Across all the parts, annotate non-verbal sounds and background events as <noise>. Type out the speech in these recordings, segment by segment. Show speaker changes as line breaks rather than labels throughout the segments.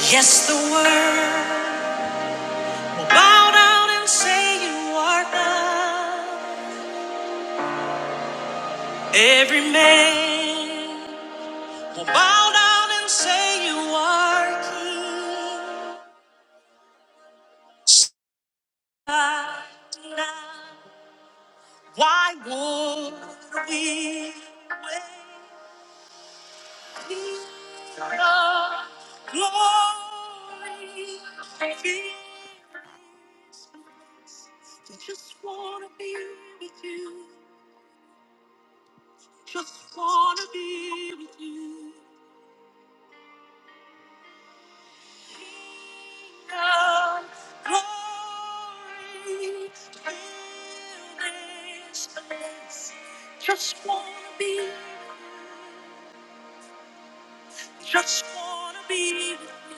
Yes, the world will bow down and say you are God. Every man will bow down and say you are King. Stop now. Why would we wait for the glory? I just want to be with you. Just wanna be with you. Kingdom glory fill this place. Just wanna be, just wanna be with you.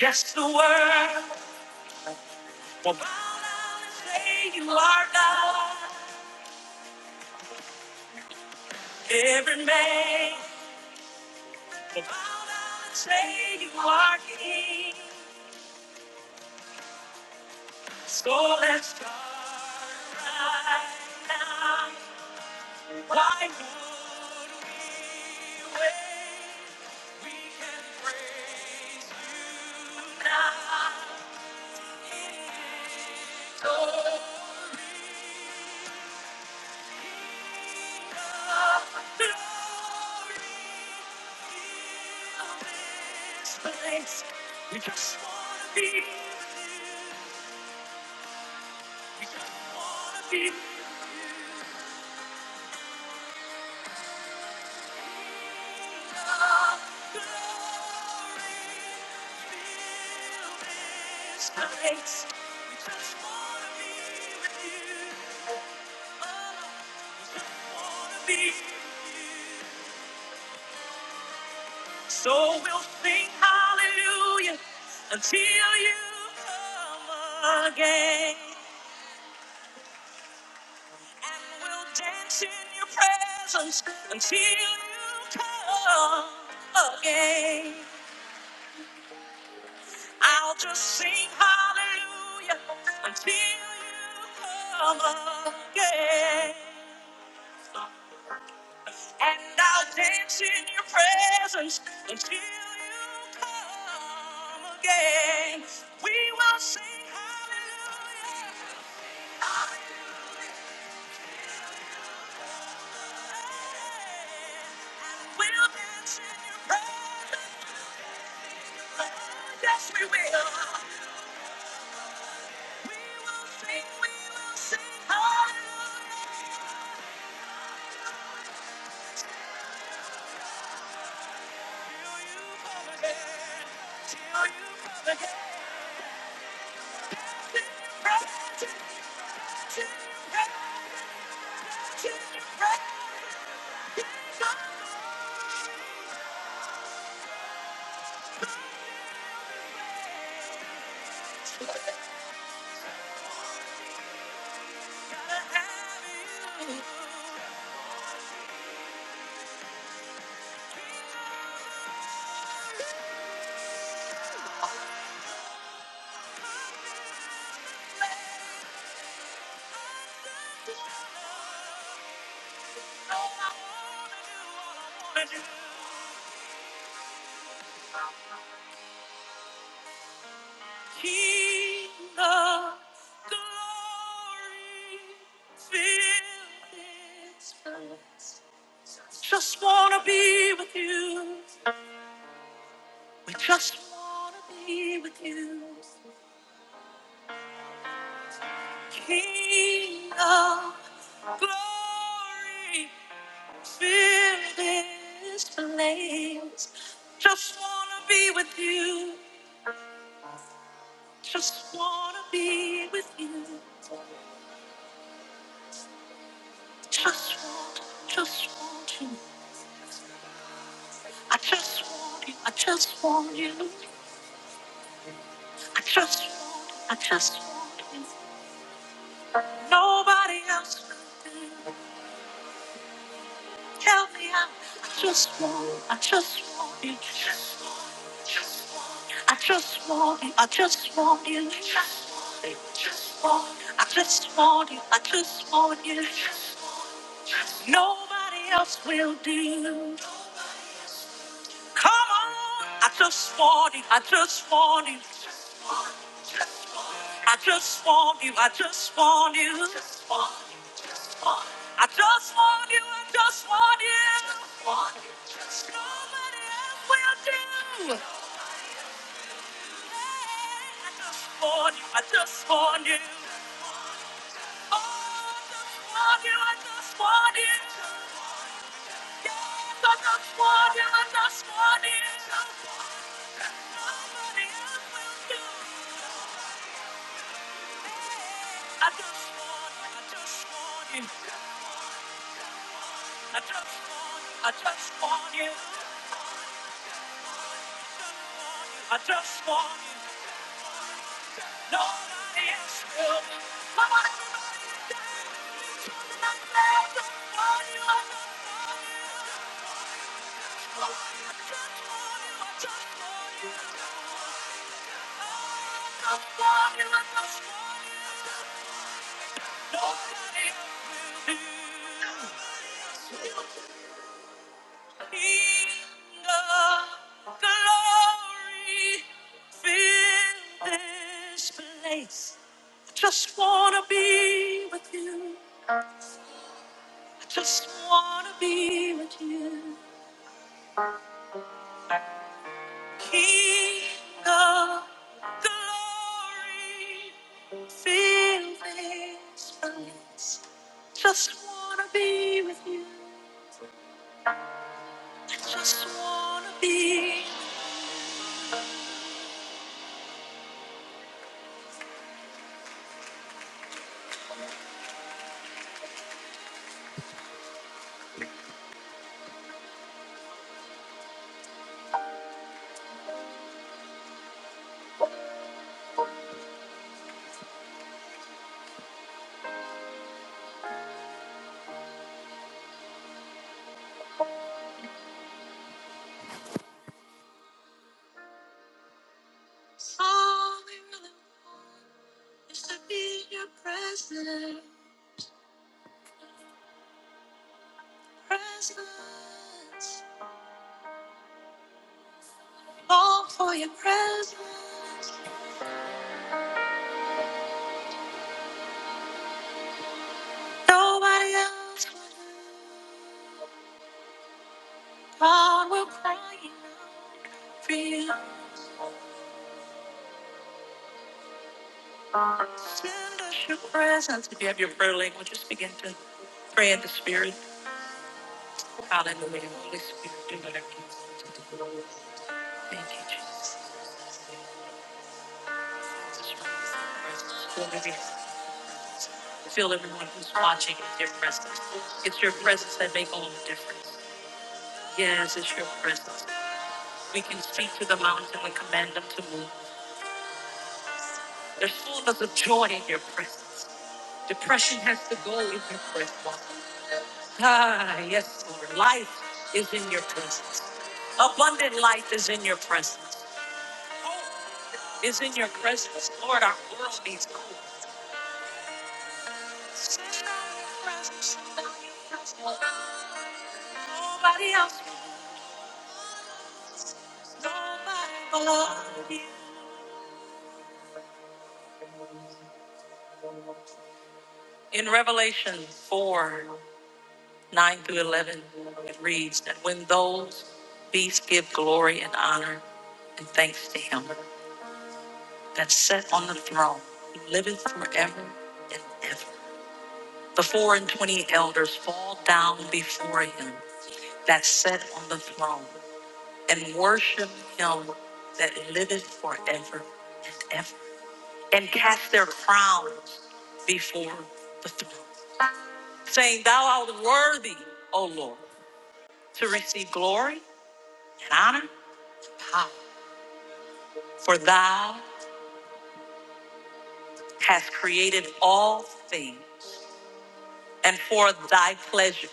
Yes, the world will bow down and say you are God. Every man will bow down and say you are King. So let's start right now. Why would we wait? We can praise you now. In Glory, King of glory, fill this place. We just wanna be with you. So we'll sing hallelujah until you come again. And we'll dance in your presence until you come again. I'll just sing hallelujah until you come again. And I'll dance in your presence until you come again. We will sing hallelujah. hallelujah, We'll dance in your presence. Yes, we will. We will sing, we will sing hallelujah. Till you come again, till you come again. Presence, till you presence, till you presence. Yes, I'm gonna have you. King of glory, fill this place. Just wanna be with you. We just wanna be with you. King of glory, Fill this place. Just wanna be with you. Just wanna be with you. Just want, just want you. I just want you. I just want you. I just want, I just want you. Nobody else will do. Tell me how. I just want, I just want you. I just want you, I just want you, just want you, just want you, I just want you, I just want you. Nobody else will do. Come on, I just want you, I just want you, I just want you, I just want you. I just want you, I just want you. Nobody else will do. Hey, I just want you, I just want you. I just want you. I just want you. Nobody else will. Come on, everybody. I just want you. I just want you. I just want you. I just want you. Just wanna be with you. I just wanna be with you. King of glory. Feel this bliss. Just wanna be with you. I just wanna be. All I really want is to be in your presence. Presence. Long for your presence. Nobody else will. God will cry out for you. Send us your presence. If you have your prayer language, just begin to pray in the spirit. Hallelujah. Holy Spirit, do whatever you want Thank you, Jesus. Feel every- feel everyone who's watching in your presence. It's your presence that makes all the difference. Yes, it's your presence. We can speak to the mountain and command them to move. There's fullness of joy in your presence. Depression has to go in your presence. Ah, yes, Lord. Life is in your presence. Abundant life is in your presence. is in your presence. Lord, our world needs coolness. Nobody else, nobody but you. In Revelation 4 9 through 11, it reads that when those beasts give glory and honor and thanks to him that sat on the throne, who liveth forever and ever. The four and twenty elders fall down before him that sat on the throne and worship him that liveth forever and ever, and cast their crowns before the throne, saying, Thou art worthy, O Lord, to receive glory and honor and power, for thou hast created all things, and for thy pleasure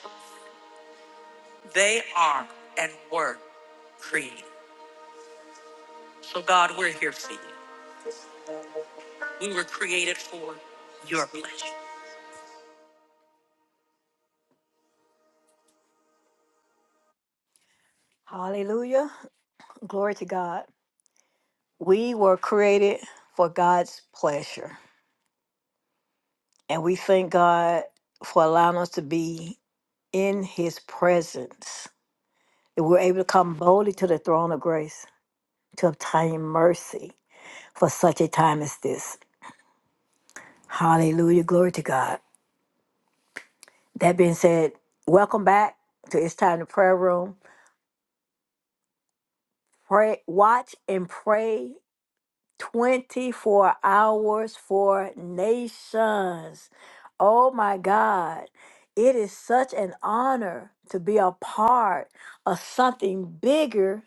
they are and were created. So, God, we're here for you. We were created for your pleasure. Hallelujah. Glory to God. We were created for God's pleasure. And we thank God for allowing us to be in his presence. That we're able to come boldly to the throne of grace to obtain mercy for such a time as this. Hallelujah. Glory to God. That being said, welcome back to It's Time to Prayer Room. Pray, watch and pray 24 hours for nations. Oh my God. It is such an honor to be a part of something bigger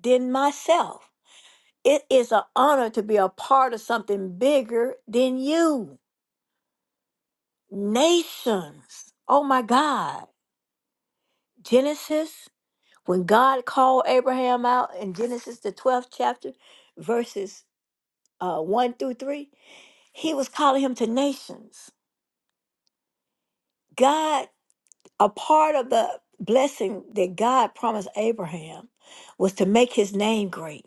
than myself. It is an honor to be a part of something bigger than you. Nations. Oh my God. Genesis, when God called Abraham out in Genesis, the 12th chapter, verses uh, 1 through 3, he was calling him to nations. God, a part of the blessing that God promised Abraham was to make his name great.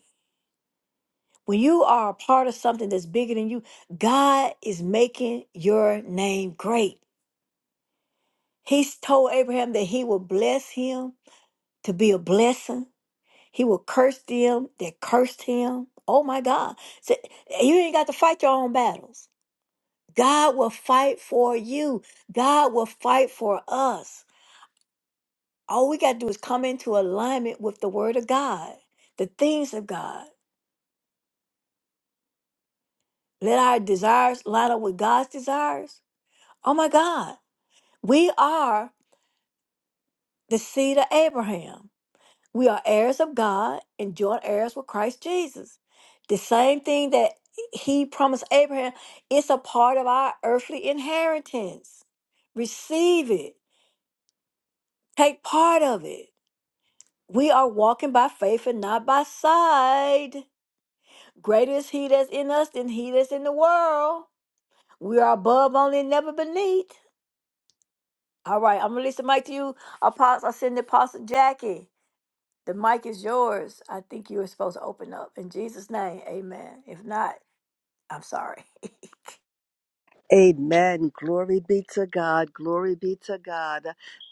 When you are a part of something that's bigger than you, God is making your name great. He's told Abraham that he will bless him to be a blessing. He will curse them that cursed him. Oh my God. So you ain't got to fight your own battles. God will fight for you. God will fight for us. All we got to do is come into alignment with the word of God, the things of God. Let our desires line up with God's desires. Oh my God, we are the seed of Abraham. We are heirs of God and joint heirs with Christ Jesus. The same thing that he promised Abraham, it's a part of our earthly inheritance. Receive it, take part of it. We are walking by faith and not by sight. Greater is he that's in us than he that's in the world. We are above only and never beneath. All right, I'm releasing the mic to you. Apostle, I send the Apostle Jackie. The mic is yours. I think you were supposed to open up. In Jesus' name, amen. If not, I'm sorry. <laughs>
Amen. Glory be to God. Glory be to God.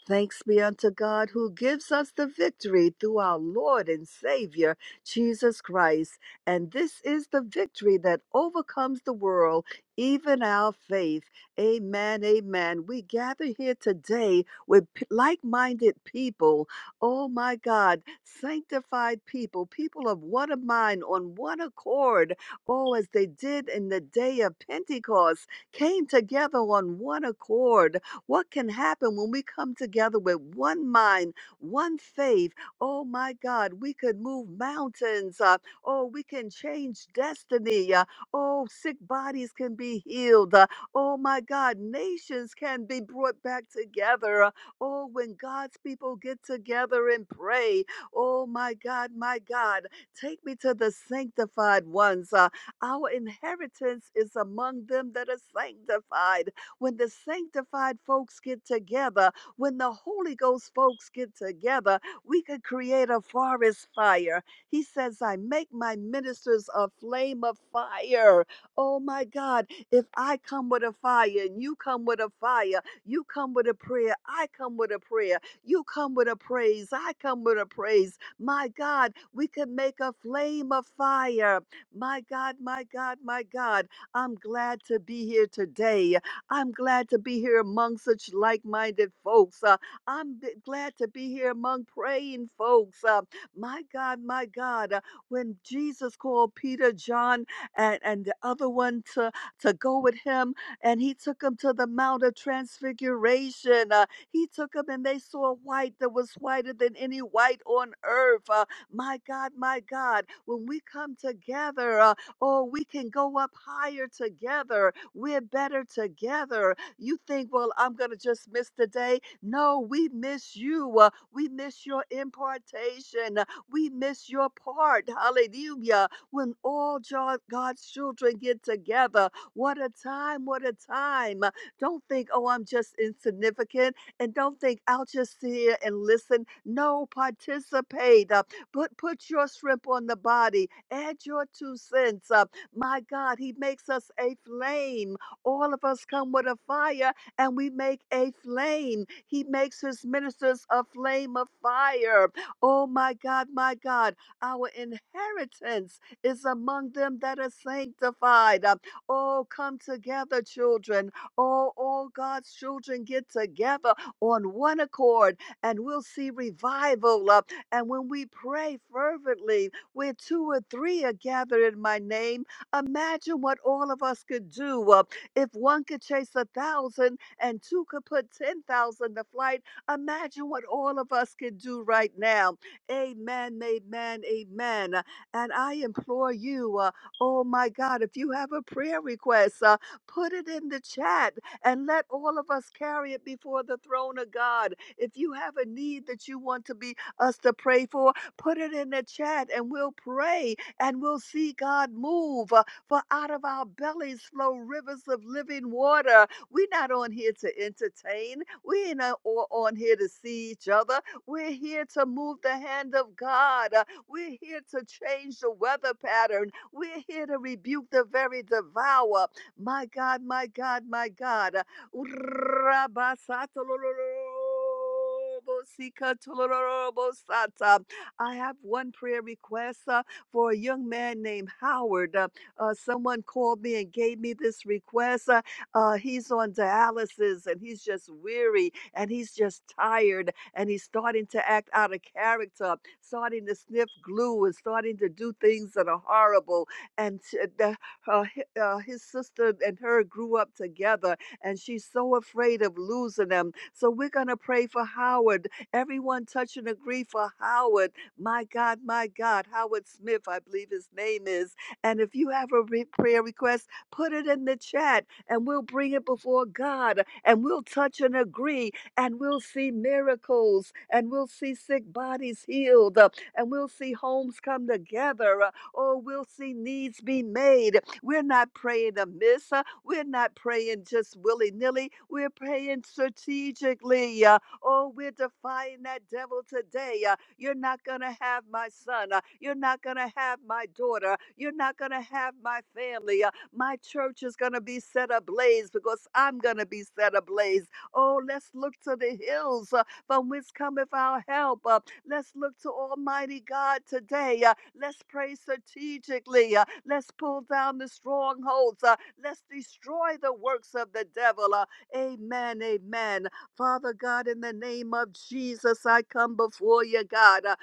Thanks be unto God who gives us the victory through our Lord and Savior, Jesus Christ. And this is the victory that overcomes the world, even our faith. Amen. Amen. We gather here today with like minded people. Oh my God. Sanctified people, people of one mind, on one accord. Oh, as they did in the day of Pentecost came together on one accord. What can happen when we come together with one mind, one faith? Oh my God, we could move mountains. Uh, oh, we can change destiny. Uh, oh, sick bodies can be healed. Uh, oh my God, nations can be brought back together. Uh, oh, when God's people get together and pray. Oh my God, my God, take me to the sanctified ones. Uh, our inheritance is among them that are sanctified. When the sanctified folks get together, when the Holy Ghost folks get together, we could create a forest fire. He says, I make my ministers a flame of fire. Oh my God, if I come with a fire and you come with a fire, you come with a prayer, I come with a prayer, you come with a praise, I come with a praise. My God, we could make a flame of fire my God, my God, my God, I'm glad to be here today. I'm glad to be here among such like minded folks. Uh, I'm b- glad to be here among praying folks. Uh, my God, my God, uh, when Jesus called Peter, John, and, and the other one to, to go with him, and he took them to the Mount of Transfiguration, uh, he took them and they saw white that was whiter than any white on earth. Uh, my God, my God, when we come together, uh, oh, we can go up higher together. We're better together. You think, well, I'm going to just miss the day. No, we miss you. Uh, we miss your impartation. Uh, We miss your part. Hallelujah. When all Jo- God's children get together, what a time, what a time. Uh, Don't think, oh, I'm just insignificant. And don't think, I'll just sit here and listen. No, participate. Uh, Put put your shrimp on the body. Add your two cents up. My God, He makes us a flame. All of us come with a fire, and we make a flame. He makes His ministers a flame of fire. Oh my God, my God, our inheritance is among them that are sanctified. Um, Oh, come together, children. Oh, all God's children get together on one accord, and we'll see revival. Uh, and when we pray fervently, where two or three are gathered in my name, imagine what all of us could do. Uh, If one could chase a thousand and two could put 10,000 to flight, imagine what all of us could do right now. Amen, amen, amen. Uh, And I implore you, uh, oh my God, if you have a prayer request, uh, put it in the chat and let all of us carry it before the throne of God. If you have a need that you want to be us to pray for, put it in the chat and we'll pray and we'll see God move. Uh, For out of our bellies flow rivers of living water. We're not on here to entertain, we ain't o- o- on here to see each other. We're here to move the hand of God. Uh, We're here to change the weather pattern. We're here to rebuke the very devourer. My God, my God, my God. Uh, Urrabasatalolorobosikatalolorobosata. I have one prayer request uh, for a young man named Howard. Uh, uh, someone called me and gave me this request. Uh, uh, he's on dialysis and he's just weary and he's just tired and he's starting to act out of character, starting to sniff glue and starting to do things that are horrible. And sh- the, uh, hi- uh, his sister and her grew up together and she's so afraid of losing them. So we're going to pray for Howard. Everyone touch and agree for Howard. My God, my God, Howard Smith, I believe his name is. And if you have a re- prayer request, put it in the chat and we'll bring it before God and we'll touch and agree and we'll see miracles and we'll see sick bodies healed uh, and we'll see homes come together uh, or we'll see needs be made we're not praying amiss. uh, We're not praying just willy nilly. We're praying strategically. uh, Oh, we're defying that devil today. uh, You're not going to have my son. uh, You're not going to have my daughter. You're not going to have my family. uh, My church is going to be set ablaze because I'm going to be set ablaze. Oh, let's look to the hills uh, from whence cometh our help. uh, Let's look to Almighty God today. Uh, let's pray strategically. Uh, let's pull down the strongholds. Uh, let's destroy the works of the devil. Uh, amen. Amen. Father God, in the name of Jesus, I come before you, God. Uh,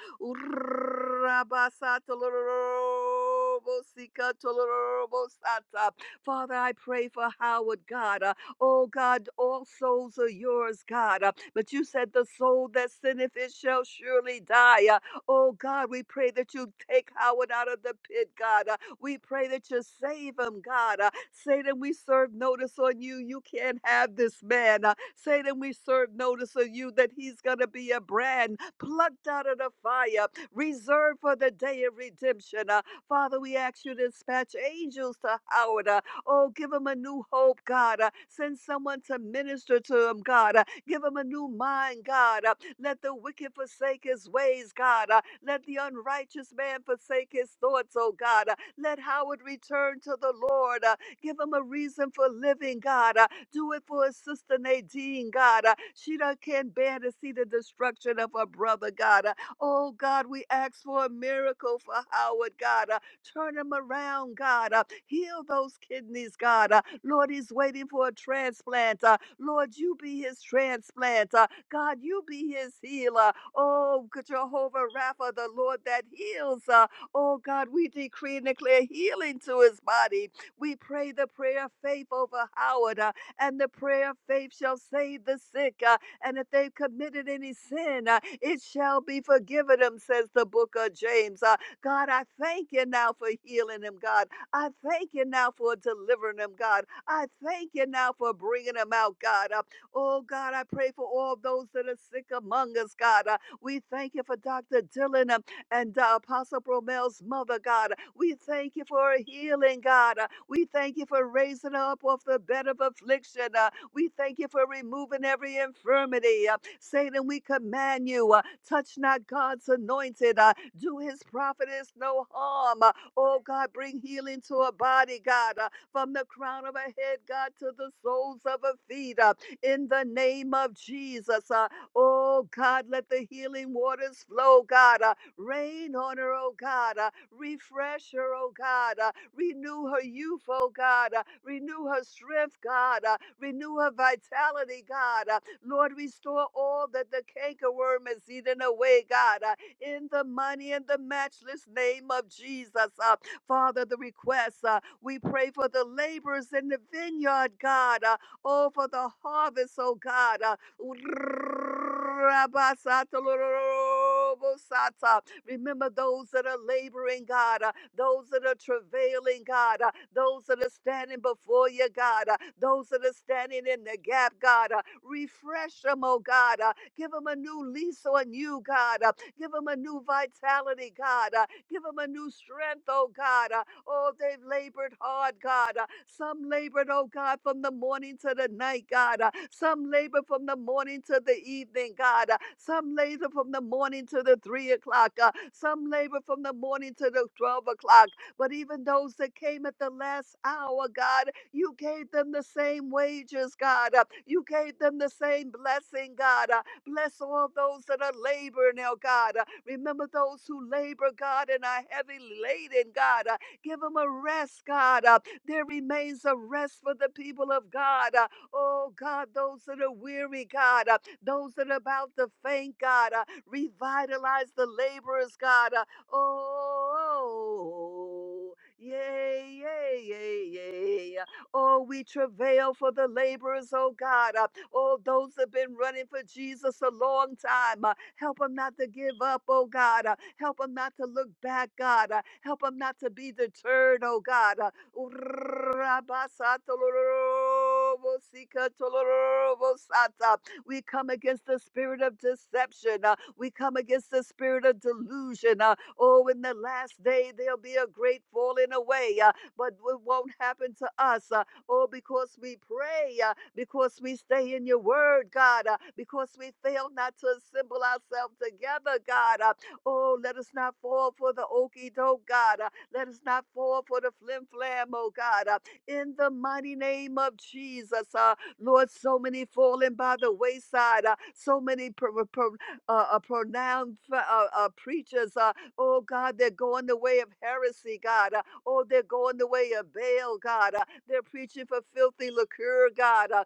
Father, I pray for Howard, God. Uh, Oh God, all souls are yours, God. Uh, But you said the soul that sinneth, it shall surely die. Uh, Oh God, we pray that you take Howard out of the pit, God. Uh, We pray that you save him, God. Uh, Satan, we serve notice on you. You can't have this man. Uh, Satan, we serve notice on you that he's going to be a brand plucked out of the fire, reserved for the day of redemption. Uh, Father, we ask you to dispatch angels to Howard. uh, Oh, give them a new hope, God. Uh, Send someone to minister to them, God. Uh, Give them a new mind, God. Uh, Let the wicked forsake his ways, God. Uh, Let the unrighteous man forsake his thoughts, oh God. Uh, Let Howard return to the Lord. Uh, Give him a reason for living, God. Uh, Do it for his sister Nadine, God. Uh, She done can't bear to see the destruction of her brother, God. Uh, Oh God, we ask for a miracle for Howard, God. Uh, Turn him around, God. Uh, heal those kidneys, God. Uh, Lord, he's waiting for a transplant. Uh, Lord, you be his transplant. Uh, God, you be his healer. Oh, good Jehovah Rapha, the Lord that heals. Uh, oh, God, we decree and declare healing to his body. We pray the prayer of faith over Howard, uh, and the prayer of faith shall save the sick. Uh, and if they've committed any sin, uh, it shall be forgiven them, says the book of James. Uh, God, I thank you now for healing him, God. I thank you now for delivering him, God. I thank you now for bringing him out, God. Uh, oh, God, I pray for all those that are sick among us, God. Uh, we thank you for Dr. Dylan um, and uh, Apostle Bromel's mother, God. We thank you for her healing, God. Uh, we thank you for raising her up off the bed of affliction. Uh, we thank you for removing every infirmity. Uh, Satan, we command you, uh, touch not God's anointed. Uh, do his prophetess no harm. Uh, oh, God, bring healing to her body, God, uh, from the crown of her head, God, to the soles of her feet. Uh, in the name of Jesus. Uh, oh, God, let the healing waters flow, God. Uh, rain on her, oh God. Uh, refresh her, oh God. Uh, renew her youth, oh God. Uh, renew her strength, God. Uh, Renew her vitality, God. Uh, Lord, restore all that the cankerworm has eaten away, God. Uh, in the money and the matchless name of Jesus. Uh, Father, the requests, uh, we pray for the laborers in the vineyard, God. Uh, oh, for the harvest, oh God. Uh, <laughs> Remember those that are laboring, God. Uh, those that are travailing, God, uh, those that are standing before you, God, uh, those that are standing in the gap, God. uh, Refresh them, oh God. uh, Give them a new lease on you, God. uh, Give them a new vitality, God. uh, Give them a new strength, oh God. uh, Oh, they've labored hard, God. Uh, Some labored, oh God, from the morning to the night, God. Uh, Some labor from the morning to the evening, God. Uh, Some labor from the morning to the three o'clock. Uh, Some labor from the morning to the 12 o'clock. But even those that came at the last hour, God, you gave them the same wages, God. Uh, You gave them the same blessing, God. Uh, Bless all those that are laboring, oh God. Uh, Remember those who labor, God, and are heavy laden, God. Uh, Give them a rest, God. Uh, there remains a rest for the people of God. Uh, oh, God, those that are weary, God, uh, those that are about to faint, God, uh, revitalize the laborers, God. Uh, oh, yay, yay, yay, yay. Oh, we travail for the laborers, oh God. Uh, Oh, those that have been running for Jesus a long time. Uh, Help them not to give up, oh God. Uh, Help them not to look back, God. Uh, Help them not to be deterred, oh God. Uh, We come against the spirit of deception. Uh, We come against the spirit of delusion. Uh, Oh, in the last day, there'll be a great falling away. Uh, but it won't happen to us. Uh, Oh, because we pray, uh, because we stay in your word, God, uh, because we fail not to assemble ourselves together, God. uh, Oh, let us not fall for the okey doke, God. uh, Let us not fall for the flim flam, oh God. uh, In the mighty name of Jesus, uh, Lord, so many falling by the wayside, uh, so many pro- pro- uh, uh, pronounced uh, uh, preachers, uh, oh God, they're going the way of heresy, God. uh, Oh, they're going the way of Baal, God. uh, they're preaching for filthy liquor, God. Uh,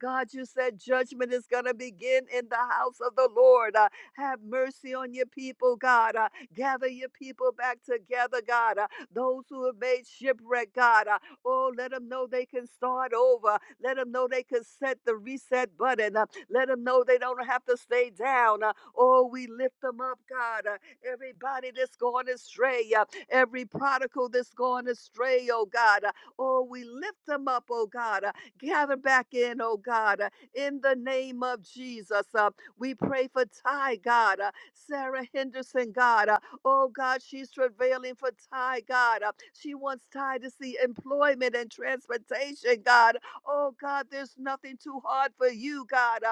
God, you said judgment is going to begin in the house of the Lord. Uh, Have mercy on your people, God. Uh, Gather your people back together, God. Uh, Those who have made shipwreck, God. Uh, Oh, let them know they can start over. Let them know they can set the reset button. Uh, Let them know they don't have to stay down. Uh, Oh, we lift them up, God. Uh, everybody that's going astray, uh, every prodigal that's going astray, oh God. Uh, Oh, we lift them up, oh God. Uh, Gather back in, oh God, uh, in the name of Jesus. Uh, We pray for Ty, God, uh, Sarah Henderson, God. Uh, Oh God, she's travailing for Ty, God. Uh, She wants Ty to see employment and transportation, God. Oh God, there's nothing too hard for you, God. Uh,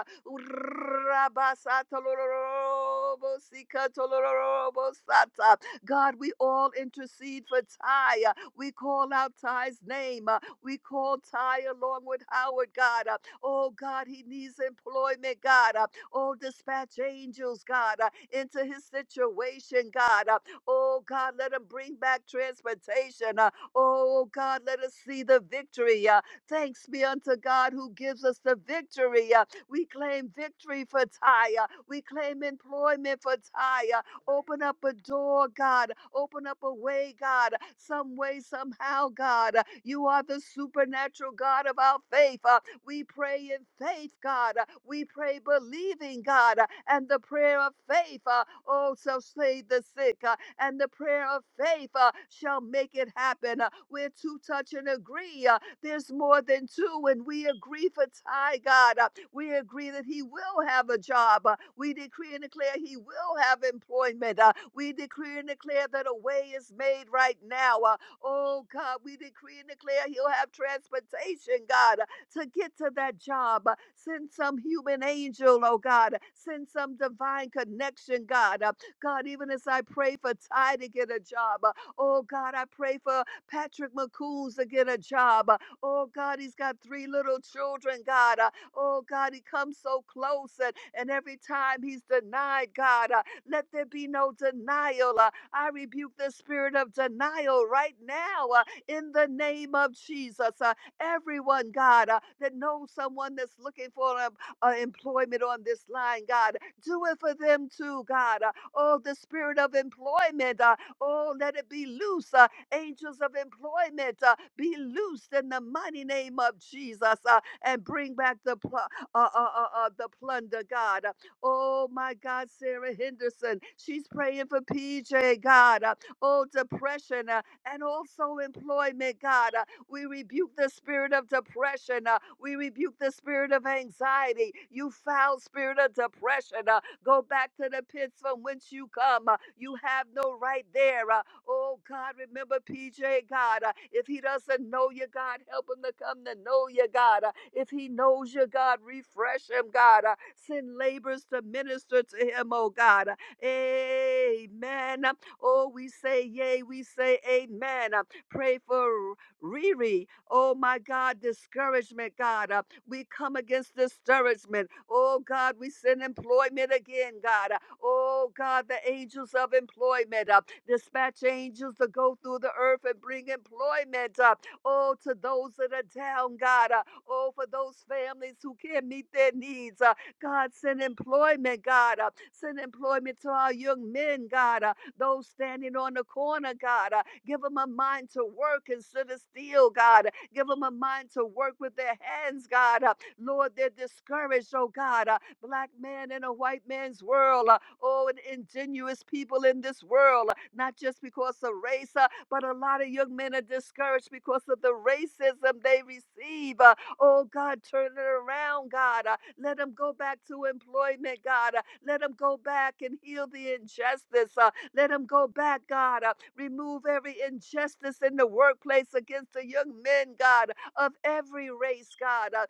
God, we all intercede for Ty. uh, We call out Ty's name. uh, We call Ty along with Howard, God. uh, Oh, God, he needs employment, God. uh, Oh, dispatch angels, God, uh, into his situation, God. uh, Oh, God, let him bring back transportation. uh, Oh, God, let us see the victory. uh, Thanks be unto God who gives us the victory. uh, we claim victory for Tyre. We claim employment for Tyre. Open up a door, God. Open up a way, God. Some way, somehow, God. You are the supernatural God of our faith. Uh, We pray in faith, God. Uh, We pray believing, God. Uh, And the prayer of faith, uh, oh, shall slay the sick. uh, And the prayer of faith uh, shall make it happen. Uh, Where two touch and agree. uh, there's more than two, and we agree for Ty, God. Uh, We agree that he will have a job. Uh, We decree and declare he will have employment. Uh, We decree and declare that a way is made right now. Uh, Oh, God, we decree and declare he'll have transportation, God, uh, to get to that job. Uh, Send some human angel, oh, God. Send some divine connection, God. Uh, God, even as I pray for Ty to get a job, uh, oh, God, I pray for Patrick McCoons to get a job. Uh, Oh God, he's got three little children, God. Uh, oh God, he comes so close, and, and every time he's denied, God, uh, let there be no denial. Uh, I rebuke the spirit of denial right now uh, in the name of Jesus. Uh, everyone, God, uh, that knows someone that's looking for um, uh, employment on this line, God, do it for them too, God. Uh, oh, the spirit of employment, uh, oh, let it be loose. uh, Angels of employment uh, be loosed in the mighty name of Jesus uh, and bring back the, pl- uh, uh, uh, uh, the plunder, God. Uh, Oh, my God, Sarah Henderson. She's praying for PJ, God. Uh, Oh, depression uh, and also employment, God. Uh, We rebuke the spirit of depression. uh, We rebuke the spirit of anxiety. You foul spirit of depression. uh, Go back to the pits from whence you come. uh, You have no right there. Uh, Oh God, remember PJ, God. uh, If he doesn't know you, God, help him to come to know you, God. Uh, If he knows you, God, refresh him, God. Uh, Send labors to minister to him, oh God. Uh, Amen. Uh, Oh, we say yea. we say amen. Uh, Pray for Riri, oh my God, discouragement, God. Uh, we come against discouragement. Oh God, we send employment again, God. Uh, oh God, the angels of employment. Uh, dispatch angels to go through the earth and bring employment. Uh, oh, to those that are down, God. Uh, oh, for those families who can't meet their needs. Uh, God, send employment, God. Uh, send employment to our young men, God. Uh, those standing on the corner, God. Uh, give them a mind to work and sit still, God. Give them a mind to work with their hands, God. Uh, Lord, they're discouraged, oh God. Uh, black man in a white man's world. Uh, oh, and ingenuous people in this world, uh, not just because of race, uh, but a lot of young men are discouraged because of the racism they receive. Uh, oh God, turn it around, God. Uh, let them go back to employment, God. Uh, let them go back and heal the injustice. Uh, let them go back, God. Uh, remove every injustice in the workplace against the young men, God, of every race, God. Uh,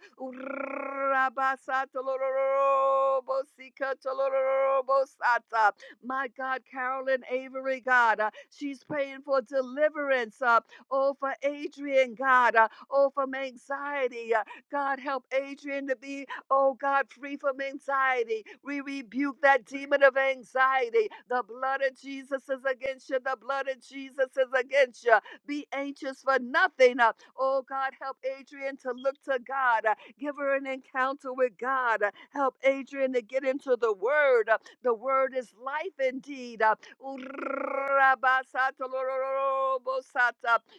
my God, Carolyn Avery, God, uh, she's praying for deliverance. Uh, oh, for Adrian, God. Uh, oh, from anxiety. Uh, God, help Adrian to be Oh God, free from anxiety. We rebuke that demon of anxiety. The blood of Jesus is against you. The blood of Jesus is against you. Be anxious for nothing. Uh, Oh God, help Adrian to look to God. Uh, Give her an encounter with God. Uh, Help Adrian to get into the word. Uh, The word is life indeed. Uh, <laughs>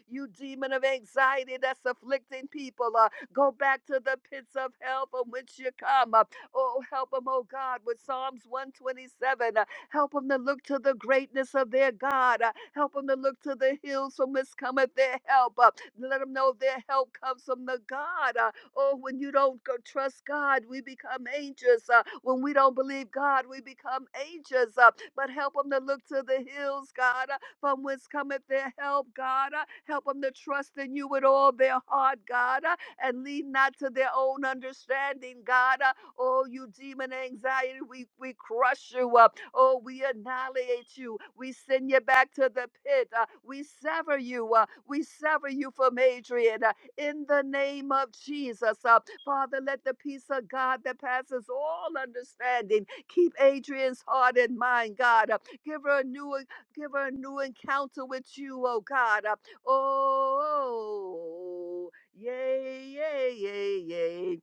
You demon of anxiety that's afflicting people. uh, Go back to the pits of hell from which you come. Uh, Oh, help them, oh God, with Psalms 127. Uh, Help them to look to the greatness of their God. Uh, Help them to look to the hills from whence cometh their help. Uh, Let them know their help comes from the God. Uh, Oh, when you don't go trust God, we become anxious. Uh, When we don't believe God, we become anxious. Uh, But help them to look to the hills, God, uh, from whence cometh their help, God. Uh, Help them to trust in you with all their heart, God. Uh, and lead not to their own understanding, God. Uh, Oh, you demon anxiety, we, we crush you up. Oh, we annihilate you. We send you back to the pit. Uh, we sever you. Uh, we sever you from Adrian. Uh, in the name of Jesus, uh, Father, let the peace of God that passes all understanding keep Adrian's heart and mind, God. Uh, give her a new, give her a new encounter with you, oh God. Uh, oh. Yay, yay, yay, yay.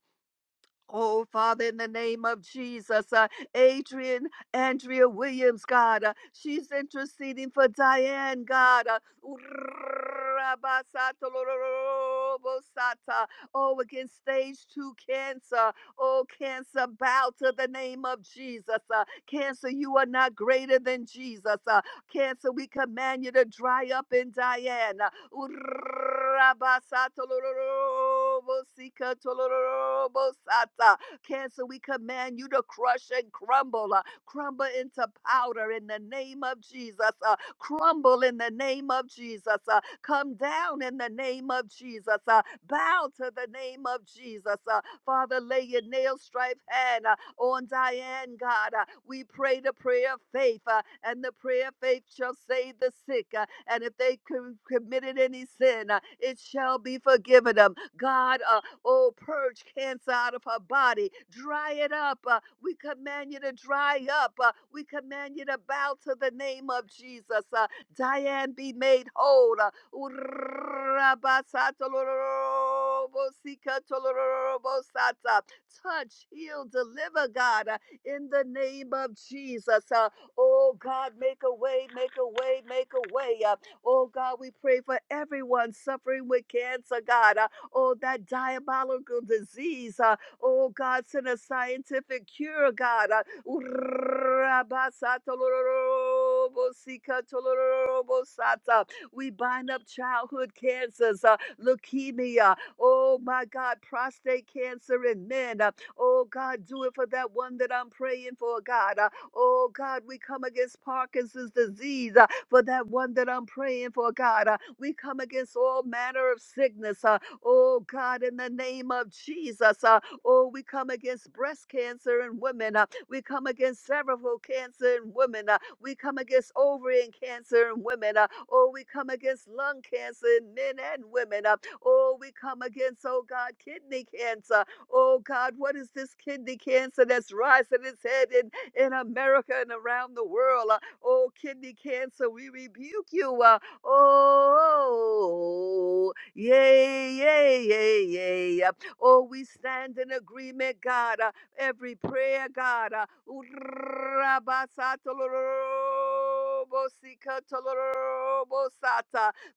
Oh, Father, in the name of Jesus, uh, Adrian, Andrea Williams, God, uh, she's interceding for Diane, God. Uh, oh, against stage two cancer. Oh, cancer, bow to the name of Jesus. Uh, cancer, you are not greater than Jesus. Uh, Cancer, we command you to dry up and die, urabasatolorobosika Cancer, we command you to crush and crumble, uh, crumble into powder in the name of Jesus, uh, crumble in the name of Jesus, uh, come down in the name of Jesus, uh, bow to the name of Jesus. uh, Father, lay your nail stripe hand on Diane, God. Uh, We pray the prayer of faith, uh, and the prayer of faith shall save the sick. uh, And if they com- committed any sin, uh, it shall be forgiven them. God, uh, oh, purge cancer out of her body, dry it up. uh, We command you to dry up. uh, We command you to bow to the name of Jesus. uh, Diane be made whole. uh, Urabasatolorobosika tolorobosata touch, heal, deliver, God, uh, in the name of Jesus. Uh, oh, God, make a way, make a way, make a way. Uh, oh, God, we pray for everyone suffering with cancer, God. Uh, oh, that diabolical disease. Uh, oh, God, send a scientific cure, God. Uh, <laughs> We bind up childhood cancers, uh, leukemia, oh my God, prostate cancer in men. uh, oh God, do it for that one that I'm praying for, God. uh, oh God, we come against Parkinson's disease uh, for that one that I'm praying for, God. uh, we come against all manner of sickness, uh, oh God, in the name of Jesus. uh, oh, we come against breast cancer in women. uh, we come against cervical cancer in women. uh, we come against ovarian cancer in women. Uh, oh, we come against lung cancer in men and women. Uh, oh, we come against, oh God, kidney cancer. Oh God, what is this kidney cancer that's rising its head in, in America and around the world? Uh, oh, kidney cancer, we rebuke you. Uh, oh, yay, yay, yay, yay. Uh, Oh, we stand in agreement, God. Uh, every prayer, God. uh,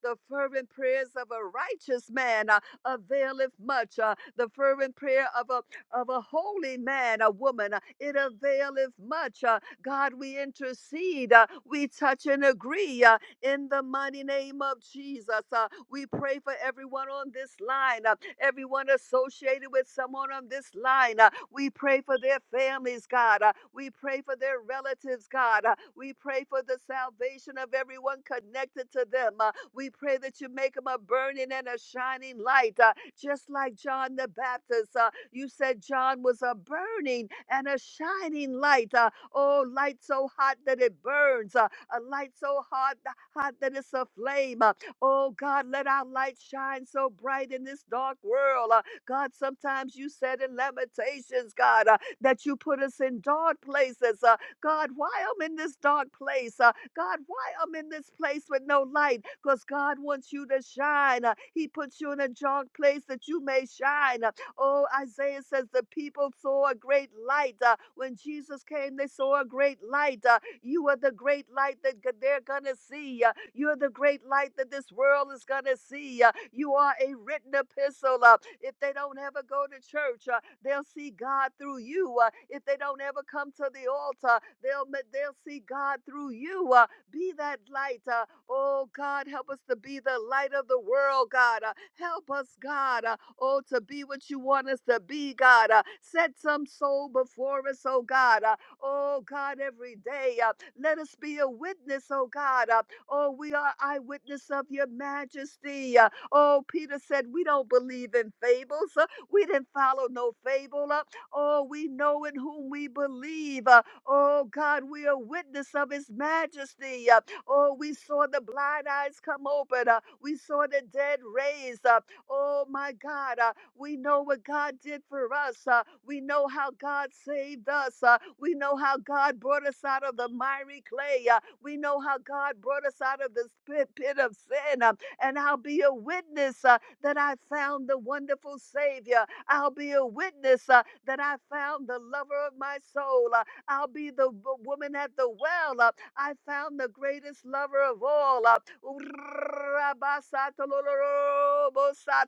The fervent prayers of a righteous man uh, availeth much. uh, The fervent prayer of a of a holy man, a woman, uh, it availeth much. uh, God, we intercede, uh, we touch and agree uh, in the mighty name of Jesus. uh, We pray for everyone on this line. uh, everyone associated with someone on this line. Uh, we pray for their families, God. Uh, we pray for their relatives, God. Uh, we pray for the salvation of everyone connected to them. Uh, we pray that you make them a burning and a shining light, uh, just like John the Baptist. Uh, you said John was a burning and a shining light. Uh, oh, light so hot that it burns, uh, a light so hot, hot that it's a flame. Uh, Oh God, let our light shine so bright in this dark world. Uh, God, sometimes you said in Lamentations, God, uh, that you put us in dark places. Uh, God, why I'm in this dark place? Uh, God, why I'm in this place with no light? Because God wants you to shine. Uh, he puts you in a dark place that you may shine. Uh, oh, Isaiah says the people saw a great light. Uh, when Jesus came, they saw a great light. Uh, you are the great light that g- they're going to see. uh, You are the great light that this world is going to see. uh, You are a written epistle. uh, If they don't ever go to church, uh, they'll see God through you. uh, If they don't ever come to the altar, they'll ma- they'll see God through you. uh, Be that light. uh, Oh God, help us to be the light of the world, God. uh, Help us, God. uh, Oh, to be what you want us to be, God. uh, Set some soul before us, oh God. uh, Oh God, every day. Uh, let us be a witness, oh God. Uh, oh, we are eyewitness of your majesty. Uh, oh, Peter said, We don't believe in fables. Uh, we didn't follow no fable. Uh, oh, we know in whom we believe. Uh, oh God, we are witness of his majesty. Uh, oh, we saw the blind eyes come open. Uh, we saw the dead raised. Uh, oh my God. Uh, we know what God did for us. Uh, we know how God saved us. Uh, we know how God brought us out of the miry clay. Uh, we know how God brought us out of the pit, pit of sin. Uh, and I'll be a witness uh, that I found the wonderful Savior. I'll be a witness uh, that I found the lover of my soul. Uh, I'll be the w- woman at the well. Uh, I found the greatest lover of all.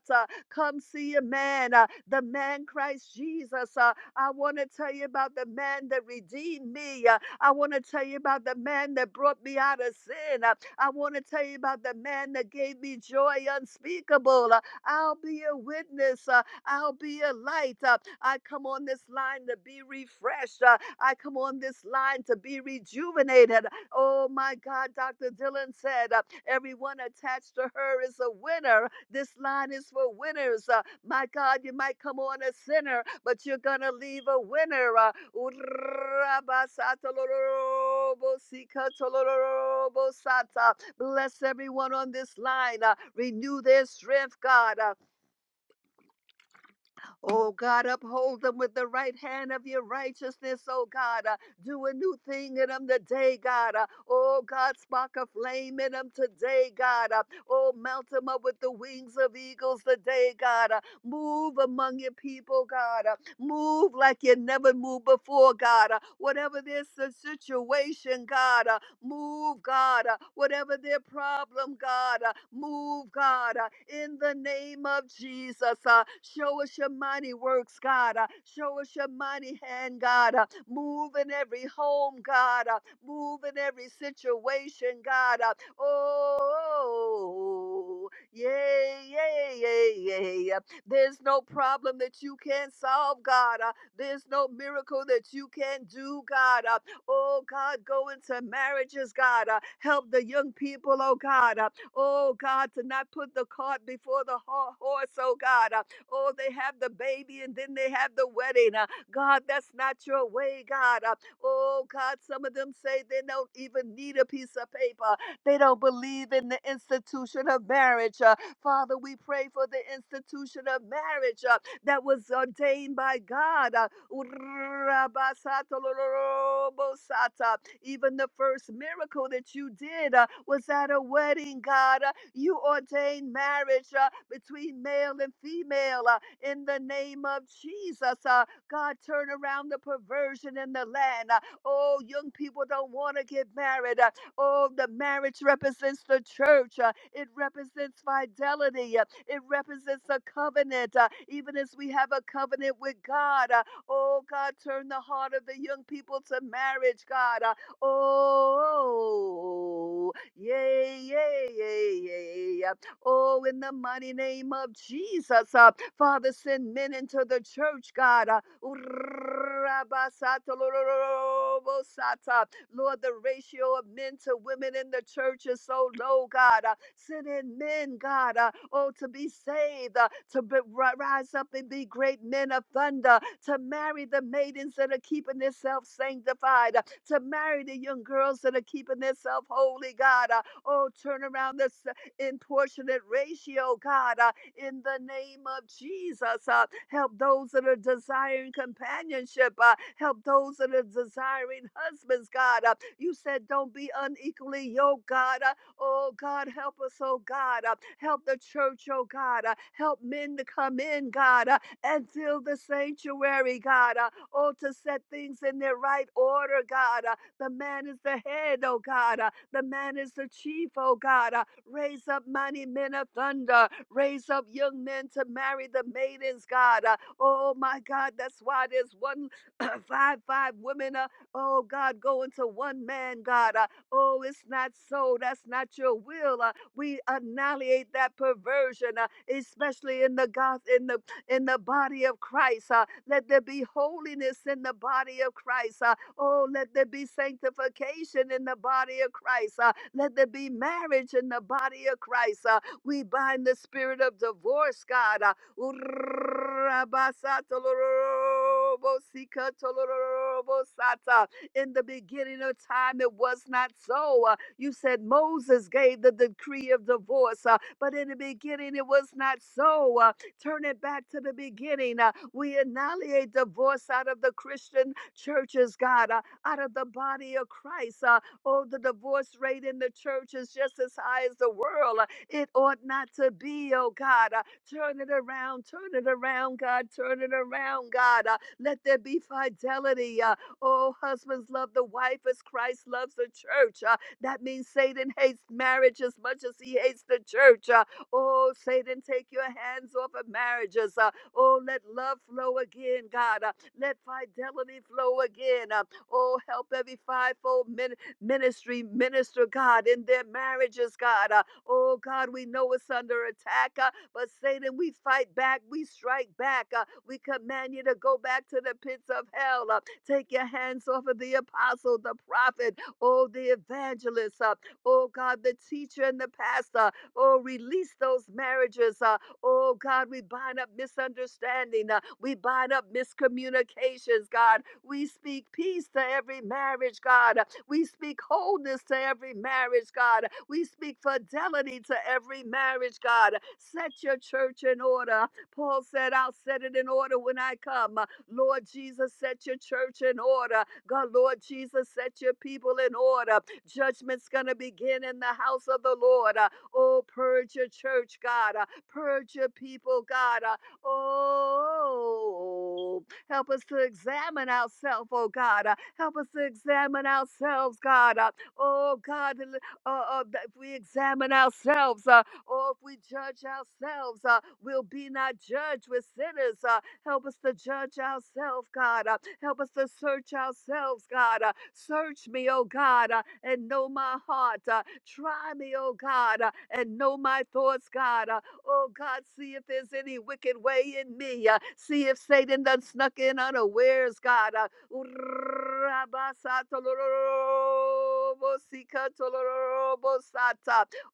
Uh, Come see a man, uh, the man Christ Jesus. Uh, I want to tell you about the man that redeemed me. Uh, I want to tell you about the man that brought me out of sin. Uh, I want to tell you about the man that gave me joy unspeakable. Uh, I'll be a witness. Uh, I'll be a light. Uh, I come on this line to be refreshed. Uh, I come on this line to be rejuvenated. Oh my God, Dr. Dillon said, uh, everyone attached to her is a winner. This line is for winners. Uh, my God, you might come on a sinner, but you're going to leave a winner. Uh, bless everyone on this line. Uh, renew their strength, God. Uh, Oh God, uphold them with the right hand of your righteousness, oh God. Uh, do a new thing in them today, God. Uh, oh God, spark a flame in them today, God. Uh, oh, mount them up with the wings of eagles today, God. Uh, move among your people, God. Uh, move like you never moved before, God. Uh, whatever this uh, situation, God. uh, Move, God, uh, whatever their problem, God, uh, move, God, uh, in the name of Jesus. uh, Show us your mighty works, God. uh, Show us your mighty hand, God. uh, Move in every home, God. uh, Move in every situation, God. uh, Oh, yay, yay, yay, yay. There's no problem that you can't solve, God. uh, There's no miracle that you can't do, God. uh, Oh God, go into marriages, God. Uh, help the young people, oh God. Uh, oh God, to not put the cart before the ho- horse, oh God. Uh, oh, they have the baby and then they have the wedding. Uh, God, that's not your way, God. Uh, oh God, some of them say they don't even need a piece of paper. They don't believe in the institution of marriage. Uh, Father, we pray for the institution of marriage uh, that was ordained by God. Uh, Urabasatolorobosata. Even the first miracle that you did uh, was at a wedding, God. Uh, you ordained marriage uh, between male and female uh, in the name of Jesus. Uh, God, turn around the perversion in the land. Uh, oh, young people don't want to get married. Uh, oh, the marriage represents the church, uh, it represents fidelity, uh, it represents a covenant. uh, even as we have a covenant with God, uh, Oh, God, turn the heart of the young people to marriage, God. Uh, Oh, yay, yay, yay, yay. Uh, Oh, in the mighty name of Jesus, uh, Father, send men into the church, God. Uh, Lord, the ratio of men to women in the church is so low, God. Uh, send in men, God, uh, oh, to be saved, uh, to be, ri- rise up and be great men of thunder, to marry the maidens that are keeping themselves sanctified, uh, to marry the young girls that are keeping themselves holy, God. Uh, oh, turn around this uh, in proportionate ratio, God. Uh, in the name of Jesus. Uh, help those that are desiring companionship. Uh, help those that are desiring husbands, God. Uh, you said, don't be unequally yoked, God. Uh, oh, God, help us, oh, God. Uh, help the church, oh, God. Uh, help men to come in, God, uh, and fill the sanctuary, God. Uh, oh, to set things in their right order, God. Uh, the man is the head, oh, God. Uh, the man is the chief, oh, God. Uh, Raise up mighty men of thunder. Raise up young men to marry the maidens, God. Uh, oh, my God. That's why there's one, <clears throat> uh, five, five women. Uh, oh, God, going to one man, God. Uh, oh, it's not so. That's not your will. Uh, we annihilate that perversion, uh, especially in the God, in the in the body of Christ. uh, let there be holiness in the body of Christ. uh, Oh, let there be sanctification in the body of Christ. Uh, let there be marriage in the body of Christ. Uh, we bind the spirit of divorce, God. Uh, in the beginning of time, it was not so. Uh, you said Moses gave the decree of divorce, uh, but in the beginning, it was not so. Uh, turn it back to the beginning. uh, we annihilate divorce out of the Christian churches, God, uh, out of the body of Christ. Uh, oh, the divorce rate in the church is just as high as the world. Uh, It ought not to be, oh God. Uh, turn it around, turn it around, God, turn it around, God. Uh, let there be fidelity. Uh, oh, husbands love the wife as Christ loves the church. Uh, that means Satan hates marriage as much as he hates the church. Uh, oh, Satan, take your hands off of marriages. Uh, Oh, let love flow again, God. Uh, let fidelity flow again. Uh, oh, help every fivefold min- ministry minister, God, in their marriages, God. Uh, oh, God, we know it's under attack, uh, but Satan, we fight back, we strike back. Uh, we command you to go back to the pits of hell. Uh, take your hands off of the apostle, the prophet, oh, the evangelist, uh, oh, God, the teacher and the pastor. Oh, release those marriages. Uh, Oh God, we bind up misunderstanding. uh, we bind up miscommunications, God. We speak peace to every marriage, God. We speak wholeness to every marriage, God. We speak fidelity to every marriage, God. Set your church in order. Paul said, I'll set it in order when I come. Uh, Lord Jesus, set your church in order. God, Lord Jesus, set your people in order. Judgment's going to begin in the house of the Lord. Uh, Oh, purge your church, God. Uh, Purge your people, God. Uh, Oh, help us to examine ourselves, oh God. Uh, Help us to examine ourselves, God. Uh, Oh God, uh, uh, if we examine ourselves, uh, or if we judge ourselves, uh, we'll be not judged. with sinners. Uh, help us to judge ourselves, God. Uh, help us to search ourselves, God. Uh, search me, oh God, uh, and know my heart. Uh, try me, oh God, uh, and know my thoughts, God. Uh, Oh God, see if there's any wicked way in me. uh, see if Satan done snuck in unawares, God. Uh,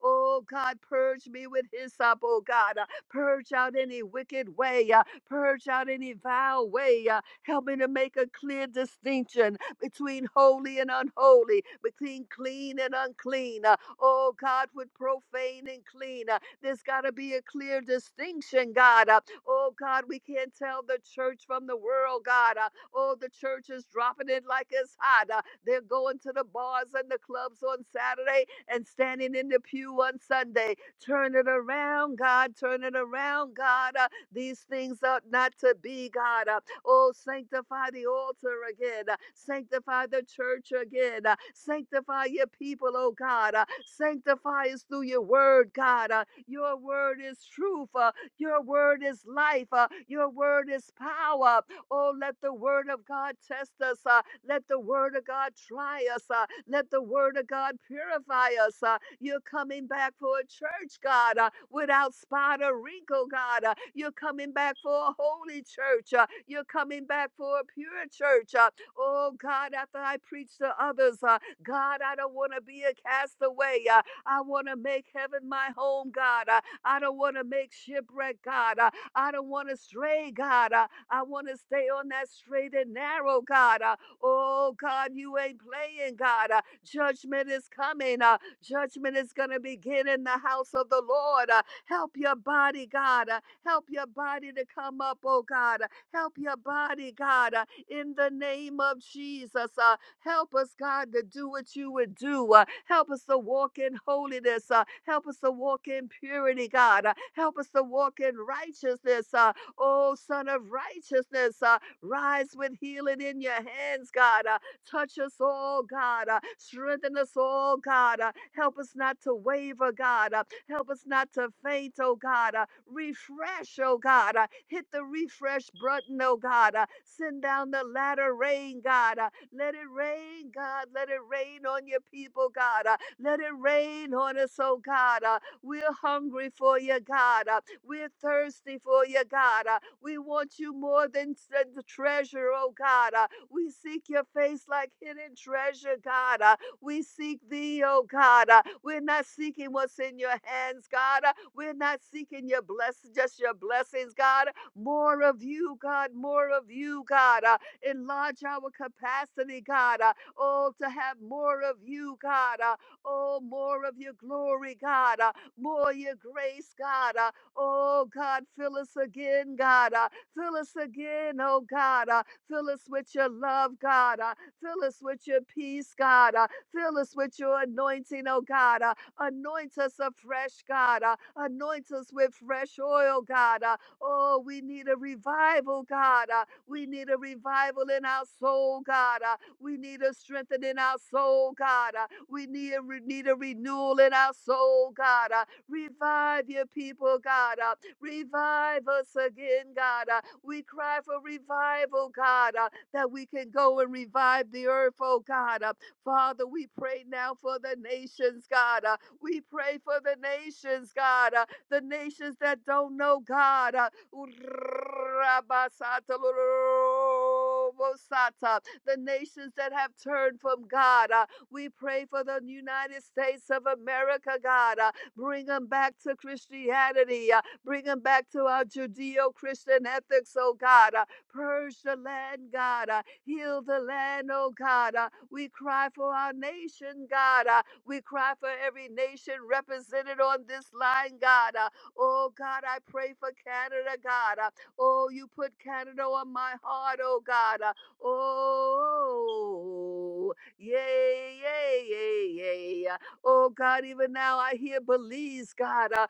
oh God, purge me with hyssop, oh God. Uh, purge out any wicked way. Uh, purge out any vile way. Uh, help me to make a clear distinction between holy and unholy, between clean and unclean. Uh, oh God, with profane and clean. Uh, there's got to be a clear distinction, God. Uh, oh, God, we can't tell the church from the world, God. Uh, oh, the church is dropping it like it's hot. Uh, they're going to the bars and the clubs on Saturday and standing in the pew on Sunday. Turn it around, God. Turn it around, God. Uh, these things are not to be, God. Uh, Oh, sanctify the altar again. uh, Sanctify the church again. uh, Sanctify your people, oh God. uh, Sanctify us through your word, God. Uh, your word is truth. uh, Your word is life. uh, Your word is power. Oh, let the word of God test us. uh, Let the word of God try us. uh, Let the word of God purify us. uh, You're coming back for a church, God, uh, without spot or wrinkle, God. uh, You're coming back for a holy church. uh, You're coming back for a pure church. uh, Oh, God, after I preach to others, uh, God, I don't want to be a castaway. uh, I want to make heaven my home, God. Uh, I don't want to make shipwreck, God. Uh, I don't want to stray, God. Uh, I want to stay on that straight and narrow, God. Uh, Oh, God, you ain't playing, God. Uh, Judgment is coming. Uh, Judgment is going to begin in the house of the Lord. Uh, Help your body, God. Uh, Help your body to come up, oh God. Uh, Help your body, God, uh, in the name of Jesus. Uh, Help us, God, to do what you would do. Uh, help us to walk in holiness. Uh, help us to walk in purity, God. Uh, help us to walk in righteousness. Uh, oh, Son of Righteousness, uh, rise with healing in your hands, God. Uh, touch us all, God. Uh, strengthen us all, God. Uh, help us not to waver, God. Uh, help us not to faint, oh God. Uh, refresh, oh God. Uh, hit the refresh button, oh God. Uh, send down the latter rain, God. Uh, let it rain, God. Let it rain on your people, God. Uh, Let it rain on us, oh God. Uh, We're hungry for you, God. Uh, We're thirsty for you, God. Uh, We want you more than s- the treasure, oh God. Uh, We seek your face like hidden treasure, God. Uh, We seek thee, oh God. Uh, We're not seeking what's in your hands, God. Uh, We're not seeking your bless, just your blessings, God more of you, God, more of you, God. Uh, Enlarge our capacity, God. uh, Oh, to have more of you, God. uh, Oh, more of your glory, God. uh, More of your grace, God. uh, Oh, God, fill us again, God. uh, Fill us again, oh God. uh, Fill us with your love, God. uh, Fill us with your peace, God. uh, Fill us with your anointing, oh God. uh, Anoint us afresh, God. uh, Anoint us with fresh oil, God. uh, Oh, we need a revival, God. Uh, we need a revival in our soul, God. Uh, we need a strengthening in our soul, God. Uh, we need a, re- need a renewal in our soul, God. Uh, revive your people, God. Uh, revive us again, God. Uh, we cry for revival, God, uh, that we can go and revive the earth, oh God. Uh, Father, we pray now for the nations, God. Uh, we pray for the nations, God. Uh, the nations that don't know God. Uh, Urabasata lorobosata. The nations that have turned from God, uh, we pray for the United States of America, God. uh, Bring them back to Christianity. uh, Bring them back to our Judeo Christian ethics, oh God. uh, Purge the land, God. uh, Heal the land, oh God. uh, We cry for our nation, God. uh, We cry for every nation represented on this line, God. uh, Oh God, I pray for Canada, God. Uh, Oh, you put Canada on my heart, oh God. Uh, Oh, yay, yay, yay, yay. Uh, Oh God, even now I hear Belize, God. Uh,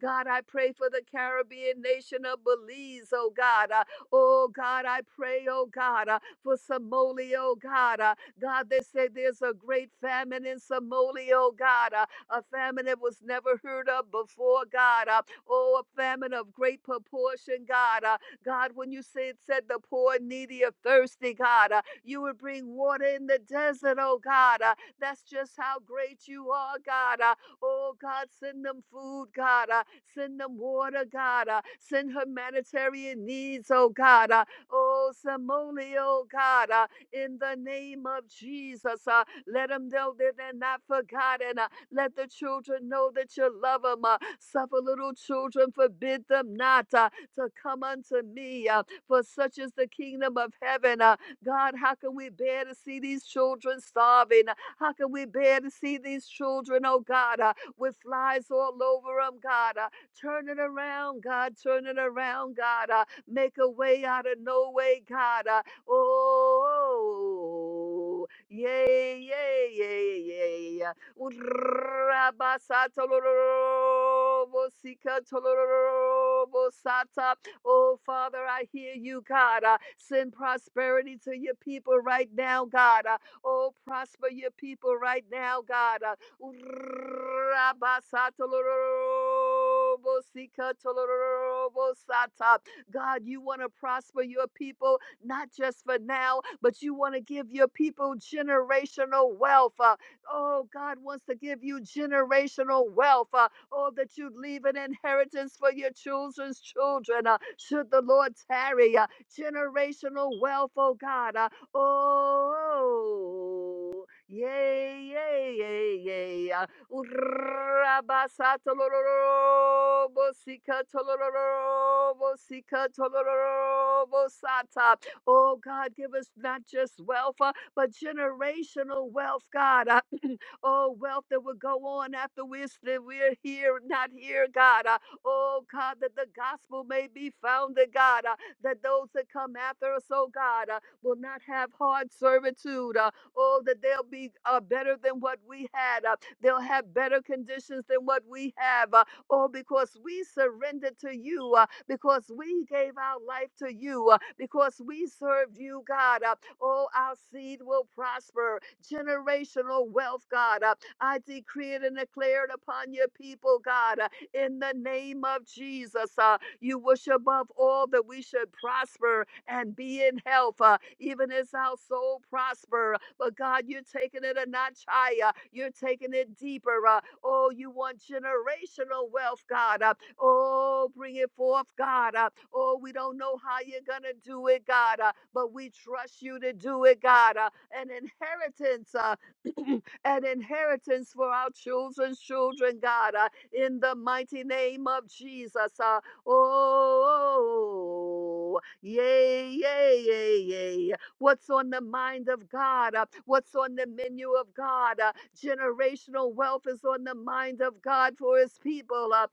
God, I pray for the Caribbean nation of Belize, oh God. Uh, Oh God, I pray, oh God, uh, for Somalia, oh God. Uh, God, they say there's a great famine in Somalia, oh God, uh, a famine that was never heard of before, God. Uh, oh, a famine of great proportion, God. Uh, God, when you said, said the poor, needy, or thirsty, God, uh, you would bring water in the desert, oh God. Uh, that's just how great you are, God. Uh, oh, God, send them food, God. Uh, send them water, God. Uh, send humanitarian needs, oh God. Uh, oh, Somalia, oh God. Uh, in the name of Jesus. Uh, let them know that they're not forgotten. Uh, let the children know that you love them. Uh, suffer little children, forbid them not uh, to come unto me, uh, for such is the kingdom of heaven. Uh, God, how can we bear to see these children starving? How can we bear to see these children, oh God, uh, with flies all over them, God? Uh, turn it around, God, turn it around, God. Uh, make a way out of no way, God. Uh, Oh, yay, yay, yay, yay, yay. Urabasatolorobosika Oh, Father, I hear you, God. Uh, send prosperity to your people right now, God. Uh, oh, prosper your people right now, God. Uh, Urabasatolorobosika tolorobosata. God, you want to prosper your people not just for now, but you want to give your people generational wealth. uh, oh, God wants to give you generational wealth. Uh, oh, that you'd leave an inheritance for your children's children. Uh, should the Lord tarry, uh, generational wealth, oh God. Uh, oh, yay, yay, yay, yay. Uh, Urrabasatolorobosikatalorobosikatalorobosata. Oh, God, give us not just wealth, uh, but generational wealth, God. Uh, <clears throat> oh, wealth that will go on after we're, still, we're here, not here, God. Uh, oh, God, that the gospel may be founded, God. Uh, that those that come after us, oh, God, uh, will not have hard servitude. Uh, oh, that they'll be uh, better than what we had. Uh, they'll have better conditions than what we have. Uh, Oh, because we surrendered to you, uh, because we gave our life to you, uh, because we served you, God. uh, Oh, our seed will prosper. Generational wealth, God. uh, I decree it and declare it upon your people, God, uh, in the name of Jesus. uh, you wish above all that we should prosper and be in health, uh, even as our soul prosper. But God, you're taking it a notch higher. You're taking it deeper. Uh, oh, you want generational wealth, God. Uh, oh, bring it forth, God. Uh, oh, we don't know how you're going to do it, God, uh, but we trust you to do it, God. Uh, an inheritance uh, <clears throat> an inheritance for our children's children, God, uh, in the mighty name of Jesus. uh, Oh, yay, yay, yay, yay. What's on the mind of God? Uh, What's on the menu of God? Uh, Generational wealth is on the mind of God for his people. Uh,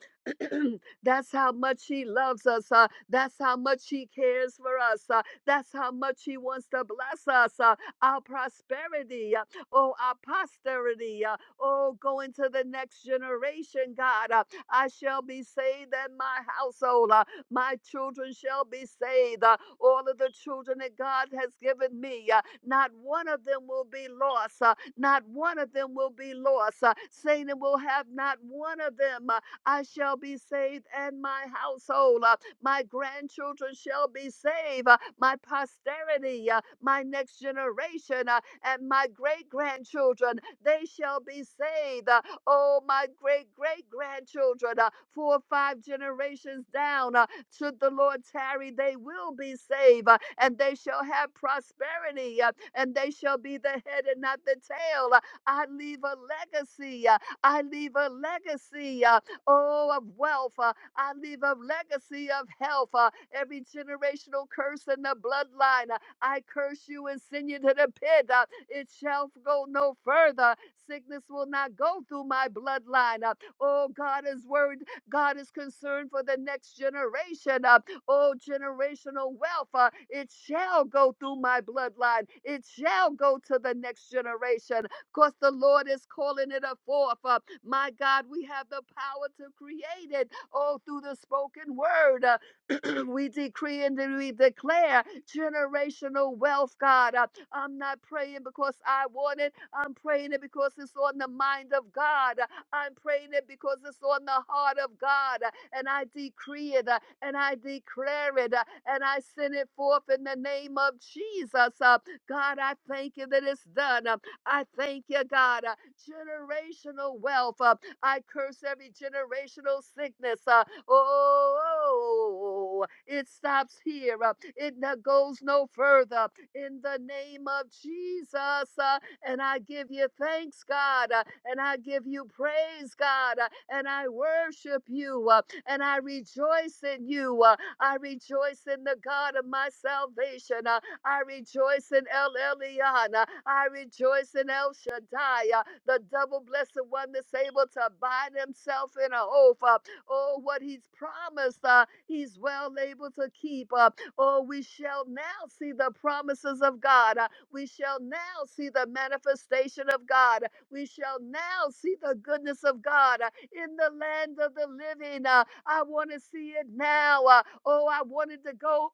<clears throat> That's how much he loves us. uh, that's how much he cares for us. uh, that's how much he wants to bless us. uh, our prosperity, uh, oh, our posterity, uh, oh, going to the next generation, God. Uh, I shall be saved and my household. Uh, my children shall be saved. Uh, all of the children that God has given me, uh, not one of them will be lost. Uh, not one of them will be lost. Uh, Satan will have not one of them. Uh, I shall be saved and my household. Uh, my grandchildren shall be saved. Uh, my posterity, uh, my next generation. uh, and my great grandchildren, they shall be saved. Uh, Oh, my great great grandchildren, uh, four or five generations down, uh, should the Lord tarry, they will be saved, uh, and they shall have prosperity, uh, and they shall be the head and not the tail. Uh, I leave a legacy. uh, I leave a legacy. uh, oh, of wealth. uh, I leave a legacy of health. uh, every generational curse in the bloodline. uh, I curse you and send you to the pit. Uh, It shall go no further. Sickness will not go through my bloodline. Uh, Oh, God is worried. God is concerned for the next generation. Uh, Oh, generational wealth. uh, It shall go through my bloodline. It shall go to the next generation because the Lord is calling it a forth. Uh, My God, we have the power to create it. Oh, through the spoken word. <clears throat> we decree and we declare generational wealth, God. Uh, I'm not praying because I want it. I'm praying it because it's on the mind of God. Uh, I'm praying it because it's on the heart of God. Uh, And I decree it uh, and I declare it uh, and I send it forth in the name of Jesus. Uh, God, I thank you that it's done. Uh, I thank you, God. uh, Generational wealth. uh, I curse every generational sickness. uh, Oh, it stops here. uh, It no- goes no further. In the name of Jesus. uh, And I give you thanks, God. uh, And I give you praise, God. uh, And I worship you. uh, And I rejoice in you. uh, I rejoice in the God of my salvation. uh, I rejoice in El Elyon. Uh, I rejoice in El Shaddai, uh, the double blessed one that's able to bind himself in a oath. Uh, Oh, what he's promised, uh, he's well able to keep. Uh, Oh, we shall now see the promises of God. Uh, We shall now see the manifestation of God. We shall now see the goodness of God uh, in the land of the living. Uh, I want to see it now. Uh, Oh, I wanted to go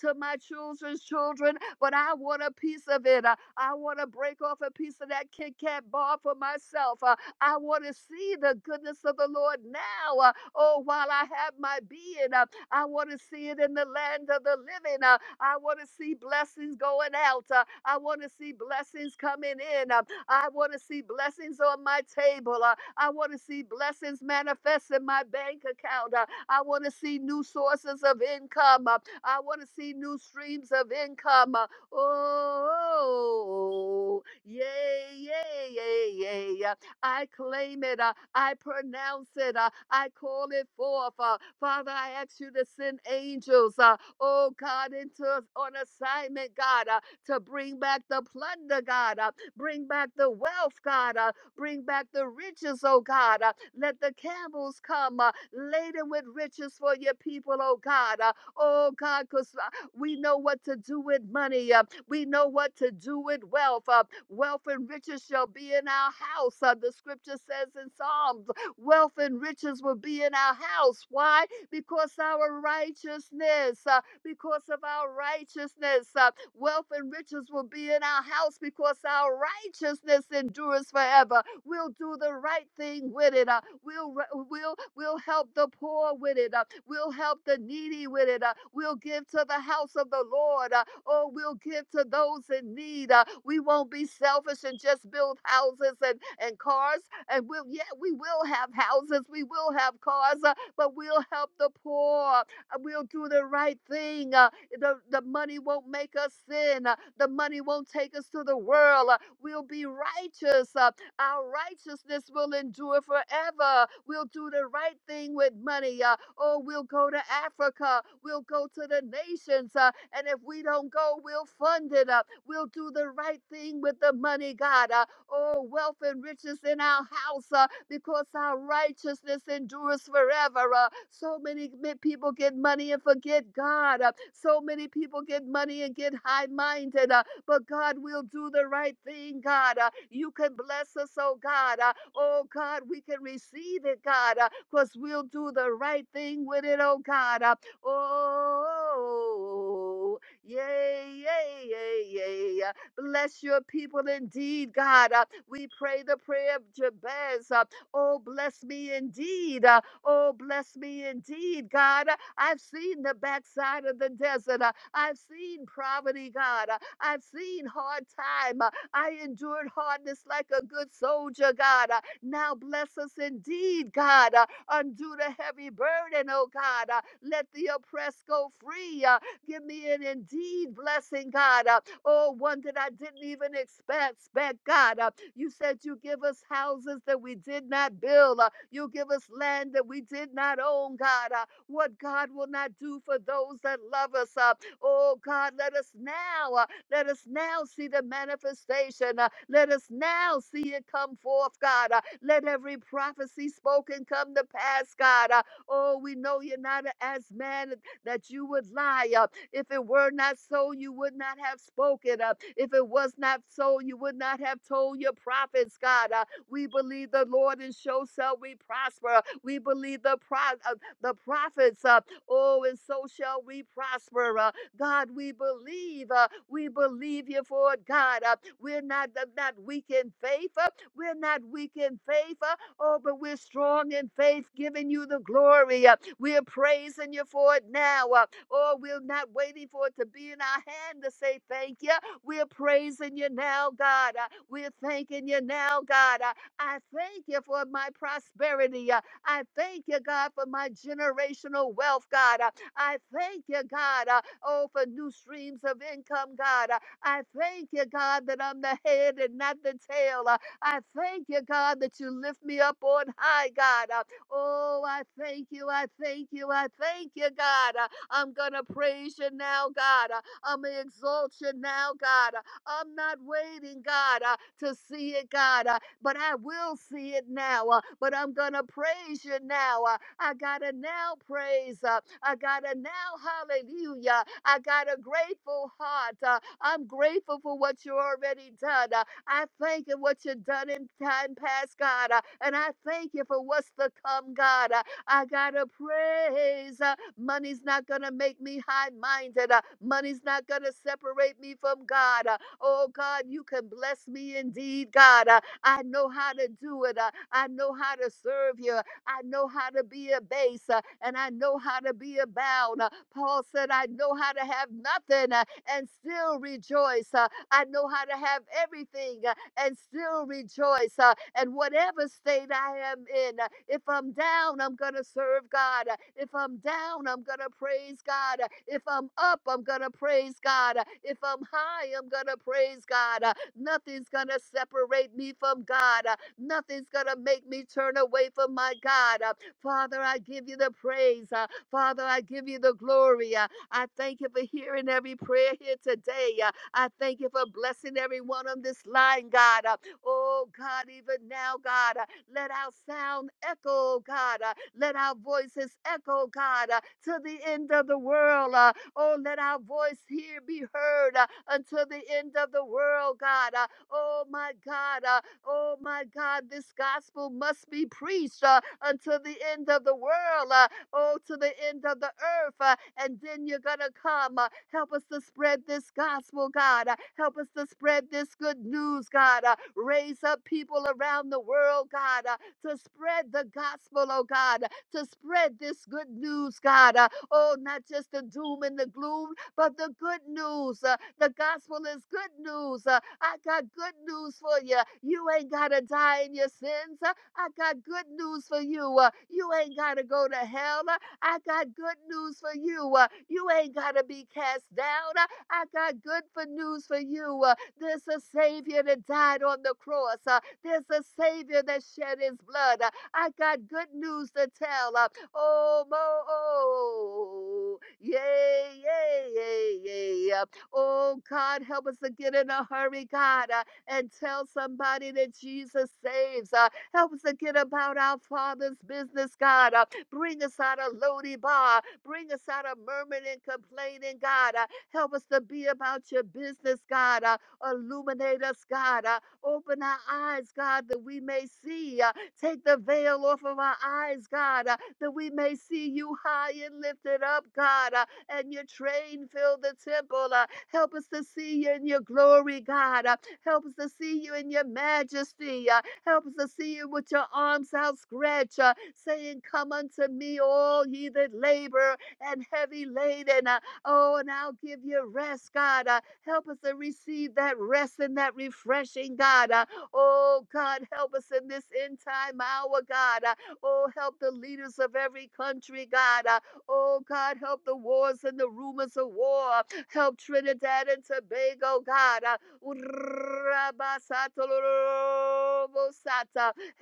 to my children's children, but I want a piece of it. Uh, I want to break off a piece of that Kit Kat bar for myself. Uh, I want to see the goodness of the Lord now. Uh, oh, while I have my being, uh, I want to see it in the land of the living. Uh, I want to see blessings going out. Uh, I want to see blessings coming in. Uh, I want to see blessings on my table. Uh, I want to see blessings manifest in my bank account. Uh, I want to see new sources of income. Uh, I want to see new streams of income. Uh, Oh, yay, yay, yay, yay. Uh, I claim it. uh, I pronounce it. uh, I call it forth. uh, Father, I ask you to send angels, uh, oh God, into on assignment, God, uh, to bring back the plunder, God, uh, bring back the wealth, God, uh, bring back the riches, oh God. uh, Let the camels come uh, laden with riches for your people, oh God. uh, Oh God, because we know what to do with money. Uh, we know what to do with wealth. Uh, wealth and riches shall be in our house. Uh, the scripture says in Psalms, wealth and riches will be in our house. Why? Because our righteousness, uh, because of our righteousness, uh, wealth and riches will be in our house because our righteousness endures forever. We'll do the right thing with it. uh, We'll we'll we'll help the poor with it. Uh, we'll help the needy with it. Uh, we'll give to the house of the Lord. Uh, oh, we'll give to those in need. Uh, we won't be selfish and just build houses and and cars. And we'll yeah, we will have houses. We will have cars. Uh, but we'll help the poor. Uh, We'll do the right thing. Uh, the, the money won't make us sin. Uh, the money won't take us to the world. Uh, we'll be righteous. Uh, our righteousness will endure forever. We'll do the right thing with money. Uh, oh, we'll go to Africa. We'll go to the nations. Uh, and if we don't go, we'll fund it up. We'll do the right thing with the money, God. Uh, oh, wealth and riches in our house uh, because our righteousness endures forever. Uh, so many people get money and forget God. Uh, so many people get money and get high minded but God will do the right thing, God. Uh, you can bless us, oh God. Uh, oh God, we can receive it, God, because uh, we'll do the right thing with it, oh God. Uh, oh, yay, yay, yay, yay. Uh, Bless your people indeed, God. Uh, we pray the prayer of Jabez. Uh, oh, bless me indeed. Uh, oh, bless me indeed, God. Uh, I've seen the backside of the desert. Uh, I've seen poverty, God. Uh, I've seen hard time. Uh, I endured hardness like a good soldier, God. Uh, Now bless us indeed, God. Uh, Undo the heavy burden, oh God. Uh, Let the oppressed go free. Uh, Give me an indeed blessing, God. Uh, Oh, one that I didn't even expect, expect God. Uh, You said you give us houses that we did not build. Uh, You give us land that we did not own, God. Uh, What God will not do for those that love us. Uh, Oh God, let us now. uh, let us now see the manifestation. uh, Let us now see it come forth, God. uh, Let every prophecy spoken come to pass, God. uh, Oh, we know you're not a- as man that you would lie. uh, If it were not so, you would not have spoken. uh, If it was not so, you would not have told your prophets, God. uh, We believe the Lord and so shall we prosper. We believe the pro- uh, the prophets. uh, Oh, and so shall we prosper. Uh, God, we believe. uh, we believe you for it, God. Uh, we're not, uh, not weak in faith. uh, we're not weak in faith. uh, oh, but we're strong in faith, giving you the glory. uh, we're praising you for it now. uh, oh, we're not waiting for it to be in our hand to say thank you. We're praising you now, God. uh, we're thanking you now, God. uh, I thank you for my prosperity. uh, I thank you, God, for my generational wealth, God. Uh, I thank you, God, uh, oh, for new streams of income, God. Uh, I thank you, God, that I'm the head and not the tail. Uh, I thank you, God, that you lift me up on high, God. Uh, oh, I thank you, I thank you, I thank you, God. Uh, I'm going to praise you now, God. Uh, I'm going to exalt you now, God. Uh, I'm not waiting, God, uh, to see it, God. Uh, but I will see it now. uh, but I'm going to praise you now. uh, I got to now praise. uh, I got to now hallelujah. I got a grateful heart. uh, I'm grateful for what you already done. uh, I thank you what you done in time past, God. uh, and I thank you for what's to come, God. uh, I got to praise. uh, money's not going to make me high minded. money's not going to separate me from God. uh, Oh God, you can bless me indeed, God. Uh, I know how to do it. Uh, I know how to serve you. I know how to be a base uh, and I know how to be about. Uh, Paul said, I know how to have nothing uh, and still rejoice. Uh, I know how to have everything uh, and still rejoice. Uh, and whatever state I am in, uh, if I'm down, I'm going to serve God. Uh, If I'm down, I'm going to praise God. Uh, If I'm up, I'm going to praise God. Uh, If I'm high, I'm going to praise God. Uh, Nothing's going to separate me from God. Uh, Nothing's going to make me turn away from my God. Uh, Father, I give you the praise. Uh, Father, I give you the glory. Uh, I thank you for hearing every prayer here today. Uh, I thank you for blessing everyone on this line, God. Uh, Oh, God, even now, God, uh, let our sound echo, God. uh, Let our voices echo, God, uh, to the end of the world. uh, Oh, let our voice here be heard uh, until the end of the world, God. Uh, oh, my God. Uh, oh, my God. This gospel must be preached uh, until the end of the world. Uh, oh, to the end of the earth. uh, and then you're going to come. uh, help us to spread this gospel, God. uh, help us to spread this good news, God. uh, raise up people around the world, God, uh, to spread the gospel, oh God, to spread this good news, God. uh, Oh, not just the doom and the gloom, but the good news. Uh, the gospel is good news. Uh, I got good news for you. You ain't got to die in your sins. Uh, I got good news for you. Uh, you ain't got to go to hell. Uh, I got good news for you. Uh, you ain't got to be cast down. Uh, I got good for news for you. Uh, there's a Savior that died on the cross. Uh, there's a Savior that shed his blood. Uh, I got good news to tell. Uh, oh, mo, oh, yay, yay, yay, yay. Uh, Oh, God, help us to get in a hurry, God, uh, and tell somebody that Jesus saves. Uh, help us to get about our Father's business, God. Uh, bring us out of Lodi Bar. Bring us out of murmuring and complaining, God. Uh, help us to be about your business, God. Uh, illuminate us, God. Uh, Open our eyes, God, that we may see. Uh, Take the veil off of our eyes, God, uh, that we may see you high and lifted up, God, uh, and your train fill the temple. uh, Help us to see you in your glory, God. uh, Help us to see you in your majesty. uh, Help us to see you with your arms outstretched, uh, saying, Come unto me, all ye that labor and heavy laden. uh, Oh, and I'll give you rest, God. Uh, help us to receive that rest and that refreshing, God. Uh, oh, God, help us in this end time hour, God. Uh, oh, help the leaders of every country, God. Uh, oh, God, help the wars and the rumors of war. Help Trinidad and Tobago, God. Uh,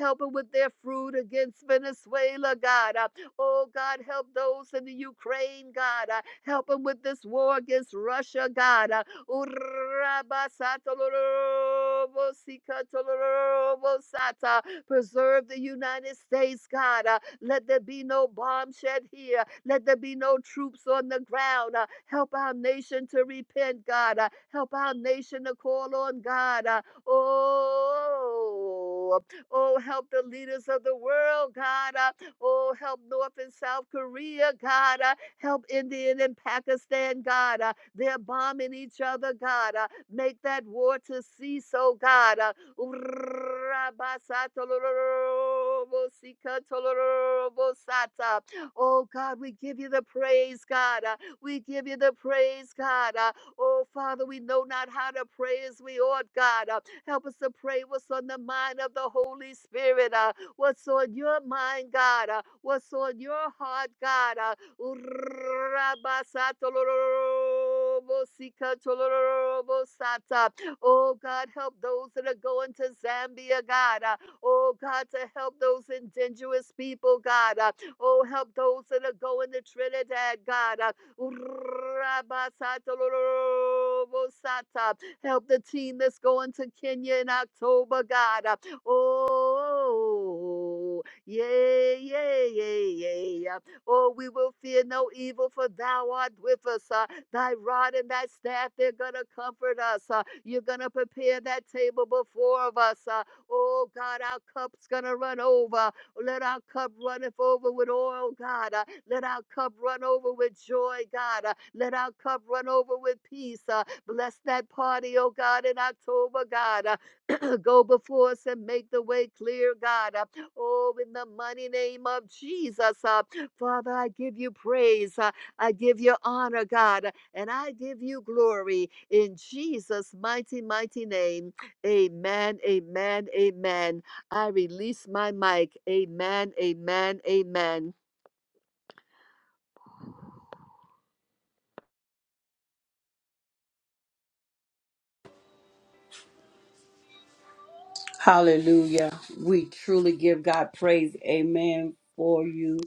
help them with their fruit against Venezuela, God. Uh, Oh, God, help those in the Ukraine, God. Uh, help them with this war against Russia, God. Uh, Preserve the United States, God. Uh, let there be no bomb shed here. Let there be no troops on the ground. Uh, help our nation to repent, God. Uh, help our nation to call on God. Uh, oh, oh, help the leaders of the world, God. Uh, Oh, help North and South Korea, God. Uh, help India and Pakistan, God. Uh, they're bombing each other, God. Uh, make that war to cease, oh God. Uh, Oh God, we give you the praise, God. Uh, we give you the praise, God. Uh, oh Father, we know not how to pray as we ought, God. Uh, help us to pray what's on the mind of the Holy Spirit. Uh, what's on your mind, God, uh, what's on your heart, God. uh, Oh God, help those that are going to Zambia, God. uh, Oh God, to help those indigenous people, God. uh, Oh, help those that are going to Trinidad, God. uh, Help the team that's going to Kenya in October, God. uh, Oh, yeah yeah yeah yeah! Oh, we will fear no evil, for thou art with us. uh, thy rod and thy staff, they're going to comfort us. uh, you're going to prepare that table before of us. uh, oh, God, our cup's going to run over. Let our cup runneth over with oil, God. uh, let our cup run over with joy, God. uh, let our cup run over with peace. uh, bless that party, oh, God, in October, God. uh, <clears throat> Go before us and make the way clear, God. Uh, Oh, in the mighty name of Jesus. uh, Father, I give you praise. uh, I give you honor, God, uh, and I give you glory in Jesus' mighty, mighty name. Amen, amen, amen. I release my mic. Amen, amen, amen.
Hallelujah. We truly give God praise. Amen for you,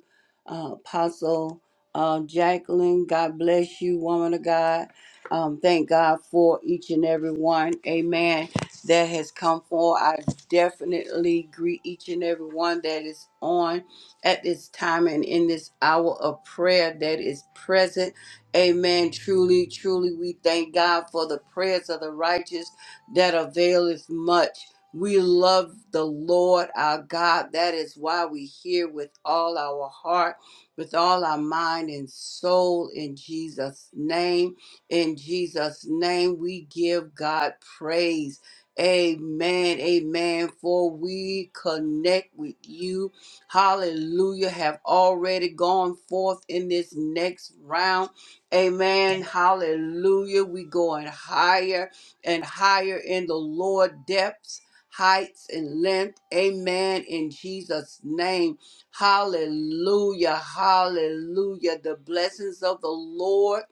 uh, Apostle uh, Jacqueline. God bless you, woman of God. Um, thank God for each and every one. Amen. That has come for. I definitely greet each and every one that is on at this time and in this hour of prayer that is present. Amen. Truly, truly, we thank God for the prayers of the righteous that availeth much. We love the Lord our God. That is why we here with all our heart, with all our mind and soul in Jesus' name. In Jesus' name, we give God praise. Amen. Amen. For we connect with you. Hallelujah. Have already gone forth in this next round. Amen. Hallelujah. We going higher and higher in the Lord depths heights and length. Amen. In Jesus' name. Hallelujah. Hallelujah. The blessings of the Lord.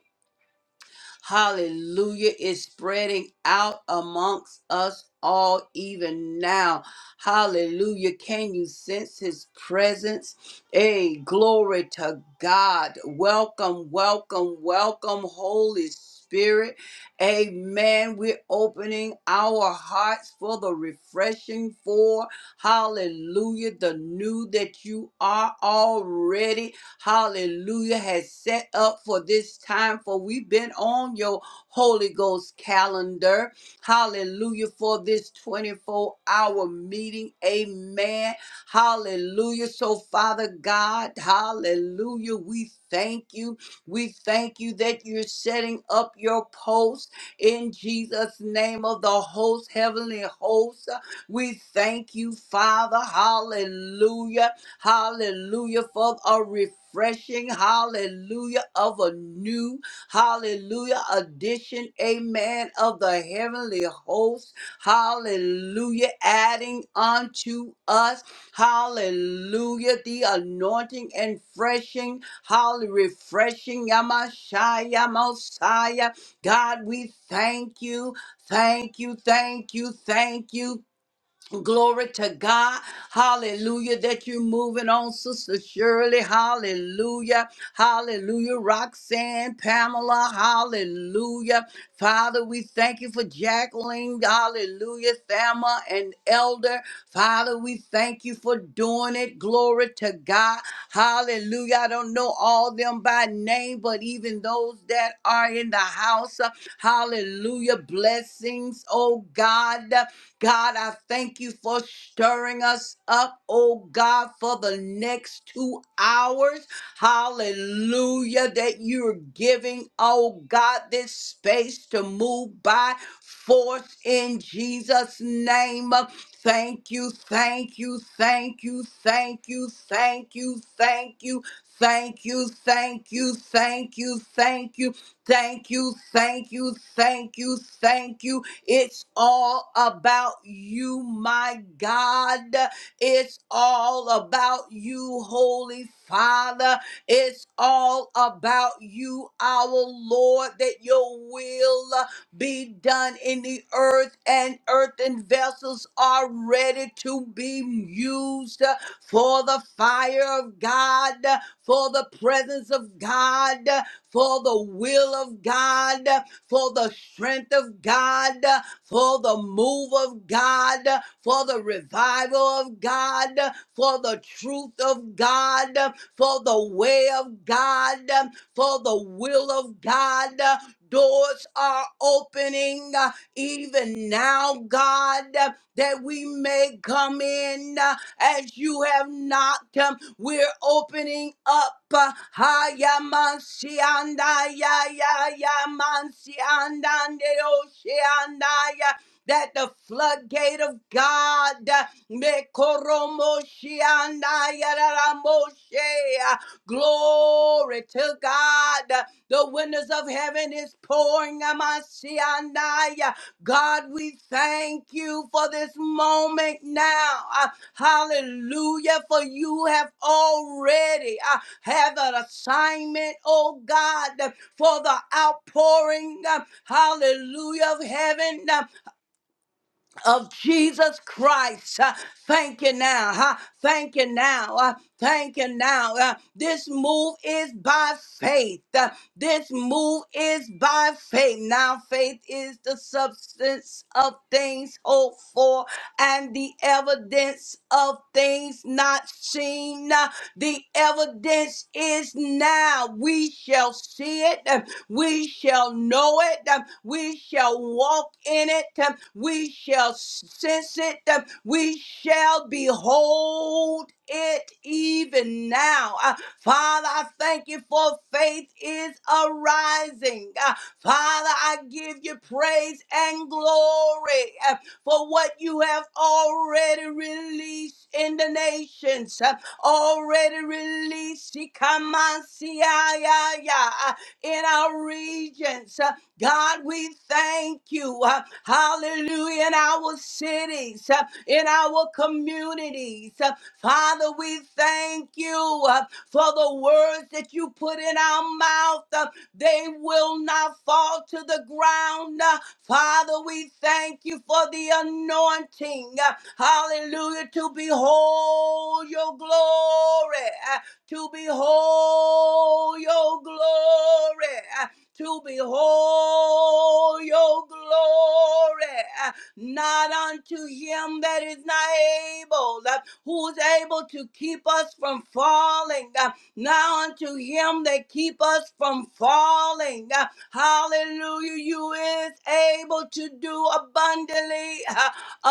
Hallelujah. It's spreading out amongst us all, even now. Hallelujah. Can you sense his presence? Hey, glory to God. Welcome, welcome, welcome, Holy Spirit. Amen. We're opening our hearts for the refreshing for. Hallelujah. The new that you are already hallelujah, has set up for this time. For we've been on your Holy Ghost calendar, hallelujah, for this 24 hour meeting. Amen. Hallelujah. So, Father God, hallelujah, we thank you. We thank you that you're setting up your post in Jesus' name of the host, heavenly host. We thank you, Father. Hallelujah. Hallelujah. For a refreshing. Hallelujah. Of a new. Hallelujah. Addition. Amen. Of the heavenly host. Hallelujah. Adding unto us. Hallelujah. The anointing and freshing. Hallelujah. Refreshing. Yamashaya. Mosiah. God, we thank you. Thank you. Thank you. Thank you. Glory to God. Hallelujah. That you're moving on, Sister Shirley. Hallelujah. Hallelujah. Roxanne, Pamela. Hallelujah. Father, we thank you for Jacqueline. Hallelujah. Thelma and Elder. Father, we thank you for doing it. Glory to God. Hallelujah. I don't know all them by name, but even those that are in the house. uh, Hallelujah. Blessings, oh God. God, I thank you for stirring us up, oh God, for the next two hours. Hallelujah, that you're giving, oh God, this space to move by force in Jesus' name. Thank you, thank you, thank you, thank you, thank you, thank you. Thank you, thank you, thank you, thank you, thank you, thank you, thank you, thank you, it's all about you, my God. It's all about you, Holy Father. It's all about you, our Lord, that your will be done in the earth, and earthen vessels are ready to be used for the fire of God, for the presence of God, for the will of God for the strength of God, for the move of God, for the revival of God, for the truth of God, for the way of God, for the will of God. Doors are opening uh, even now, God, uh, that we may come in. uh, as you have knocked. Um, We're opening up. uh, ha, ya, man, si, and, ah, ya, ya, ya, man, si, and, and, eh, oh, si, and, ah, ya, That the floodgate of God uh, me, koromo, si, and, ah, ya, ra, ra, mo, she, uh, glory to God. uh, The windows of heaven is pouring. ah, man, si, and, ah, ya, God, we thank you for this moment now. Hallelujah. For you have already uh, have an assignment, oh God, for the outpouring. uh, Hallelujah of heaven. uh, of Jesus Christ. Uh, Thank you now. huh? Thank you now. uh, Thank you now. Uh, This move is by faith. Uh, This move is by faith. Now, faith is the substance of things hoped for and the evidence of things not seen. Uh, The evidence is now. We shall see it. Uh, we shall know it. um, We shall walk in it. um, We shall sense it. um, We shall behold it even now. Uh, Father, I thank you for faith is arising. Uh, Father, I give you praise and glory uh, for what you have already released in the nations, uh, already released. Ikamansiaya in our regions. Uh, God, we thank you. Uh, Hallelujah. In our cities, uh, in our communities. Uh, Father, we thank you uh, for the words that you put in our mouth. Uh, They will not fall to the ground. Uh, Father, we thank you for the anointing. Uh, Hallelujah. To behold your glory. Uh, to behold your glory, to behold your glory, not unto him that is not able, who is able to keep us from falling, now unto him that keep us from falling. Hallelujah. You is able to do abundantly uh,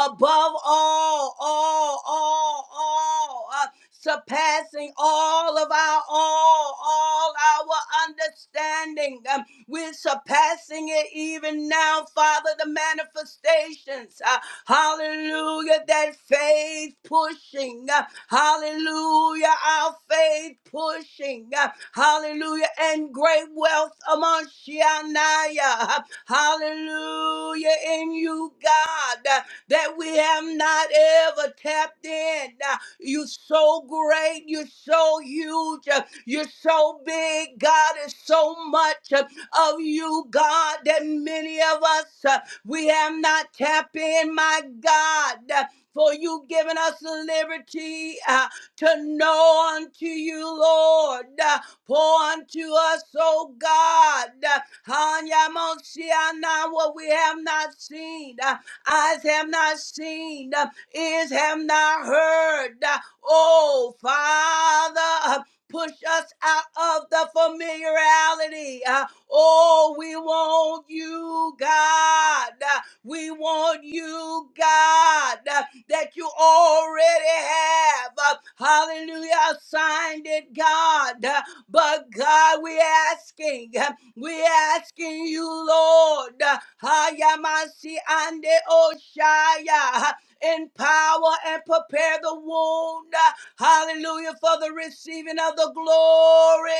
above all, all, all, all surpassing all of our all, all our understanding. Um, We're surpassing it even now, Father, the manifestations. uh, Hallelujah, that faith pushing. uh, Hallelujah, our faith pushing. uh, Hallelujah, and great wealth among Shianaya. Hallelujah, in you, God, uh, that we have not ever tapped in. Uh, you're so great. You're so huge. Uh, You're so big. God is so much uh, of you, God, that many of us, uh, we have not tapped in, my God. Uh, For you giving us the liberty uh, to know unto you, Lord. Uh, Pour unto us, O God. Uh, Hanyamosiana, What we have not seen, uh, eyes have not seen, uh, ears have not heard. Oh, Father, push us out of the familiarity. Uh, Oh, we want you, God. Uh, We want you, God, uh, that you already have. Uh, Hallelujah, signed it, God. Uh, But God, we asking, uh, we asking you, Lord. uh, Hayamasi ande oshaya empower and prepare the wound. Hallelujah for the receiving of the glory.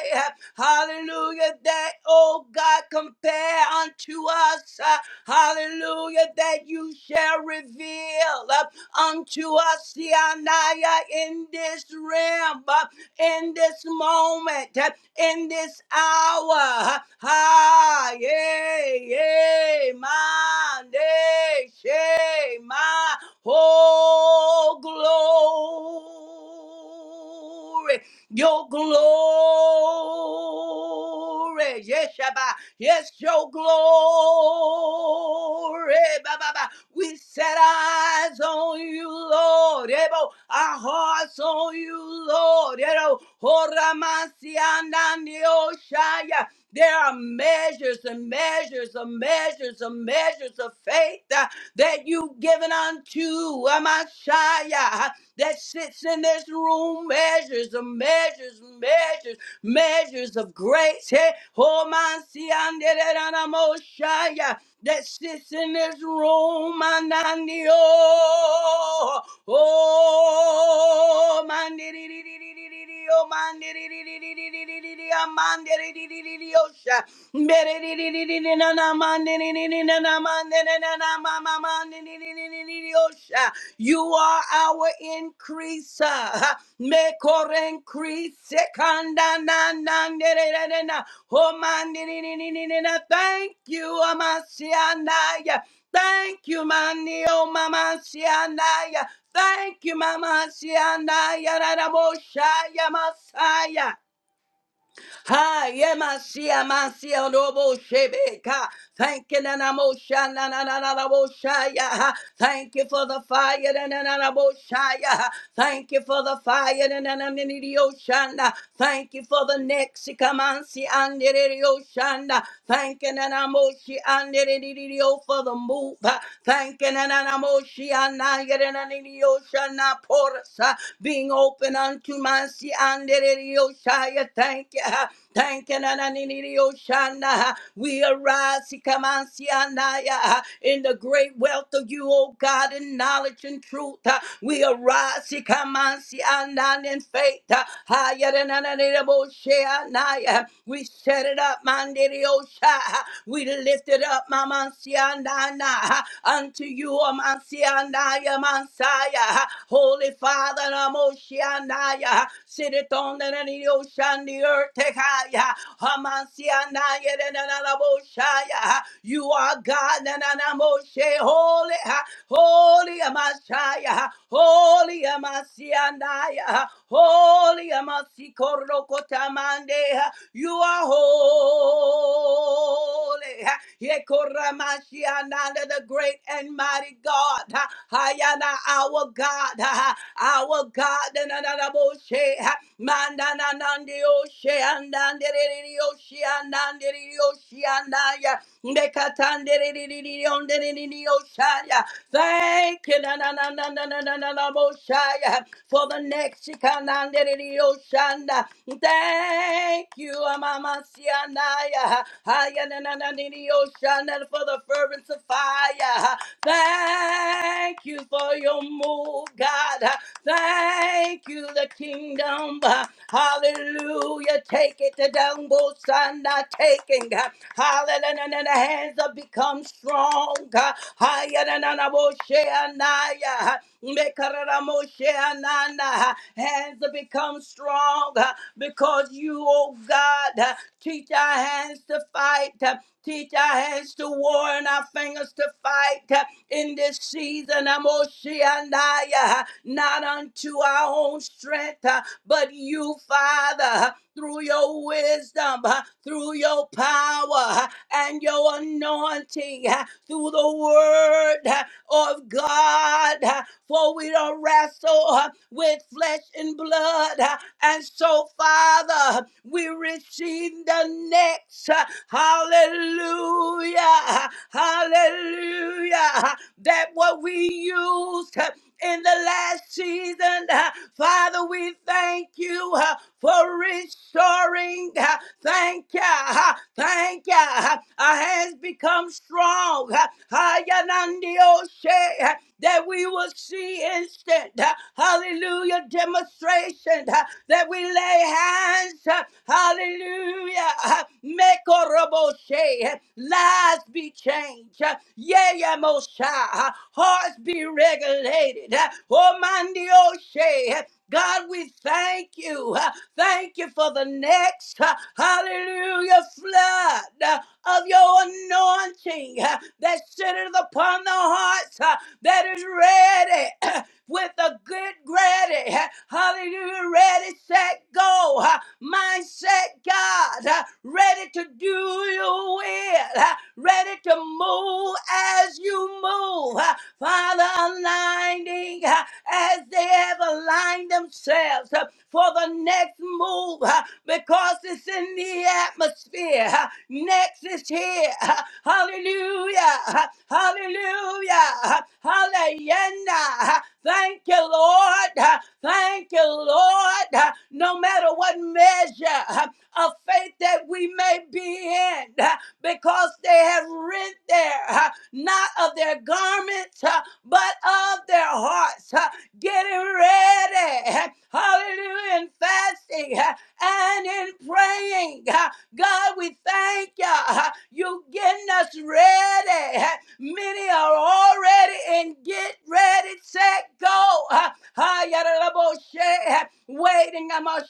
Hallelujah that, oh God, compare unto us. uh, Hallelujah that you shall reveal uh, unto us the Anaya in this realm, uh, in this moment, uh, in this hour. Ha, yeah, yeah, my, day, shame, my. Oh, glory. Your glory. Yes, Shabbat. Yes, your glory. Ba, ba, ba. We set our eyes on you, Lord. Ebo, our hearts on you, Lord. Ebo, Horamasiandanioshaya. There are measures and measures and measures and measures of faith. Uh, that you've given unto a Messiah that sits in this room, measures of measures, measures, measures of grace. Hey, oh, man, see, and I'm all shy, yeah, that sits in this room, and I need, oh, oh, man, dee, dee, dee, dee, dee, dee, dee, dee, oh, man, dee, dee, dee, dee, dee, dee, dee, dee, dee, dee, ah, man, dee, dee, dee, dee, dee, dee, oh, shy. You are our increaser. Mekorenkrise kanda na Oh, man, Thank you, Amasianaya. Thank you, Mani, oh, Mama Sianaya. Thank you, Mama Sianaya, Raraboshaya, Masaya. Ha yemasia masia robo shebeka. Thank you, Nana Mosha, Nana Nana Moshaya. Thank you for the fire, Nana Nana Moshaya. Thank you for the fire, Nana Nana Oshana. Thank you for the next Kamansi and Oshana. Thank you, Nana Moshi and the o for the move. Ha. Thank you, Nana Moshi and Oshana Porus being open unto mercy and it is your shire. Thank you. Thank you. na- na- We arise si- come on, si- and I, uh, in the great wealth of you, O God, in knowledge and truth. uh, We arise si- come on, si- and in faith. uh, higher than na- na- ni- ni- bo- uh, We set it up, man. di- di- your We lift it up, Mama. Mansiandana. Unto you, O Mansiandaya Mansaya. Holy Father, Namoshiandaya. Sit it on the the ocean, the earth, Tekaya. Hamansiandaya, Nanaboshaya. You are God, Nanamoshe, holy, ha. holy Amashaya, holy Amasiandaya, holy Sikorokotamandeha. You are holy. Yekoramashiananda, the great and mighty God. Ha, Hayana, our God. Ha, ha, Our God. Nananaboshe, ha. Mandananandioshe, andandererioshe, andandererioshe, andaya. Mekatanderiririondererioshaya. Thank you na na na na na na na na na Mosiah, for the next Shikana. Thank you, Mama Sianaya. Haya na na na na na Oshana for the fervent of fire. Thank you for your move, God. Thank you, the kingdom. Hallelujah. Take it to down, Bosana. Taking. Hallelujah. And the hands have become strong. Hayaranabosheanaya. Mekararamosheanana. Hands have become strong uh, because you, oh God, uh, teach our hands to fight. uh, Teach our hands to war and our fingers to fight uh, in this season. Amoshianaya, not unto our own strength, uh, but you, Father through your wisdom, uh, through your power uh, and your anointing, uh, through the word uh, of God. uh, For we don't wrestle uh, with flesh and blood. uh, And so, Father, huh, we receive the next. uh, Hallelujah. huh, Hallelujah. huh, That what we used. huh, in the last season. Uh, Father, we thank you uh, for restoring. Uh, Thank you. uh, Thank you. uh, Our hands become strong. uh, Hayanandioshe, uh, That we will see instant. uh, Hallelujah. Demonstration uh, that we let lay hands, hallelujah, Mekoroboshe. lives be changed, yeah, yeah, Mosha, hearts be regulated, oh, Mandioshe. God, we thank you. Thank you for the next, hallelujah, flood of your anointing that sitteth upon the hearts that is ready with a good ready, hallelujah, ready, set, go, mindset, God, uh, ready to do your will, uh, ready to move as you move, uh, Father, aligning uh, as they have aligned themselves us uh, for the next move uh, because it's in the atmosphere. uh, Next is here. uh, Hallelujah. uh, Hallelujah. uh, Hallelujah. uh, Thank you, Lord. uh, Thank you, Lord. uh, No matter what measure uh, of faith that we may be in, uh, because they have rent there, uh, not of their garments, uh, but of their hearts. uh, getting ready. Hallelujah. In fasting and in praying. God, we thank you. You getting us ready. Many are already in get ready, set, go. Ah, yada, da, bo, Waiting, I'm a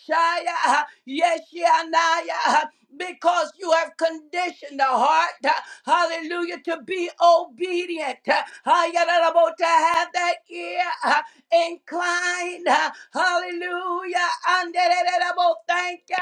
Yes, yeah, nah, yeah. Because you have conditioned the heart, ah, hallelujah, to be obedient. Ah, yada, da, bo, To have that ear inclined. Hallelujah. Anderererabo, Thank you.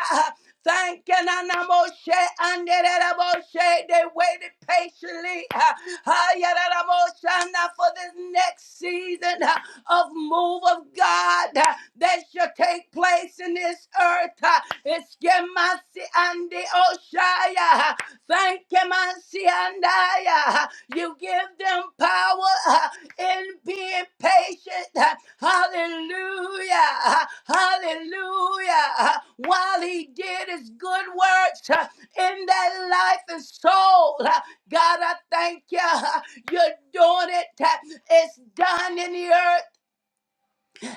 Thank you, Nana Moshe. Anderererabo, Moshe. They waited patiently. uh, ah, yeah, Nana Moshe, now For this next season uh, of move of God uh, that shall take place in this earth. uh, It's Gemasi and the Oshaya. Thank you, Messiah. You give them power uh, in being patient. uh, Hallelujah. uh, Hallelujah. uh, While he did his good works uh, in that life and soul, uh, God, I thank you. uh, You're doing it. uh, It's done in the earth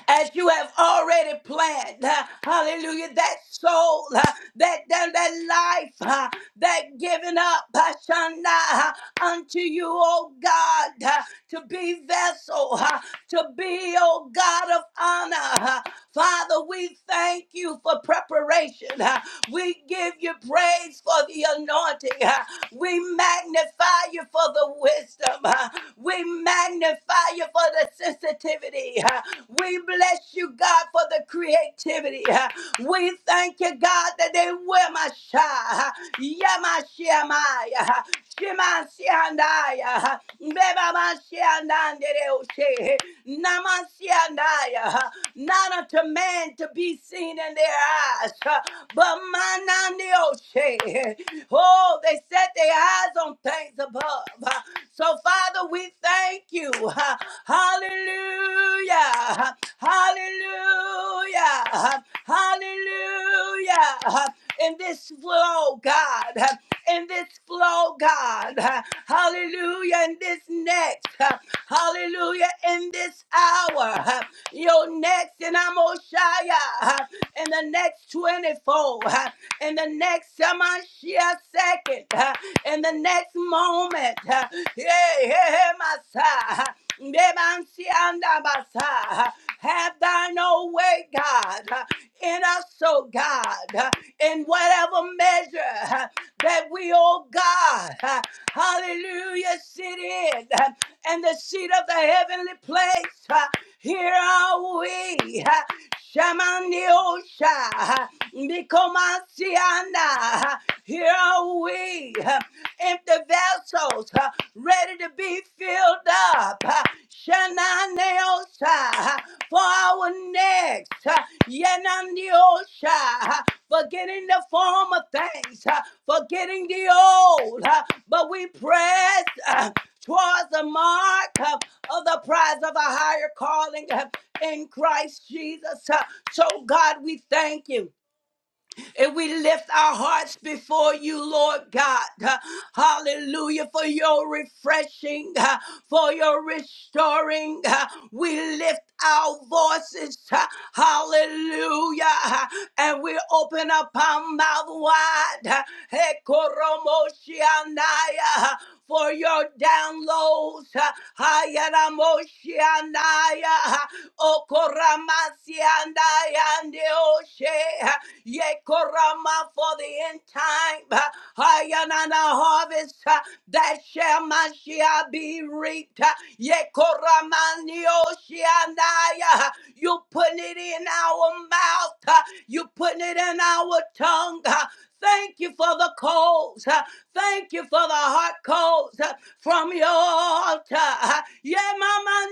as you have already planned. Uh, Hallelujah. That soul, uh, that, that, that life, uh, that giving up, Hashana, unto you, O God, uh, to be vessel, uh, to be, O God of honor. uh. Father, we thank you for preparation. uh. We give you praise for the anointing. uh. We magnify you for the wisdom. uh. We magnify you for the sensitivity. Uh, we bless you, God, for the creativity. We thank you, God, that they will my shy. Yamashiyamai. Shemashiandaya. Bebamashiandandereoshe. Namashiandaya. Not unto man to be seen in their eyes, but manandeoshe. Oh, they set their eyes on things above. So, Father, we thank you. Hallelujah. Hallelujah. Hallelujah in this flow, God, in this flow, God, hallelujah, in this next, hallelujah, in this hour, your next in Amoshaya, in the next 24, in the next Samashia second, in the next moment, yeah, yeah, my son. Debansiandabasa. Have thine own way, God, in us, oh God, in whatever measure that we, oh God, hallelujah, sit in and the seat of the heavenly place. Here are we. Shamaniosha. Nikomansiana. Here are we empty vessels uh, ready to be filled up. Uh, Shananiosha, uh, for our next. Uh, Yananiosha, uh, forgetting the former things, uh, forgetting the old. uh, but we press uh, towards the mark uh, of the prize of a higher calling uh, in Christ Jesus. Uh, so, God, we thank you. And we lift our hearts before you, Lord God. Uh, Hallelujah, for your refreshing, uh, for your restoring. Uh, We lift our voices, uh, hallelujah, uh, and we open up our mouth wide. uh, Hekoromoshianaya, uh, For your downloads, uh, Hayaramoshianaya, uh, Okoramasiandaya, Neoshe. Yea, Korama, for the end time. uh, Hayanana harvest uh, that shall Mashiach be reaped. uh, Yea, Koramani Oshianaya. uh, You putting it in our mouth. uh, You putting it in our tongue. uh, Thank you for the coals. Thank you for the hot coals uh, from your altar. Yeah, Mama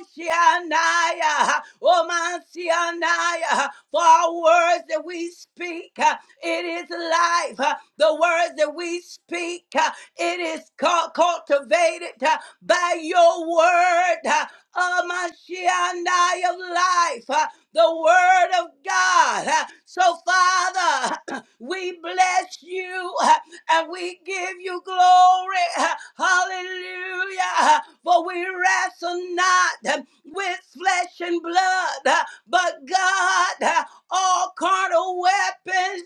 Oceania, oh my Oceania, for our words that we speak, uh, it is life. Uh, The words that we speak, uh, it is cu- cultivated uh, by your word. uh, Oh my Oceania of life, uh, the word of God. Uh, So Father, <clears throat> we bless you. Uh, and we give you glory. Hallelujah. For we wrestle not with flesh and blood, but God, all carnal weapons,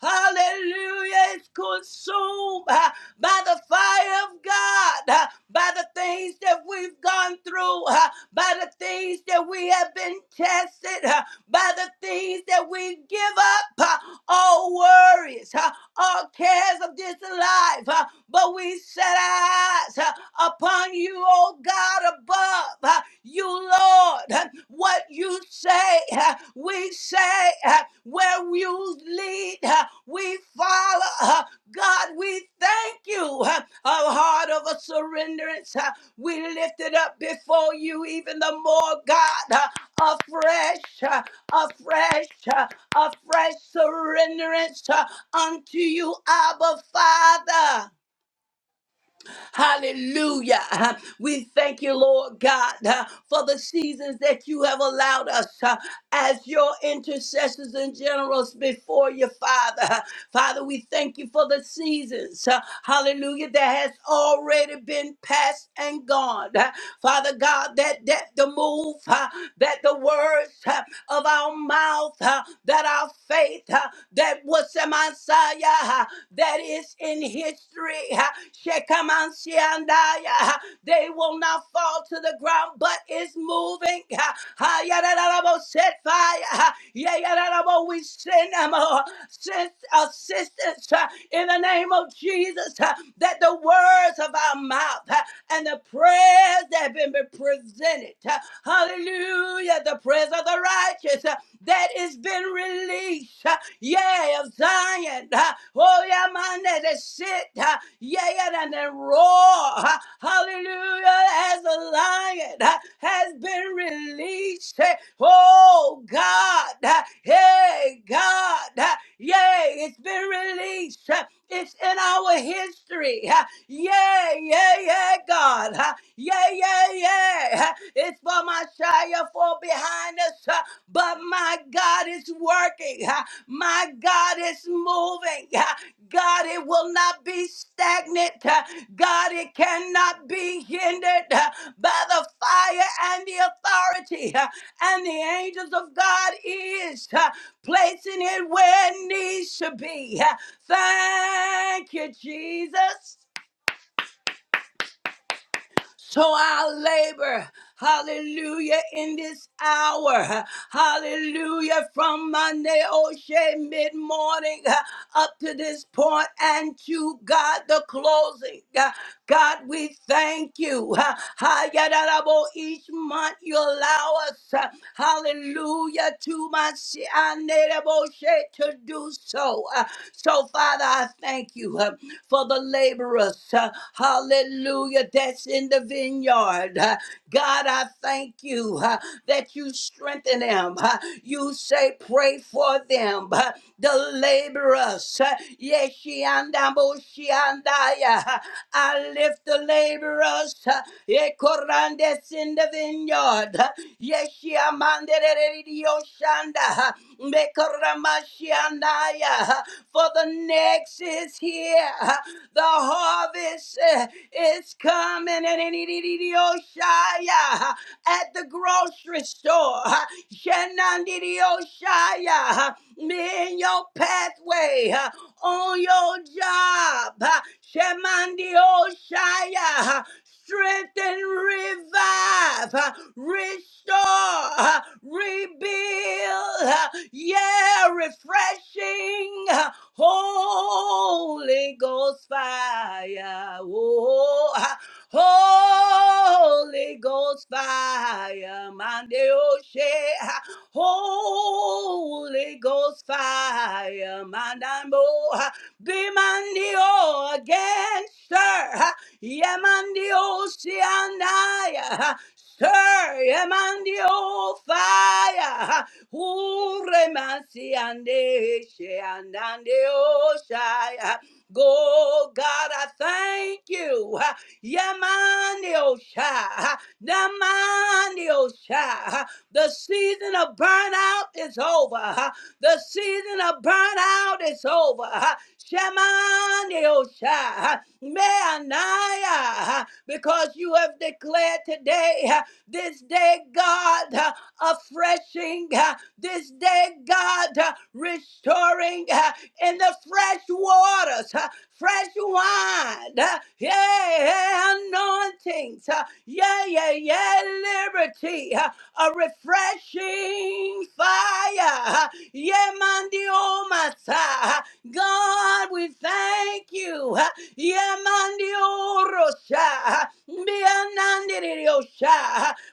hallelujah, is consumed by the fire of God, by the things that we've gone through, by the things that we have been tested by the things that we give up, uh, all worries, uh, all cares of this life. uh, But we set our eyes uh, upon you, oh God, above. uh, You, Lord, Uh, what you say, uh, we say, uh, where you lead, uh, we follow. uh, God, we thank you. uh, A heart of a surrenderance. uh, We lift it up before you even the more, God, uh, afresh. huh? a fresh, uh, a fresh surrenderance uh, unto you, Abba Father. Hallelujah. Uh, We thank you, Lord God, uh, for the seasons that you have allowed us uh, as your intercessors and generals before you, Father. Uh, Father, we thank you for the seasons, uh, hallelujah, that has already been passed and gone. Uh, Father God, that, that the move, uh, that the words uh, of our mouth, uh, that our faith, uh, that was Messiah that is in history. Ha, Shekamansiandaya. Ha, They will not fall to the ground, but it's moving. Ha, ha, yadadadabo, Set fire. Ha, yeah, yadadadabo, We send them uh, send assistance uh, in the name of Jesus uh, that the words of our mouth uh, and the prayers that have been presented. uh, Hallelujah. The prayers of the righteous. uh, that has been released. uh, Yeah, of Zion. uh, Oh, yeah, man, that is sit. uh, Yeah, yeah, and then roar. uh, Hallelujah, as a lion uh, has been released. eh, Oh, God. uh, Hey, God. uh, Yeah, it's been released. uh, It's in our history. uh, yeah, yeah, yeah, God. huh? Yeah, yeah, yeah. uh, It's for my Shia for behind us. Uh, but my God is working. Ah, My God is moving. Ah, God, it will not be stagnant. Ah, God, it cannot be hindered ah, by the fire and the authority. ah, And the angels of God is ah, placing it where it needs to be. Ah, Thank you, Jesus. So I labor, hallelujah, in this hour, hallelujah, from Monday, O'Shea, mid morning up to this point, and to God, the closing. God, we thank you. Hayarabo, Each month you allow us, uh, hallelujah, to my Shianerabo Shea to do so. Uh, So, Father, I thank you for the laborers. uh, Hallelujah. That's in the vineyard. Uh, God, I thank you uh, that you strengthen them. Uh, You say, pray for them. Uh, The laborers. uh, Yeshiandaboshiandaya. I lift the laborers. uh, Ekorandes in the vineyard. uh, Yeshiamanderererioshanda, uh, Mekoramashiandaya for the next is here. The harvest uh, is coming. And in Oshaya at the grocery store. Shenandoah, me in your pathway, uh, on your job. Shemandoah, strength and revive, uh, restore, uh, rebuild. uh, Yeah, refreshing. Holy Ghost fire. Oh, ah. Holy Ghost fire. Mande Oshe. ah. Holy Ghost fire. Mandambo. ah. Be Mandio again, sir. Yemandio Sianaya. Sir, Yemandio fire. ah. Uremansi ande she andande oshaya. Go, God, I thank you. Yamani osha, damani osha. The season of burnout is over. ah. The season of burnout is over. Shamani osha, meanaya. Because you have declared today, ah, this day, God. ah, a freshing uh, this day, God, uh, restoring uh, in the fresh waters, uh, fresh wine, uh, yeah, yeah, anointings, uh, yeah, yeah, yeah, liberty, uh, a refreshing fire, uh, yeah, mandiomasa. uh, God, we thank you, uh, yeah, mandiorosha, uh, be a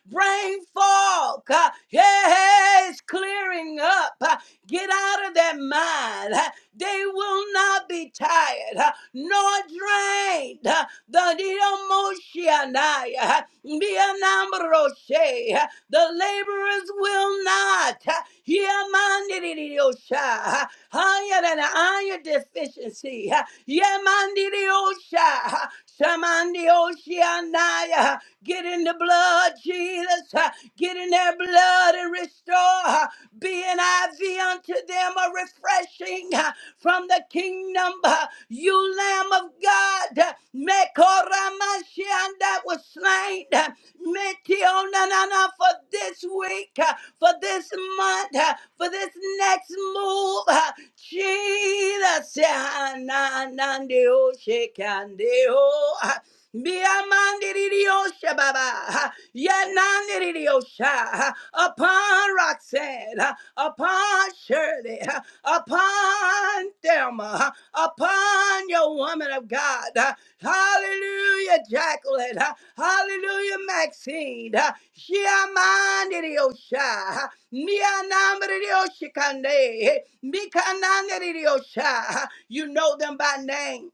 brain fog. Uh, yeah, it's clearing up. Uh, Get out of that mind. Uh, They will not be tired uh, nor drained. Uh, The Diomoshianai, uh, the Anambroshe, uh, the laborers will not. uh, Yamandidiosha, uh, Higher than iron deficiency. uh, Yamandidiosha, uh, Shamandioshianai. uh, Get in the blood, Jesus. Uh, Get in their blood and restore. uh, Be an IV unto them, a refreshing uh, from the kingdom. uh, You Lamb of God, uh, Mekoramashian that was slain. uh, Metionanana for this week, uh, for this month, uh, for this next move. uh, Jesus, uh, na- na- na- de- oh, shake and de- oh. Biamandiriosha Baba. Yanandiriosha. Upon Roxanne. Upon Shirley. Upon Thelma. Upon your woman of God. Hallelujah, Jacqueline. Hallelujah, Maxine. Shiamandiriosha. Mianamandiriosha Kande. Mikanandiriosha. You know them by name.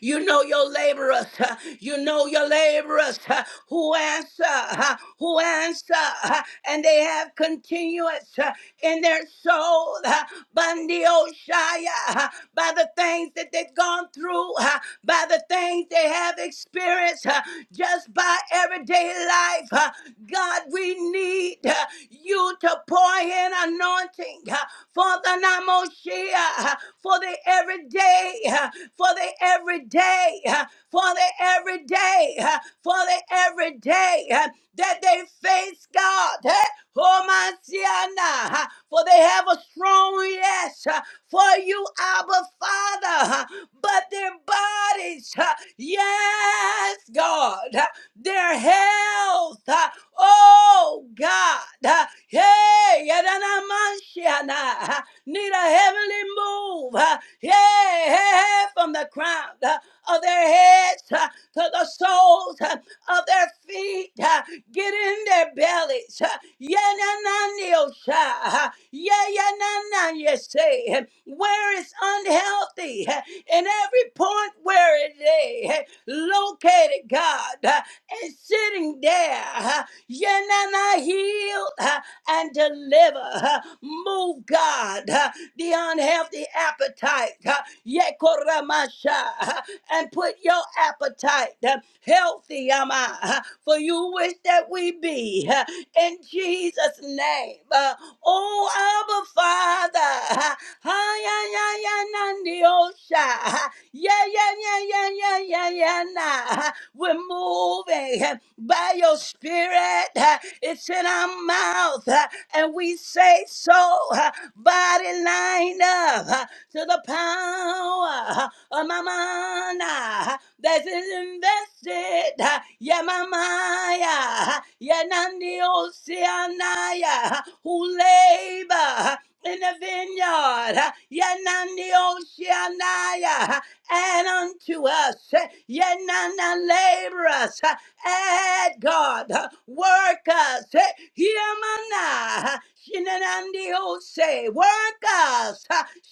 You know your laborers. uh, You know your laborers uh, who answer, uh, who answer, uh, and they have continuance uh, in their soul. uh, Bundy Oshaya, uh, by the things that they've gone through, uh, by the things they have experienced, uh, just by everyday life. uh, God, we need uh, you to pour in anointing. huh? Father Namoshia, for the everyday, for the everyday, for the everyday, for the everyday that they face God. eh, Homasiana, For they have a strong yes for you, Abba Father, but their bodies, yes, God, their health. Oh God, uh, hey, yadanamashiana, uh, need a heavenly move, uh, yeah, hey, hey, from the crown uh, of their heads uh, to the soles uh, of their feet. uh, Get in their bellies, yeah, uh, yanananiosha, you yayanananyese, where it's unhealthy, uh, in every point where it is uh, located, God, uh, and sitting there. Yanana heal uh, and deliver. uh, Move, God, uh, the unhealthy appetite. uh, Yekoramasha, uh, And put your appetite uh, healthy, am I? uh, For you wish that we be. uh, In Jesus' name. Uh, Oh, Abba Father. uh, ha ya ya ya nan di o Yeah, yeah, yeah, yeah, yeah, yeah, yeah. nah. We're moving uh, by your spirit spirit. uh, It's in our mouth. uh, And we say so, uh, body line up uh, to the power uh, of my mind uh, that is invested. uh, Yeah, my Maya. Yeah, Nandi Oceanaya. Who labor uh, in the vineyard. uh, Yeah, Nandi Oceanaya and unto us, yet none that labor us, add God, work us, Yamana, Shinanandiose, work us,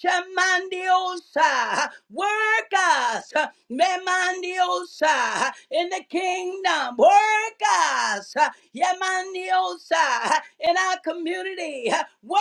Shamandiosa, work us, Memandiosa, in the kingdom, work us, Yamandiosa, in our community, work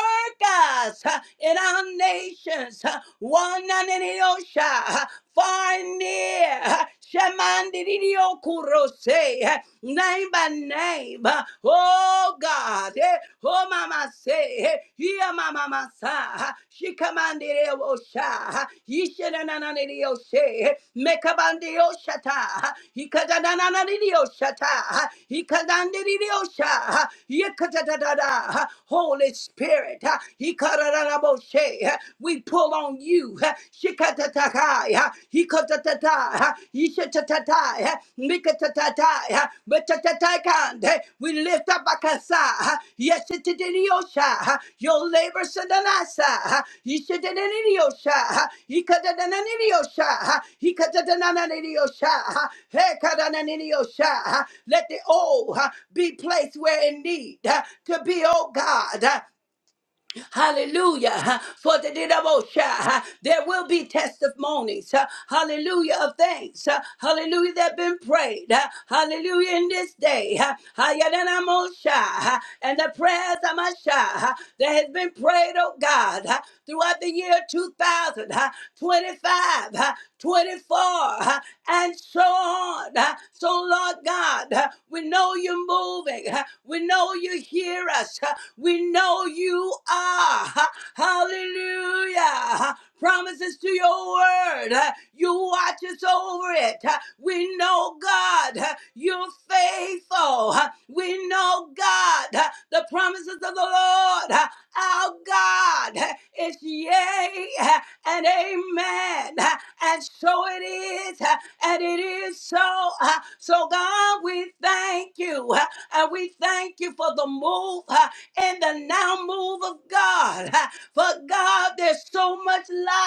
us, in our nations, one osha, far and near, Shamandidio Kurose, name by name, oh God, eh, oh Mama say, eh, yeah Mama Masa, she commanded osha, Yishananidio she, Mekabandio shata, Hikadananidio shata, Hikadandidio sha, Yikatadada, Holy Spirit, Shikaboshe. We pull on you. Shikatatakai, hikotatata, ishatatai, mikatatai, betatataikan. We lift up Akasa. Yes, it is Your labor in the Nasa. Ishadaniosha. Ikadaniosha. Ikadaniosha. Hekadaniosha. Let the old be placed where in need to be, oh God. Hallelujah. huh, For the Didabosha, there will be testimonies. huh, Hallelujah of things. huh, Hallelujah that have been prayed. huh, Hallelujah in this day. Hayadanamosha, And the prayers of my that has been prayed, oh God. huh, throughout the year two thousand huh? twenty-five, huh? 24, huh, and so on. huh. So, Lord God, huh, we know you're moving. huh. We know you hear us. huh. We know you are. huh. Hallelujah. huh. Promises to your word. huh. You watch us over it. huh. We know, God, huh, you're faithful. huh. We know, God, huh, the promises of the Lord. huh, our God is yea and amen. And so it is, and it is so. So, God, we thank you. And we thank you for the move and the now move of God. For God, there's so much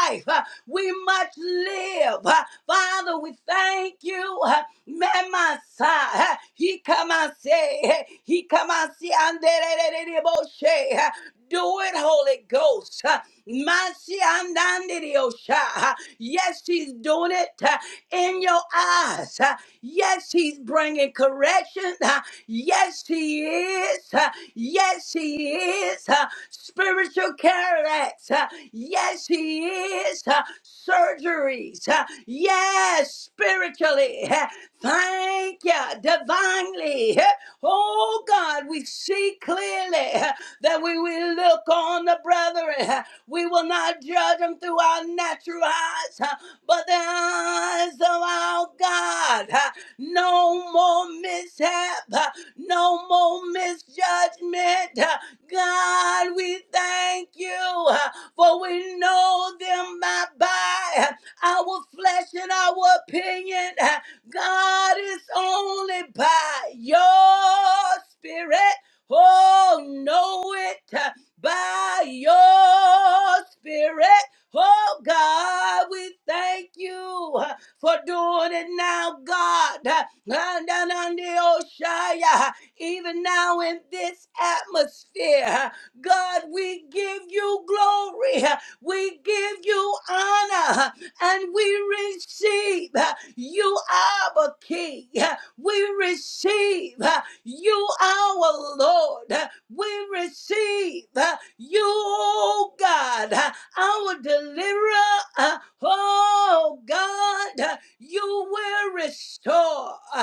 life we must live. Father, we thank you. Memasa, he come and say, he come and see. Do it, Holy Ghost. Mansi andandiriosha. Yes, he's doing it uh, in your eyes. Uh, Yes, he's bringing correction. Uh, Yes, he is. Uh, Yes, he is. Uh, Spiritual cataracts. Uh, Yes, he is. Uh, Surgeries. Uh, Yes, spiritually. Uh, Thank you divinely. Oh God, we see clearly that we will look on the brethren. We will not judge them through our natural eyes, but the eyes of our God. No more mishap, no more misjudgment. God, we thank you, for we know them not by our flesh and our opinion. God is only by your spirit. Oh, know it uh, by your spirit. Oh, God, we thank you uh, for doing it now, God. Uh, and down on the ocean, uh, Even now in this atmosphere, uh, God, we give you glory. uh, We give you honor and we receive uh, you our King. Uh, We receive uh, you our Lord. Uh, We receive uh, you, oh God, uh, our deliverer. Uh, Oh God, uh, you will restore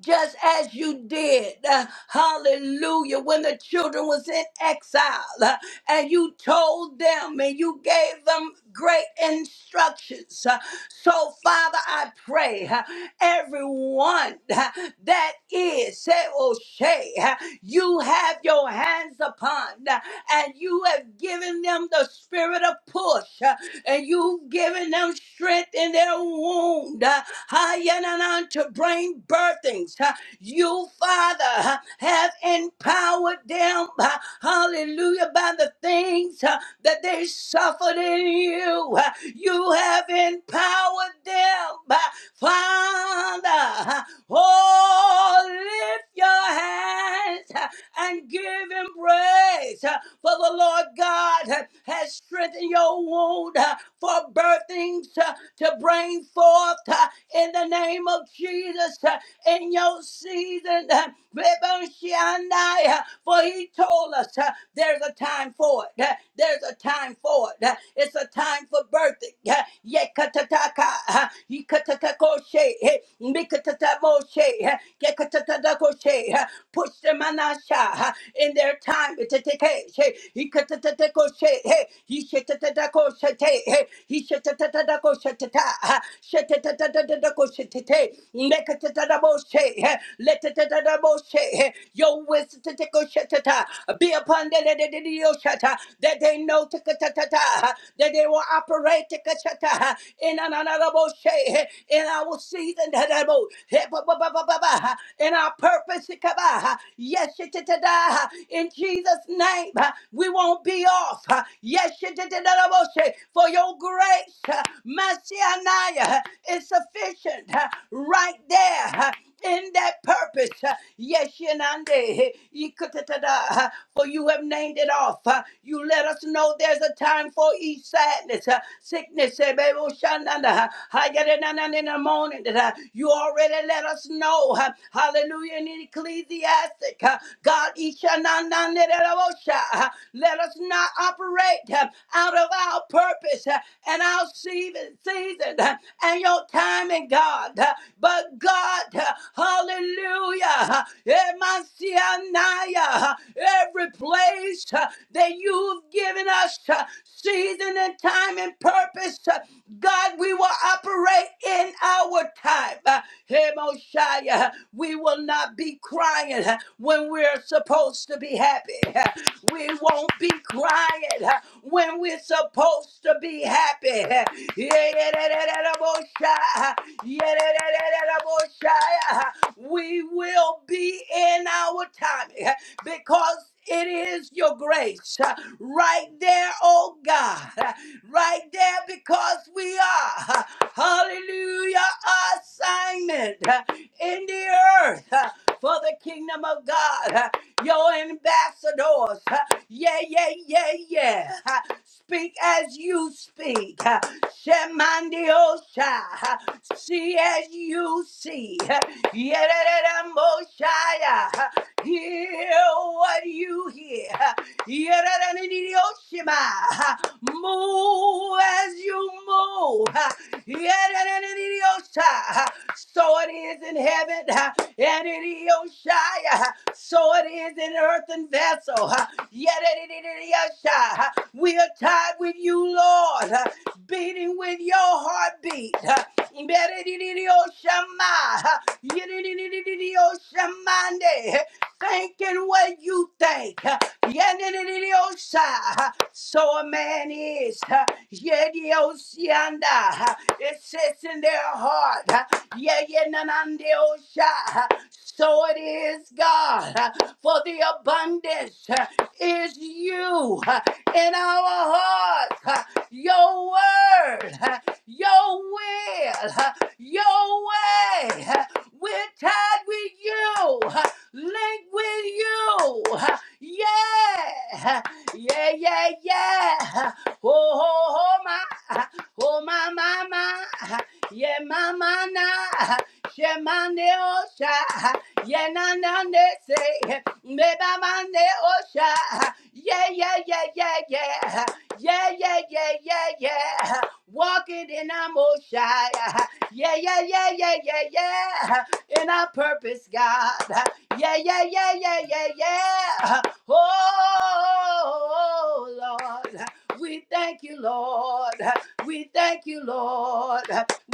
just as you did. uh, hallelujah. When the children was in exile uh, and you told them and you gave them great instructions. uh, so, Father, I pray uh, everyone uh, that is, say, O'Shea, uh, you have your hands upon uh, and you have given them the spirit of push. uh, and you've given them strength in their wound uh, Hayanana, to bring birthings. Uh, You, Father, uh, have empowered them, uh, hallelujah, by the things uh, that they suffered in you. Uh, You have empowered them, Father, oh, lift your hands and give him praise. For the Lord God has strengthened your wound for birthings to bring forth in the name of Jesus in your season. Reboshiandaya. For he told us uh, there's a time for it. Uh, There's a time for it. Uh, It's a time for birthing. Uh, Yekatataka. uh, Yekatatakoshe. eh, Mikatatamoshe. eh, Yekatatakoshe. uh, Push them anasha, uh, in their time. Iteteke, eh, Yekatatakoshe, eh, Yeshetatakoshe, eh, Yeshetatakoshe, ta, uh, Shetatatakoshe, Neketetaboshe. Letetetaboshe. Your wisdom be upon the shata that they know teketetata, that they will operate teketata in an honorable shade in our season tadabo, he- ba- ba- ba- ba- ba- ba, in our purpose. tekaba. Yes, shetetada. in Jesus' name, we won't be off. Yes, shetetetaboshe, for your grace. Hashaniah is sufficient uh, right there uh, in that purpose. uh, Yes, Shenande, Yikutatata, uh, for you have named it off. uh, You let us know there's a time for each sadness, uh, sickness, eh, baby, oh, Shananda, uh, Hayadanana in the morning. that, uh, You already let us know. uh, Hallelujah. In Ecclesiastic, uh, God, Ishananda, uh, let us not operate uh, out of our purpose uh, and our season, season uh, and your timing, God. Uh, But God, uh, hallelujah, Emasianaya, every place uh, that you've given us uh, season and time and purpose, uh, God, we will operate in our time. Uh, we will not be crying uh, when we're supposed to be happy. Uh, we won't be crying uh, when we're supposed to be happy. Uh, yedididididabosha, yedididididabosha. We will be in our timing uh, because it is your grace uh, right there, oh God, uh, right there because we are, uh, hallelujah, assignment uh, in the earth uh, for the kingdom of God. huh your ambassadors. huh? Yeah, yeah, yeah, yeah. huh? Speak as you speak. huh? Shemandiosha. huh? See as you see. huh? Yerereremoshaya, huh? Hear what you hear. huh? Yererereoshima, huh? Move as you move. Yeah, so it is in heaven, and it is Oshia. So it is in earthen vessel. Yet it is Oshia. We are tied with you, Lord, beating with your heartbeat. Yet it is Oshama. Yet it is Oshamande thinking what you think. Yanidididiosa. So a man is. Yediosianda. It sits in their heart. Yayanandiosa. So it is, God, for the abundance is you in our hearts. Your word, your will, your way. We're tied with you link with you. Yeah, yeah, yeah, yeah. Oh, oh, oh, my, oh, my, my, my. Yeah, my, my, na. Yeah, my, ne, oh, Yeah, na, na, ne, say. Me, ba, ma, ne, oh, Yeah, yeah, yeah, yeah, yeah. Yeah, yeah, yeah, yeah, yeah. Walking in our most shy. Yeah, yeah, yeah, yeah, yeah, yeah. In our purpose, God. Yeah, yeah, yeah, yeah, yeah, yeah. Oh, Lord. We thank you, Lord. We thank you, Lord.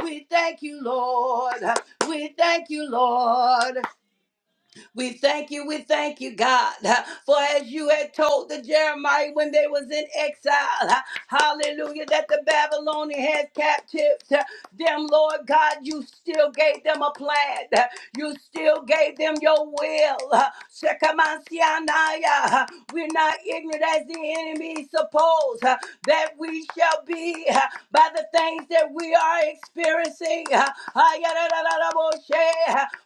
We thank you, Lord. We thank you, Lord. We thank you, we thank you, God, uh, for as you had told the Jeremiah when they was in exile, uh, hallelujah, that the Babylonian had captives, uh, them, Lord God, you still gave them a plan. uh, You still gave them your will. uh, Shekamansianaya. uh, We're not ignorant as the enemy suppose uh, that we shall be uh, by the things that we are experiencing. uh, Ayarararaboshe.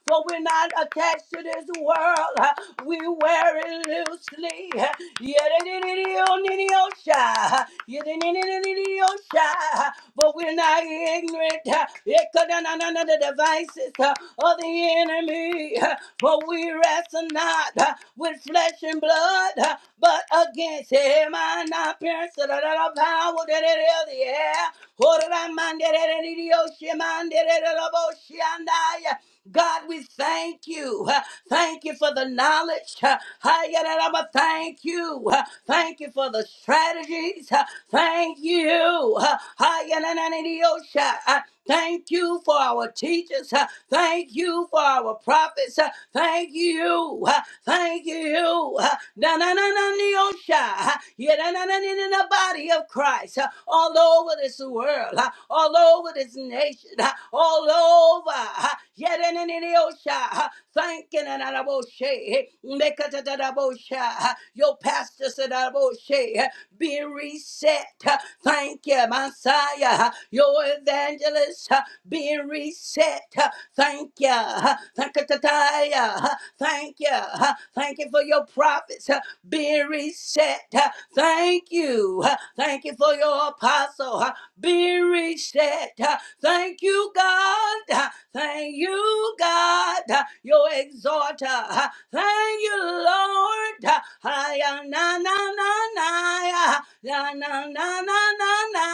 For we're not attached to this world. We wear it loosely. Yedidididionidiosha. Yedididididiosha. But we're not ignorant of the devices of the enemy. But we wrestle not with flesh and blood, but against him and our parents, the power that it is, yeah. God, we thank you. Thank you for the knowledge. Hayararaba, Thank you. Thank you for the strategies. Thank you. Uh, Hayanananidiosha. Uh, Thank you for our teachers. Uh, Thank you for our prophets. Uh, Thank you. Uh, Thank you. Uh, na-na-na-na-niosha. Uh, yeah na na na na the body of Christ. Uh, All over this world. Uh, All over this nation. Uh, All over. Uh, yeah-na-na-na-niosha. Uh, Thanking and Araboshe. Mekatatarabosha. Your pastors and Araboshe be reset. Thank you, Messiah. Your evangelist be reset. Thank you. Thank you, Tataya. Thank you. Thank you for your prophets be reset. Thank you. Thank you for your apostle be reset. Thank you, God. Thank you, God, your exhorter. Thank you, Lord. Ay, ah, Na na na na, ya na na na na na, na,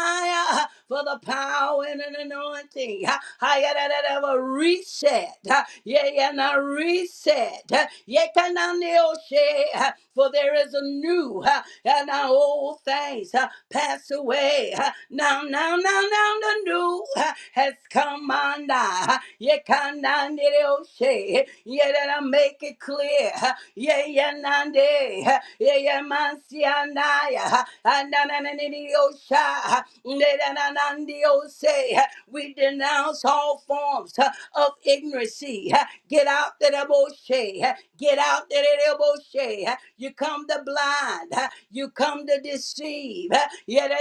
ah for the power and an anointing. Ha, ha, ya, da, da, da, a reset. Ha, Yeah, yeah, now reset. Ha, yeah, can I kneel, say, ha, For there is a new ha, and now old things ha, pass away. Ha, Now, now, now, now, the new. ha, has come on. down. You can't oshe. Yeah, that I make it clear. Yeah, yeah, nande. Yeah, yeah, man, see, and I. And then, and then, osha. Yeah, that I nandi oshe. We denounce all forms of ignorancy. Get out the debauchee. Get out the debauchee. You come to blind. You come to deceive. Yet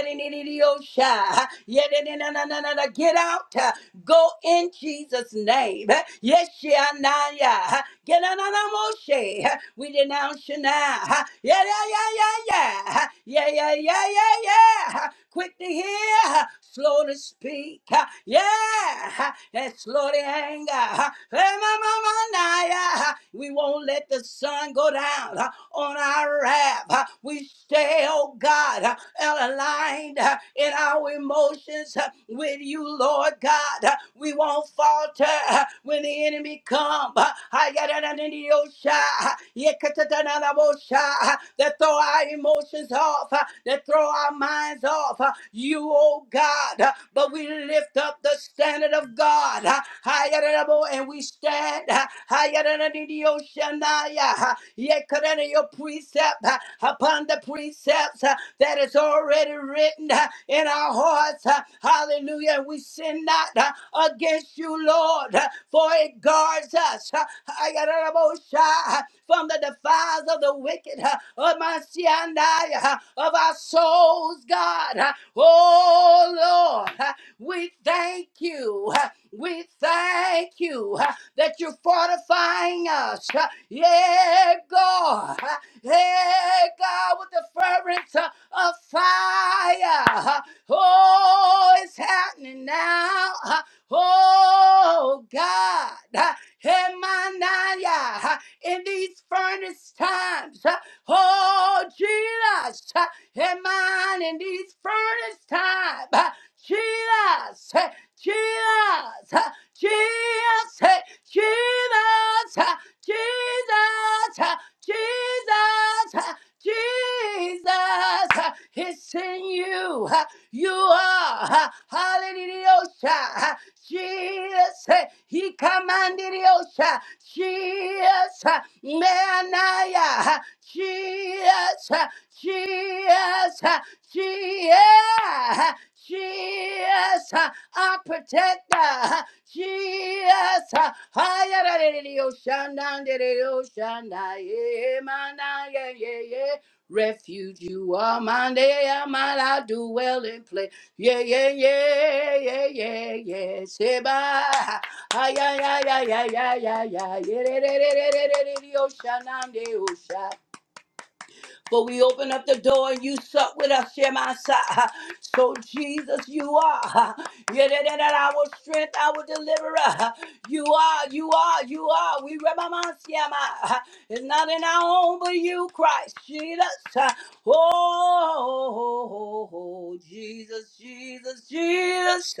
Get out. Go in Jesus' name. Yes, Shanaya. Get on a moshe. We denounce you now. Yeah, yeah, yeah, yeah, yeah. Yeah, yeah, yeah, yeah, yeah. Quick to hear, slow to speak. Yeah, and slow to anger. Hey, my, my, my, Naya. We won't let the sun go down on our wrath. We stay obedient oh God, uh, aligned uh, in our emotions uh, with you, Lord God. Uh, We won't falter uh, when the enemy come. Uh, Ayadadadadiyosha, uh, yekatadanadabosha, uh, That throw our emotions off, uh, that throw our minds off. uh, You, oh God, uh, but we lift up the standard of God. uh, Ayadadabo, And we stand. uh, Shanaya. Yekarana, your precept uh, upon the precepts uh, that is already written uh, in our hearts. uh, Hallelujah. We sin not uh, against you, Lord, uh, for it guards us uh, Ayakarabosha, uh, from the defiles of the wicked, uh, of my Sianaya, uh, of our souls, God. uh, Oh, Lord, uh, we thank you. uh, We thank you. uh, that you're fortifying us. Yeah, God. Yeah, God, with the fervent uh, of fire. Oh, it's happening now. Oh, God. Hemanaya. In these furnace times. Oh, Jesus. Heman, in these furnace times. Jesus. Jesus. Jesus, hey, Jesus, ah, Jesus, ah, Jesus, ah, Jesus. ah, It's in you. hey, you are. Hallelujah. Jesus. hey, He commanded Yosha. Jesus. Manaya. Jesus. Jesus. Jesus. Jesus, our protector. Jesus, higher than the ocean, down to the ocean, yeah, man, yeah, yeah, yeah refuge. You are mine, yeah, mine. I do well in play. Yeah, yeah, yeah, yeah, yeah, yeah. Sheba, ay, ay, ay, ay, ay, ay, ay, ay. Yeah, yeah, yeah, yeah, yeah, yeah, yeah, yeah. Ocean, I'm the ocean. But we open up the door and you suck with us, Shemasa. So, Jesus, you are. Yedididid, Our strength, our deliverer. You are, you are, you are. We Shema. It's not in our own, but you, Christ. Jesus. Oh, Jesus, Jesus, Jesus.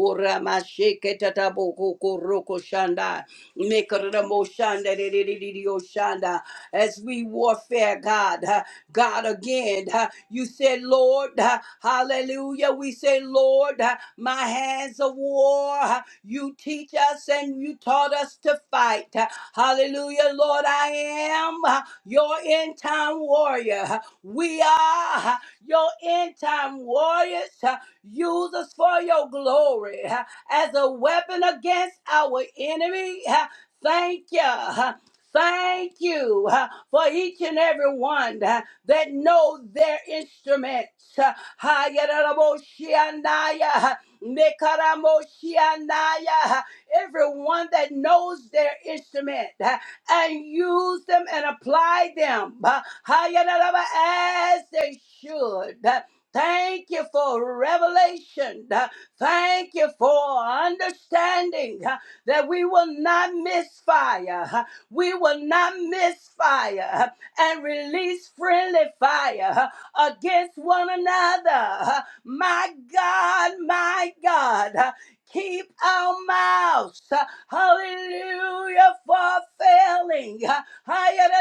Oh, Ramasheke tataboko koroko shanda. Mekaramo shanda, didididio shanda as we warfare, God. Uh, God, again, uh, you said, Lord, uh, hallelujah. We say, Lord, uh, my hands of war. uh, You teach us and you taught us to fight. Uh, Hallelujah, Lord, I am uh, your end time warrior. Uh, We are uh, your end time warriors. Uh, Use us for your glory uh, as a weapon against our enemy. Uh, Thank you. Thank you uh, for each and every one uh, that know their instruments. Uh, Hayaraboshianaya, Nekaramoshianaya, Everyone that knows their instrument uh, and use them and apply them uh, Hayaraba, as they should. Uh, Thank you for revelation. Uh, Thank you for understanding uh, that we will not miss fire. uh, we will not miss fire and release friendly fire against one another. My God, my God, keep our mouths, hallelujah, for failing. Hallelujah,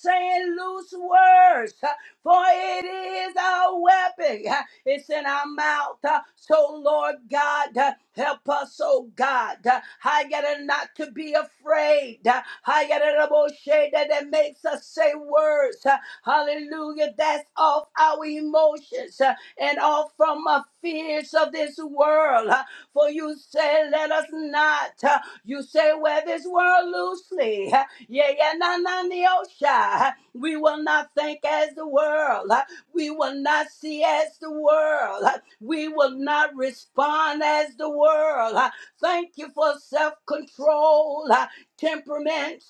Saying loose words, for it is our weapon. It's in our mouth. Uh, So, Lord God, uh, help us, oh God. Uh, I got it not to be afraid. Uh, I got it about shade that that makes us say words. Uh, Hallelujah. That's off our emotions uh, and off from our fears of this world. Uh, For you say, let us not. uh, You say, wear this world loosely. <laughs> Uh, yeah, yeah, na na neosha. We will not think as the world. uh, we will not see as the world. We will not respond as the world. Thank you for self control, temperament.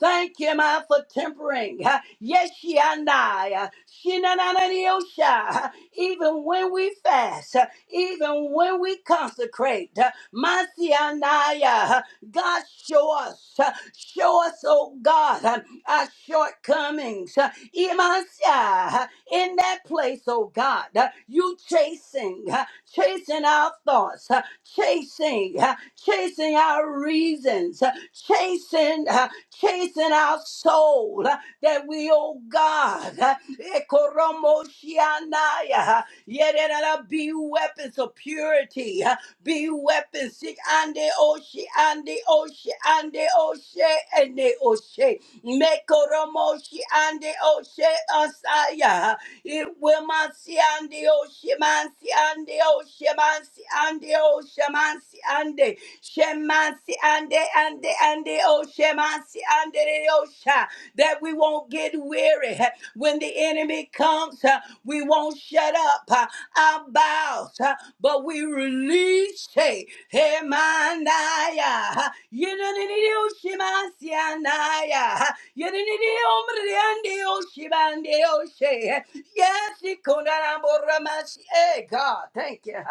Thank you, man, for tempering. Yes, she and I. She na na na ni, oh, sha. Even when we fast, even when we consecrate, my see and I. God, show us, show us, oh God, our shortcomings. Imansia in that place, oh God. Uh, You chasing, uh, chasing our thoughts, uh, chasing, uh, chasing our reasons, uh, chasing, uh, chasing our soul. uh, That we, oh God, uh, Ekoromoshianaya, Yedada, be weapons of purity, uh, be weapons, Sik ande oshi, ande oshi, ande oshe, ene oshe, Mekoromoshi ande oshe asaya. uh, Iwemansiandio, shemansiandio, shemansiandio, shemansiande, shemansiande, ande, oshemansi ande, oh, shemansiande, oh, sha that we won't get weary. When the enemy comes, uh, we won't shut up uh, our mouths, uh, but we release. Hey, hey, manaya. Yidididididioshimasianaya. Yididididiombridandioshibandioshi. Yes, ikonaraboramasi. Hey, God, thank you.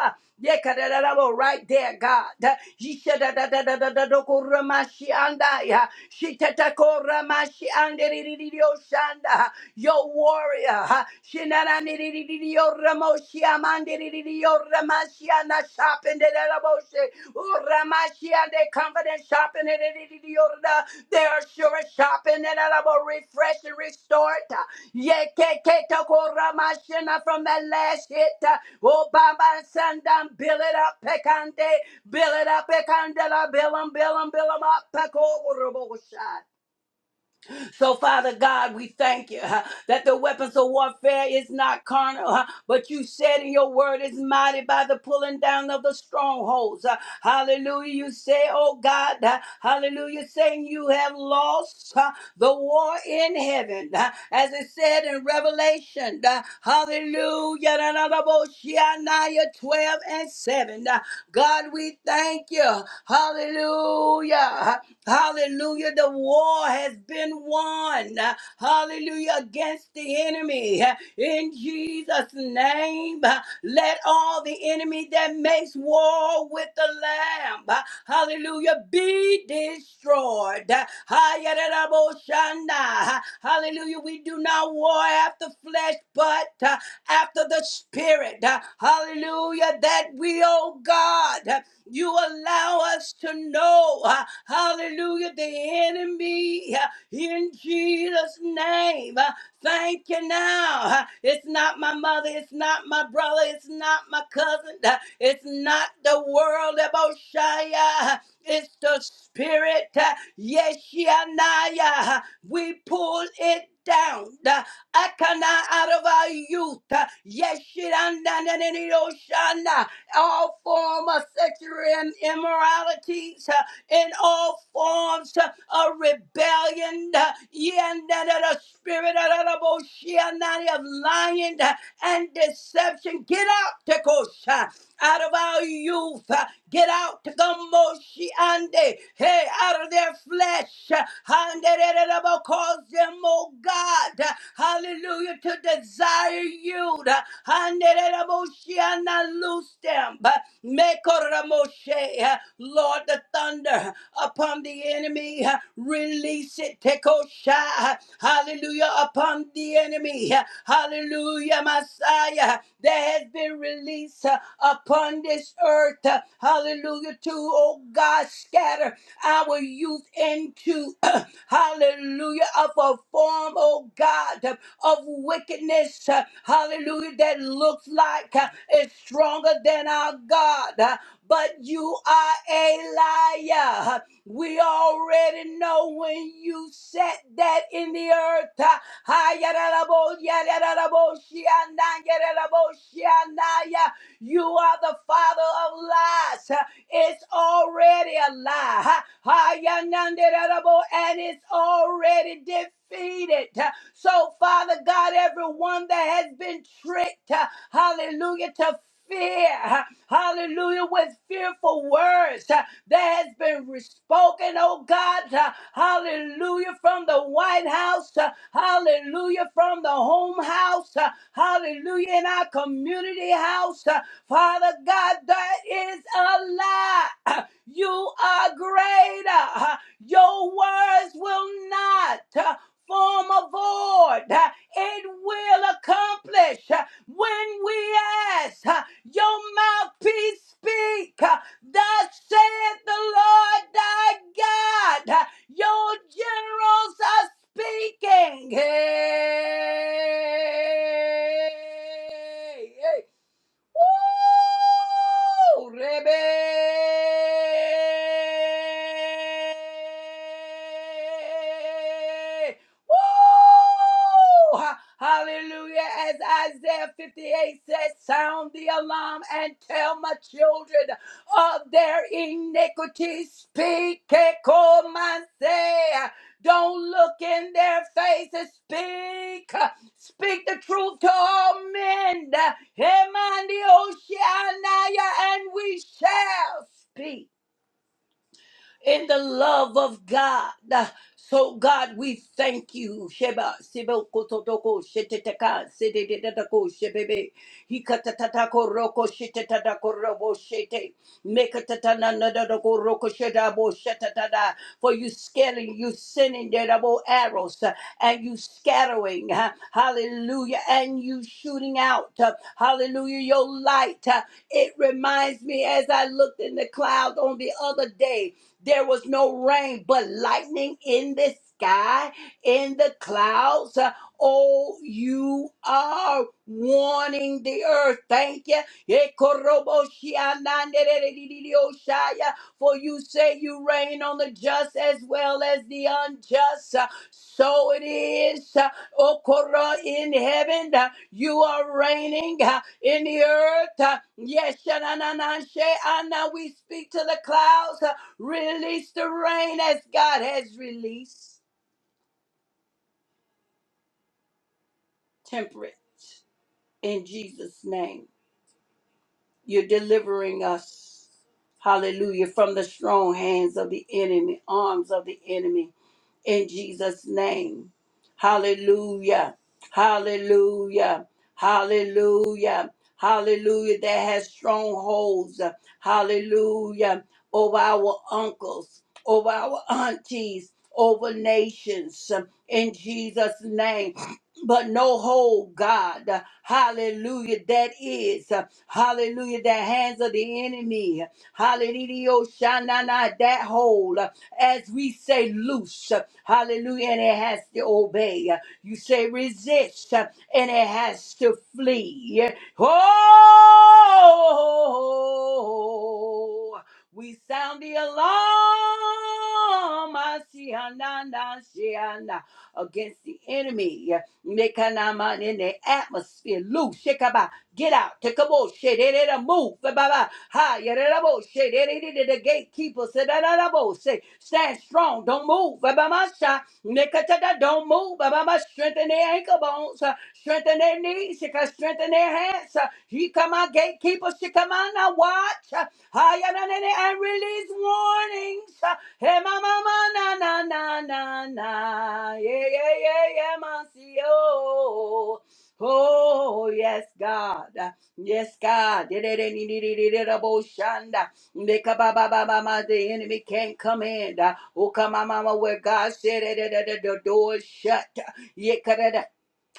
Yekadadadabo, Right there, God. Yishadadadadadadadokuramashiandaya. Shitatakoramashiandeririyoshanda. Your warrior. Shinananiririyoremoshiamandiriyoremasiana. Shapendedadaboshe. Uramashia, confidence shopping. They are sure shopping and I will refresh and restore. Yekekekoramashina from that last hit. uh, Oh, Baba Sandam, build it up, Pekande, build it up, Pekandela, build 'em, build 'em, build 'em up, Pekorobosha. So, Father God, we thank you uh, that the weapons of warfare is not carnal, uh, but you said in your word is mighty by the pulling down of the strongholds. Uh, Hallelujah. You say, oh God, uh, hallelujah, saying you have lost uh, the war in heaven. uh, As it said in Revelation, uh, hallelujah, da, da, da, bo, Shemaiah 12 and 7. Uh, God, we thank you. Hallelujah. huh, Hallelujah. The war has been won. Hallelujah. Against the enemy. In Jesus' name, let all the enemy that makes war with the Lamb, hallelujah, be destroyed. Hayarabashana. Hallelujah. We do not war after flesh, but uh, after the Spirit. Hallelujah. That we, oh God. You allow us to know, uh, hallelujah, the enemy uh, in Jesus' name. Uh, Thank you now. Uh, It's not my mother, it's not my brother, it's not my cousin, Uh, it's not the world, Eboshaya. It's the spirit, uh, Yeshianaya. We pull it down. Uh, Akana out of our youth. Yeshiranda all form of sexual im- immoralities, uh, in all forms uh, of rebellion, uh, yeah, and that of the spirit of the bullshit, not of lying uh, and deception. Get out, Tekosha out of our youth. uh, Get out to Gamoshi Ande. Hey, out of their flesh. uh, Ande de de de bo- Cause them, oh God. uh, Hallelujah. To desire you. uh, Ande de de bo- she, and I Loose them. uh, Make order, Moshe. uh, Lord, Lord, the thunder upon the enemy. Release it, Teko Shai. Hallelujah, upon the enemy. Hallelujah, Messiah. There has been release uh, upon this earth. Uh, Hallelujah, to, oh God, scatter our youth into, <clears throat> hallelujah, of a form, oh God, of of wickedness. Uh, Hallelujah, that looks like uh, is stronger than our God but you are a liar. We already know when you said that in the earth. uh, ah, yadadabo, yadadabo, shianda, yadadabo, shianda, yeah. You are the father of lies. It's already a lie. ha ya nan de And it's already defeated. So, Father God, everyone that has been tricked, hallelujah, to fear, hallelujah, with fearful words words uh, that has been re- spoken, oh God. uh, Hallelujah from the White House. uh, Hallelujah from the home house. uh, Hallelujah in our community house. uh, Father God, that is a lie. <clears throat> You are greater. <clears throat> Your words will not uh, form a void. <clears throat> It will accomplish uh, when we ask. <clears throat> Your mouthpiece speak. <clears throat> Thus saith the Lord thy God, your generals are speaking. Hey, hey. hey. Woo! Rebe! Woo! Hallelujah. As Isaiah 58 says, sound the alarm and tell my children of their iniquity. Speak, Ekomanse. Don't look in their faces. Speak. Speak the truth to all men. Him and the ocean, and we shall speak in the love of God. So, God, we thank you. Sheba, Sibo, Kototoko, Shetetaka, Sedetetako, Shebebe, Hikatatako, Roko, Shetetako, Robo, Shete, Mekatatana, Nadadako, Roko, Shedabo, Shetatada. For you scaling, you sending the double arrows, uh, and you scattering, uh, hallelujah, and you shooting out, uh, hallelujah, your light. uh, It reminds me as I looked in the cloud on the other day, there was no rain, but lightning in the sky, in the clouds. Uh, Oh, you are warning the earth. Thank you. Ekoroboshiananderedidididiosaya, For you say you reign on the just as well as the unjust. Uh, So it is. Uh, Okoro in heaven. uh, You are reigning uh, in the earth. Uh, Yes, shananananshe, and now we speak to the clouds. Release the rain as God has released. Temperate in Jesus' name. You're delivering us, hallelujah, from the strong hands of the enemy, arms of the enemy. in Jesus' name. Hallelujah. Hallelujah. Hallelujah. Hallelujah. That has strongholds. Hallelujah. Over our uncles, over our aunties, over nations. In Jesus' name. But no hold, God. Hallelujah. That is. Hallelujah. The hands of the enemy. Hallelujah. Oh, Shanana, that hold. As we say loose. Hallelujah. And it has to obey. You say resist. And it has to flee. Oh. We sound the alarm ah, shianana, shiana, against the enemy. Mekanama, In the atmosphere, loose. Get out. Tekabo shedera move. Ba-ba-ba. Ha yedabo shedera the gatekeeper. Sedabo say stand strong. Don't move. Ba-ba-ma-sha. Nekatada don't move. Ba-ba-ma. Strengthen their ankle bones. uh, Strengthen their knees. Shika strengthen their hands. uh, He come out gatekeeper. She come out now watch. uh, Ha yedana and release warnings. uh, Hey mama na na na na na. Yeah yeah yeah yeah. Masio. Oh, yes, God. Yes, God. Diddy-diddy-diddy-diddy-diddy-bo-shanda. Nick-a-ba-ba-ba-ba-ma. The enemy can't come in. Oh, come on, mama, where God said it, the the- the door is shut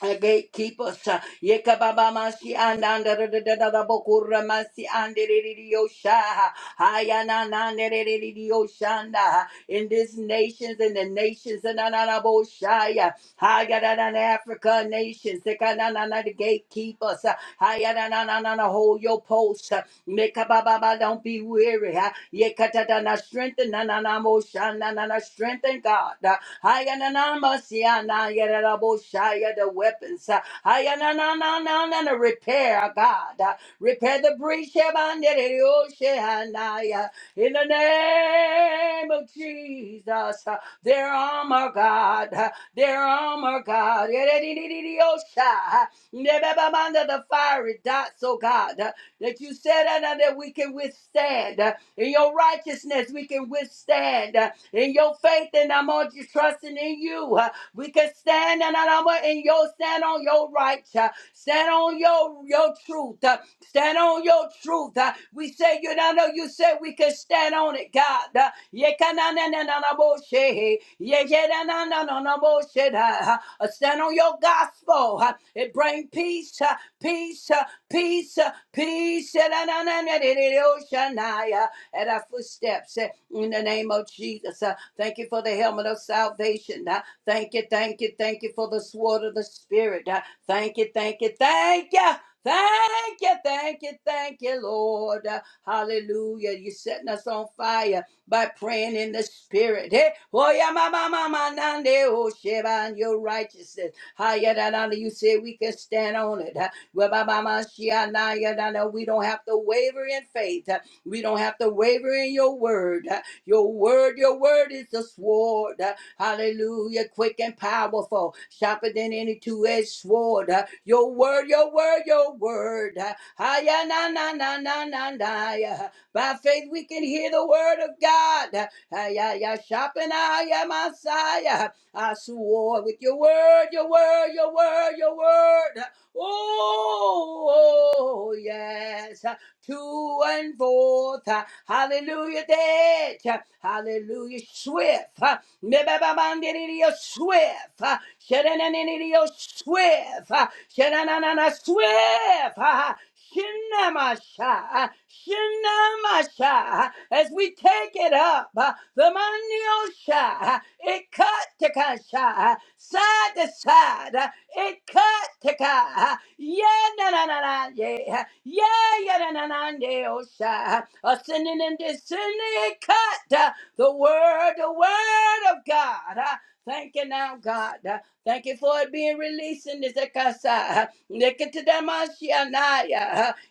a gatekeeper, sa- Yekababa masi andanda da da da da da bokura masi andeririosha. Hayananandeririosha. In these nations, in the nations, and ananaboshaya. Hayananan Africa nations, Sekananana the gatekeepers. Hayananana hold your post. uh, Nekababa don't be weary. ha. Yekatadana strengthen, nananamoshana, nana strengthen God. Hayananamasianayanaraboshaya, The weapons. Hayanananana, The repair, God. Uh, Repair the breach. Shebandereroshehanaya. In the name of Jesus. Uh, Their armor, God. Uh, Their armor, God. Yereriririrosha. Nebebamanda, The fiery dots, oh God. Uh, That you said uh, that we can withstand. Uh, in your righteousness, we can withstand in your faith and I'm on you trusting in you. Uh, We can stand and I'm on- in your stand on your right. uh, Stand on your your truth. uh, Stand on your truth. uh, We say you know no, you said we can stand on it, God. Uh, yeah, can I- na- na- na- na- bo- she- yeah, yeah, na- na- na- na- na- bo- she- da. Uh, Stand on your gospel. uh, It bring peace, uh, peace, uh, peace, uh, peace. uh, na- na- na- na- na- na- na- ocean, uh, at our footsteps eh, in the name of Jesus. Uh, Thank you for the helmet of salvation. Uh, Thank you, thank you, thank you for the sword of the Spirit. Uh, Thank you, thank you, thank you. Thank you, thank you, thank you, Lord. Uh, Hallelujah. You're setting us on fire by praying in the spirit. Hey, oh yeah, ma ma ma ma nande, oh Sheba, and your righteousness. Higher than under you say we can stand on it. Huh? Well, ba ma ma shia, na, ya, na, na. We don't have to waver in faith. uh, we don't have to waver in your word. Your word, your word is the sword. Hallelujah. Quick and powerful. Sharper than any two edged sword. Your word, your word, your word. Hiya, na, na, na, na, na, na. yeah. By faith, we can hear the word of God. Hiya, ya, sharpen, hiya, Messiah. I swore with your word, your word, your word, your word. Oh, oh, oh, yes to and forth. uh, Hallelujah, dead. uh, Hallelujah, swift. uh, Nebababandiriyo, Swift. uh, Shadananiriyo, Swift. uh, Shadananana, Swift. uh, Shinamasha, Shinamasha, as we take it up, uh, the maniosha, it cut to kasha, side to side. uh, it cut to ka. Yeah, na na na na, yeah. Yeah, yeah, na na na, yeah, oh, sha. Ascending and descending, it cut uh, the word, the word of God. Uh, Thank you now, God. Uh, Thank you for it being released in this Akasa. Nikitadamashianaya.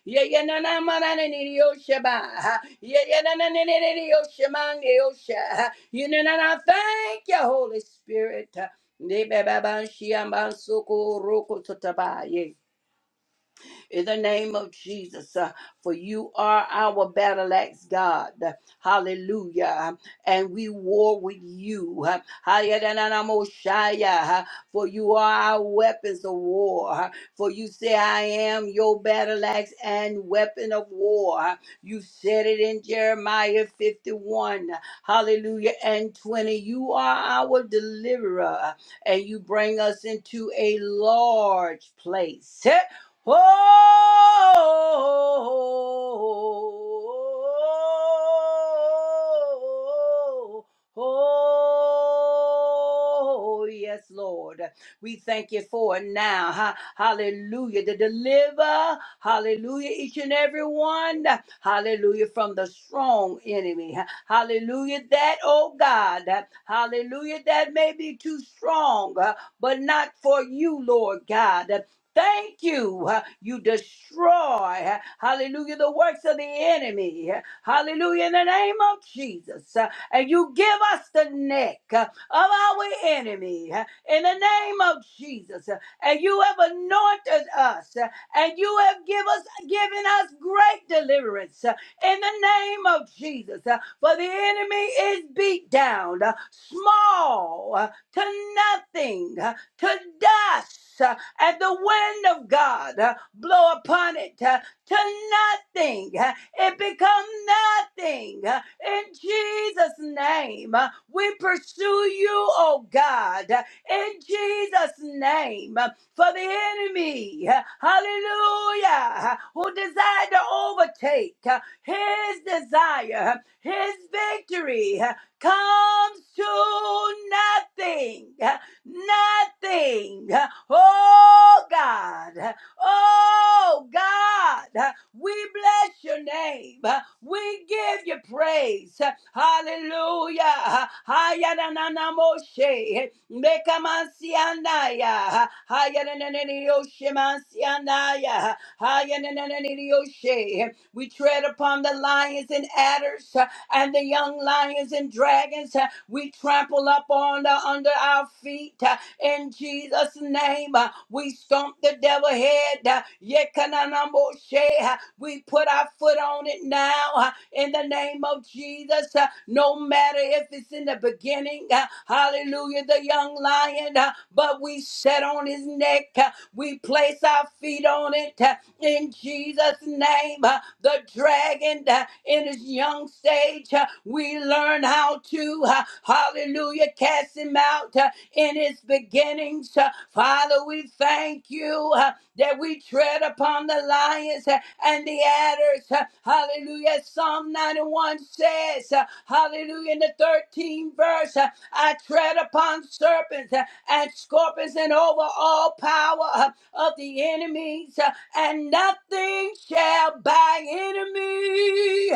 Yeah, yeah, na na ma na na ni yo shaba. Yeah, yeah, na na ni ni ni yo shama ni yo sha. You know, and I thank you, Holy Spirit. Nebebaban shiamban soko roko totabaye in the name of Jesus. uh, For you are our battle axe, God. Hallelujah. And we war with you. Uh, Hayadananamoshaya, Uh, For you are our weapons of war. Uh, For you say, I am your battle axe and weapon of war. Uh, You said it in Jeremiah 51. Hallelujah. And 20. You are our deliverer and you bring us into a large place. <laughs> Oh, oh, yes, Lord. We thank you for it now. Ha- Hallelujah. To deliver, hallelujah, each and every one, hallelujah, from the strong enemy. Ha- Hallelujah, that, oh God, hallelujah, that may be too strong, uh, but not for you, Lord God. Thank you. Uh, You destroy, uh, hallelujah, the works of the enemy. Uh, Hallelujah, in the name of Jesus. Uh, And you give us the neck uh, of our enemy uh, in the name of Jesus. Uh, And you have anointed us uh, and you have give us, given us great deliverance uh, in the name of Jesus. Uh, For the enemy is beat down, uh, small, uh, to nothing, uh, to dust. uh, and the wind of God uh, blow upon it uh, to nothing. uh, It become nothing. uh, In Jesus' name, uh, we pursue you, oh God. uh, In Jesus' name, uh, for the enemy, uh, hallelujah, uh, who desired to overtake uh, his desire, uh, his victory uh, comes to nothing nothing. Oh God, oh God, we bless your name. We give you praise. Hallelujah. Hayaranamoshe. Mekamansianaya. Hayaranananioshmansianaya. Hayaranananioshe. We tread upon the lions and adders and the young lions and dragons uh, we trample up on the, under our feet uh, in Jesus' name. uh, we stomp the devil head. Uh, yekananamoshe, uh, we put our foot on it now uh, in the name of Jesus. uh, no matter if it's in the beginning, uh, hallelujah, the young lion, uh, but we set on his neck. uh, we place our feet on it. uh, in Jesus' name. Uh, The dragon uh, in his young stage, uh, we learn how to, uh, hallelujah, cast him out uh, in his beginnings. Uh, Father, we thank you uh, that we tread upon the lions uh, and the adders. Uh, Hallelujah. Psalm 91 says, uh, hallelujah, in the 13th verse, uh, I tread upon serpents uh, and scorpions and over all power uh, of the enemies. uh, and nothing shall by enemy.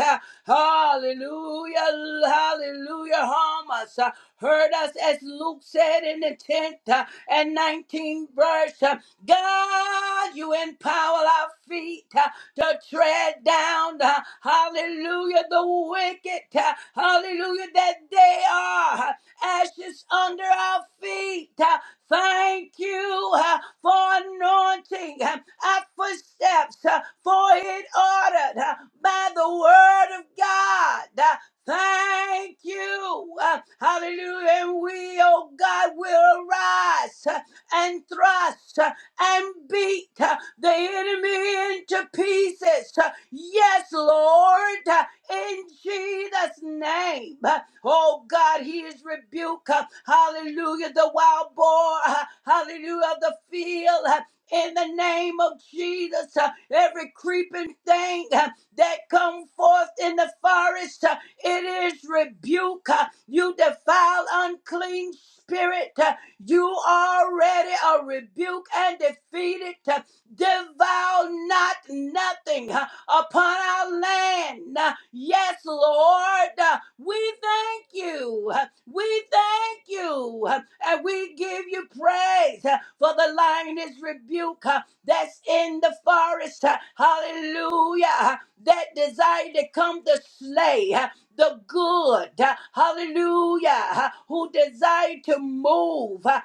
Hallelujah, hallelujah, harm us, uh, hurt us, as Luke said in the 10th uh, and 19th verse. uh, God, you empower our feet uh, to tread down, uh, hallelujah, the wicked, uh, hallelujah, that they are ashes under our feet. Uh, Thank you uh, for anointing uh, our footsteps, uh, for it ordered uh, by the word of God. Uh, Thank you. uh, Hallelujah. And we, oh God, will arise uh, and thrust uh, and beat uh, the enemy into pieces. Uh, Yes, Lord. Uh, in Jesus' name. Oh God, he is rebuked. Hallelujah. The wild boar, hallelujah, of the field. In the name of Jesus, uh, every creeping thing uh, that come forth in the forest, uh, it is rebuke. Uh, You defile unclean spirit. Uh, You already are rebuked and defeated. Uh, devour not nothing uh, upon our land. Uh, Yes, Lord, uh, we thank you. Uh, We thank you. Uh, And we give you praise uh, for the lioness rebuke uh, that's in the forest. Uh, Hallelujah. Uh, That desire to come to slay. uh, the good, uh, hallelujah, uh, who desire to move uh,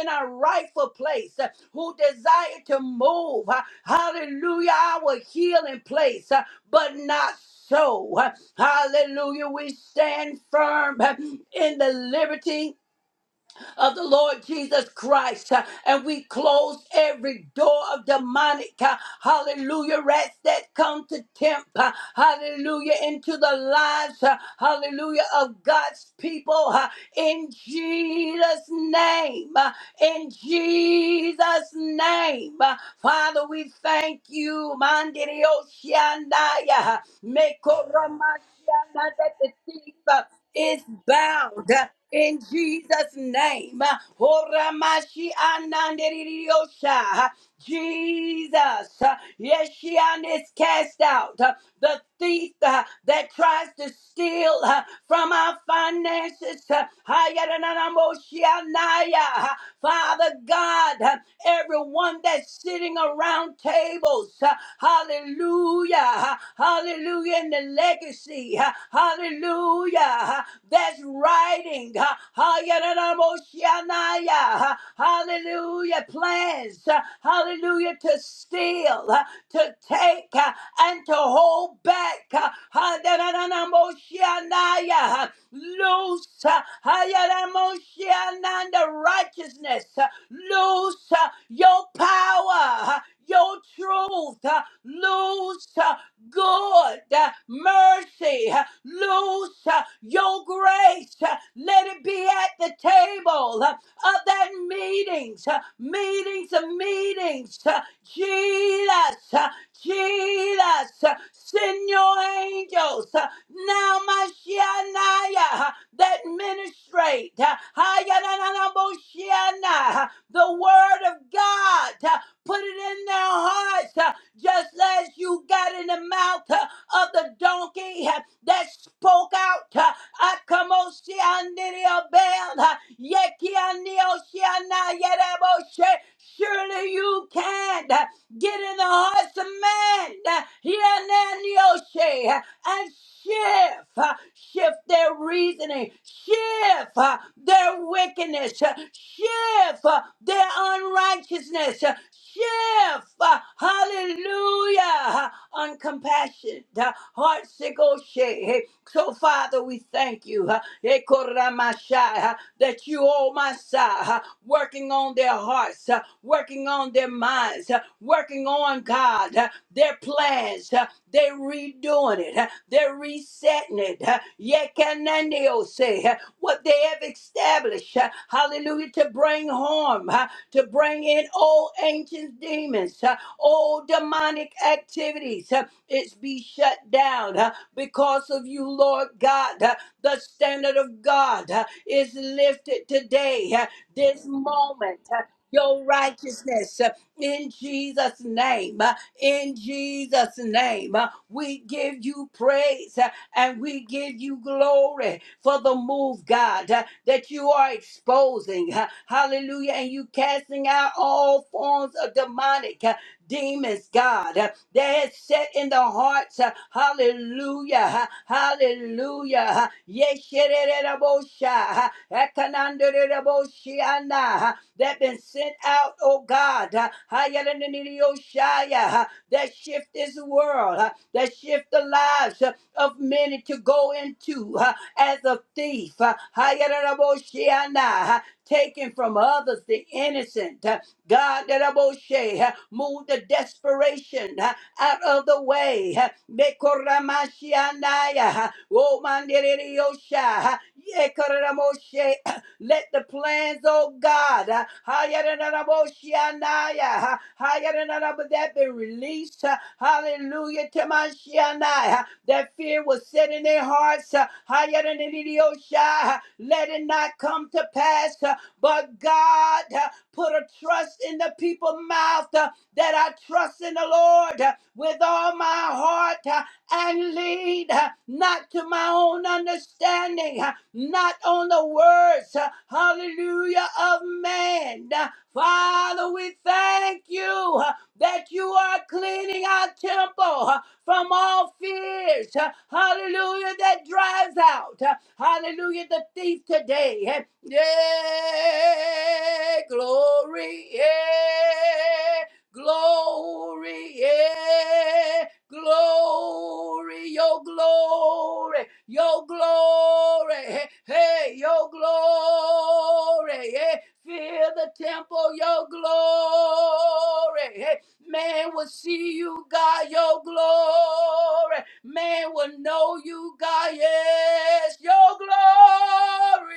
in a rightful place, uh, who desire to move, uh, hallelujah, our healing place, uh, but not so. uh, Hallelujah, we stand firm uh, in the liberty of the Lord Jesus Christ. uh, And we close every door of demonic, uh, hallelujah, rats that come to tempt, uh, hallelujah, into the lives, uh, hallelujah, of God's people uh, in Jesus' name. uh, in Jesus' name. Uh, Father, we thank you. Mandirio Shandaya. Mekoramashiana, That the thief is bound in Jesus' name. Horamashi anandeririosha. Jesus. Uh, Yeshian is cast out. Uh, The thief uh, that tries to steal uh, from our finances. uh, Hayaranamoshianaya. Uh, Father God, uh, everyone that's sitting around tables. uh, Hallelujah. Uh, Hallelujah. In the legacy. uh, Hallelujah. uh, That's writing waiting. uh, uh, Hallelujah. Plans. uh, Hallelujah. To steal, uh, to take, uh, and to hold back. uh, uh, Loose. uh, Hayanamoshiananda righteousness. uh, Loose uh, your power. uh, Your truth. uh, Loose good uh, mercy. uh, Loose uh, your grace. uh, Let it be at the table uh, of that meetings, uh, meetings of meetings. uh, Jesus, uh, Jesus, uh, send your angels uh, now, Mashiach, uh, that ministrate uh, Hayananaboshiana, uh, the word of God. uh, Put it in their hearts, uh, just as you got in the mouth uh, of the donkey uh, that spoke out. uh, "Akamosianiriobel, uh, yekianioshiana yereboshe." Surely you can. Uh, Get in the hearts of men uh, here and there in the ocean uh, and shift, uh, shift their reasoning, shift uh, their wickedness, uh, shift uh, their unrighteousness, uh, shift, uh, hallelujah, uncompassionate, uh, heart sick, oh shit. Hey, So, Father, we thank you uh, hey, Koramashai, uh, that you, oh my side, uh, working on their hearts, uh, working on their minds, uh, working on God, uh, their plans. uh, They're redoing it. uh, They're resetting it. uh, Yekananeo say uh, what they have established. uh, Hallelujah. To bring harm, uh, to bring in old ancient demons. huh? All demonic activities, uh, it's be shut down uh, because of you, Lord God. Uh, The standard of God uh, is lifted today, uh, this moment. uh, Your righteousness uh, in Jesus' name. uh, In Jesus' name, uh, we give you praise uh, and we give you glory for the move, God, uh, that you are exposing. uh, Hallelujah. And you casting out all forms of demonic. huh, demons, God, uh, that is set in the hearts. uh, Hallelujah. uh, Hallelujah. uh, Yeshererebosha, uh, Ekananderereboshiana, uh, That been sent out, oh God. uh, Hayalaniniyoshaya, uh, That shift this world. uh, That shift the lives uh, of many to go into uh, as a thief. uh, Hayalanaboshiana, uh, Taken from others, the innocent. uh, God, that Moshe, uh, move the desperation uh, out of the way. uh, Bekoramashianaya, uh, Omandereyosha, uh, Yekoramoshe, uh, Let the plans, oh God, uh, Hayaranaraboshianaya, uh, Hayaranarab- that be released. uh, Hallelujah to my uh, That fear was set in their hearts. uh, Hayaranariyosha, uh, Let it not come to pass. uh, But God. Put a trust in the people's mouth uh, that I trust in the Lord uh, with all my heart uh, and lead uh, not to my own understanding, uh, not on the words, uh, hallelujah, of man. Uh, Father, we thank you. Uh, that you are cleaning our temple uh, from all fears. uh, Hallelujah, that drives out. uh, Hallelujah, the thief today. uh, Yeah, glory, yeah, glory, yeah, glory, your glory, your glory, hey, hey, your glory, yeah. Fill the temple, your glory. hey, Man will see you, God, your glory. Man will know you, God, yes, your glory.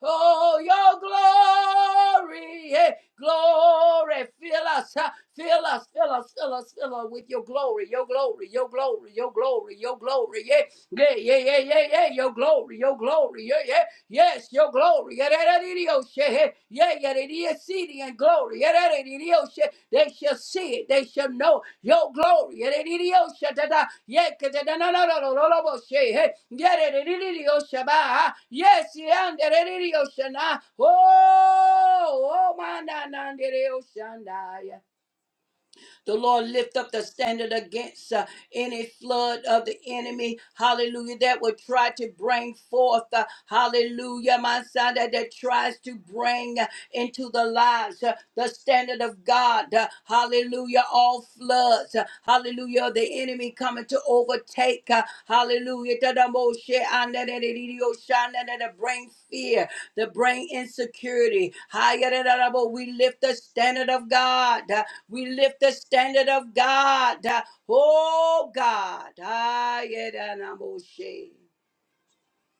Oh, your glory, yeah, glory, fill us, huh? fill us, fill us, fill us, fill us with your glory, your glory, your glory, your glory, your glory, yeah, yeah, yeah, yeah, yeah, yeah, your glory, your glory, yeah, yeah. Yes, your glory. Yadadadidiyoshe. Yeah, yadadidiyosidi and glory. They shall see it. They shall know your glory. Yadadidiyoshe. Da-da. Yeah, Yes, oh, oh, my, the Lord lift up the standard against uh, any flood of the enemy, hallelujah, that would try to bring forth, uh, hallelujah, my son, that, that tries to bring uh, into the lives uh, the standard of God, uh, hallelujah, all floods, uh, hallelujah, of the enemy coming to overtake, uh, hallelujah, to the most share, and that it- it- it- oh, shine, that it bring fear, to bring insecurity. Higher than that, but we lift the standard of God. We lift the standard of God. Oh God. Ah, yeah, that I'm going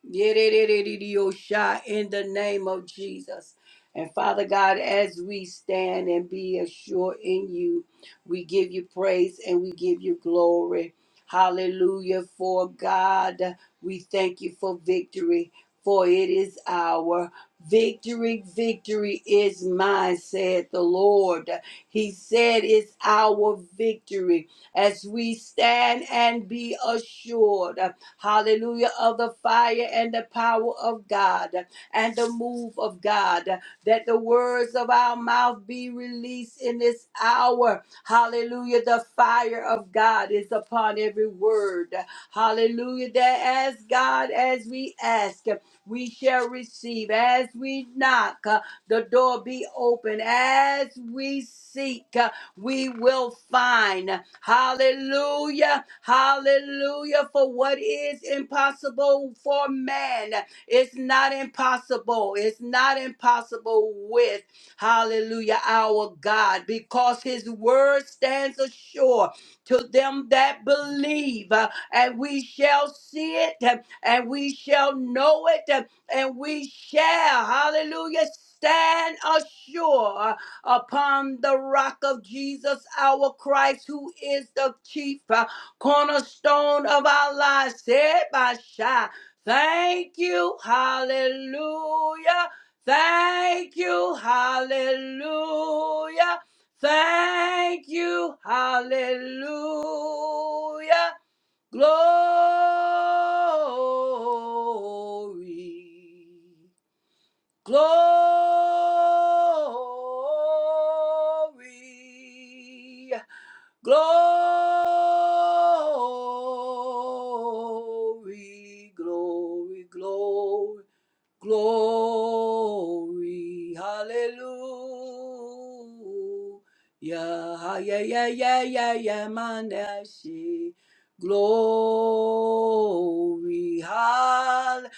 Yedidididiosha, in the name of Jesus. And Father God, as we stand and be assured in you, we give you praise and we give you glory. Hallelujah. For God, we thank you for victory, for it is our victory. Victory is mine, said the Lord. He said, It's our victory as we stand and be assured hallelujah, of the fire and the power of God and the move of God. That the words of our mouth be released in this hour. Hallelujah. The fire of God is upon every word. Hallelujah. That as God, as we ask, we shall receive. As we knock, uh, the door be open. As we seek. uh, we will find. Hallelujah. Hallelujah. For what is impossible for man it's not impossible. It's not impossible with hallelujah our God because his word stands assured to them that believe Uh, and we shall see it uh, and we shall know it uh, and we shall hallelujah stand assured upon the rock of Jesus, our Christ, who is the chief uh, cornerstone of our lives. Said by Shai, thank you, hallelujah. Thank you, hallelujah. Thank you, hallelujah. Glory. Glory, glory, glory, glory, glory. Hallelujah. Ha- Yeah, yeah, yeah, yeah, yeah, man, that see. Glory. Hallelujah.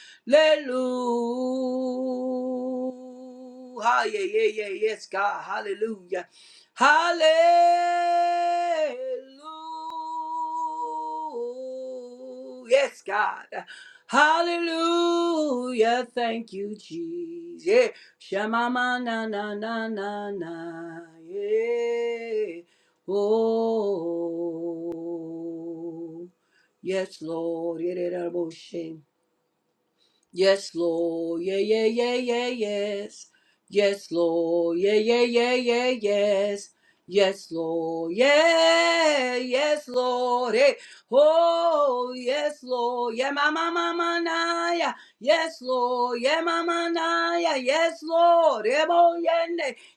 Ha- Yeah, yeah, yeah, yes, God. Hallelujah. Hallelujah. Yes, God. Hallelujah. Thank you, Jesus. Yeah. Shema ma na na na na na. Yeah. Oh. Yes, Lord. Yeah, that elbow shake. Yes, Lord. Yeah, yeah, yeah, yeah, yes. Yes, Lord. Yeah, yeah, yeah, yeah, yes. Yes, Lord. Yeah, yes, Lord. Hey. Oh, yes, Lord. Yeah, mama, mama, naya. Yes, Lord. Yeah, mama, naya. Yes, Lord.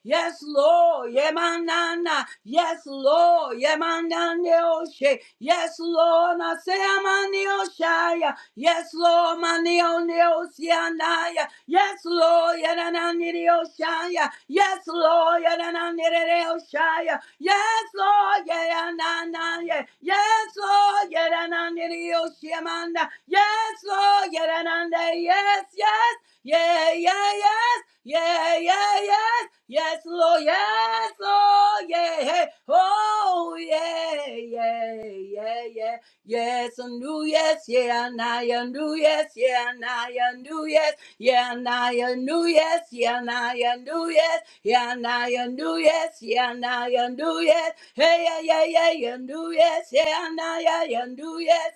Yes, Lord. Yemanana. Yes, Lord. Yemananioshe. Yes, Lord. na Naseamanioshaya. Yes, Lord. Manioneosianaya. Yes, Lord. Yanananirioshaya. Yes, Lord. Yanananirioshaya. Yes, Lord. Yananaya. Yes, Lord. Yanananirioshiamanda. Yes, Lord. Yanananda. Yes, yes. Yeah, yeah, yes. Yeah, yeah, yes. Yes, Lord. Yes, Lord. Yeah. Hey. Oh, yeah, yeah, yeah, yeah. Yes, a new yes. Yeah, and I a new yes. Yeah, and I a new yes. Yeah, and I a new yes. Yeah, and I a new yes. Yeah, and I a new yes. Yeah, and I a new yes. Hey, yeah, yeah, yeah, yeah, new yes. Yeah, and I a yeah, new yes.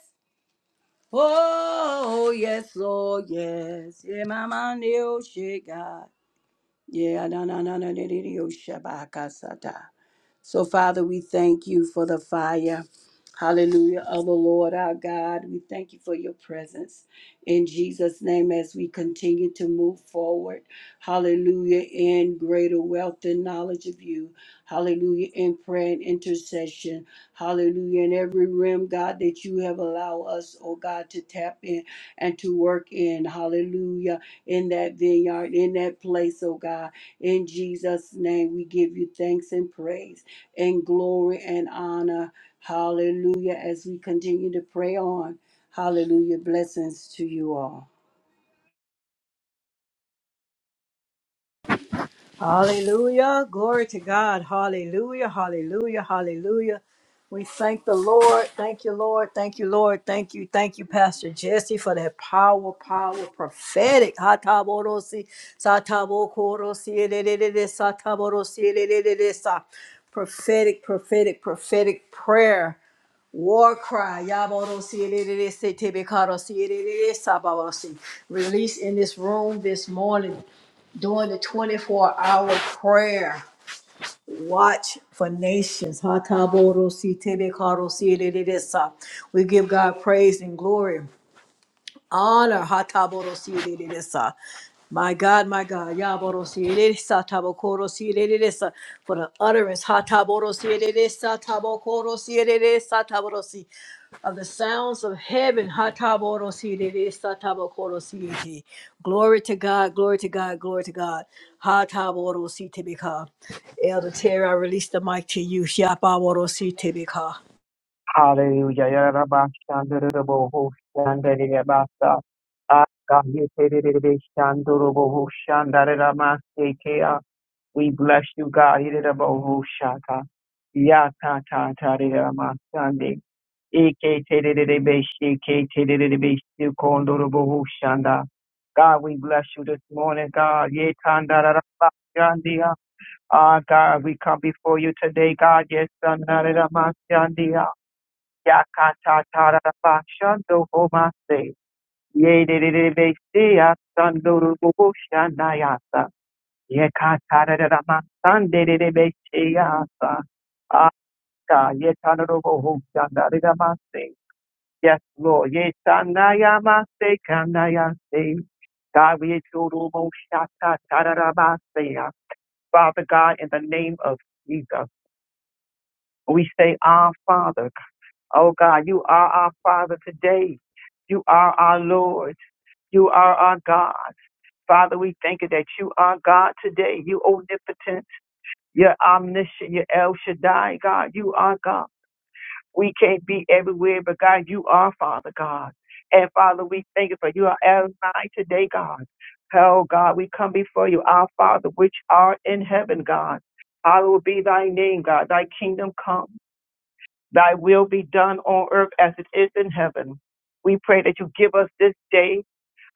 Oh, yes, Lord, yes. Yeah, my man oh, shit, God. Yeah, na na na na na na, yo shabakasata. So, Father, we thank you for the fire. Hallelujah, oh the Lord our God. We thank you for your presence in Jesus' name as we continue to move forward. Hallelujah, in greater wealth and knowledge of you. Hallelujah, in prayer and intercession. Hallelujah, in every realm, God, that you have allowed us, oh God, to tap in and to work in. Hallelujah, in that vineyard, in that place, oh God. In Jesus' name, we give you thanks and praise in glory and honor. Hallelujah. As we continue to pray on, hallelujah. Blessings to you all.
Hallelujah. Glory to God. Hallelujah. Hallelujah. Hallelujah. We thank the Lord. Thank you, Lord. Thank you, Lord. Thank you. Thank you, Pastor Jesse, for that power, power, prophetic. Hataborosi, satabokorosi, edededede, sataborosi, edededede, sa. Prophetic, prophetic, prophetic prayer. War cry. Yaborosi, edededede, setebekarosi, edededede, sababorosi. Release in this room this morning during the 24 hour prayer. Watch for nations. Hatabodo si tebe karo si de de de sa. We give God praise and glory honor. Hataborosireresa. My God, my God, Yaborosireresa, Tabokorosireresa, for the utterance Hataborosireresa, Tabokorosireresa, Taborosi, of the sounds of heaven. Hataborosireresa, Tabokorosirete. Glory to God, glory to God, glory to God. Hataborositebeka. Elder Terry, I release the mic to you. Yapaborositebeka.
Hallelujah. Yarabashandarabahoshandarirabasa. Akayetererererabashandarabahoshandarabasekea. We bless you, God. Irerabahoshaka. Yatatataridamasande. Iketerererereshiketerererereshikondorobahoshanda. God, we bless you this morning, God. Yetandarabashandia. Ah, God, we come before you today, God. Yes, Yakata Taraba Shando Homase. Ye de de Besia Sando Bobusha Nayasa. Yekata Masande de Besiasa. Aka Yetanobo Hosanda Ridamase. Yes, Lord. Yetanayamase Kanayase. God, we exalt you, Mo Shaka Tararabasea. Father God, in the name of Jesus, we say, Our Father. Oh God, you are our Father today. You are our Lord. You are our God. Father, we thank you that you are God today. You omnipotent. You're omniscient. You're El Shaddai, God. You are God. We can't be everywhere, but God, you are Father God. And Father, we thank you for you are Adonai today, God. Oh God, we come before you, our Father, which art in heaven, God. Hallowed be thy name, God. Thy kingdom come. Thy will be done on earth as it is in heaven. We pray that you give us this day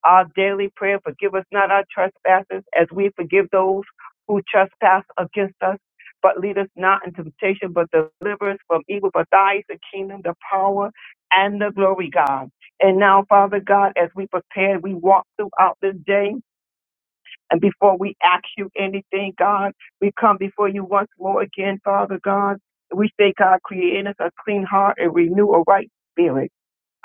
our daily prayer. Forgive us not our trespasses as we forgive those who trespass against us. But lead us not into temptation, but deliver us from evil. For thine is the kingdom, the power, and the glory, God. And now, Father God, as we prepare, we walk throughout this day. And before we ask you anything, God, we come before you once more again, Father God. We say, God, create in us a clean heart and renew a right spirit.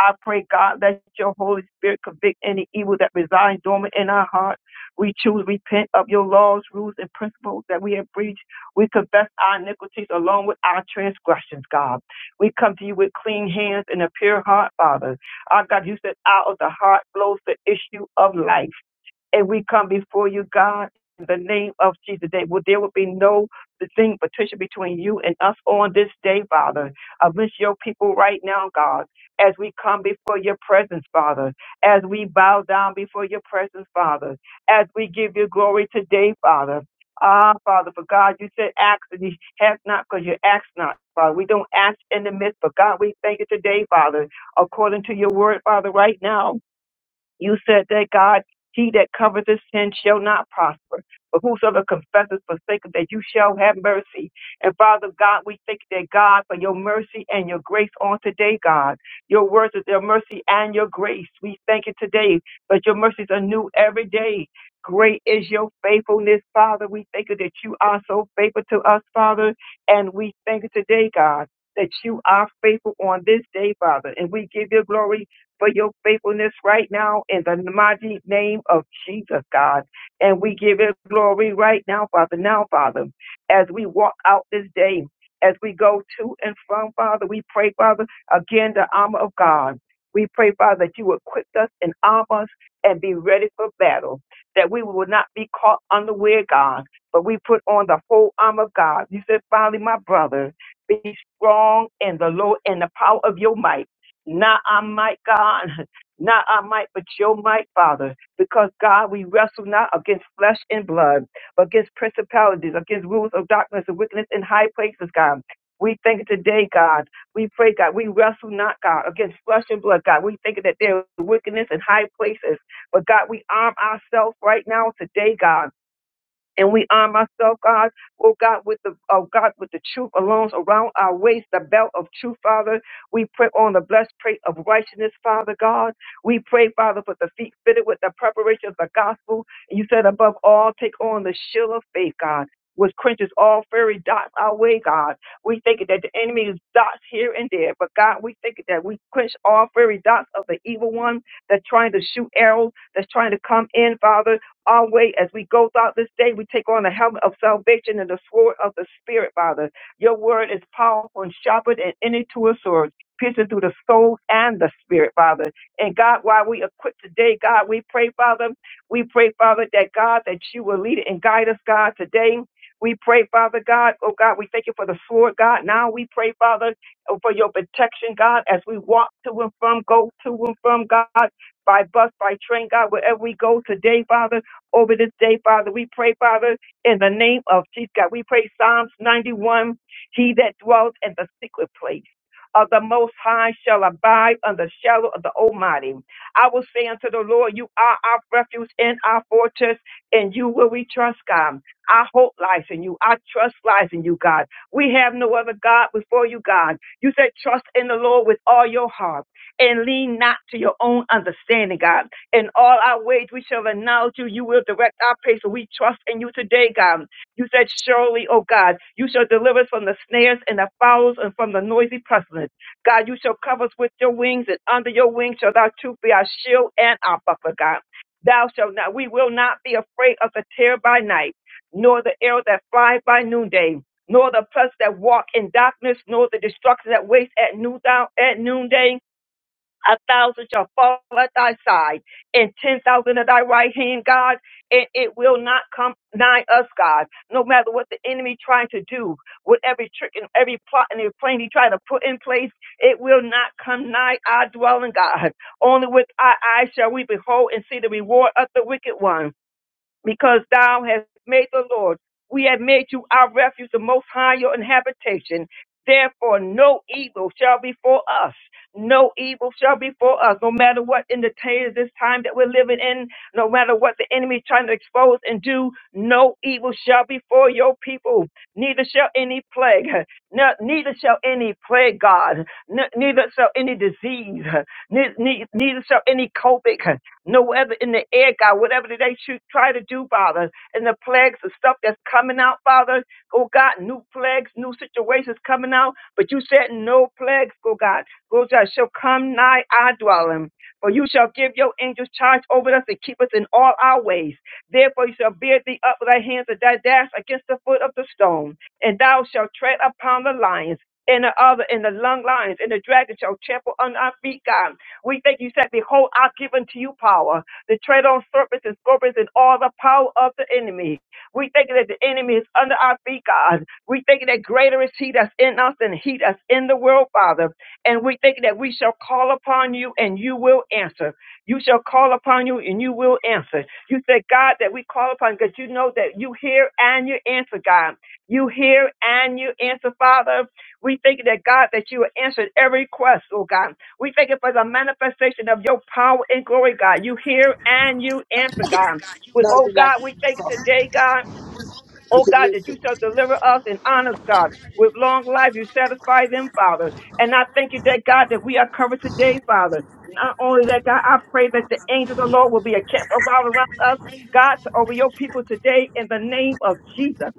I pray, God, let your Holy Spirit convict any evil that resides dormant in our heart. We choose repent of your laws, rules, and principles that we have breached. We confess our iniquities along with our transgressions, God. We come to you with clean hands and a pure heart, Father. Our God, you said out of the heart flows the issue of life. And we come before you, God, in the name of Jesus. That will there will be no thing, Patricia, between you and us on this day, Father. I bless your people right now, God, as we come before your presence, Father, as we bow down before your presence, Father, as we give you glory today, Father. Ah, Father, for God, you said ask and you have not because you ask not, Father. We don't ask in the midst, but God, we thank you today, Father, according to your word, Father, right now. You said that God, he that covereth his sin shall not prosper, but whosoever confesseth forsaken that you shall have mercy. And Father God, we thank you that God for your mercy and your grace on today, God. Your words is your mercy and your grace. We thank you today, but your mercies are new every day. Great is your faithfulness, Father. We thank you that you are so faithful to us, Father. And we thank you today, God, that you are faithful on this day, Father. And we give you glory for your faithfulness right now in the mighty name of Jesus, God. And we give it glory right now, Father. Now, Father, as we walk out this day, as we go to and from, Father, we pray, Father, again, the armor of God. We pray, Father, that you equip us and arm us and be ready for battle, that we will not be caught unaware, God, but we put on the whole armor of God. You said, finally, my brother, be strong in the Lord and the power of your might not our might, God, <laughs> not our might, but your might, Father. Because, God, we wrestle not against flesh and blood, but against principalities, against rules of darkness and wickedness in high places, God. We thank you today, God. We pray, God. We wrestle not, God, against flesh and blood, God. We think that there is wickedness in high places. But, God, we arm ourselves right now today, God and we arm ourselves, God, oh God, with the oh God, with the truth alone around our waist, the belt of truth, Father. We pray on the blessed plate of righteousness, Father God. We pray, Father, for the feet fitted with the preparation of the gospel. And you said above all, take on the shield of faith, God. Which quenches all fiery dots our way, God. We think that the enemy is dots here and there, but God, we think that we quench all fiery dots of the evil one that's trying to shoot arrows, that's trying to come in, Father, our way as we go throughout this day. We take on the helmet of salvation and the sword of the Spirit, Father. Your word is powerful and sharper than any two-edged sword, piercing through the soul and the spirit, Father. And God, while we equip today, God, we pray, Father, we pray, Father, that God, that you will lead and guide us, God, today. We pray, Father God, oh God, we thank you for the sword, God. Now we pray, Father, oh, for your protection, God, as we walk to and from, go to and from, God, by bus, by train, God, wherever we go today, Father over this day, Father. We pray, Father, in the name of Jesus God. We pray Psalms 91, he that dwells in the secret place of the Most High shall abide under the shadow of the Almighty. I will say unto the Lord, you are our refuge and our fortress, and you will we trust, God. Our hope lies in you. Our trust lies in you, God. We have no other God before you, God. You said trust in the Lord with all your heart and lean not to your own understanding, God. In all our ways, we shall acknowledge you. You will direct our path. So we trust in you today, God. You said, Surely, O God, you shall deliver us from the snares and the fowls and from the noisy pestilence. God, you shall cover us with your wings, and under your wings shall thou truth be our shield and our buckler, God. Thou shalt not, we will not be afraid of the terror by night, nor the arrow that flies by noonday, nor the pestilence that walk in darkness, nor the destruction that wastes at noondown, at noonday. A thousand shall fall at thy side, and ten thousand at thy right hand, God, and it will not come nigh us, God. No matter what the enemy trying to do, with every trick and every plot and every plan he trying to put in place, it will not come nigh our dwelling, God. Only with our eyes shall we behold and see the reward of the wicked one because thou hast made the Lord. We have made you our refuge, the most high your habitation. Therefore, no evil shall befall us. No evil shall befall us, no matter what in the day of this time that we're living in, no matter what the enemy is trying to expose and do, no evil shall befall your people. Neither shall any plague, <laughs> ne- neither shall any plague, God, Ne- neither shall any disease, <laughs> Ne- ne- neither shall any COVID. No weather in the air, God, whatever they should try to do, Father, and the plagues and stuff that's coming out, Father. Oh God, new plagues, new situations coming out. But you said no plagues, oh God. Oh God, shall come nigh our dwelling. For you shall give your angels charge over us and keep us in all our ways. Therefore you shall bear thee up with thy hands and thy dash against the foot of the stone. And thou shalt tread upon the lions and the other and the lung lions and the dragon shall trample on our feet, God. We thank you said, Behold, I've given to you power to tread on serpents and scorpions and all the power of the enemy. We thank you that the enemy is under our feet, God. We thank you that greater is he that's in us than he that's in the world, Father. And we thank you that we shall call upon you and you will answer. You shall call upon you and you will answer. You said, God, that we call upon because you know that you hear and you answer, God. You hear and you answer, Father. We thank you that God that you answered every request, oh God. We thank you for the manifestation of your power and glory, God. You hear and you answer, God. We,
No,
oh
you're not.
God, we thank you
You
today, God. Oh
can
God, that you
listen.
shall deliver us and honor us, God. With long life, you satisfy them, Father. And I thank you that God that we are covered today, Father. Not only that, God, I pray that the angels of the Lord will be a camp around around us, God, to over your people today in the name of Jesus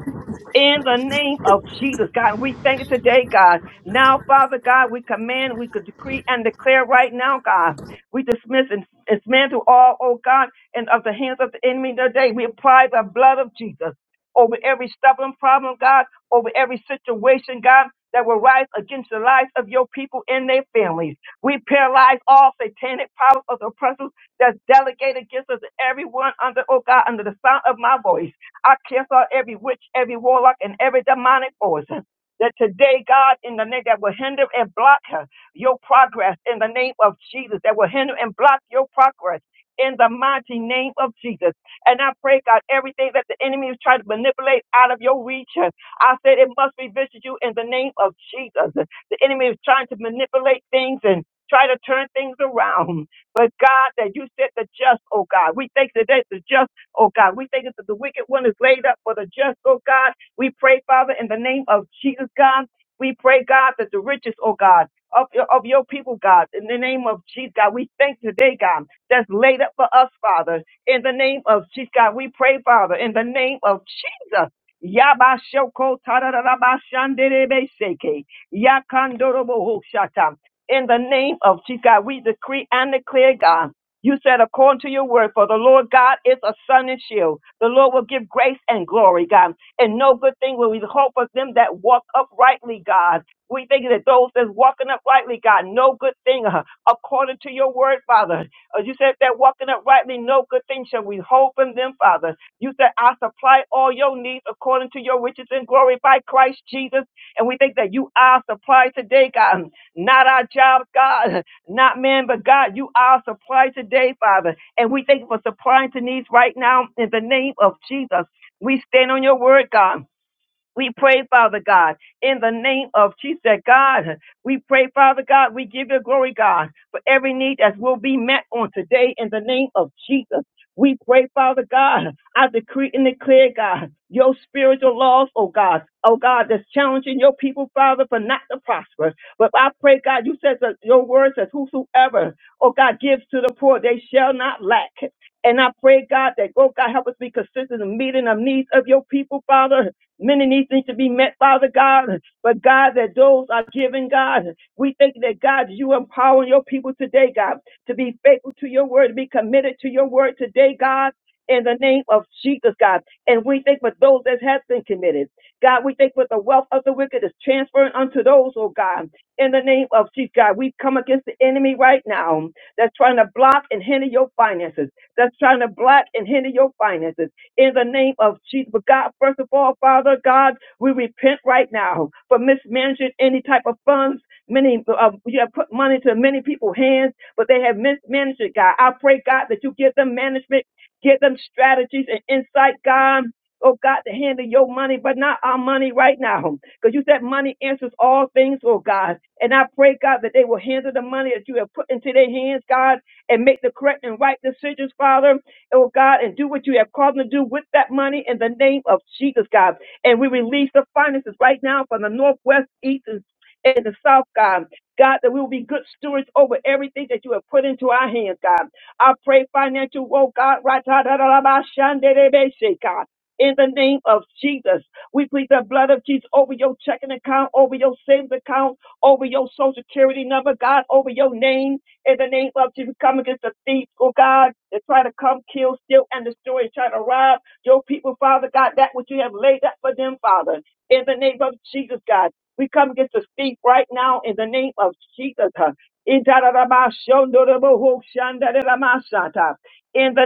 in the name of Jesus, God. We thank you today, God. Now, Father God, we command, we could decree and declare right now, God. We dismiss and dismantle all, oh God, and of the hands of the enemy today. We apply the blood of Jesus over every stubborn problem, God, over every situation, God, that will rise against the lives of your people and their families. We paralyze all satanic powers of the oppressors that's delegated against us, everyone under, oh God, under the sound of my voice. I cancel out every witch, every warlock, and every demonic force. uh, That today, God, in the name that will hinder and block uh, your progress in the name of Jesus, that will hinder and block your progress in the mighty name of Jesus. And I pray, God, everything that the enemy is trying to manipulate out of your reach, uh, I said it must revisit you in the name of Jesus. The enemy is trying to manipulate things and try to turn things around. But God, that you said the just, oh God, we thank you that the just oh God. We thank you that the wicked one is laid up for the just, oh God. We pray, Father, in the name of Jesus, God. We pray, God, that the riches, oh God, of, of your people, God, in the name of Jesus, God, we thank you today, God, that's laid up for us, Father, in the name of Jesus, God. We pray, Father, in the name of Jesus. Yabashoko tarararabashanderebeseke. Yakandorobohoshata. In the name of Jesus, God, we decree and declare, God. You said, according to your word, for the Lord God is a sun and shield. The Lord will give grace and glory, God. And no good thing will we hope of them that walk uprightly, God. We think that those that's walking uprightly, God, no good thing, uh, according to your word, Father. As you said, that walking uprightly, no good thing shall we hope in them, Father. You said, I supply all your needs according to your riches and glory by Christ Jesus. And we think that you are supplied today, God. Not our jobs, God not man, but God. You are a supply today, Father. And we thank you for supplying to needs right now in the name of Jesus. We stand on your word, God. We pray, Father God, in the name of Jesus, God. We pray, Father God, we give you glory, God, for every need that will be met on today in the name of Jesus. We pray, Father God, I decree and declare, God, your spiritual laws, oh God, oh God, that's challenging your people, Father, for not to prosper. But I pray, God, you said that your word says, whosoever, oh God, gives to the poor, they shall not lack. And I pray, God, that, oh God, help us be consistent in meeting the needs of your people, Father. Many needs need to be met, Father God. But God, that those are given, God. We thank you that God, you empower your people today, God, to be faithful to your word, to be committed to your word today, God. In the name of Jesus, God. And we thank for those that have been committed. God, we thank for the wealth of the wicked is transferring unto those, oh God. In the name of Jesus, God, we come against the enemy right now that's trying to block and hinder your finances, that's trying to block and hinder your finances in the name of Jesus. But God, first of all, Father God, we repent right now for mismanaging any type of funds. Many uh, you have put money to many people's hands, but they have mismanaged it, God. I pray, God, that you give them management, give them strategies and insight, God. Oh God, to handle your money, but not our money right now. Because you said money answers all things, oh God. And I pray, God, that they will handle the money that you have put into their hands, God, and make the correct and right decisions, Father oh God, and do what you have called them to do with that money in the name of Jesus, God. And we release the finances right now from the northwest, east, and and the south, God. God, that we will be good stewards over everything that you have put into our hands, God. I pray financial, oh God, right, da, da, da, da, ba, shan, de, de, be, she, God. In the name of Jesus, we plead the blood of Jesus over your checking account, over your savings account, over your social security number, God, over your name. In the name of Jesus, come against the thieves, oh God, that try to come, kill, steal, and destroy, and try to rob your people, Father God, that which you have laid up for them, Father. In the name of Jesus, God, we come against the thief right now in the name of Jesus. huh. In the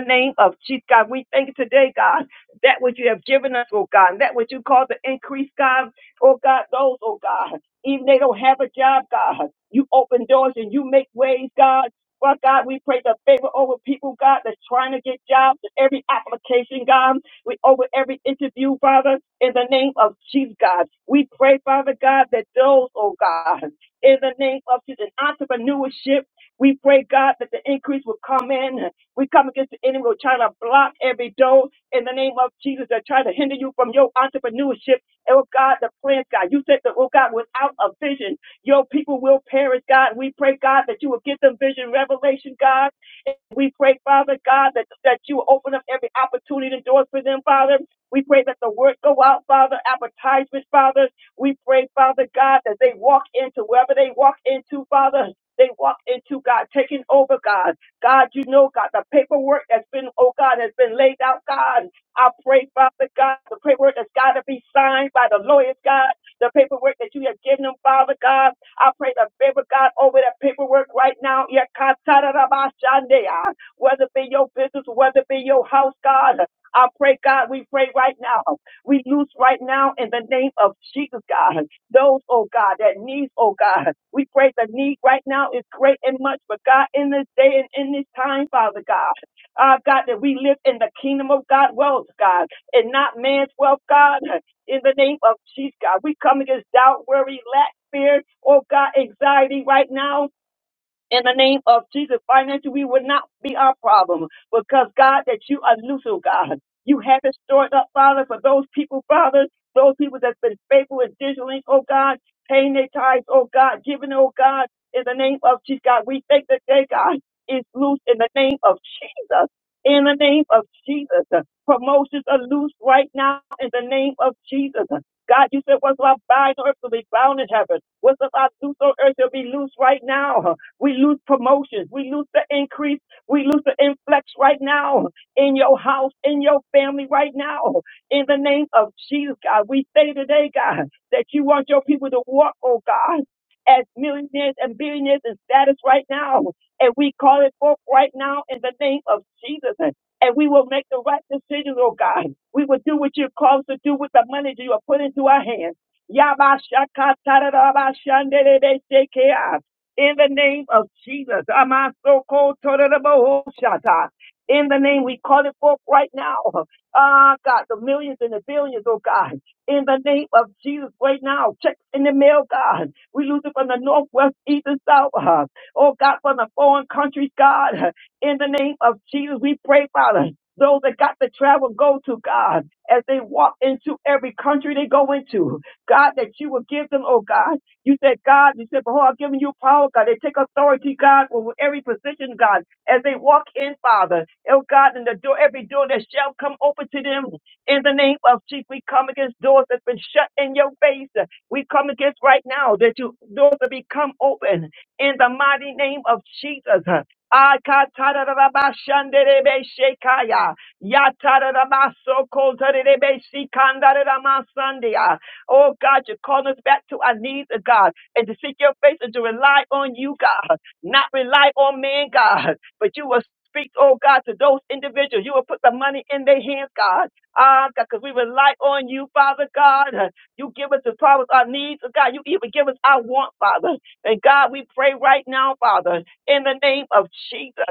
name of Jesus, God, we thank you today, God, that which you have given us, oh God, and that which you call the increase, God, oh God, those, oh God even they don't have a job, God. You open doors and you make ways, God. But God, we pray the favor over people, God, that's trying to get jobs, every application, God. We over every interview, Father, in the name of Jesus, God. We pray, Father God, that those, oh God, in the name of Jesus, entrepreneurship, we pray, God, that the increase will come in. We come against the enemy, we're trying to block every door in the name of Jesus that try to hinder you from your entrepreneurship. Oh God, the plans, God. You said that, oh God, without a vision, your people will perish, God. We pray, God, that you will give them vision, revelation, God. And we pray, Father, God, that, that you will open up every opportunity and doors for them, Father. We pray that the word go out, Father, advertisements, Father. We pray, Father, God, that they walk into wherever they walk into, Father. They walk into God, taking over God. God, you know, God, the paperwork that's been, oh God, has been laid out, God. I pray, Father God, the paperwork that's got to be signed by the lawyers, God, the paperwork that you have given them, Father God. I pray the favor, God, over that paperwork right now. Yakatarabashandea. Whether it be your business, whether it be your house, God. I pray, God, we pray right now. We loose right now in the name of Jesus, God. Those, oh God, that needs, oh God. We pray the need right now is great and much, but God, in this day and in this time, Father God uh, God, that we live in the kingdom of God wealth, God, and not man's wealth, God. In the name of Jesus, God, we come against doubt, worry, lack, fear, oh God, anxiety right now in the name of Jesus. Financially, we would not be our problem because God, that you are loose, God. You have it stored up, Father, for those people, Father, those people that's been faithful and diligent, oh God, paying their tithes, oh God, giving, oh God, in the name of Jesus, God. We thank that day, God, is loose in the name of Jesus. In the name of Jesus, promotions are loose right now in the name of Jesus. God, you said, what's about bind on earth will be bound in heaven. What's about loose on earth will be loose right now. We lose promotions. We lose the increase. We lose the influx right now in your house, in your family right now. In the name of Jesus, God, we say today, God, that you want your people to walk, oh God, as millionaires and billionaires in status right now. And we call it forth right now in the name of Jesus. And we will make the right decisions, oh God. We will do what you call us to do with the money that you have put into our hands. Yabashakatarabashanderebeshekeah in the name of Jesus. Amasoko torerebohoshata. In the name, we call it forth right now. Ah, God, the millions and the billions, oh God. In the name of Jesus, right now, check in the mail, God. We lose it from the north, west, east, and south. uh, Oh God, from the foreign countries, God. In the name of Jesus, we pray, Father. Those that got to travel go to God as they walk into every country they go into. God, that you will give them, oh God. You said, God, you said, behold, I've given you power, God. They take authority, God, over every position, God, as they walk in, Father. Oh, God, and the door, every door that shall come open to them in the name of Jesus. We come against doors that's been shut in your face. We come against right now that you doors will become open in the mighty name of Jesus. Ah, ka ta da da da ba shan de de be she ka ya. Ya ta da da ba so ko ta de de be she kan da de da ma san de ya. Oh God, you're calling us back to our knees, oh God, and to seek your face and to rely on you, God, not rely on man, God, but you will speak, oh God, to those individuals. You will put the money in their hands, God. Ah, God, because we rely on you, Father God. You give us the problems, our needs, oh God. You even give us our want, Father. And God, we pray right now, Father, in the name of Jesus.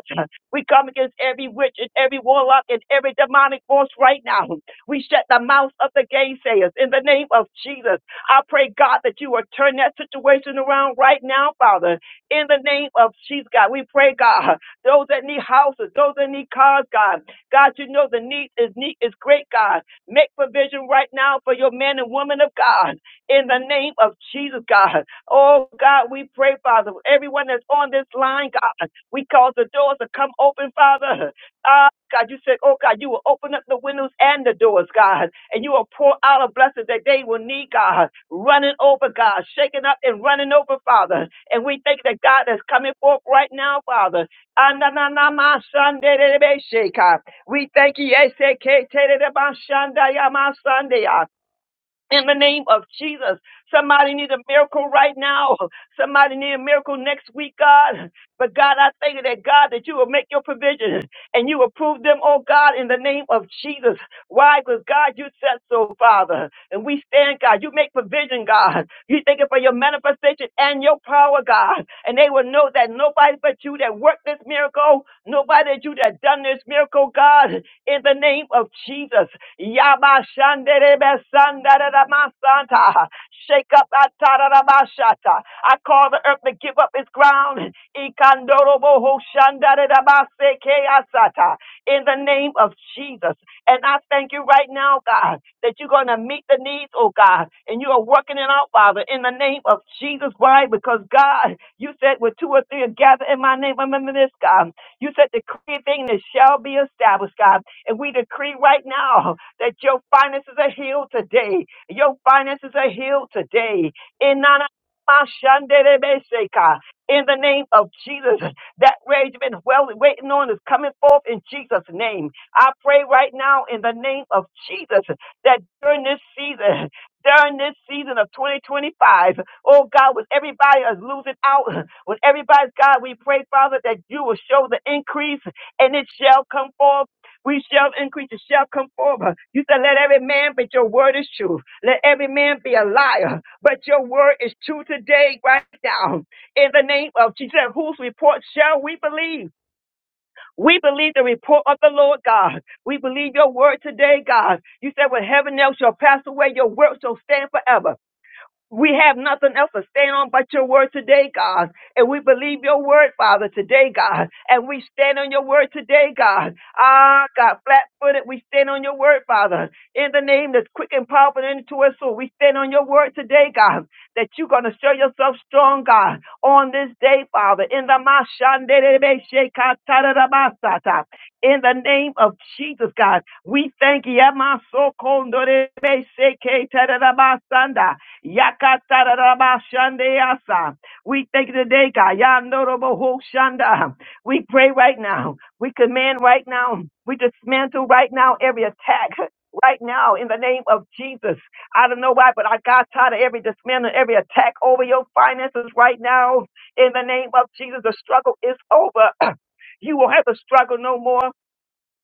We come against every witch and every warlock and every demonic force right now. We shut the mouth of the gainsayers in the name of Jesus. I pray, God, that you will turn that situation around right now, Father, in the name of Jesus, God. We pray, God, those that need houses, those that need cars, God. God, you know the need is need is great, God. Make provision right now for your men and women of God in the name of Jesus, God. Oh, God, we pray, Father, everyone that's on this line, God, we cause the doors to come open, Father. Ah, God, you said, oh God, you will open up the windows and the doors, God, and you will pour out a blessing that they will need, God, running over, God, shaking up and running over, Father. And we thank that God that's coming forth right now, Father. Ananamasanderebesheka. We thank you. Eseketererebashandayamasandeya in the name of Jesus. Somebody need a miracle right now. Somebody need a miracle next week, God. But God, I thank you that God that you will make your provision and you will prove them, oh God, in the name of Jesus. Why? Because God, you said so, Father. And we stand, God. You make provision, God. You thank you for your manifestation and your power, God. And they will know that nobody but you that worked this miracle, nobody but you that done this miracle, God, in the name of Jesus. Yaba shanderebe sandaramasanta. Shake up that tararabashata. I call the earth to give up its ground. Ikandorobo ho shandarabase keasata in the name of Jesus. And I thank you right now, God, that you're going to meet the needs, oh God, and you are working it out, Father, in the name of Jesus. Why? Because God, you said with two or three are gathered in my name, remember this, God. You said decree a thing that shall be established, God. And we decree right now that your finances are healed today. Your finances are healed today. In Nana- Mashanderebeseka. in the name of Jesus, that rage been well waiting on is coming forth in Jesus' name. I pray right now in the name of Jesus that during this season, <laughs> during this season of 2025, oh God, when everybody is losing out, <laughs> when everybody's God, we pray, Father, that you will show the increase and it shall come forth. We shall increase, it shall come forth. You said, Let every man, but your word is true. Let every man be a liar, but your word is true today, right now in the name of Jesus. Whose report shall we believe? We believe the report of the Lord God. We believe your word today, God. You said when heaven else shall pass away, your word shall stand forever. We have nothing else to stand on but your word today, God. And we believe your word, Father, today, God. And we stand on your word today, God. Ah, God, flat footed, we stand on your word, Father. In the name that's quick and powerful into us, so we stand on your word today, God. That you're going to show yourself strong, God, on this day, Father. In the Mashanderebeshekatarabasata. in the name of Jesus, God, we thank you. Yamasokondorebe sheketatarabasanda. Yakatarabashandeasa. We thank you today, God. Yandorobohoshanda. We pray right now. We command right now. We dismantle right now every attack. Right now, in the name of Jesus, I don't know why, but I got tired of every dismantle, every attack over your finances right now. In the name of Jesus, the struggle is over. <clears throat> You will have to struggle no more.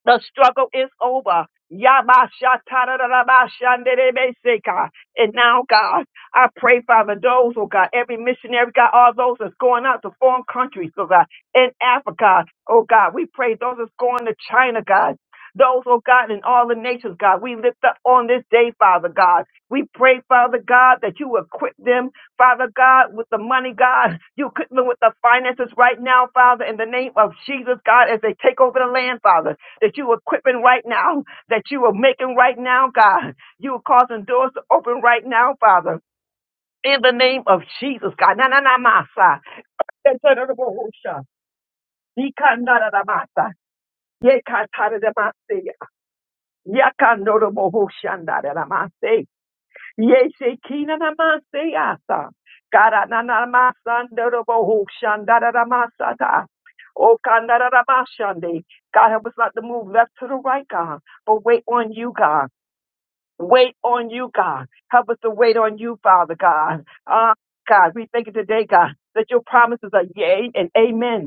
The struggle is over. Yabashatarabashanderebeseka. And now, God, I pray, Father, those, oh God, every missionary, God, all those that's going out to foreign countries, oh God, in Africa, oh God, we pray those that's going to China, God. Those, oh God, in all the nations, God, we lift up on this day, Father God. We pray, Father God, that you equip them, Father God, with the money, God. You equip them with the finances right now, Father, in the name of Jesus, God, as they take over the land, Father that you are equipping right now, that you are making right now, God. You are causing doors to open right now, Father. In the name of Jesus, God. Na na na masa. Yekatadadabohosha. Yikandadadamasa. Yekatadadamase. Yakandorobohoshandadadamase. Yeshekinanamase yasa. Karananamasandarobohoshandadadamasa ta. Oh, God, God, help us not to move left to the right, God, but wait on you, God. wait on you, God. Help us to wait on you, Father God. Ah, God, we thank you today, God, that your promises are yea and amen.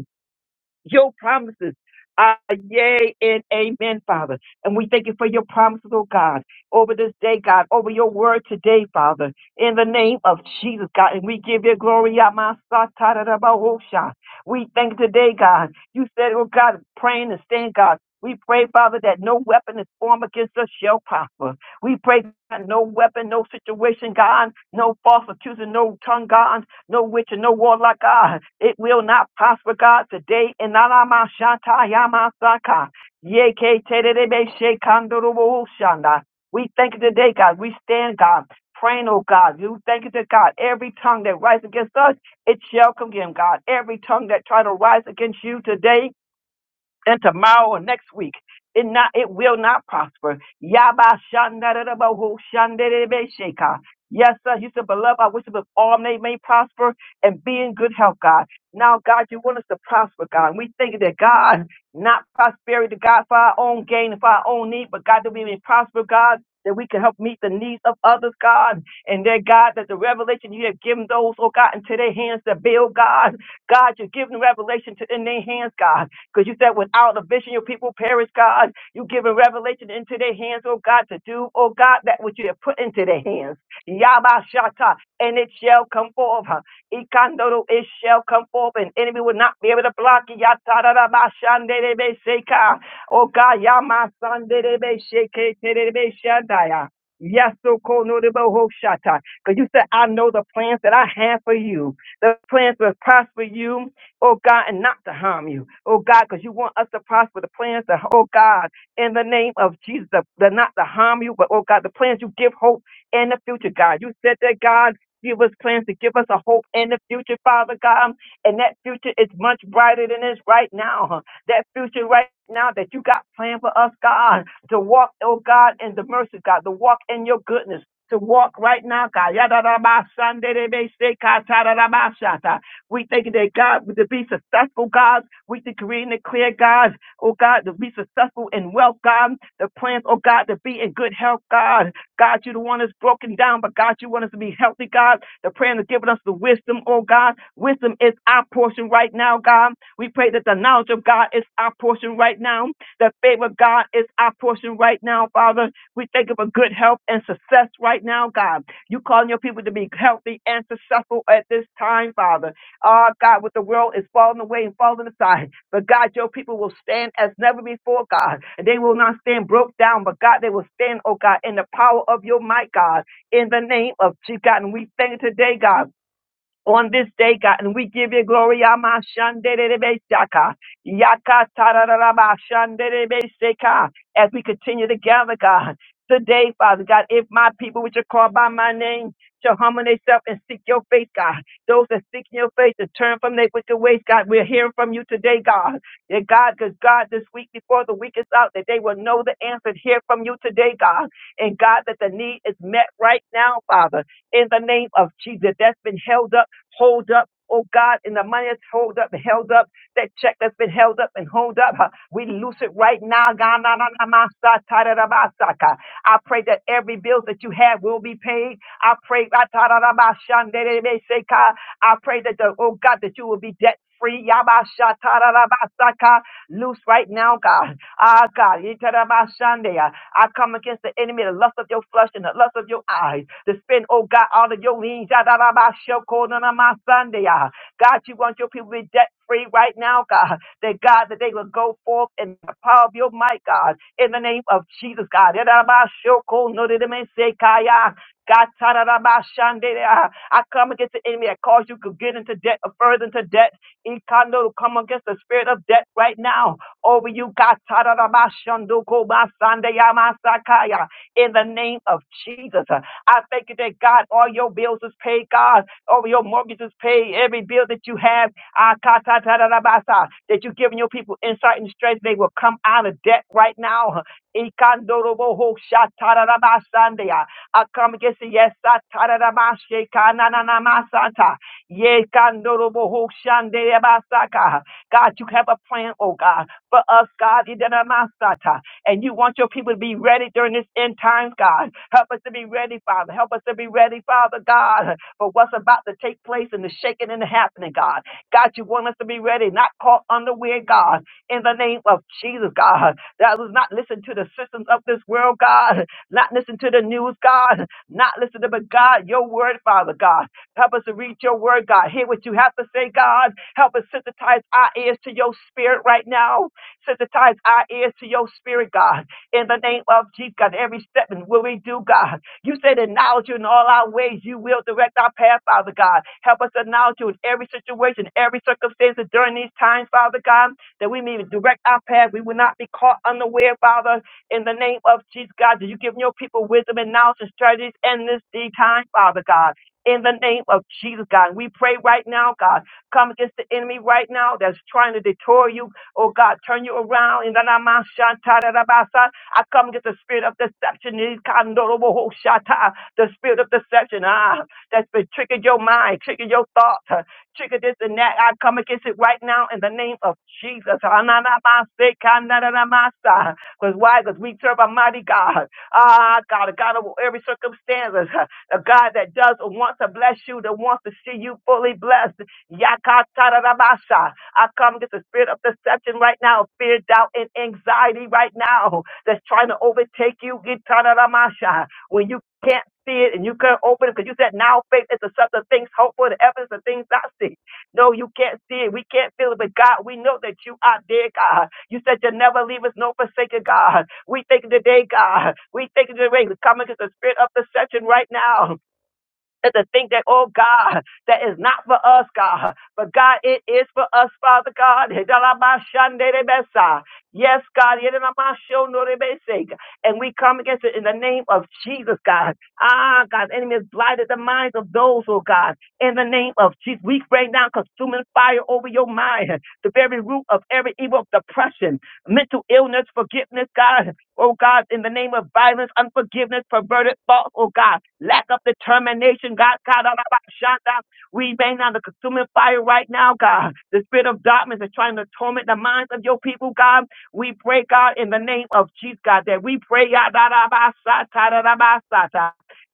Your promises are yea and amen, Father. And we thank you for your promises, oh God, over this day, God, over your word today, Father, in the name of Jesus, God. And we give you glory, Yama Sata Da Da Ba Ho Sha. We thank you today, God. You said, oh God, praying and stand, God. We pray, Father, that no weapon is formed against us shall prosper. We pray that no weapon, no situation, God, no false accusing, no tongue, God no witch and no warlock, God. It will not prosper, God, today. In Alama Shanta Yama Saka. Yea, K, Te, Be, She, Kandoro, Wo, Shanda. We thank you today, God. We stand, God. Praying, oh God, you thank you to God. Every tongue that rises against us, it shall condemn, God. Every tongue that try to rise against you today, and tomorrow and next week. It not it will not prosper. Yaba shandarabahu shandarabashaka. Yes, sir. You said, beloved, I wish that all may may prosper and be in good health, God. Now, God, you want us to prosper, God. And we think that God, not prosperity, God, for our own gain and for our own need, but God, that we may prosper, God, that we can help meet the needs of others, God. And that, God, that the revelation you have given those, oh God, into their hands to build, God. God, you're giving revelation to in their hands, God. Because you said without a vision, your people perish, God. You giving revelation into their hands, oh God, to do, oh God, that which you have put into their hands. Yabashata, and it shall come forth. huh? Ikandoro, it shall come forth, and enemy will not be able to block it. Yatarabashanderebeseka. Oh God, Yamasanderebesheketerebeshandaya. Yes, so cool, no, because you said, I know the plans that I have for you. The plans will prosper you oh God, and not to harm you, oh God, because you want us to prosper the plans, to, oh God, in the name of Jesus, the that not to harm you, but oh God, the plans you give hope in the future, God. You said that, God. Give us plans to give us a hope in the future, Father God. And that future is much brighter than it's right now. huh. That future right now that you got planned for us, God, to walk, oh God, in the mercy, God, to walk in your goodness, to walk right now, God. Yadadabashandedebeshekatadadabashata. We thank you that God, to be successful, God. We to create and declare, God, oh God, to be successful in wealth, God. The plans, oh God, to be in good health, God. God, you the one that's broken down, but God, you want us to be healthy, God. The prayer is giving us the wisdom, oh God. Wisdom is our portion right now, God. We pray that the knowledge of God is our portion right now. The favor of God is our portion right now, Father. We thank you for good health and success right now, God. You calling your people to be healthy and successful at this time, Father. Oh God, what the world is falling away and falling aside. But God, your people will stand as never before, God. And they will not stand broke down, but God, they will stand, oh God, in the power of your might, God, in the name of Jesus, God. And we thank you today, God on this day, God, and we give you glory. Amashanderebesaka, yakatararabashanderebeseka, As we continue to gather, God, today, Father God, if my people which are called by my name shall humble themselves and seek your face, God, those that seek your face and turn from their wicked ways, God, we're hearing from you today, God. That God, because God, this week before the week is out, that they will know the answer and hear from you today, God. And God, that the need is met right now, Father in the name of Jesus that's been held up hold up. Oh God, in the money that's hold up, held up, that check that's been held up and hold up, huh, we loose it right now. God, na, na, na, ma, sa, ta, da, da, ba, sa, ka. I pray that every bill that you have will be paid. I pray, ah, ta, da, da, ba, shan, de, de, de, se, ka. I pray that the, oh God, that you will be debt free. Yabasha loose right now, God. Ah, God. Yitarabashande. I I come against the enemy, the lust of your flesh and the lust of your eyes. To spend, oh God, all of your means. Yadarabashokonanamasande. Ah, God, you want your people to be debt free right now, God. That God, that they will go forth in the power of your might, God. In the name of Jesus, God. Yadarabashokonodidimesekaya. God, tararabashande. Ah, I come against the enemy that caused you to get into debt, further into debt. Ikando, come against the spirit of death right now over you, God. Tadadabashandokobasandayama-sakaya. In the name of Jesus, uh, I thank you that God, all your bills is paid, God. All your mortgages paid, every bill that you have, Akatadadabasa, that you've given your people insight and strength, they will come out of debt right now. Ikandorobohoshatadadabasandaya. I come against the yes, I Yes, God, Norobo Shandere Basaka. God, you have a plan, oh God, for us, God, in the name of Sata. and you want your people to be ready during this end time, God. Help us to be ready, Father. Help us to be ready, Father, God, for what's about to take place and the shaking and the happening, God. God, you want us to be ready, not caught unaware, God, in the name of Jesus, God. That was not listen to the systems of this world, God, not listen to the news, God, not listen to, but God, your word, Father, God. Help us to read your word, God. Hear what you have to say, God. Help us sensitize our ears to your spirit right now. Sensitize our ears to your spirit, God. In the name of Jesus, God, every step and will we do, God. You said acknowledge you in all our ways. You will direct our path, Father God. Help us to acknowledge you in every situation, every circumstance during these times, Father God, that we may direct our path. We will not be caught unaware, Father. In the name of Jesus, God, that you give your people wisdom and knowledge and strategies in this day time, Father God in the name of Jesus, God. And we pray right now, God, come against the enemy right now that's trying to detour you. Oh, God, turn you around. In the name of Shanta I come against the spirit of deception, in Kando Shata, the spirit of deception ah, that's been tricking your mind, tricking your thoughts, uh, tricking this and that. I come against it right now in the name of Jesus. Because why? Because we serve a mighty God. Ah, God, a God of every circumstance a God that does want to bless you, that wants to see you fully blessed. Yakatarabasha. I come against the spirit of deception right now, fear, doubt, and anxiety right now that's trying to overtake you. Gitaramasha. When you can't see it and you can't open it because you said now faith is the substance of things hoped for, the evidence of things not seen. No, you can't see it. We can't feel it. But God, we know that you are there, God. You said you'll never leave us, no forsaken, God. We thank you today, God. We thank you today. We come against the spirit of deception right now and to think that, oh God, that is not for us, God. But God, it is for us, Father God. Yes, God. And we come against it in the name of Jesus, God. Ah, God, the enemy has blighted the minds of those, oh God. In the name of Jesus, we bring down consuming fire over your mind, the very root of every evil of depression, mental illness, forgiveness, God oh God, in the name of violence, unforgiveness, perverted thoughts, oh God, lack of determination, God, God, all about shanda. We bang on the consuming fire right now, God. The spirit of darkness is trying to torment the minds of your people, God. We pray, God, in the name of Jesus, God, that we pray, God, da, da, ba, sa, ta, da, da, ba,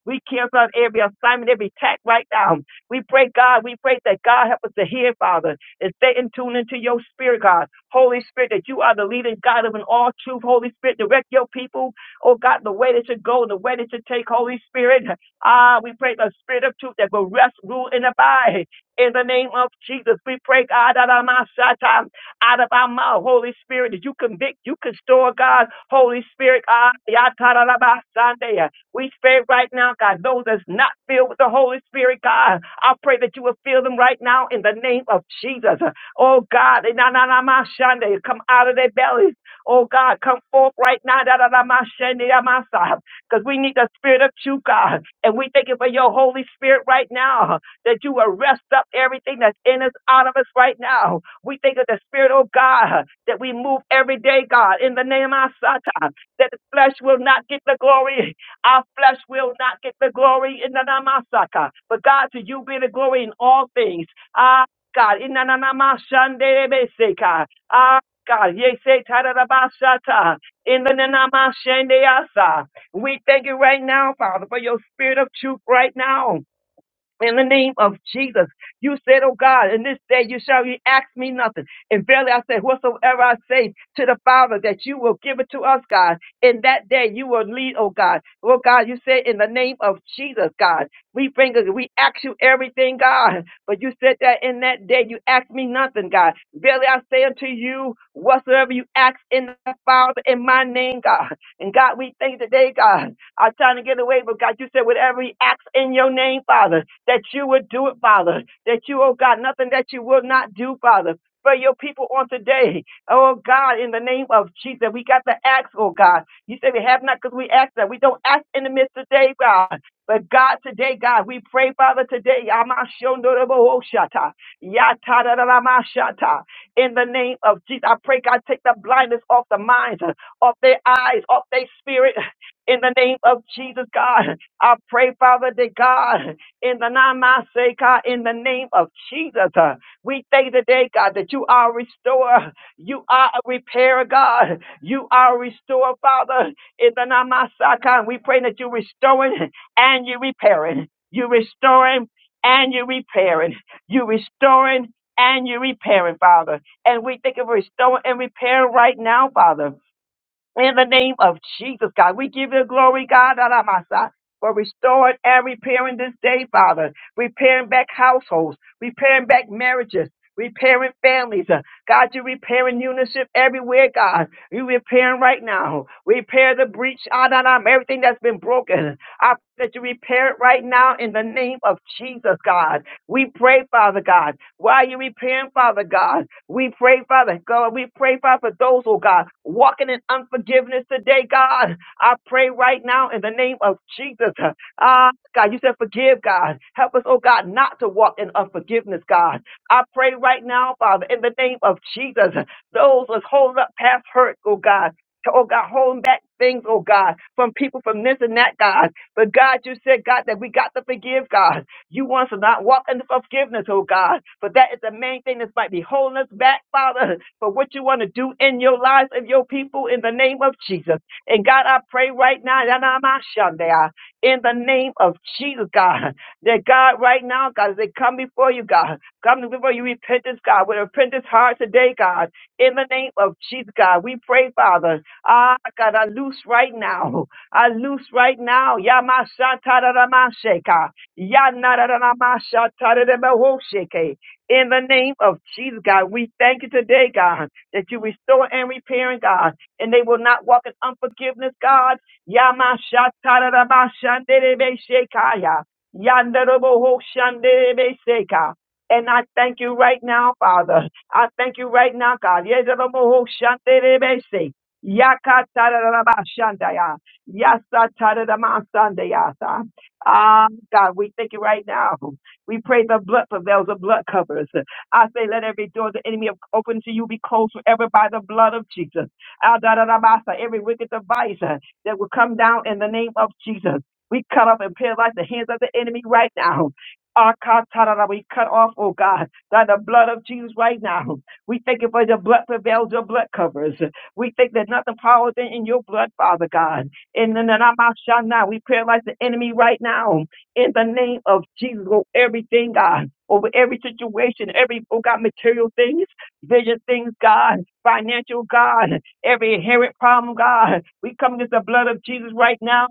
we cancel every assignment, every attack right now. We pray, God, we pray that God help us to hear, Father and stay in tune into your spirit, God. Holy Spirit, that you are the leading God of an all truth. Holy Spirit, direct your people, oh God, the way that should go and the way that should take. Holy Spirit, ah, we pray the spirit of truth that will rest, rule, and abide. In the name of Jesus, we pray, God, out of my satan, out of our mouth, Holy Spirit, that you convict, you can store, God, Holy Spirit, ah, yata, da, da, ba, Sunday. We pray right now, God, those that's not filled with the Holy Spirit, God, I pray that you will fill them right now in the name of Jesus. Oh God, they na na na ma shande, come out of their bellies. Oh God, come forth right now, da da da ma shande, da ma sa. Because we need the Spirit of true God, and we thank you for your Holy Spirit right now that you will rest up everything that's in us, out of us right now. We thank of the Spirit, oh God, that we move every day, God, in the name of Satan, that the flesh will not get the glory our flesh will not get the glory in the Namasaka. But God, to you be the glory in all things. Ah, God, in the Nanamashandebeseka. Ah, Ah, God, ye say Tadarabashata. In the Nanamashandeasa. We thank you right now, Father, for your spirit of truth right now in the name of Jesus. You said, Oh God, in this day you shall ye ask me nothing. And verily I say, whatsoever I say to the Father, that you will give it to us, God. In that day you will lead, oh God. Oh God, you said in the name of Jesus, God, we bring we ask you everything, God. But you said that in that day you ask me nothing, God. Verily I say unto you, whatsoever you ask in the Father in my name, God. And God, we thank today, God. I'm trying to get away, but God, you said with every act in your name, Father, that you would do it, Father. That you, oh God, nothing that you will not do, Father. For your people on today, oh God, in the name of Jesus, we got to ask, oh God. You say we have not because we ask that. We don't ask in the midst today, God. But God, today, God, we pray, Father, today, Yamashondorobohoshata, Yatadadadamashata, in the name of Jesus. I pray, God, take the blindness off the minds. Of their eyes, of their spirit. In the name of Jesus, God, I pray, Father, that God, in the name I say, God, in the name of Jesus, uh, we thank you today, God, that you are a restorer, you are a repairer, God, you are a restorer, Father. In the name I say, God, we pray that you restoring and you repairing, you restoring and you repairing, you restoring and you repairing, Father. And we think of restoring and repairing right now, Father. In the name of Jesus, God, we give you glory, God, Alamasa, for restoring and repairing this day, Father. Repairing back households, repairing back marriages, repairing families. Uh, God, you're repairing unison everywhere, God. You're repairing right now. Repair the breach, Adonam, everything that's been broken. I pray that you repair it right now in the name of Jesus, God. We pray, Father God, while you're repairing, Father God, we pray, Father God, we pray, Father, for those, oh God, walking in unforgiveness today, God. I pray right now in the name of Jesus. Ah, God, you said forgive, God. Help us, oh God, not to walk in unforgiveness, God. I pray right now, Father, in the name of Jesus, those that's holding up past hurt, oh God. Oh God, holding back things, oh God, from people from this and that, God. But God, you said, God, that we got to forgive, God. You want us to not walk into forgiveness, oh God. But that is the main thing that might be holding us back, Father, for what you want to do in your lives and your people in the name of Jesus. And God, I pray right now, Yanamashandaya, in the name of Jesus, God, that God, right now, God, as they come before you, God, come before you repentance, God, with a repentance heart today, God, in the name of Jesus, God, we pray, Father, ah, God, I loose right now, I loose right now, Yamashantararamasheka, Yanarararamashatarerebohoshike. In the name of Jesus, God, we thank you today, God, that you restore and repair, God, and they will not walk in unforgiveness, God. Yamashatareramashanderebeshekaya. Yanderebohoshanderebesheka. And I thank you right now, Father. I thank you right now, God. Yezerobohoshanderebese. Yakatarerabashandaya. Yasatareremasandayasa. Ah God, we thank you right now. We pray the blood prevails, the blood covers. I say, let every door the enemy have opened to you be closed forever by the blood of Jesus. Ah, da, da, da, ba, sa. Every wicked device uh, that will come down in the name of Jesus. We cut off and paralyze the hands of the enemy right now. Ah, ka, ta, da, da. We cut off, oh God, by the blood of Jesus right now. We thank you for the blood prevails, your blood covers. We think that nothing power than in your blood, Father God. In the name of Shana, we paralyze the enemy right now. In the name of Jesus, over everything, God, over every situation, every, oh God, material things, vision things, God, financial, God, every inherent problem, God. We come against the blood of Jesus right now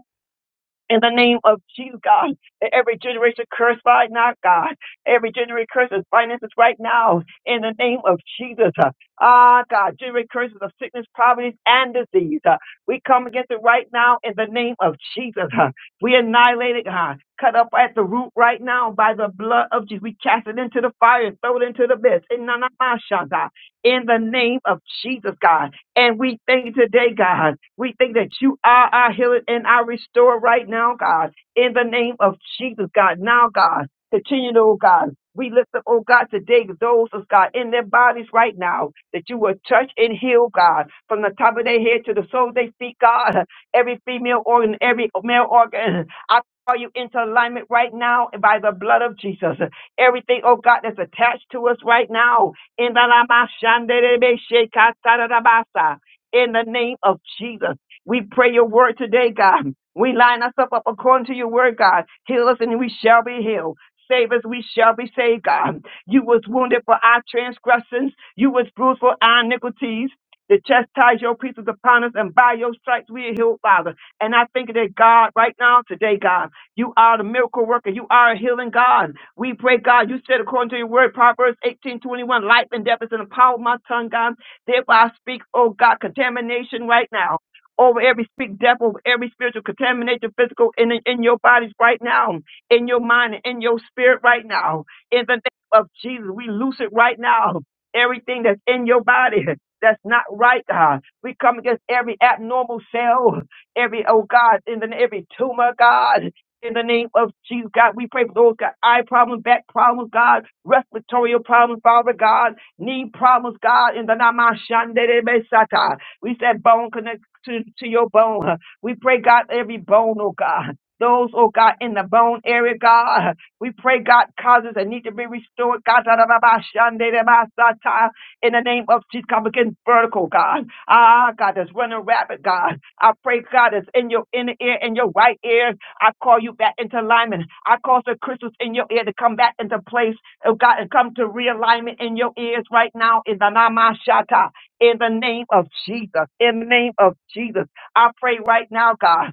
in the name of Jesus, God. that Every generation cursed by not God. Every generation curses finances right now in the name of Jesus. Uh, Ah, God, generation curses of sickness, poverty, and disease. Uh, We come against it right now in the name of Jesus. Uh, We annihilate it, God. Cut up at the root right now by the blood of Jesus. We cast it into the fire and throw it into the abyss. In the name of Jesus, God. In the name of Jesus, God. And we thank you today, God. We think that you are our healer and our restorer right now, God. In the name of Jesus, God. Now, God, continue, oh God. We lift up, oh God, today those, oh God, in their bodies right now, that you will touch and heal, God, from the top of their head to the soles of their feet, God. Every female organ, every male organ. I call you into alignment right now by the blood of Jesus. Everything, oh God, that's attached to us right now in the Ramashanderebeshekatarabasa. In the name of Jesus, we pray your word today, God. We line ourselves up according to your word, God. Heal us and we shall be healed. Save us, we shall be saved, God. You was wounded for our transgressions. You was bruised for our iniquities. To chastise your pieces upon us, and by your stripes we are healed, Father. And I think that God, right now, today, God. You are the miracle worker. You are a healing God. We pray, God, you said according to your word, Proverbs eighteen twenty one, life and death is in the power of my tongue, God. Therefore I speak, oh God, contamination right now. Over every speak death, over every spiritual contamination, physical in in your bodies right now, in your mind, and in your spirit right now. In the name of Jesus, we loose it right now. Everything that's in your body that's not right, God. We come against every abnormal cell, every oh God, in the every tumor, God. In the name of Jesus, God, we pray for those got eye problems, back problems, God, respiratory problems, Father God, knee problems, God, in the Namashandebesata. We said bone connect to, to your bone. We pray, God, every bone, oh God. Those, oh God, in the bone area, God. We pray, God, causes that need to be restored, God, da-da-da-ba-shandebesata. in the name of Jesus, come against vertical, God. Ah, God, that's running rapid, God. I pray, God, that's in your inner ear and your right ear. I call you back into alignment. I cause the crystals in your ear to come back into place, oh God, and come to realignment in your ears right now in the Namashata, in the name of Jesus, in the name of Jesus. I pray right now, God.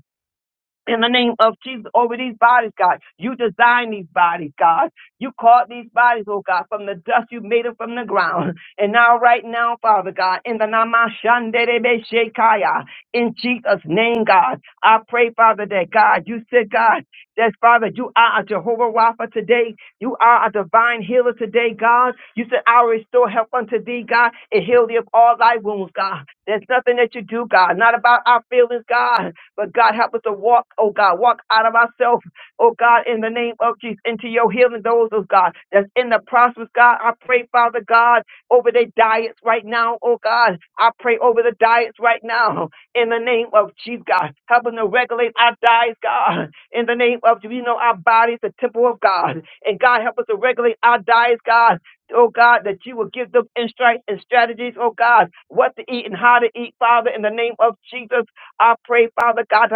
In the name of Jesus, over these bodies, God. You designed these bodies, God. You called these bodies, oh God, from the dust. You made them from the ground. And now, right now, Father God, in the Namashanderebe Shekaya, in Jesus' name, God, I pray, Father, that God, you said, God, that Father, you are a Jehovah Rapha today. You are a divine healer today, God. You said, I will restore health unto thee, God, and heal thee of all thy wounds, God. There's nothing that you do, God, not about our feelings, God. But God, help us to walk, oh God, walk out of ourselves, oh God, in the name of Jesus, into your healing those, oh God, that's in the process, God. I pray, Father God, over their diets right now, oh God. I pray over the diets right now in the name of Jesus, God. Help them to regulate our diets, God, in the name of Jesus. You know, our body is the temple of God. And God, help us to regulate our diets, God. Oh God, that you will give them insight and strategies, oh God, what to eat and how to eat, Father, in the name of Jesus. I pray, Father God,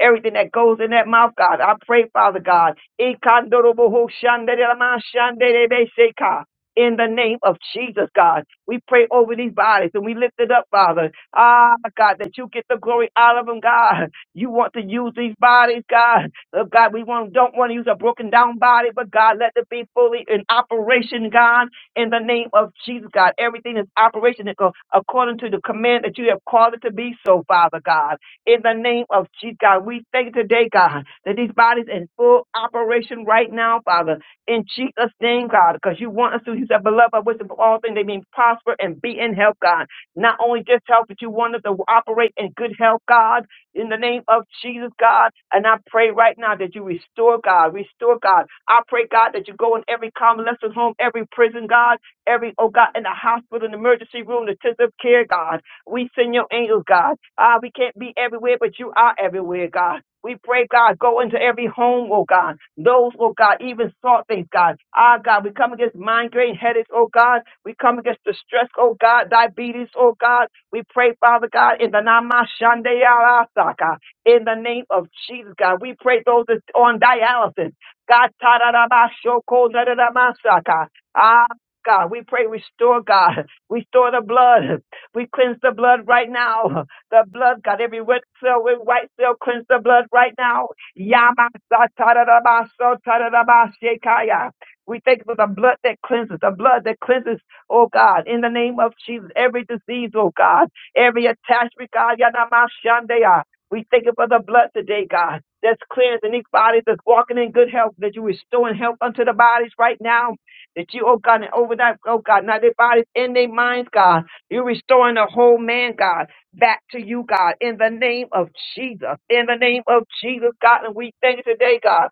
everything that goes in that mouth, God, I pray, Father God, in the name of Jesus, God, we pray over these bodies and we lift it up, Father. Ah, God, that you get the glory out of them, God. You want to use these bodies, God. Oh, God, we want, don't want to use a broken down body, but God, let it be fully in operation, God in the name of Jesus, God. Everything is operation ac- according to the command that you have called it to be so, Father God. In the name of Jesus, God, we thank you today, God, that these bodies in full operation right now, Father. In Jesus' name, God, because you want us to, you said, beloved, I wish above all things they may prosper and be in health, God. Not only just health, but you want us to operate in good health, God in the name of Jesus, God. And I pray right now that you restore, God, restore, God. I pray, God, that you go in every convalescent home, every prison, God, every, oh God, in the hospital, in the emergency room, the intensive care, God. We send your angels, God. Ah, we can't be everywhere, but you are everywhere, God. We pray, God, go into every home, oh God. Those, oh God, even thought things, God. Ah, God, we come against migraine headaches, oh God. We come against the stress, oh God, diabetes, oh God. We pray, Father God, in the Namashandeyalasaka, in the name of Jesus, God. We pray those that's on dialysis. God, tararabashokodaramasaka. ah, God, we pray, restore God, restore the blood. We cleanse the blood right now. The blood, God, every red cell, every white cell, cleanse the blood right now. Yamasa tararabaso tararabashekaya. We thank you for the blood that cleanses, the blood that cleanses oh God, in the name of Jesus, every disease, oh God, every attachment, God, Yanamashandaya. We thank you for the blood today, God, that's cleansing these bodies, that's walking in good health, that you restoring health unto the bodies right now. That you, oh God, and over that, oh God, now their bodies in their minds, God. You're restoring the whole man, God, back to you, God, in the name of Jesus. In the name of Jesus, God, and we thank you today, God.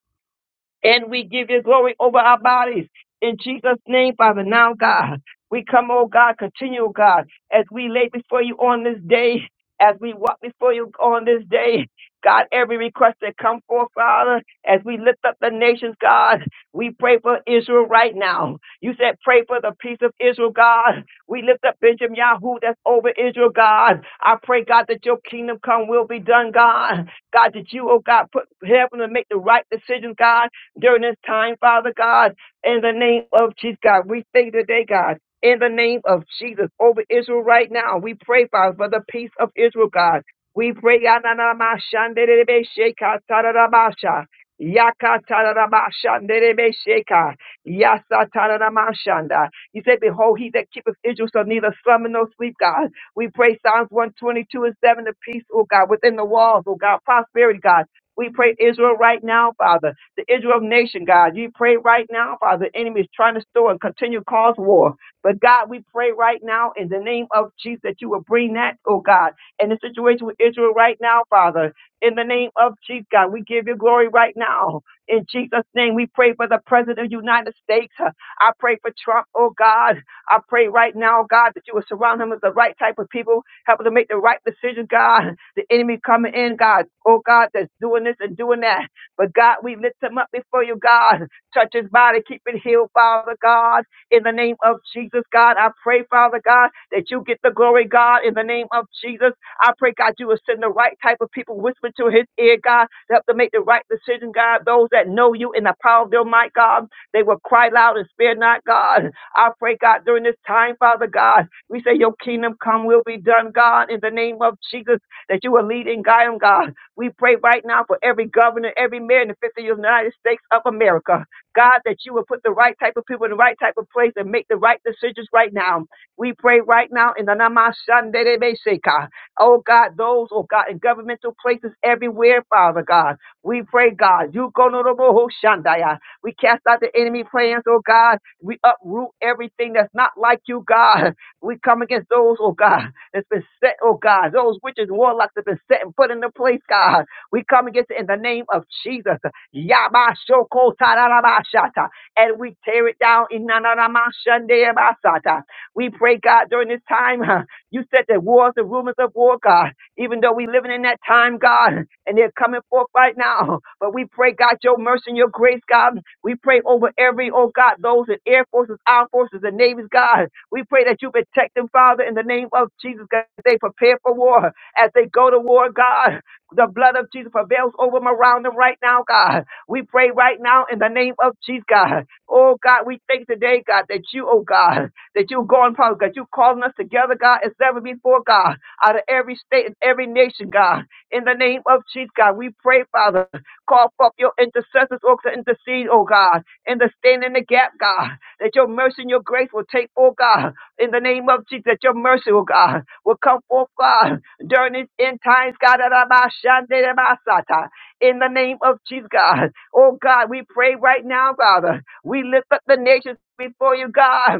And we give you glory over our bodies. In Jesus' name, Father, now, God, we come, oh God, continue, oh God, as we lay before you on this day, as we walk before you on this day. God, every request that come forth, Father, as we lift up the nations, God, we pray for Israel right now. You said, pray for the peace of Israel, God. We lift up Benjamin Yahoo that's over Israel, God. I pray, God, that your kingdom come will be done, God. God, that you, oh God, put heaven to make the right decisions, God during this time, Father God, in the name of Jesus, God. We thank you today, God. In the name of Jesus, over Israel right now, we pray, Father, for the peace of Israel, God. We pray, Yananamashanderebeshekatarabasha, Yakatarabashanderebesheka, Yasatarabashanda. You said, Behold, he that keepeth Israel shall neither slumber nor sleep, God. We pray Psalms 122 and 7, the peace, oh God, within the walls, oh God, prosperity, God. We pray Israel right now, Father the Israel nation, God. You pray right now, Father. The enemy is trying to store and continue to cause war. But God, we pray right now in the name of Jesus that you will bring that, oh God, in the situation with Israel right now, Father. In the name of Jesus, God, we give you glory right now. In Jesus' name, we pray for the President of the United States. I pray for Trump, oh God. I pray right now, God, that you will surround him with the right type of people, help him to make the right decision, God. The enemy coming in, God, oh God, that's doing this and doing that. But God, we lift him up before you, God. Touch his body, keep it healed, Father God. In the name of Jesus, God, I pray, Father God, that you get the glory, God, in the name of Jesus. I pray, God, you will send the right type of people whisper to his ear, God, to help to make the right decision, God. Those that know you in the power of their might, God, they will cry loud and spare not, God. I pray, God, during this time, Father God, we say your kingdom come will be done, God, in the name of Jesus, that you will lead and guide them, God. We pray right now for every governor, every mayor in the 50 United States of America. God, that you will put the right type of people in the right type of place and make the right decisions right now. We pray right now in the Namashandebeseka. Oh God, those, oh God, in governmental places everywhere, Father God. We pray, God, you go no more shandaya. We cast out the enemy plans, oh God. We uproot everything that's not like you, God. We come against those, oh God, that's been set, oh God, those witches, and warlocks that have been set and put into place, God. We come against it in the name of Jesus. Yabashokotarabashata. And we tear it down. Inanaramashandeabasata. We pray, God, during this time, huh, you said that wars and rumors of war, God even though we living in that time, God, and they're coming forth right now. But we pray, God, your mercy and your grace, God. We pray over every, oh God, those in Air Forces, Armed Forces, and Navies, God. We pray that you protect them, Father, in the name of Jesus, God, as they prepare for war, as they go to war, God. The blood of Jesus prevails over them around them right now, God. We pray right now in the name of Jesus, God. Oh, God, we thank today, God, that you, oh, God, that you going public, God, you calling us together, God, as never before, God, out of every state and every nation, God. In the name of Jesus, God, we pray, Father, call forth your intercessors, oh, to intercede, oh, God, and to stand in the gap, God, that your mercy and your grace will take, oh, God in the name of Jesus, that your mercy, oh God, will come forth, God, during these end times, God, that I might shine, that I might sata. in the name of Jesus, God. Oh God, we pray right now, Father. We lift up the nations before you, God.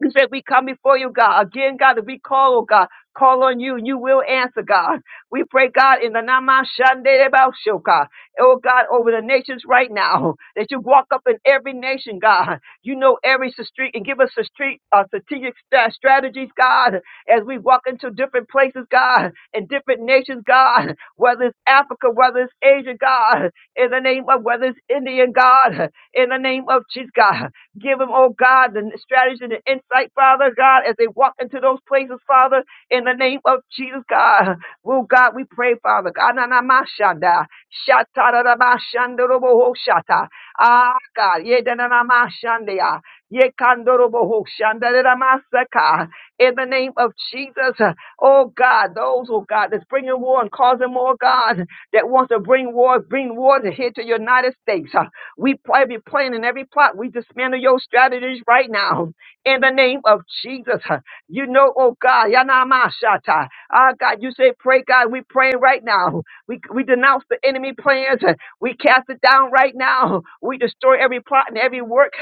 You said we come before you, God. Again, God, if we call, oh God, call on you, you will answer, God. We pray, God, in the Nama Shande Bausho, God. Oh God, over the nations right now, that you walk up in every nation, God. You know every street and give us a street uh, strategic sta- strategies, God, as we walk into different places, God, and different nations, God, whether it's Africa, whether it's Asia, God, in the name of whether it's Indian, God, in the name of Jesus, God. Give them, oh God, the strategy and the insight, Father God, as they walk into those places, Father, in the name of Jesus, God. Oh God, we pray, Father God. na na ma shanda, shata da da ba shanda ro bo ho shata. Ah, God. Ye da na na ma shanda ya. Ye kando ro bo ho shanda da da ma saka. In the name of Jesus, oh God, those, oh God, that's bringing war and causing more, God, that wants to bring war, bring war to here to United States. We pray every plan and every plot. We dismantle your strategies right now in the name of Jesus. You know, oh God, Yanamashata. Ah, God, you say, pray, God. We pray right now. We, we denounce the enemy plans. We cast it down right now. We destroy every plot and every work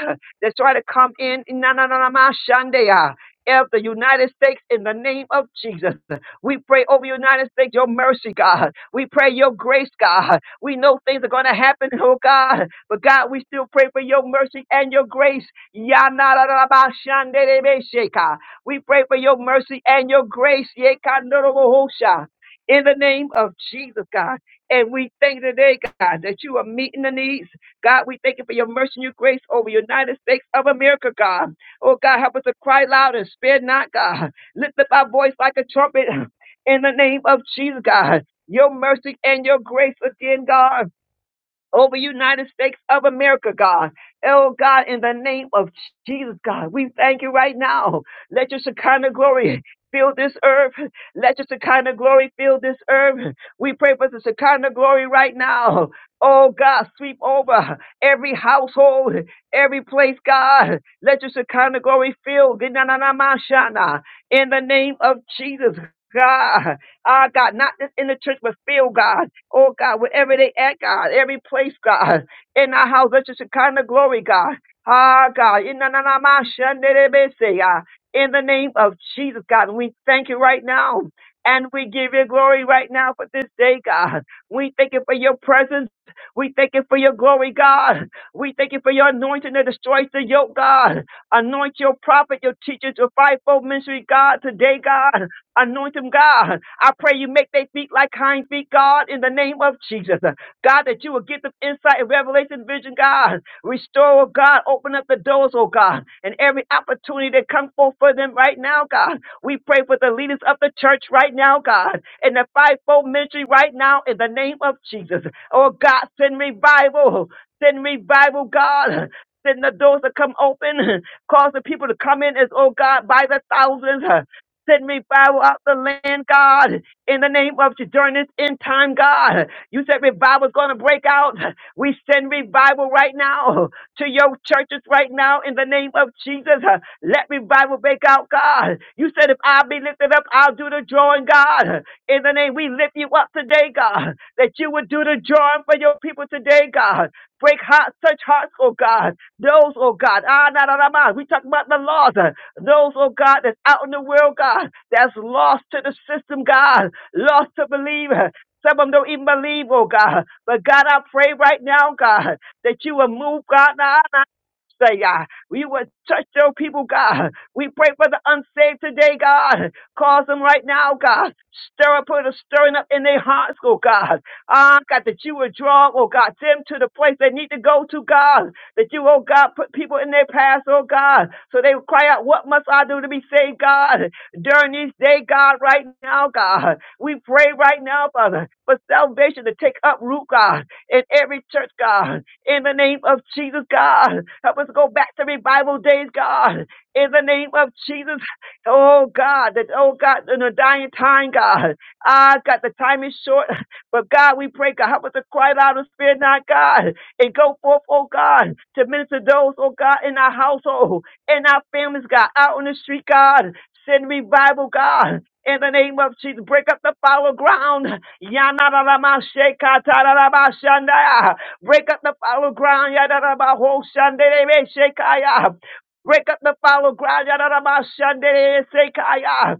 that try to come in. Na na na na ma shandaya. Of the United States in the name of Jesus. We pray over the United States, your mercy, God. We pray your grace, God. We know things are going to happen, oh God. But God, we still pray for your mercy and your grace. Yanarabashanderebesheka. We pray for your mercy and your grace. Yekandorobohosha. In the name of Jesus, God. And we thank you today, God, that you are meeting the needs. God, we thank you for your mercy and your grace over the United States of America, God. Oh, God, help us to cry loud and spare not, God. Lift up our voice like a trumpet in the name of Jesus, God. Your mercy and your grace again, God over United States of America, God. Oh, God, in the name of Jesus, God, we thank you right now. Let your Shekinah glory fill this earth. Let your Shekinah glory fill this earth. We pray for the Shekinah glory right now. Oh, God, sweep over every household, every place, God. Let your Shekinah glory fill. In the name of Jesus, God. Ah, God, not just in the church, but fill, God. Oh God, wherever they at, God, every place, God, in our house, let just a kind of glory, God. Ah, God, in the na- na- ma- shun- de- de- be- say, ah, in the name of Jesus, God, we thank you right now. And we give you glory right now for this day, God. We thank you for your presence. We thank you for your glory, God. We thank you for your anointing that destroys the yoke, God. Anoint your prophet, your teachers, your fivefold ministry, God, today, God. Anoint them, God. I pray you make their feet like hind feet, God, in the name of Jesus. God, that you will give them insight and revelation, vision, God. Restore, oh God. Open up the doors, oh God. And every opportunity that comes forth for them right now, God. We pray for the leaders of the church right now, God. And the fivefold ministry right now, in the name of Jesus. Oh God, send revival. Send revival, God. Send the doors to come open. Cause the people to come in as, oh God, by the thousands. Send revival out the land, God, in the name of Jesus during this end time, God. You said revival's going to break out. We send revival right now to your churches right now in the name of Jesus. Let revival break out, God. You said if I be lifted up, I'll do the drawing, God. In the name, we lift you up today, God, that you would do the drawing for your people today, God. Break hearts, such hearts, oh God. Those, oh God. Ah, na, na, na, na. We talk about the laws. Those, oh God, that's out in the world, God, that's lost to the system, God, lost to believe. Some of them don't even believe, oh God. But God, I pray right now, God, that you will move, God. now Say, God, we would touch your people, God. We pray for the unsaved today, God. Cause them right now, God. Stir up, put a stirring up in their hearts, oh God. Ah, God, that you would draw, oh God, them to the place they need to go to, God. That you, oh God, put people in their path, oh God. So they would cry out, what must I do to be saved, God? During this day, God, right now, God. We pray right now, Father, for salvation to take up root, God in every church, God. In the name of Jesus, God. Help us go back to revival days, God. In the name of Jesus, oh God, that oh God, in the dying time, God. Ah, God, the time is short, but God, we pray, God, help us to cry out and fear not, God, and go forth, oh God, to minister those, oh God, in our household, in our families, God, out on the street, God. Send revival, God in the name of Jesus. Break up the fallow ground. Yanarabashekatarabashandaya. Break up the fallow ground. Yadarabahoshanderebeshekaya. Break up the fallow ground. Yadarabashanderebesekaya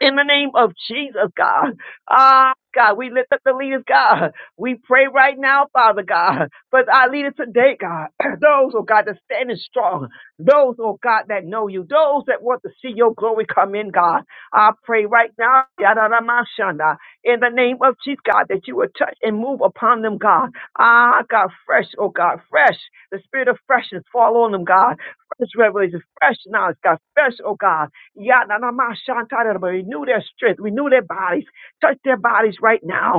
in the name of Jesus, God. Ah, God, we lift up the leaders, God. We pray right now, Father God, for our leaders today, God. <clears throat> Those, oh God, that stand is strong. Those, oh God, that know you. Those that want to see your glory come in, God. I pray right now, yadadamashanda, in the name of Jesus, God, that you would touch and move upon them, God. Ah, God, fresh, oh God, fresh. The spirit of freshness fall on them, God. Fresh revelation, fresh knowledge, God. Fresh, oh God. Yananamashantarabba. Renew their strength. Renew their bodies. Touch their bodies right now.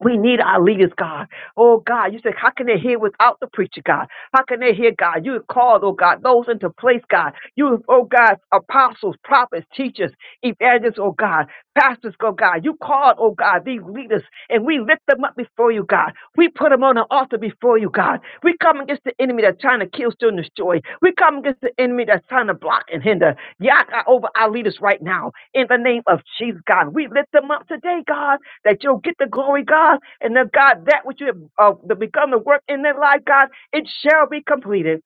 We need our leaders, God. Oh, God, you said, how can they hear without the preacher, God? How can they hear, God? You called, oh, God, those into place, God. You, oh, God, apostles, prophets, teachers, evangelists, oh, God, pastors, oh, God. You called, oh, God, these leaders, and we lift them up before you, God. We put them on the altar before you, God. We come against the enemy that's trying to kill, steal, and destroy. We come against the enemy that's trying to block and hinder. Yaka over our leaders right now. In the name of Jesus, God, we lift them up today, God that you'll get the glory, God, and the God, that which you have uh, become the work in their life, God, it shall be completed.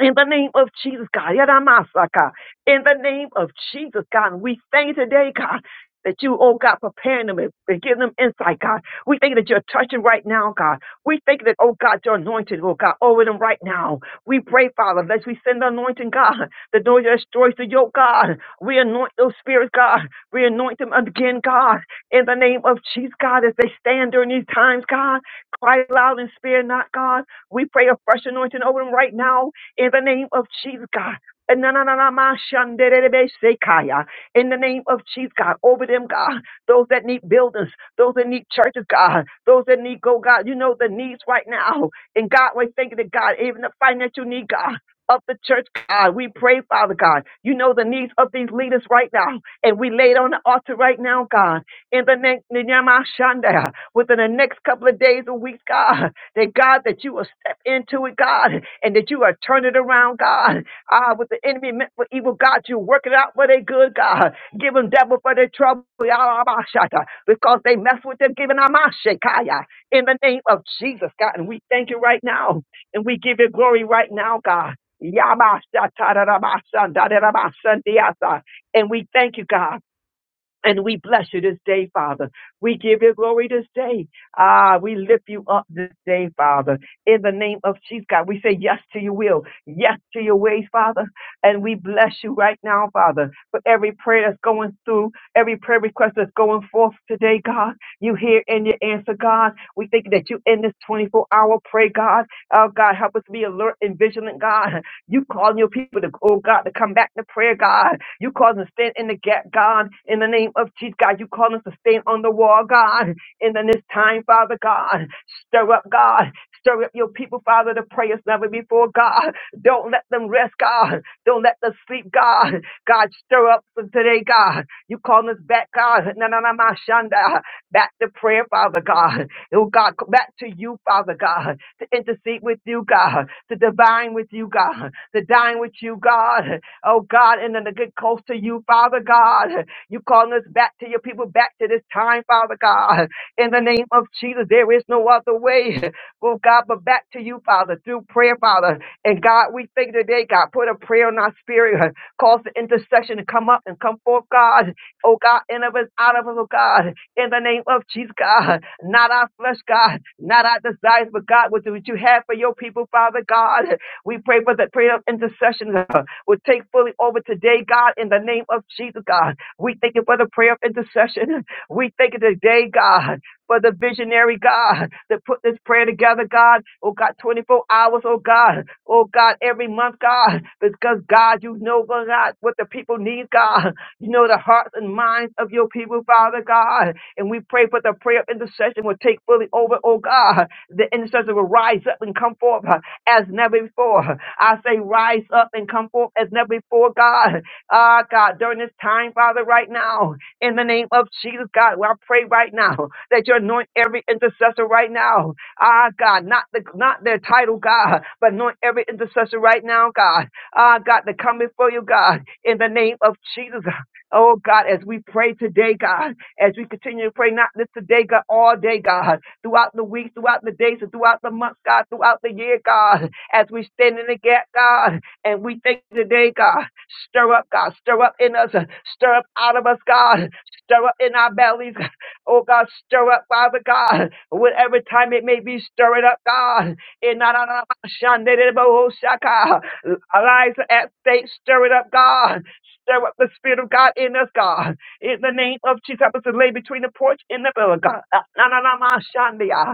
In the name of Jesus, God. Yadamasa, God. In the name of Jesus, God. And we thank you today, God, that you, oh God, preparing them and and giving them insight, God. We thank you that you're touching right now, God. We thank you that, oh God, you're anointed, oh God, over them right now. We pray, Father, that we send the anointing, God, the door that destroys the yoke, God. We anoint those spirits, God. We anoint them again, God. In the name of Jesus, God, as they stand during these times, God. Cry loud and spare not, God. We pray a fresh anointing over them right now in the name of Jesus, God. In the name of Jesus, God, over them, God, those that need buildings, those that need churches, God, those that need go, God, you know the needs right now. And God, we thank you, that God, even the financial need, God, of the church, God, we pray, Father God, you know the needs of these leaders right now, and we lay it on the altar right now, God, in the name, with in the name of within the next couple of days or weeks, God, that God, that you will step into it, God, and that you are turning it around, God. Ah, with the enemy meant for evil, God, you work it out for their good, God. Give them devil for their trouble, Yah, Rabba, Shatta, because they mess with them, giving Amashekaya in the name of Jesus, God. And we thank you right now, and we give you glory right now, God. Yabba, Shatta, da, da, ba Shanda, da, da, ba Shandiasa. And we thank you, God. And we bless you this day, Father. We give you glory this day. Ah, we lift you up this day, Father. In the name of Jesus, God, we say yes to your will, yes to your ways, Father. And we bless you right now, Father, for every prayer that's going through, every prayer request that's going forth today, God. You hear and you answer, God. We thank you that you in this 24 hour pray, God. Oh, God, help us be alert and vigilant, God. You calling your people to, oh God, to come back to prayer, God. You calling to stand in the gap, God, in the name of Jesus, God. You calling us to stand on the wall, God, in the- this time, Father God. Stir up, God. Stir up your people, Father, to pray as never before, God. Don't let them rest, God. Don't let them sleep, God. God, stir up for today, God. You calling us back, God. Na na na, ma shanda. Back to prayer, Father God. Oh God, back to you, Father God to intercede with you, God, to divine with you, God, to dine with you, God. Oh, God, and then to get close to you, Father God. You calling us back to your people, back to this time, Father God. In the name of Jesus, there is no other way, oh, God, but back to you, Father, through prayer, Father. And God, we thank you today, God, put a prayer in our spirit, cause the intercession to come up and come forth, God oh God, in of us, out of us, oh God, in the name of Jesus, God, not our flesh, God, not our desires, but God, what what you have for your people, Father God. We pray for the prayer of intercession uh, will take fully over today, God, in the name of Jesus, God. We thank you for the prayer of intercession. We thank you today, God, for the visionary, God, that put this prayer together, God. Oh, God, 24 hours, oh, God. Oh, God, every month, God, because, God, you know, God, what the people need, God. You know the hearts and minds of your people, Father God. And we pray for the prayer of intercession will take fully over, oh God. The intercessor will rise up and come forth uh, as never before. I say rise up and come forth as never before, God. Ah, God, during this time, Father, right now, in the name of Jesus, God, well, I pray right now that you anoint every intercessor right now. Ah, God, not the not their title, God, but anoint every intercessor right now, God. Ah, God, to come before you, God, in the name of Jesus. Oh God, as we pray today, God, as we continue to pray, not just today, God, all day, God, throughout the weeks, throughout the days, and throughout the months, God, throughout the year, God, as we stand in the gap, God, and we thank you today, God, stir up, God, stir up in us, stir up out of us, God, stir up in our bellies, oh God, stir up, Father God, whatever time it may be, stir it up, God, in our lives are at stake, stir it up, God, Stir up the Spirit of God in us, God. In the name of Jesus, help us to lay between the porch and the pillar, God. Ah, na, na, na, ma, shandia.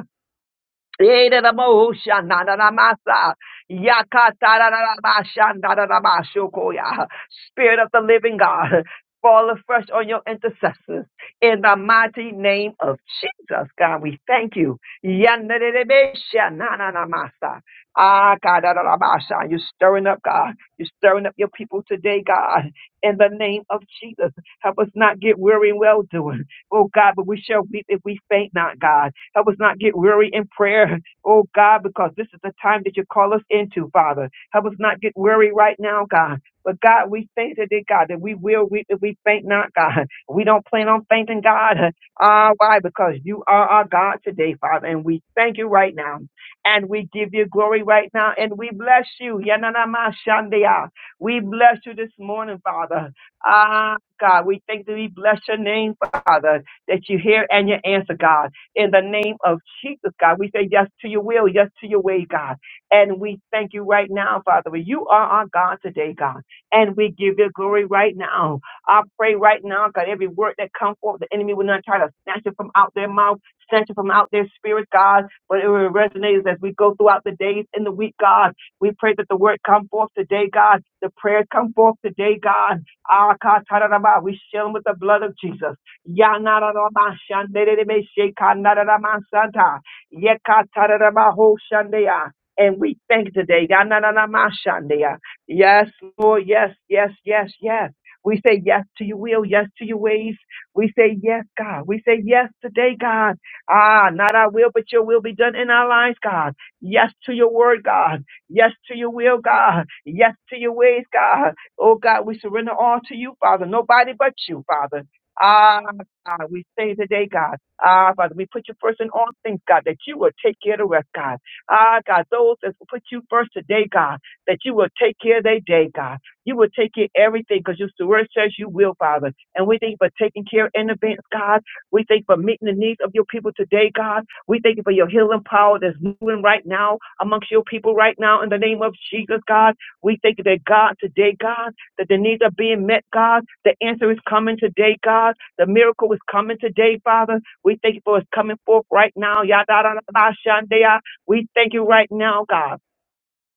Yedadabaoshanadadamasa. Yakatararabashanadadamashokoya. Spirit of the living God, fall afresh on your intercessors in the mighty name of Jesus. God, we thank you. Yanadadabeshananamasa. Akadarabasha. You're stirring up, God. You're stirring up your people today, God, in the name of Jesus. Help us not get weary in well doing. Oh, God, but we shall weep if we faint not, God. Help us not get weary in prayer, oh God, because this is the time that you call us into, Father. Help us not get weary right now, God. But God, we thank you today, God, that we will reap if we faint not, God. We don't plan on fainting, God. Ah, why? Because you are our God today, Father, and we thank you right now. And we give you glory right now, and we bless you. Yananama shandeya. We bless you this morning, Father. Ah, God, we thank that we bless your name, Father, that you hear and you answer, God in the name of Jesus, God. We say yes to your will, yes to your way, God. And we thank you right now, Father. You are our God today, God. And we give you glory right now. I pray right now, God, every word that comes forth, the enemy will not try to snatch it from out their mouth, snatch it from out their spirit, God, but it will resonate as we go throughout the days and the week, God. We pray that the word come forth today, God. The prayers come forth today, God. Ah, ka, ta, da, da, ba. We seal them with the blood of Jesus. Yanarabashanderebeshekanaramashata. Yekatarabahoshandea. And we thank today. Yanaramashandea. Yes, Lord. Yes, yes, yes, yes. We say yes to your will, yes to your ways. We say yes, God. We say yes today, God. Ah, not our will, but your will be done in our lives, God. Yes to your word, God. Yes to your will, God. Yes to your ways, God. Oh, God, we surrender all to you, Father. Nobody but you, Father. Ah, God, we say today, God. Ah, Father, we put you first in all things, God, that you will take care of the rest, God. Ah, God, those that will put you first today, God, that you will take care of their day, God. You will take care of everything because your word says you will, Father. And we thank you for taking care in advance, God. We thank you for meeting the needs of your people today, God. We thank you for your healing power that's moving right now amongst your people right now in the name of Jesus, God. We thank you that, God, today, God that the needs are being met, God. The answer is coming today, God. The miracle is coming today, Father. We thank you for it's coming forth right now. Yada, da, da, da, shandaya. We thank you right now, God.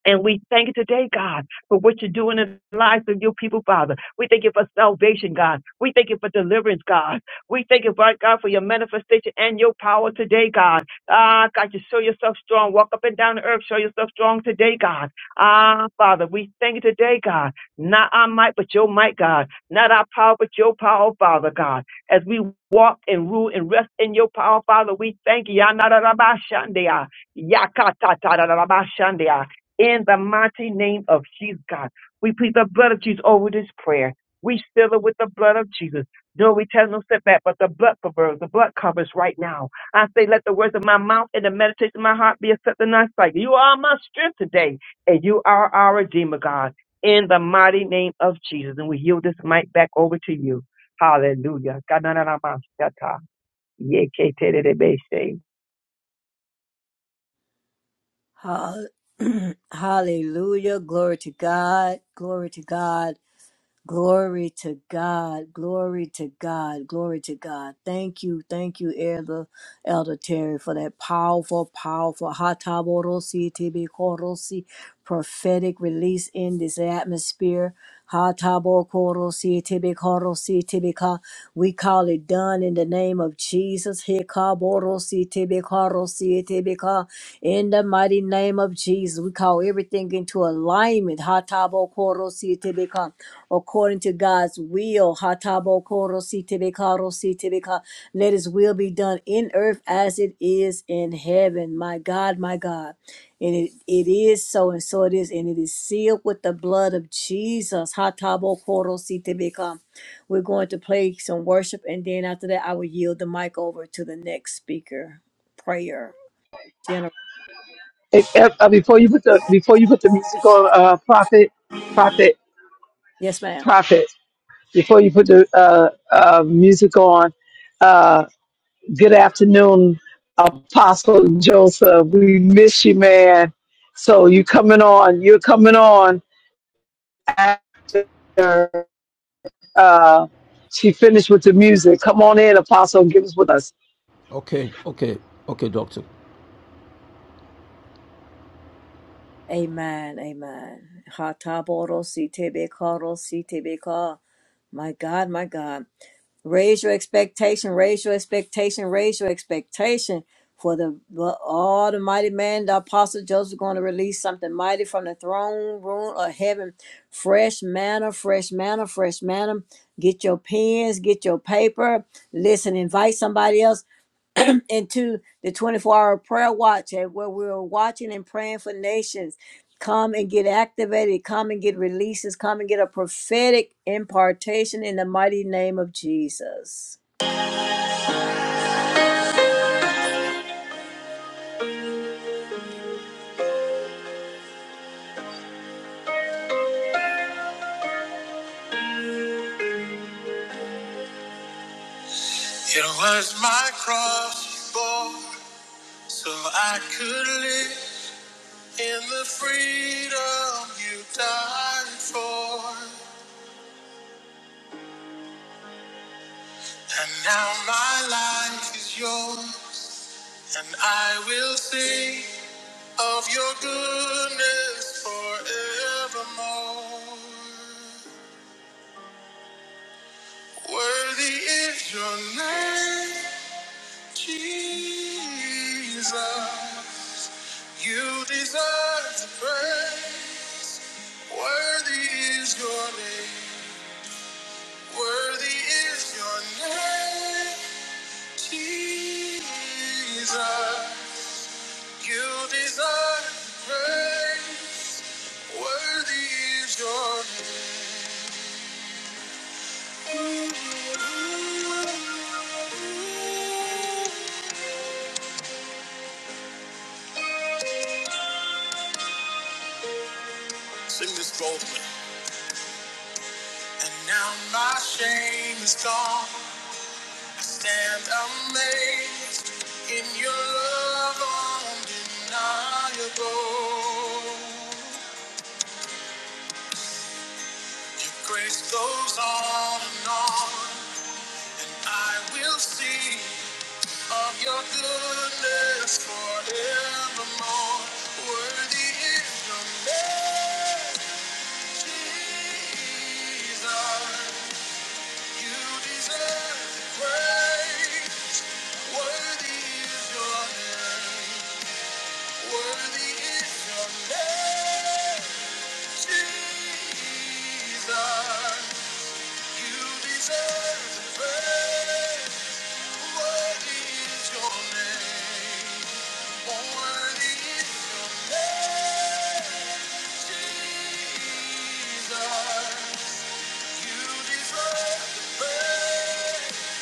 And we thank you today, God, for what you're doing in the lives of your people, Father. We thank you for salvation, God. We thank you for deliverance, God. We thank you, Lord God, for your manifestation and your power today, God. Ah, God, you show yourself strong. Walk up and down the earth. Show yourself strong today, God. Ah, Father, we thank you today, God. Not our might, but your might, God. Not our power, but your power, Father, God. As we walk and rule and rest in your power, Father, we thank you. Yanarabashandia. Yakatatarabashandia in the mighty name of Jesus, God. We plead the blood of Jesus over this prayer. We seal it with the blood of Jesus. No return, no setback, but the blood covers, the blood covers right now. I say, let the words of my mouth and the meditation of my heart be accepted in thy sight. You are my strength today, and you are our Redeemer, God, in the mighty name of Jesus. And we yield this mic back over to you. Hallelujah.
Hall- <clears throat> Hallelujah. Glory to God. Glory to God. Glory to God. Glory to God. Glory to God. Thank you. Thank you, Elder, Elder Terry, for that powerful, powerful Hataborosi Tibi Korosi prophetic release in this atmosphere. Hatabokorosi Tibi Korosi Tibi Ka. We call it done in the name of Jesus. Hikaborosi Tibi Korosi in the mighty name of Jesus, we call everything into alignment. Hatabo koro sitebeka. According to God's will. Hatabo koro sitebeka ro sitebeka. Let his will be done in earth as it is in heaven. My God, my God. And it, it is so, and so it is, and it is sealed with the blood of Jesus. Hatabo koro sitebeka. We're going to play some worship, and then after that, I will yield the mic over to the next speaker. Prayer. General.
If, if, uh, before you put the before you put the music on, uh, prophet, prophet,
Yes, ma'am.
prophet. Before you put the uh, uh, music on, uh, good afternoon, Apostle Joseph. We miss you, man. So you coming on? You're coming on after uh, she finished with the music. Come on in, Apostle, and give us with us.
Okay, okay, okay, doctor.
Amen. Amen. Hataboro sitebekaro sitebeka. My God, my God. Raise your expectation, raise your expectation, raise your expectation for the for all the mighty man, the apostle Joseph going to release something mighty from the throne room of heaven. Fresh manna, fresh manna, fresh manna. Get your pens, get your paper. Listen, invite somebody else into the 24 hour prayer watch and where we were watching and praying for nations. Come and get activated. Come and get releases. Come and get a prophetic impartation in the mighty name of Jesus. It was my cross you bore so I could live in the freedom you died for. And now my life is yours. And I will sing of your goodness forevermore. Worthy is your name, Jesus. You deserve the praise. Worthy is your name. Worthy is your name, Jesus. You deserve praise. Worthy is your name. Sing this boldly. And now my shame is gone. I stand amazed in your love undeniable. Your grace goes on and on. I will see of your goodness forevermore. Worthy is your name, Jesus. You deserve the praise. Worthy is your name. Worthy is your name, Jesus. You deserve the praise. Worthy is your name. Worthy is your name, Jesus. You deserve the praise.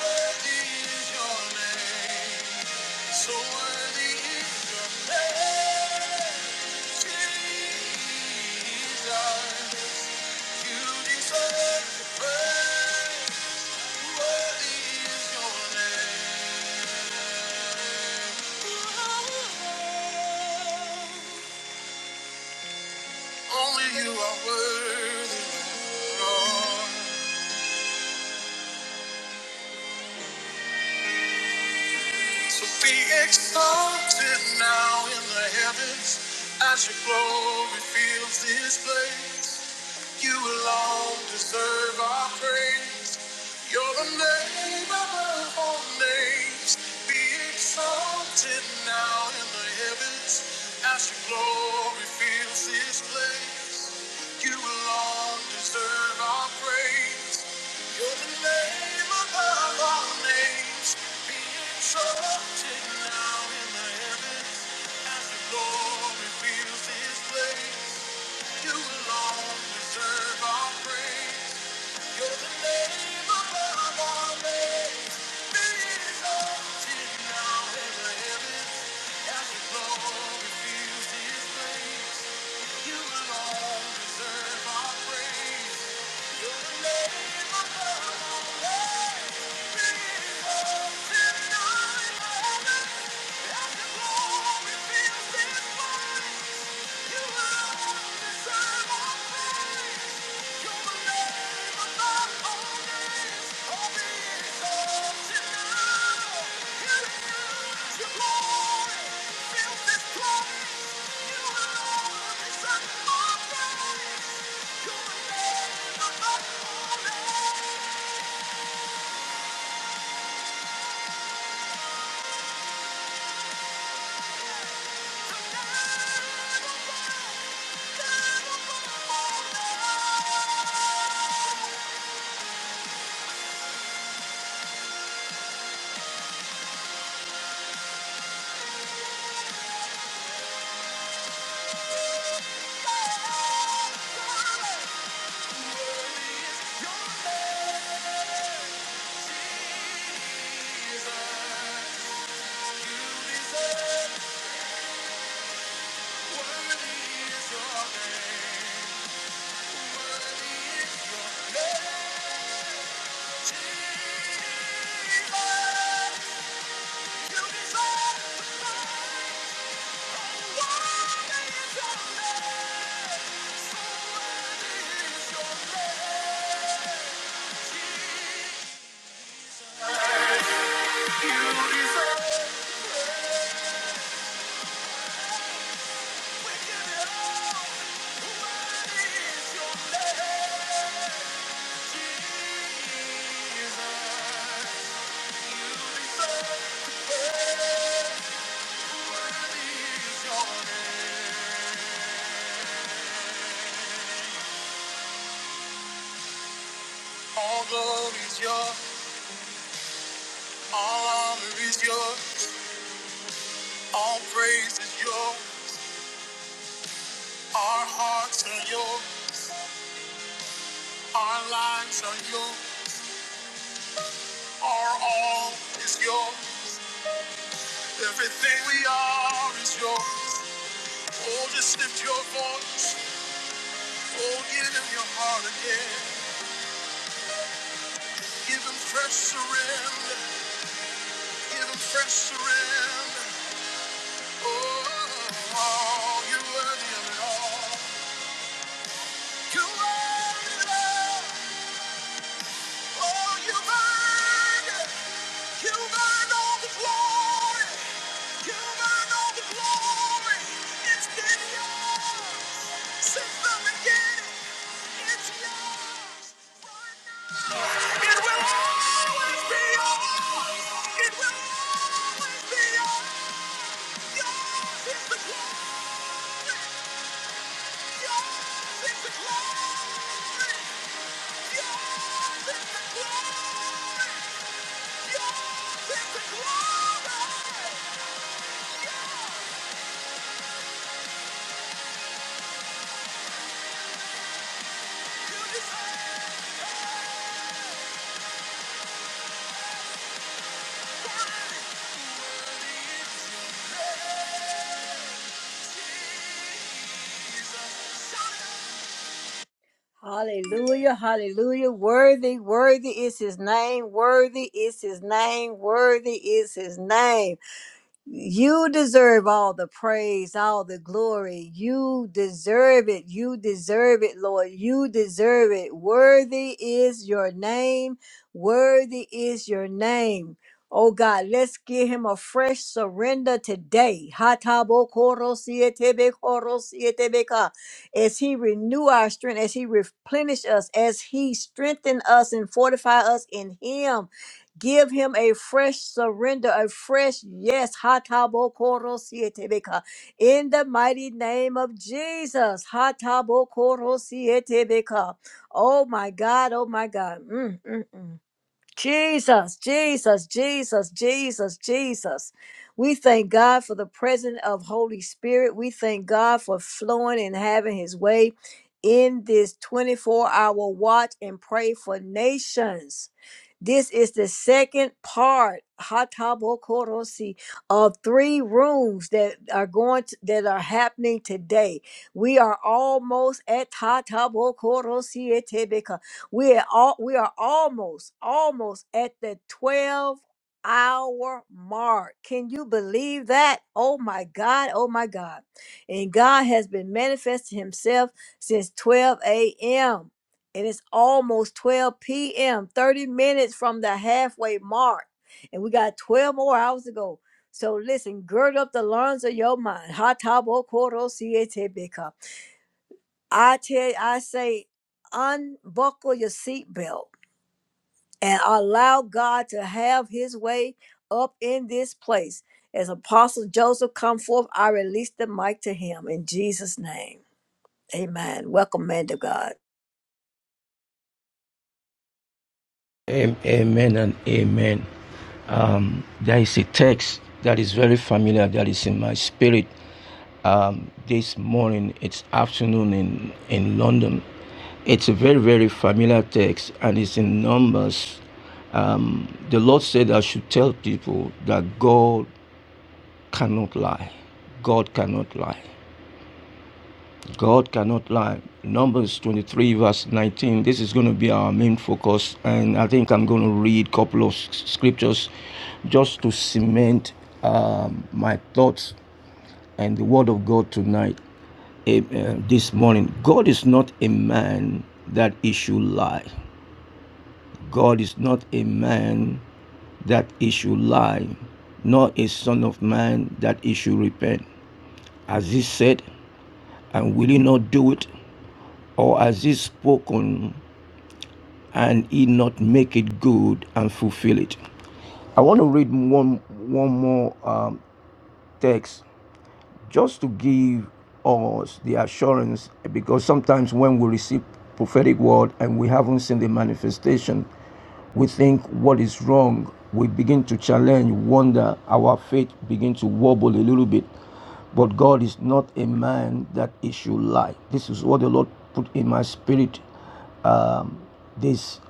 Worthy is your name. So worthy is your name. Jesus, you deserve the praise. Worthy is your name. Only you are worthy, So be exalted now in the heavens as your glory fills this place. You alone deserve our praise. You're the name above all names. Be exalted now in the heavens as your glory fills this place. You alone deserve our praise. You're the name above all names. Be exalted now in the heavens as your glory fills this place. You alone deserve our praise. You're the name above all names. Exalted now in the heavens, as the glory fills this place. You alone Thank you. Your name. You deserve. it. All glory is yours, all honor is yours, all praise is yours, our hearts are yours, our lives are yours, our all is yours, everything we are is yours. Oh, just lift your voice. Oh, give him your heart again. Give him fresh surrender. Give him fresh surrender. Oh, you're worthy of it all. You're worthy it all. Oh, you've earned it. You've earned all the glory. You've earned all the glory. It's been yours since the beginning. It's yours right now. It will always be your voice. It will always be yours. Yours is the glory. Yours is the glory. Yours is the glory. Yours is the glory. You deserve it. Jesus. Shout it out. Hallelujah, hallelujah. Worthy, worthy is his name. Worthy is his name. Worthy is his name. You deserve all the praise, all the glory. You deserve it. You deserve it, Lord. You deserve it. Worthy is your name. Worthy is your name. Oh God, let's give him a fresh surrender today. koro sietebe Hatabokorosietebekorosietebeka. As he renew our strength, as he replenish us, as he strengthen us and fortify us in him. Give him a fresh surrender, a fresh yes. Hatabokorosyetebeka. In the mighty name of Jesus. Hatabokorosyetebeka. Oh my God, oh my God. Mm, mm, mm. Jesus, Jesus, Jesus, Jesus, Jesus. We thank God for the presence of Holy Spirit. We thank God for flowing and having his way in this 24 hour watch and pray for nations. This is the second part, Hatabokorosi, of three rooms that are going to, that are happening today. We are almost at Hatabokorosi etebeka. We are all we are almost, almost at the 12 hour mark. Can you believe that? Oh my God, oh my God. And God has been manifesting himself since 12 a.m. It is almost 12 p.m., 30 minutes from the halfway mark. And we got 12 more hours to go. So listen, gird up the loins of your mind. Ha ta bo ko ro si e te be ka. I tell I say, unbuckle your seatbelt and allow God to have his way up in this place. As Apostle Joseph come forth, I release the mic to him in Jesus' name. Amen. Welcome, man to God.
Amen and amen. Um, there is a text that is very familiar that is in my spirit um, this morning, it's afternoon in, in London. It's a very, very familiar text and it's in Numbers. Um, the Lord said, I should tell people that God cannot lie. God cannot lie. God cannot lie. Numbers 23, verse 19. This is going to be our main focus, and I think I'm going to read a couple of scriptures just to cement um, my thoughts and the Word of God tonight, Amen. this morning. God is not a man that he should lie. God is not a man that he should lie, nor a son of man that he should repent. As he said, and will he not do it? Or as he spoken, and he not make it good and fulfill it. I want to read one one more um, text just to give us the assurance because sometimes when we receive prophetic word and we haven't seen the manifestation we think what is wrong we begin to challenge wonder our faith begin to wobble a little bit but god is not a man that he should lie this is what the lord put in my spirit um, this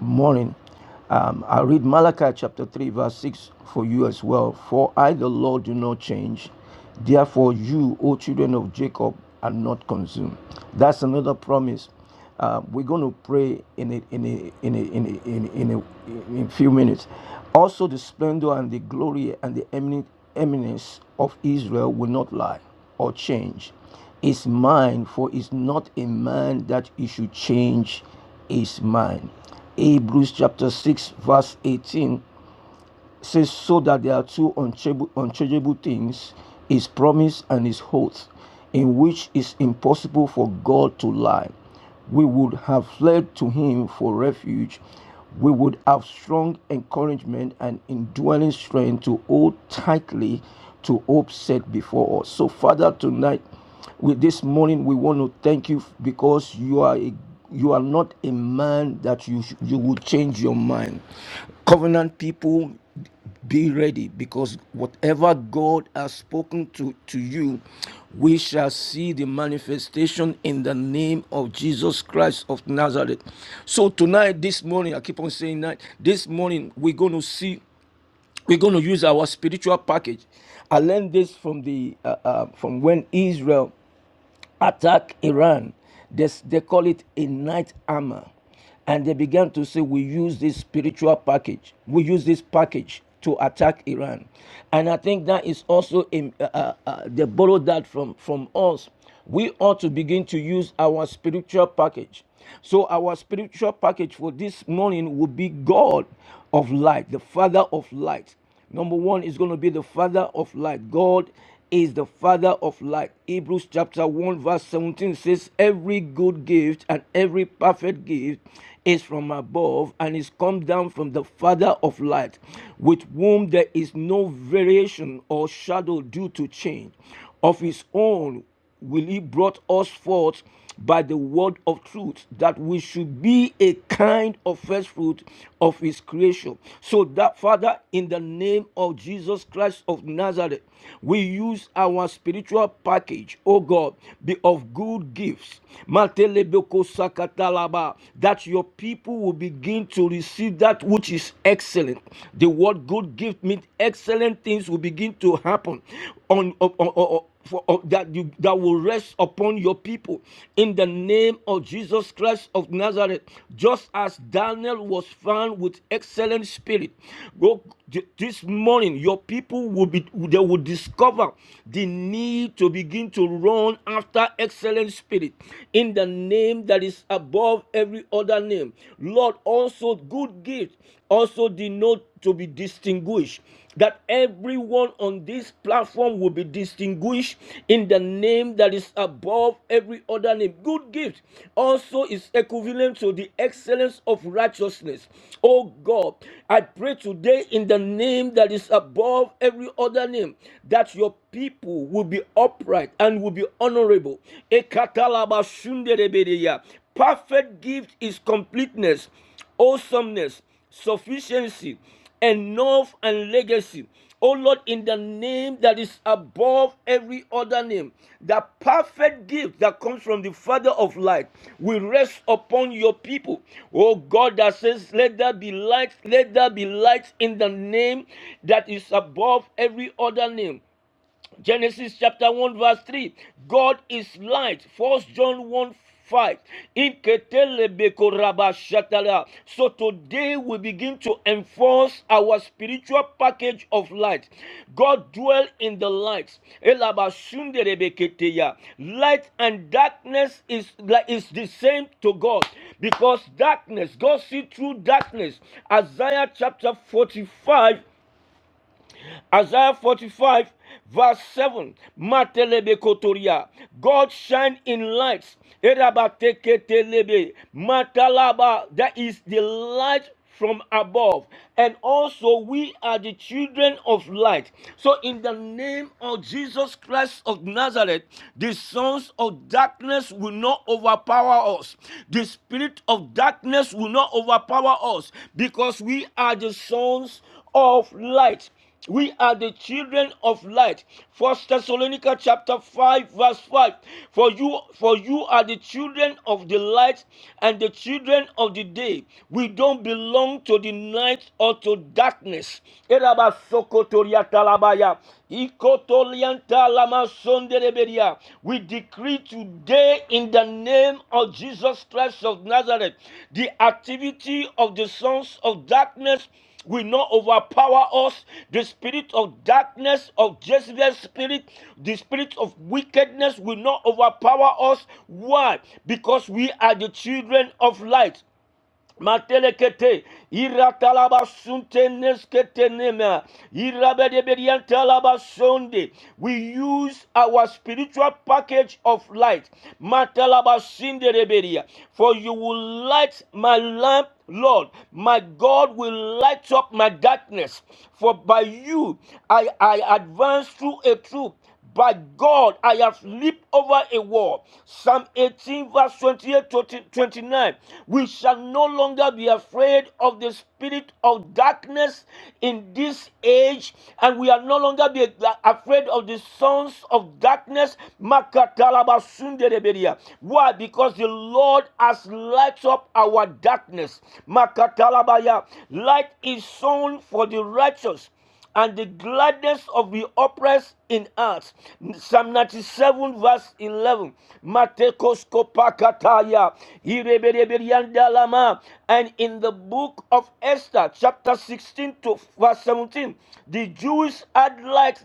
morning um, I'll read Malachi chapter 3, verse 6 for you as well. For I, the Lord, do not change. Therefore, you, O children of Jacob, are not consumed. That's another promise. Uh, we're going to pray in a, in a, in a, in a, in a, in a, in a few minutes. Also, the splendor and the glory and the eminent, eminence of Israel will not lie or change. Is mine, for is not a man that he should change his mind. Hebrews chapter 6, verse 18 says, so that there are two unchangeable, things his promise and his oath, in which is impossible for God to lie. We would have fled to him for refuge. We would have strong encouragement and indwelling strength to hold tightly to hope set before us. So, Father, tonight, with this morning, we want to thank you because you are a you are not a man that you you will change your mind covenant people be ready because whatever God has spoken to, to you, we shall see the manifestation in the name of Jesus Christ of Nazareth. So, tonight, this morning, I keep on saying that this morning we're going to see, we're going to use our spiritual package. I learned this from the uh, uh, from when Israel attack Iran. They they call it a night armor. And they began to say, We use this spiritual package, we use this package to attack Iran. And I think that is also, in, uh, uh, uh, they borrowed that from, from us. We ought to begin to use our spiritual package so our spiritual package for this morning will be God of light, the Father of light. Number one is going to be the Father of light. God is the Father of light. Hebrews chapter 1, verse 17 says, Every good gift and every perfect gift is from above and is come down from the Father of light, with whom there is no variation or shadow due to change. Of his own will he brought us forth by the word of truth, that we should be a kind of first fruit of his creation. So that Father, in the name of Jesus Christ of Nazareth, we use our spiritual package, oh God, be of good gifts. That your people will begin to receive that which is excellent. The word good gift means excellent things will begin to happen on, on, on- on- for, on- that you that will rest upon your people in the name of Jesus Christ of Nazareth. Just as Daniel was found with excellent spirit, go- this morning your people will be they will discover the need to begin to run after excellent spirit in the name that is above every other name. Lord, also good gift also denote to be distinguished. That everyone on this platform will be distinguished in the name that is above every other name. Good gift also is equivalent to the excellence of righteousness. Oh God, I pray today in the name that is above every other name that your people will be upright and will be honorable. Ekatalabashunderebedeya. Perfect gift is completeness, awesomeness, sufficiency, and north and legacy. Oh Lord, in the name that is above every other name, the perfect gift that comes from the Father of light will rest upon your people. Oh God, that says, Let there be light, let there be light in the name that is above every other name. Genesis chapter 1, verse 3. God is light. First John 1 5. So today we begin to enforce our spiritual package of light. God dwells in the light. Light and darkness is, like- is the same to God because darkness, God see through darkness. Isaiah chapter 45 Isaiah 45, verse 7. Matelebekotoria. God shine in lights. Erabateketelebe. Matalaba. That is the light from above. And also, we are the children of light. So, in the name of Jesus Christ of Nazareth, the sons of darkness will not overpower us. The spirit of darkness will not overpower us because we are the sons of light. We are the children of light. First Thessalonica chapter 5, verse 5. For you, for you are the children of the light and the children of the day. We don't belong to the night or to darkness. We decree today in the name of Jesus Christ of Nazareth the activity of the sons of darkness will not overpower us. The spirit of darkness, of Jezebel's spirit, the spirit of wickedness will not overpower us. Why? Because we are the children of light. Matelekete, iratalabasunte neskete nema, irabedebediantalabasunde. We use our spiritual package of light. Matalabasinderebedia. For you will light my lamp, Lord. My God will light up my darkness. For by you I, I advance through a troop. By God, I have leaped over a wall. Psalm 18, verse 28 to 29. We shall no longer be afraid of the spirit of darkness in this age, and we are no longer be afraid of the sons of darkness. Why? Because the Lord has lighted up our darkness. Light is sown for the righteous and the gladness of the oppressed in heart. Psalm 97, verse 11. Matekoskopakataya, irebereberiandalama. And in the book of Esther, chapter 16 to verse 17, the Jews had liked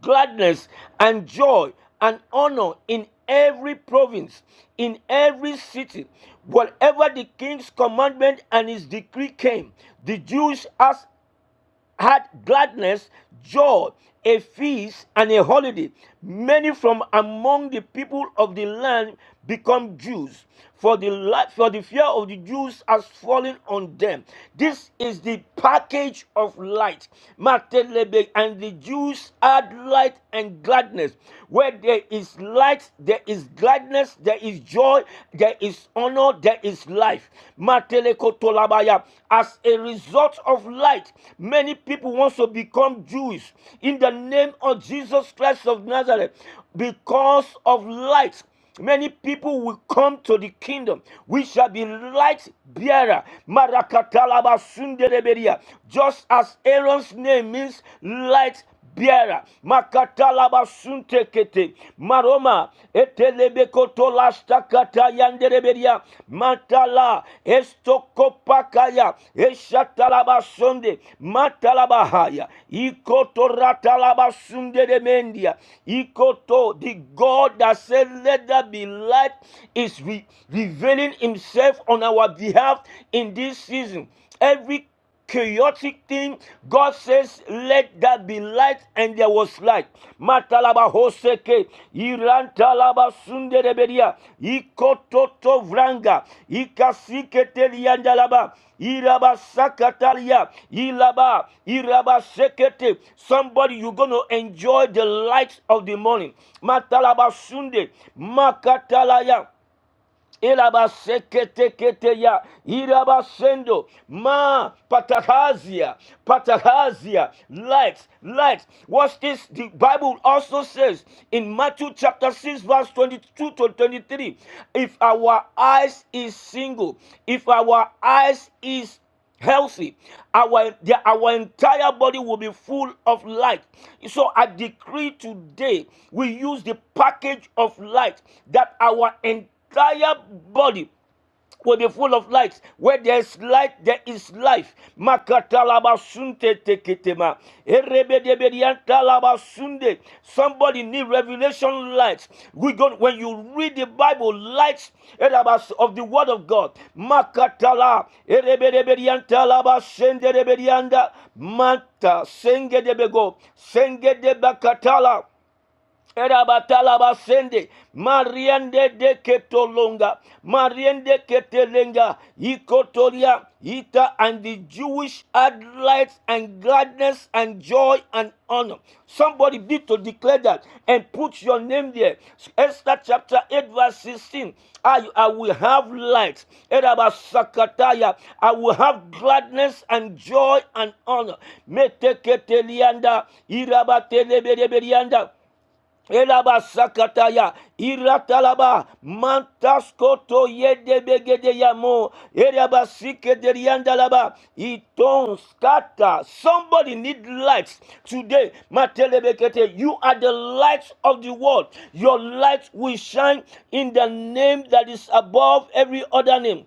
gladness and joy and honor in every province, in every city. Whatever the king's commandment and his decree came, the Jews asked had gladness, joy, a feast, and a holiday. Many from among the people of the land become Jews, for the, for the fear of the Jews has fallen on them. This is the package of light. Matelebe, And the Jews add light and gladness. Where there is light, there is gladness, there is joy, there is honor, Lord, there is life. Matele-kotolabaya. As a result of light, many people want to become Jews in the name of Jesus Christ of Nazareth because of light. Many people will come to the kingdom. We shall be light bearer. Marakatalaba sundereberia. Just as Aaron's name means light biera makatalaba kete maroma etelebe etelebekotolashtakata yandereberia matala estokopakaya eshatalabasonde matalabahaya ikotoratalabasunderemendia ikoto ratala basunde de mendia ikoto. the god that said let there be light is re- revealing himself on our behalf in this season every chaotic thing, God says, Let there be light, and there was light. Matalaba hoseke, irantalaba sunderebedia, ikototo vranga, ikasiketeriandalaba, iraba sakatalia, ilaba, iraba sekete. Somebody, you're going to enjoy the light of the morning. Matalaba sunde, makatalaya. Elabaseketeketeya, irabasendo, ma, patahazia, patahazia, light, light. Watch this. The Bible also says in Matthew chapter 6, verse 22 to 23, if our eyes is single, if our eyes is healthy our the, our entire body will be full of light so i decree today we use the package of light that our entire body will be full of light. Where there is light, there is life. Makatalabasунte teketema. Erebedebediantalabasunde. Somebody need revelation light. We go when you read the Bible, light erabas- of the Word of God. Makatala erebedebediantalabasende rebedianda. manta senge debego senge debakatala. Erabatalabasende, Mariende de Ketolonga, Mariende Ketelenga, Ikotoria, Ita, and the Jewish had light and gladness and joy and honor. Somebody need to declare that and put your name there. Esther chapter 8, verse 16. I, I will have light. Erabasakataya. I will have gladness and joy and honor. Meteketelianda, Irabatelebereberianda. Elaba sakataya iratalaba mantaskoto yedebegede yamo eraba sikederiandalaba iton skata. Somebody need lights today. Matelebekete, you are the lights of the world. Your light will shine in the name that is above every other name.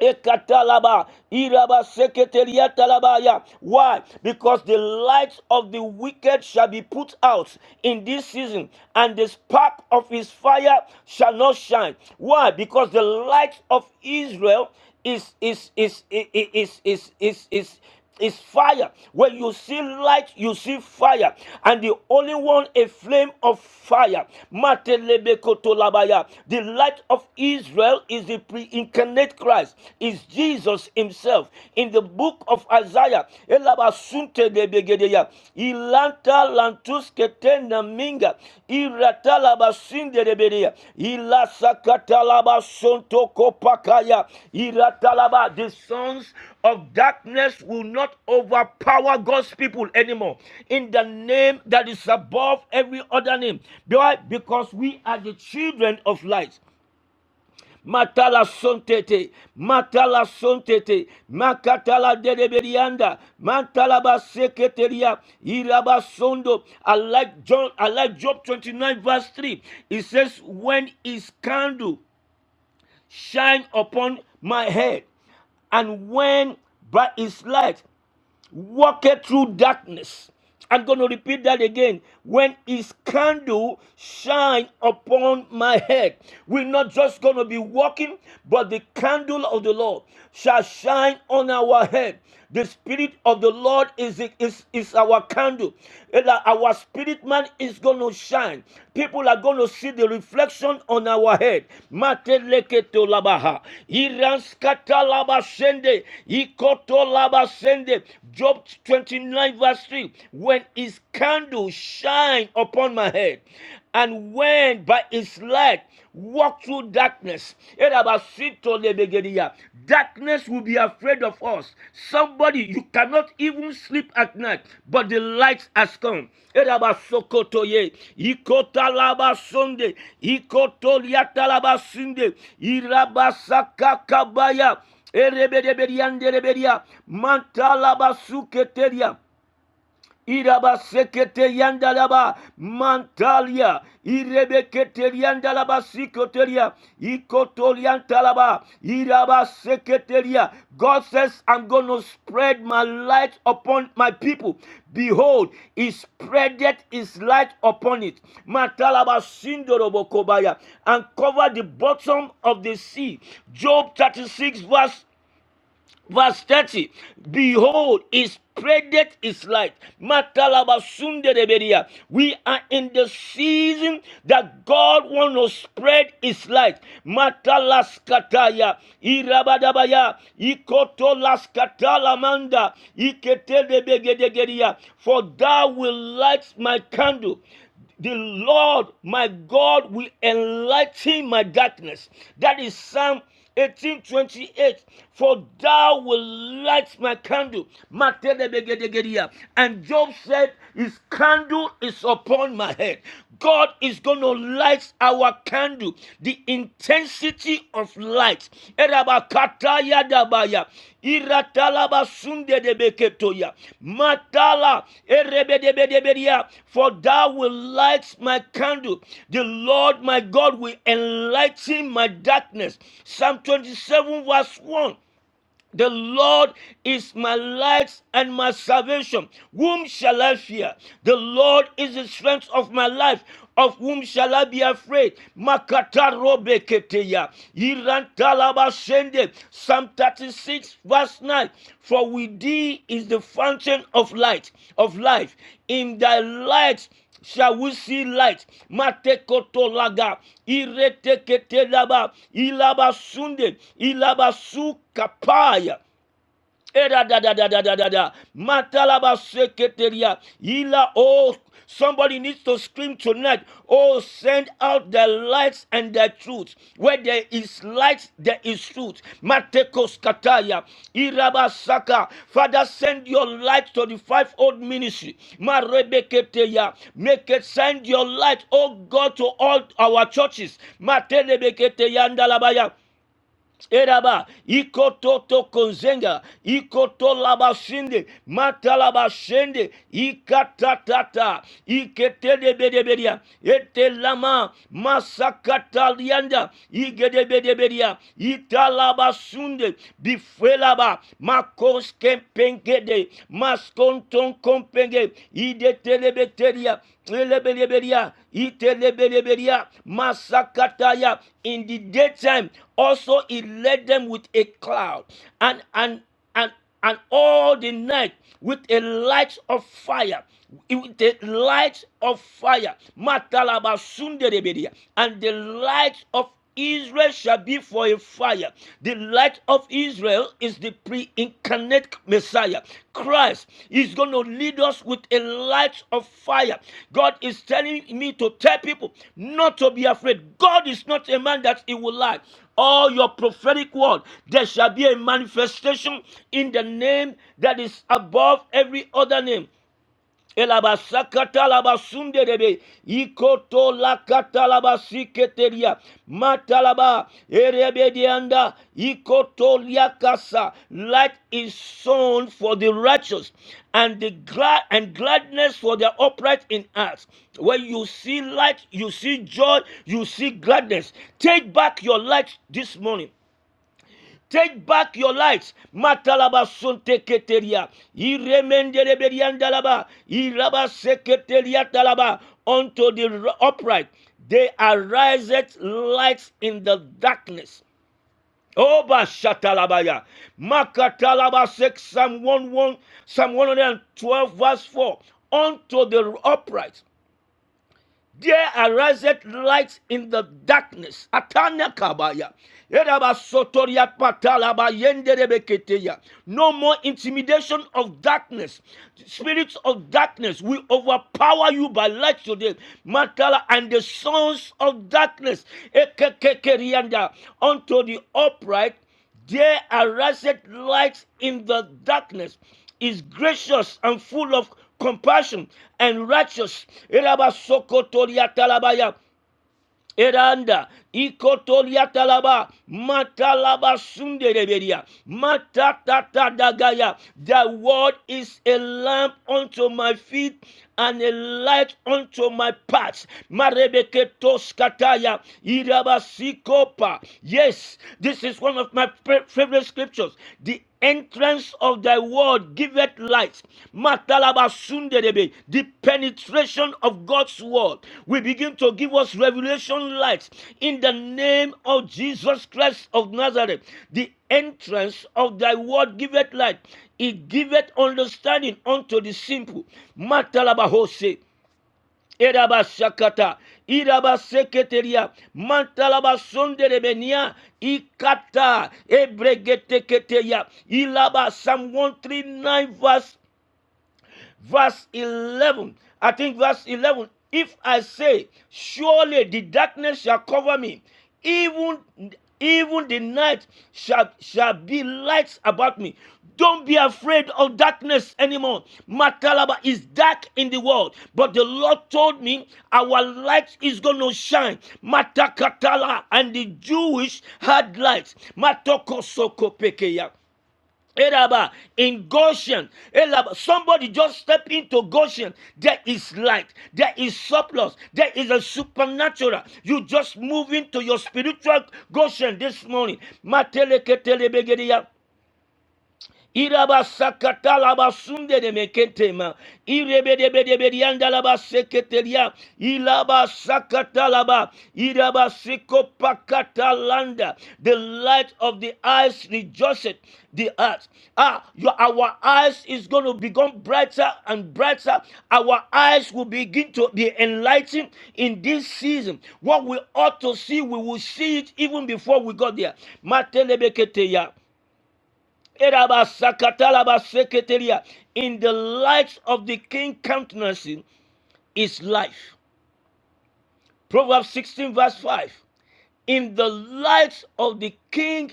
Ekatalaba, iraba Seketeliya talabaya. Why? Because the light of the wicked shall be put out in this season, and the spark of his fire shall not shine. Why? Because the light of Israel is is is is is is is is is fire. When you see light, you see fire, and the only one a flame of fire. Matelebekotolabaya. The light of Israel is the pre-incarnate Christ, is Jesus Himself. In the book of Isaiah, Elabasuntedebegedeya ilanta lantuske tena minga iratalabasindereberea ilasakatalabasontokopakaya iratalaba the sons of darkness will not overpower God's people anymore in the name that is above every other name Why? because we are the children of light Matala sontete, matala sontete, makatala dedeberianda, matala baseketeria, irabasondo. I like John, I like Job 29 verse 3. It says, when his candle shine upon my head, and when by his light walketh through darkness. I'm going to repeat that again. When his candle shine upon my head, we're not just going to be walking, but the candle of the Lord shall shine on our head. The spirit of the Lord is, is, is our candle. our spirit man is going to shine. People are going to see the reflection on our head. Mateleketo labaha. Iranskata labashende. Ikoto labashende. Job 29 verse 3. When his candle shine upon my head, and went by his light, walked through darkness. Darkness will be afraid of us. Somebody, you cannot even sleep at night, but the light has come. Erabasokotoye. Ikotalabasonde. Ikotoliatalabasunde. Irabasakakabaya. Erebedebedianderebedia. Mantalabasuketeria. Iraba sekete yandalaba mantalia irebekete yandalaba sikoteria ikotoliantalaba iraba seketeria God says I'm going to spread my light upon my people behold he spreadeth his light upon it matalaba sindorobokobaya and cover the bottom of the sea Job 36 verse Verse 30. Behold, he spreadeth his light. Matalabasunderebedia. We are in the season that God wants to spread his light. Matalaskataya. Irabadabaya. Ikotolaskatalamanda. Iketedebegedegedia. For thou will light my candle the Lord my God will enlighten my darkness. That is Psalm 1828. For thou will light my candle. And Job said, His candle is upon my head. God is going to light our candle. The the intensity of light. Erabakataya dabaya. Iratalaba sunde debeketoya. Matala erebedebedebedia. For thou will light my candle. The Lord my God will enlighten my darkness. Psalm 27 verse 1. The Lord is my light and my salvation. Whom shall I fear? The Lord is the strength of my life. Of whom shall I be afraid? Makata robe keteya. Irantalaba shende. Psalm 36, verse 9. For with thee is the fountain of light, of life. In thy light shall we see light. Matekoto laga, irete kete laba, ilaba sunde, ilaba su kapaya. Era da da da da da da da. Matalaba seketeria. Ila oh somebody needs to scream tonight. Oh, send out the lights and the truth. Where there is light, there is truth. Matekos kataya. Iraba saka. Father, send your light to the fivefold ministry. Marebeketeya. Make it send your light, oh God, to all our churches. Matelebeketeya ndalabaya. Eraba, ikototo konzenga, ikoto labashinde, mata labashinde, ikatatata, iketedebedebedia, etelama, masakatalianda, igedebedebedia, italabasunde, bifuelaba, makoske pengede, maskonton kompenge, ide idetelebeteliya elebelebeliya itelebelebeliya masakataya in the daytime also he led them with a cloud and and and and all the night with a light of fire with the light of fire and the light of Israel shall be for a fire. The light of Israel is the pre incarnate Messiah. Christ is going to lead us with a light of fire. God is telling me to tell people not to be afraid. God is not a man that he will lie. All your prophetic word, there shall be a manifestation in the name that is above every other name. Elabasakata labasunde rebe ikoto Elabasakatalabasundedebe. Ikotolakatalabasiketeria. Matalaba. Erebedianda. Ikotoliakasa. Light is sown for the righteous, and the glad and gladness for the upright in us. When you see light, you see joy, you see gladness. Take back your light this morning. Take back your lives. Matalaba sunte keteria. Iremendele beriandalaba. Iraba seketeria talaba. Unto the upright. They ariseth lights in the darkness. Oba shatalabaya. Makatalaba sek Psalm 11, Psalm 112 verse 4. Unto the upright there ariseth light in the darkness. Atana kabaya. Eraba sotoria patalaba yenderebeketeya. No more intimidation of darkness. Spirits of darkness will overpower you by light today. Matala and the sons of darkness. Ekekekerianda. Unto the upright. There ariseth light in the darkness, is gracious and full of compassion and righteous. Erabasokotoriatalabaya. Eranda, Ikotolia Talaba, Matalaba Sundereberia, Matatata Dagaya. Thy word is a lamp unto my feet and a light unto my path. Marebeketos Kataya, Irabasikopa. Yes, this is one of my favorite scriptures. The the entrance of thy word giveth light. Matalabasunderebe. The penetration of God's word will begin to give us revelation light in the name of Jesus Christ of Nazareth. The entrance of thy word giveth light. It giveth understanding unto the simple. Matalabahose. Erabashakata, Irabaseketeria, Mantalabasonderebenia, Ikata, Ebregeteketeya, Ilaba, Psalm 139, verse verse 11. I think verse 11. If I say, surely the darkness shall cover me, even even the night shall shall be lights about me. Don't be afraid of darkness anymore. Matalaba is dark in the world, but the Lord told me our light is going to shine. Matakatala and the Jewish had lights. Matokosoko pekeya. Elaba, in Goshen, Elaba, somebody just step into Goshen. There is light, there is surplus, there is a supernatural. You just move into your spiritual Goshen this morning. Mateleketelebegediya. Iraba sakata Irabasakata labasunde de meketema. Irebedebedebedianda bede bedianda laba. seketelia. Ilaba sakata laba Irabasiko pakata landa. The light of the eyes rejoiceth the earth. Ah, your, our eyes is going to become brighter and brighter. Our eyes will begin to be enlightened in this season. What we ought to see, we will see it even before we got there. Matelebekete ya. Erabasakatalabaseketeria. In the light of the king countenance is life. Proverbs 16, verse 5. In the light of the king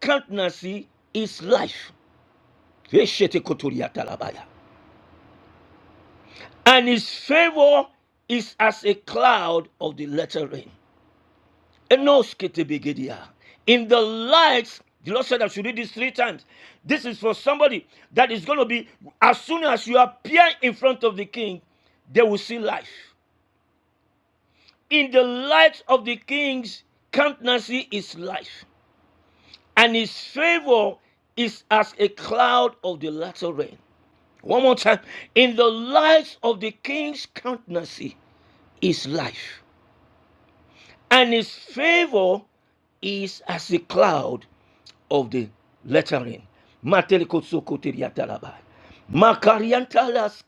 countenance is life. And his favor is as a cloud of the latter rain. Enos ketebegedia. In the light, the Lord said I should read this three times. This is for somebody that is going to be, as soon as you appear in front of the king, they will see life. In the light of the king's countenance is life, and his favor is as a cloud of the latter rain. One more time. In the light of the king's countenance is life, and his favor is as a cloud of the lettering. Matelikotsokoteriatalaba. elabase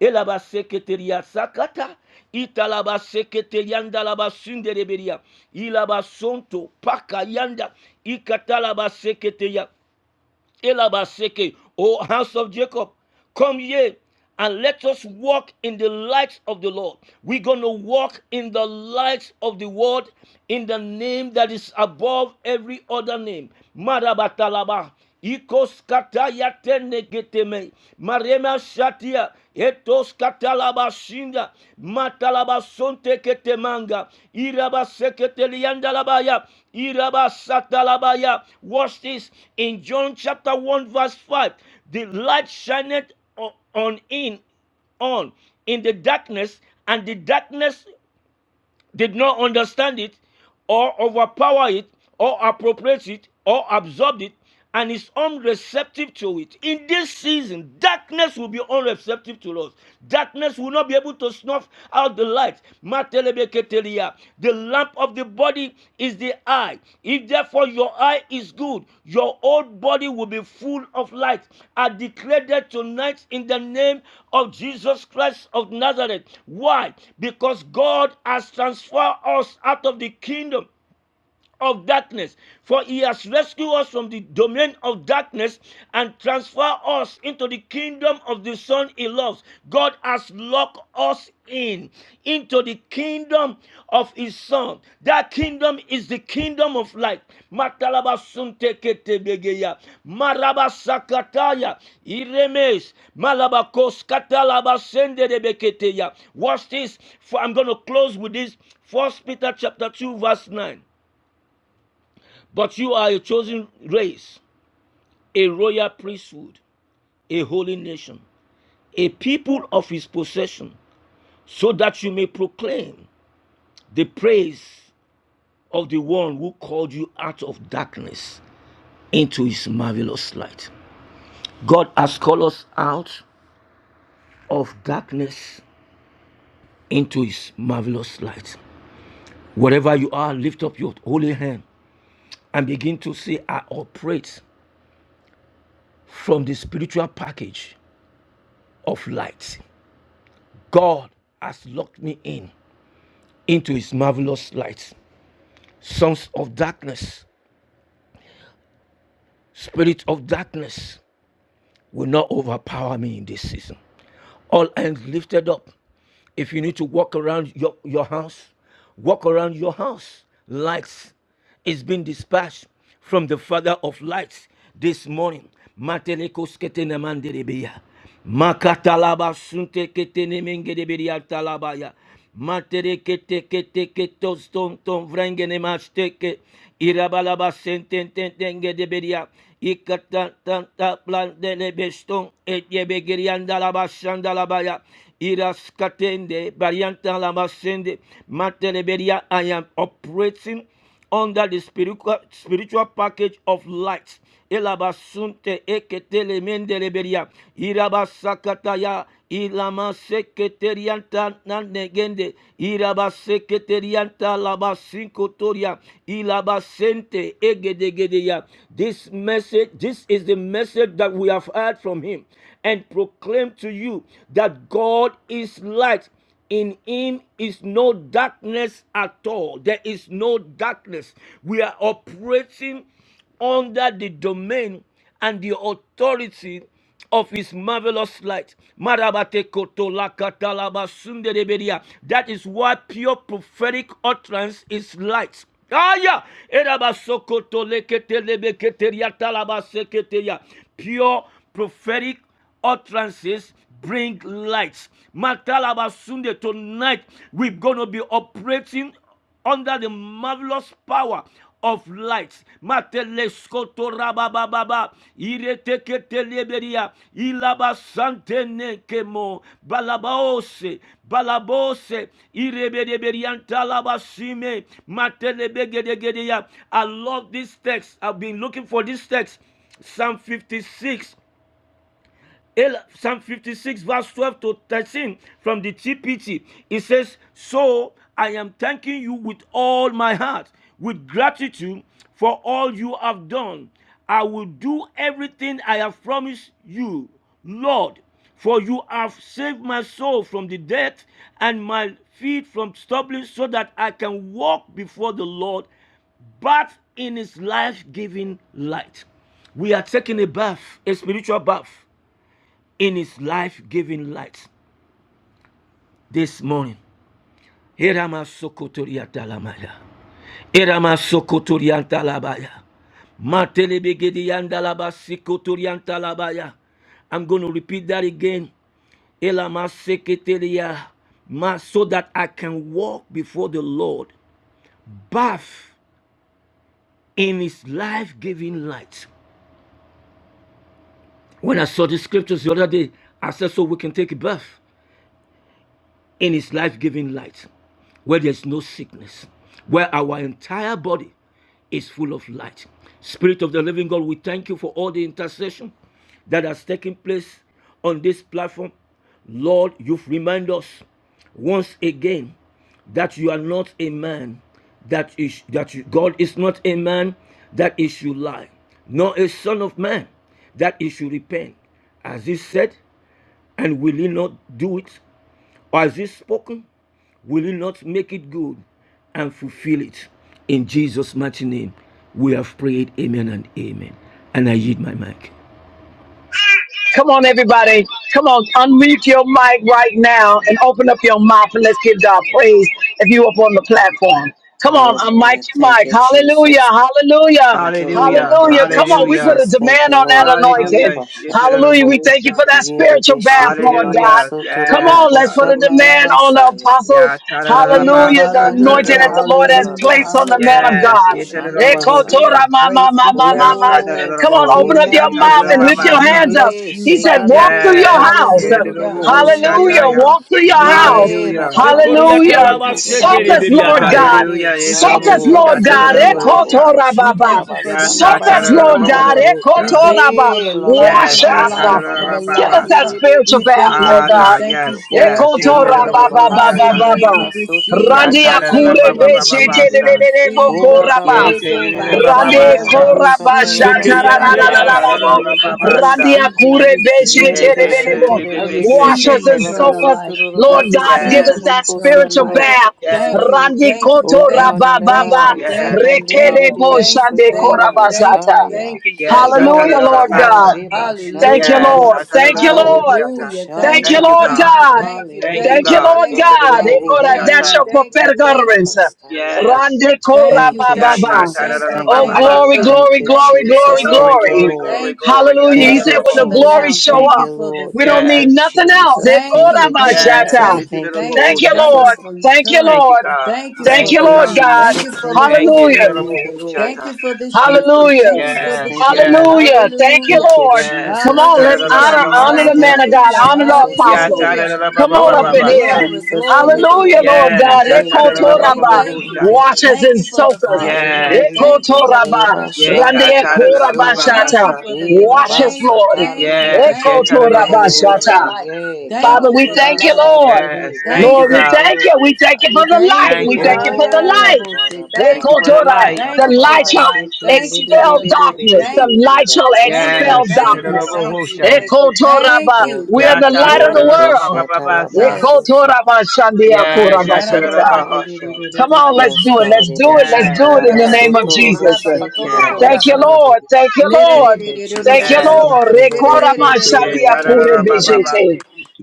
Elabaseketeria sakata. italabase Italabaseketeriandalabasundereberia. Ilabasonto pakayanda. Ikatalabaseketeria. Elabaseke, O house of Jacob, come ye and let us walk in the light of the Lord. We're going to walk in the light of the word in the name that is above every other name. Marabatalaba. Ikos kataya tenegeteme, marema shatia, etos katalaba shinda, matalaba sonte ketemanga, iraba sekete labaya. Watch this in John chapter 1, verse 5. The light shineth on in on in the darkness, and the darkness did not understand it, or overpower it, or appropriate it, or absorb it, and is unreceptive to it. In this season, darkness will be unreceptive to us. Darkness will not be able to snuff out the light. The lamp of the body is the eye. If therefore your eye is good, your whole body will be full of light. I declare that tonight in the name of Jesus Christ of Nazareth. Why? Because God has transferred us out of the kingdom of darkness, for he has rescued us from the domain of darkness and transferred us into the kingdom of the Son he loves. God has locked us in into the kingdom of his Son. That kingdom is the kingdom of light. Matalabasunteketebegeya, marabasakataya, iremes, malabakoskatalabasenderebeketeya. Watch this. For I'm going to close with this. First Peter chapter 2, verse 9. But you are a chosen race, a royal priesthood, a holy nation, a people of his possession, so that you may proclaim the praise of the one who called you out of darkness into his marvelous light. God has called us out of darkness into his marvelous light. Wherever you are, lift up your holy hand and begin to say, I operate from the spiritual package of light. God has locked me in into his marvelous light. Sons of darkness, spirit of darkness will not overpower me in this season. All hands lifted up. If you need to walk around your, your house, walk around your house. Lights is being dispatched from the Father of lights this morning. Matelekos ketenemanderebeya. Makatalaba sunte ketenemengerebeya talabaya. Matere kete kete ketos ton ton vrengene mashteke. Irabalaba sentententengerebeya. Ikatantanta plandelebeston etyebegeriandalabashandalabaya. Iraskatende bariantalabasende. Matelebeya, I am operating under the spiritual spiritual package of light. Elabasunte eketele mendeleberia. Irabasakataya. Ilamasekerianta nanegende. Irabasekerianta labasinkotoria. Ilabasente egedegedeya. This message, this is the message that we have heard from him and proclaim to you that God is light in him is no darkness at all. There is no darkness. We are operating under the domain and the authority of his marvelous light. Marabate koto lakata laba sunderebedia. That is why pure prophetic utterance is light. Aya, eraba sokoto lekete lebe talaba seketeria. Pure prophetic utterances bring light. Matalabasunde, tonight we're going to be operating under the marvelous power of light. Mateleskoto rabababa, ireteketeleberia, ilabasantenekemo, balabaose, balabose, irebedeberiantalabasime, matelebegedegedea. I love this text. I've been looking for this text. Psalm 56 Psalm 56, verse 12 to 13 from the TPT. It says, So I am thanking you with all my heart, with gratitude for all you have done. I will do everything I have promised you, Lord, for you have saved my soul from the death and my feet from stumbling, so that I can walk before the Lord bath in his life giving light. We are taking a bath, a spiritual bath in his life giving light this morning. I'm going to repeat that again. So that I can walk before the Lord, bathe in his life giving light. When I saw the scriptures the other day, I said, So we can take a bath. in his life giving light, where there's no sickness, where our entire body is full of light. Spirit of the living God, we thank you for all the intercession that has taken place on this platform. Lord, you've reminded us once again that you are not a man that is that you, God is not a man that he should lie, nor a son of man that he should repent. As he said, and will he not do it? Or Has he spoken? Will he not make it good and fulfill it? In Jesus' mighty name, we have prayed. Amen and amen. And I yield my mic.
Come on, everybody. Come on, unmute your mic right now and open up your mouth and let's give God praise if you up on the platform. Come on, unmic
Hallelujah.
your
Thank
mic.
you,
Hallelujah,
Jesus.
hallelujah,
Thank you, Lord.
Hallelujah. Hallelujah.
hallelujah.
Thank you,
Come on, we
Hallelujah.
put a
Jesus. Thank
demand
you,
on that
Lord. Handa
anointing.
Hallelujah.
bashata.
Hallelujah. We thank you
Yeterobosha.
for that
Yere
spiritual bath,
beshete
Lord God.
Hallelujah.
rabasoto
Come on,
Yes.
roboko
let's put a
shata
Hallelujah.
demand on the
labasaya.
apostle.
Ya
Yere
Hallelujah, the
tararabasa
bakate
anointing
Hallelujah,
that the Lord
labakata
tararabosha.
has
hallelujah,
placed on the man
larabasoto
of
hallelujah,
Yes.
roboko
God.
shanda
hallelujah. We give
Yeterobosha.
Ekotora
basaya.
you
ma ma
praise.
ma
We
ma ma
Ya
bless
ma.
your name.
Oh
Come on,
God,
We
open up
tararabosha
your
bebe
mouth and
bebe,
magnify
lift
you.
your
shari
We
tararabasa.
hands up.
bless
bebe,
you,
He said,
sekere
Father.
walk through your
Yes.
house.
bosoto
Hallelujah,
robo
Yeterobosha
shaya.
Hallelujah.
taya.
hallelujah.
Walk through your
We bless
house.
Ye
you,
Hallelujah.
Father.
Rababa
We
Hallelujah.
thank
Sande
you for the
Soak
Bosaya
us,
blessing
Lord
of
God
God.
life.
Ebebe
Hallelujah.
We
Soak
thank you
Shande
us,
for the
Lord
Yeterobosha
God.
Bosoto
living life.
tararabosha.
Roroboko
Ekotora baba.
We thank you
Shataraba
for the
Ya
Sanda
Soak us,
eternal
Lord
Basaya
life.
God.
We
tararabosha.
thank
Ekotora
you
ba.
for the
Ye
light
Lababa
Wash
of
Baba
Yes.
the
Ya
us.
Baba
life of
Baba
the
Give us
life.
Seke
that
tararabasa.
spiritual
We
Lebeke
bath,
thank
Lord
you.
Ah,
Telebe
We
God.
God,
thank
yes,
you
Shoto
for it,
yes. Ye
Ye
te
Ekotora
de
God.
ba
bo
ba
hu
Rababa
ba
ya
ba
ta.
ba
Sanda
Hallelujah. We
ba.
Rabasoto
receive, we
Ya ta
Randia
Roboko
da da da
receive,
kure
ba
we
Sete
ba ba ba
beshe
ba
receive, we
Lebesaya
sa.
tererere
O
receive.
boko raba.
Rababa
Ye
Make
te de
over
de de ba
Satalaba
ba
Rande
ba
Isaiah. We
sa.
Satalaba
koraba
receive, we
Satalaba
Ya
receive. I
ta
Satalaba
ta da da
shatarararararabo.
da
Soto
receive.
da ba
I
Roboko
ba sa.
Randia
Shete
receive I
kure beshe
receive you,
Ye
Yerebe
te de
tererere
Father.
de de
bo.
be be
I
be
şeterebe
se
Wash
receive
ke
us
the
te
and
de de
sataraba
soak
bo.
eternal
us,
life. I
sotururubu
Lord God. Give
receive
us
Yes,
the
sotururubu
that
ko
eternal
spiritual
life.
sotururubu
bath.
ko
Thank
saya.
you,
yes,
Randi
thank you,
koto
O God
thank you,
raba
in the
thank
baba.
you,
day,
yes,
thank you,
Satan did it,
thank
Rekere
it
you,
bo
is,
thank you,
shande
thank you,
koraba
Sotorobo
thank
shata.
you,
Shaya.
thank you,
yes.
thank
Ya
you,
ta da
Hallelujah,
Glory
da
thank
da
to
Lord
you.
ba
God,
sa.
God.
Eba
Thank you,
Shanda
Yes,
Hallelujah.
Ba
Lord.
ya ta da
Thank
da
you,
bo hu
Lord.
Sotorobo
ya ta.
Hallelujah.
Thank
Thank
you,
Thank
you.
you,
Koshaya.
Lord
Thank
God.
you.
God.
Thank you.
Thank you,
Thank
Thank you,
you.
Hallelujah,
God.
Lord
Ye
Thank
God,
te
you.
de de
God.
bo
They
Thank you.
hu
call that-
ya
Thank
ta.
That's
you.
your
hallelujah.
Thank you.
prophetic
Thank
Ekera
utterance.
you.
Basaya.
Yes.
Rande
Thank
kora ba
you.
Thank you,
ba
Ya
Thank you.
ta
ba.
ta da
Jesus.
da
Thank
da
you.
Thank
ba
Oh,
you,
ba
Thank
ba
you.
Lord.
glory,
sa.
Thank you.
Thank
glory,
you,
Thank
glory,
you.
glory,
Jesus.
Thank you
Glory,
Thank you,
for
glory.
glory,
it.
Lord.
glory,
Thank you.
glory.
Hallelujah. He
Thank
Thank
said,
you,
you
when the
for the
Yatadadadababahu.
glory
now.
Jesus.
show
Thank
Thank
up,
you
you,
for the
Lord.
we don't
Thank
need
you,
future.
Yes,
nothing else. They
Jesus.
Thank
call
Thank
you,
that
you,
my
thank you,
yes.
Jesus.
shata.
thank you,
Thank you,
thank
Thank
Itidadabahu
you,
you,
thank
shata.
Jesus.
you
Lord.
for
Thank you,
eternal.
Thank you,
Lord.
God.
Thank you
Thank
Thank
for
you,
Thank
you,
the
you,
Lord
God.
now.
God.
Thank
Jesus.
you for
Thank
the
you,
Thank you.
Lord.
Hallelujah.
Thank
fulfillment.
Dadadabahu
you, Lord.
Thank
shata.
you for the shift
Thank you,
and
Hallelujah.
thank you for
Jesus.
the
Yes,
Thank you,
change.
yes,
Lord.
Hallelujah. Thank you,
Thank
Hallelujah.
you,
Lord.
yes.
Come
Jesus.
on, let's
Thank you,
Hallelujah.
honor, honor
Jesus.
the
Atadadadababababasa.
man
Thank
of
you,
God,
Hallelujah.
honor the
Jesus. Thank
apostle.
you,
Hallelujah.
Come
Jesus.
on up
Glory,
in
Thank you,
Yatadadadababababasa.
here.
glory,
Jesus.
glory
Thank you,
to your
Hallelujah,
Lord.
name.
Lord
We
God.
Yes.
bless
Thank
you,
you,
God.
Lord.
We
Ekotoraba.
Atadadadabababahu
thank you.
Thank
shata.
you,
Wash
Lord.
us
Thank
and
you for
soak
the
us.
fresh water.
Yes.
Hallelujah,
Thank you
God.
for the
Ekotoraba.
Heba
freshness.
Yay,
shanda
Thank you.
baso.
Thank
Randekorabashata.
you
katadadadabababasa.
for the
Hera
new.
Wash us,
Thank
basa
you,
Lord.
thank you,
talibi
Yes.
thank you,
kela
thank you
Yatadadadabababahu
baso
for the
ya.
Ekotorabashata.
shata.
light.
Yeah,
Thank
Father,
you
God.
we
for the
thank
Heba
you,
life.
Lord.
Yes.
shatere bo
Thank you,
Lord,
Thank
we
you.
God.
thank
sotoro
you. We thank you
We
for
bosaya.
the
Thank
light.
Thank
We
you.
you.
thank you
Ah,
for
yeah,
the
da, da,
Oh,
light.
bo,
God.
say,
ah, Ba
They
ba
Thank
Thank
you
call
ba
you.
for
ba
the
ba
Jordan,
light.
ba ba
The
Thank
ba
the
you
ba
for
light
ba.
the
shall
life.
Siki
Thank you
libi
for
be
expel
the
be be
life.
be
darkness.
be be
Thank
be
The
you.
light
ndara
shall
ba ba ba
Thank
ba
you.
expel
ba
Yes,
Thank
shanda
darkness.
you.
ra
Thank you.
Eterobosha.
They
Thank
basaya.
call
you.
Jordan,
Thank
but
Oh,
you.
We are
God.
the
Yata
And
light
it
of the
Glory.
be
world.
shatala
They
Tarababasa.
call
Yes.
basoto.
Jordan, but Shandia
Thank
Kura
Yes,
you. Yes,
Bashota.
Yatarabahosha.
Come on, let's
Yes,
do it.
God.
Let's do
Heba
it. Let's
Yes,
Lord,
do it
shatala
in the
yes,
name of
basoto robo
Jesus.
seke la
yes,
Thank you,
basaya.
Yatarabo.
Lord. Thank you, Lord.
Thank you,
Thank you,
Jesus.
Yes,
Thank
Lord.
you, Lord.
Rekora
Thank you,
mashalia
Lord. Thank
kure
you, Lord.
Yatarababa.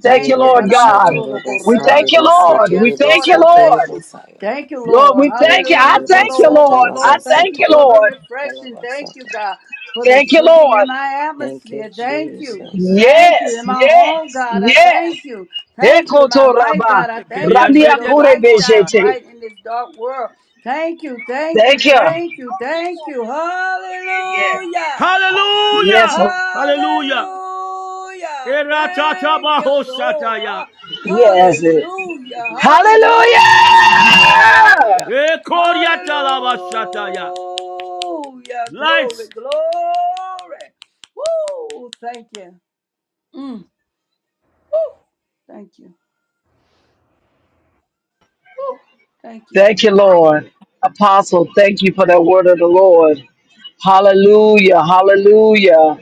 Thank you, Lord
Yeraba
God.
shata raba
We thank
sande
you,
be sete
Lord. We
rebe
thank
I
you,
soto
bless
Lord.
lobo
you.
saya.
Thank you,
Lord,
Lord.
we
Oh
thank you.
God,
I
Hallelujah for
reba
the
thank you,
sata
Lord.
laba
I
overflow. Thank
thank
sata
you
you,
for the
laba
Lord.
sata
refreshing.
laba
Thank you,
sata.
God, for the
Thank you,
shifting in
Lord.
my
Thank you,
atmosphere. Thank you.
Jesus.
Thank you.
Yes,
In my
yes,
home, God, I
yes.
thank you. Thank you. In my
Ekoto
life,
raba.
God, I thank you for
Randia
your
kure
light shine
bejete.
bright in this dark world. Thank you. Thank you.
Thank you.
Thank you. Thank you. Hallelujah.
Yes,
Hallelujah! Hallelujah!
Hallelujah. Thank you, Lord.
yes.
Hallelujah.
Hallelujah!
Hallelujah. Hallelujah. Glory,
Lights!
glory. Woo. Thank you. Mm. Woo! Thank you. Woo! Thank you.
Thank you, Lord. Apostle, thank you for that word of the Lord. Hallelujah, hallelujah,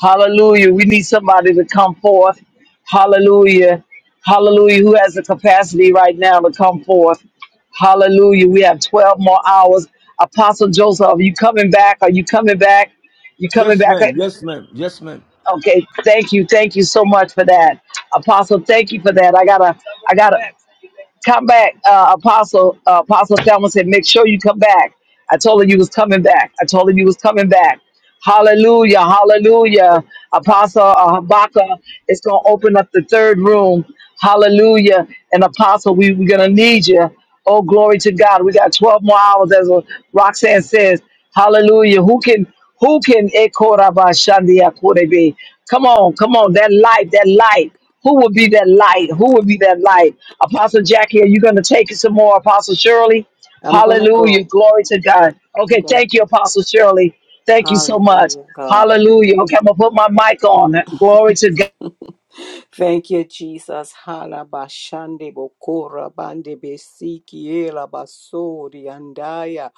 hallelujah. We need somebody to come forth. Hallelujah, hallelujah. Who has the capacity right now to come forth? Hallelujah. We have 12 more hours. Apostle Joseph, are you coming back? Are you coming back? You coming
Yes,
back?
ma'am. Yes, ma'am. Yes, ma'am.
Okay, thank you, thank you so much for that, Apostle. Thank you for that. I gotta, I gotta. come back, uh, Apostle. Uh, Apostle Thelma said, make sure you come back. I told her you was coming back. I told her you was coming back. Hallelujah, hallelujah. Apostle uh, Habakkuk is going to open up the third room. Hallelujah. And Apostle, we, we're going to need you. Oh, glory to God. We got 12 more hours, as Roxanne says. Hallelujah. Who can, who can, come on, come on, that light, that light. Who will be that light? Who will be that light? Apostle Jackie, are you going to take some more? Apostle Shirley?
I'm gonna
Hallelujah.
go.
Glory to God.
I'm
Okay,
gonna
thank you,
go.
Apostle Shirley. Thank you so much.
Hallelujah, God.
Hallelujah. Okay, I'm going to put my mic on. Glory to God.
<laughs> Thank you, Jesus. Hala bashande bokora bande besiki ela basori andaya.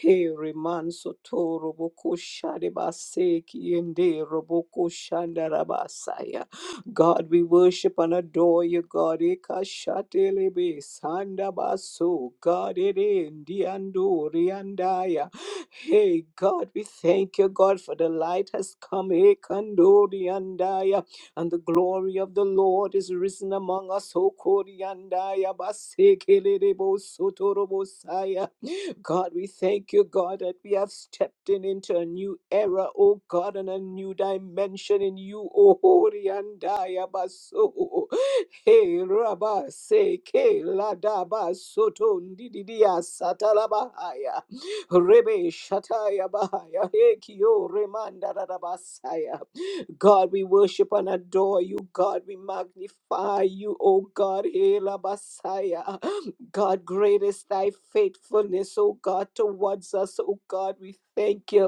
He reman sotoro boko shade baseki ende roboko shanda rabasaya. God, we worship and adore you, God. Eka shate lebe sanda baso. God, it endi andori andaya. Hey, God, we thank you, God, for the light has come. Ekandori andaya and the glory of the Lord is risen among us. O Koriandaya Basekelebo Sotorobosaya. God, we thank you, God, that we have stepped in into a new era, O God, and a new dimension in you, O Koriandaya Baso. Hey, Rabba, say, Ke, Ladaba, Soto, Ndidia, Satalabahaya, Rebe, Shataya, Bahaya, Hekio, Remanda, Rabasaya. God, we worship and adore you. God, we magnify you. Oh God, Hela Messiah. God, great is thy faithfulness, oh God, towards us. Oh God, we thank you.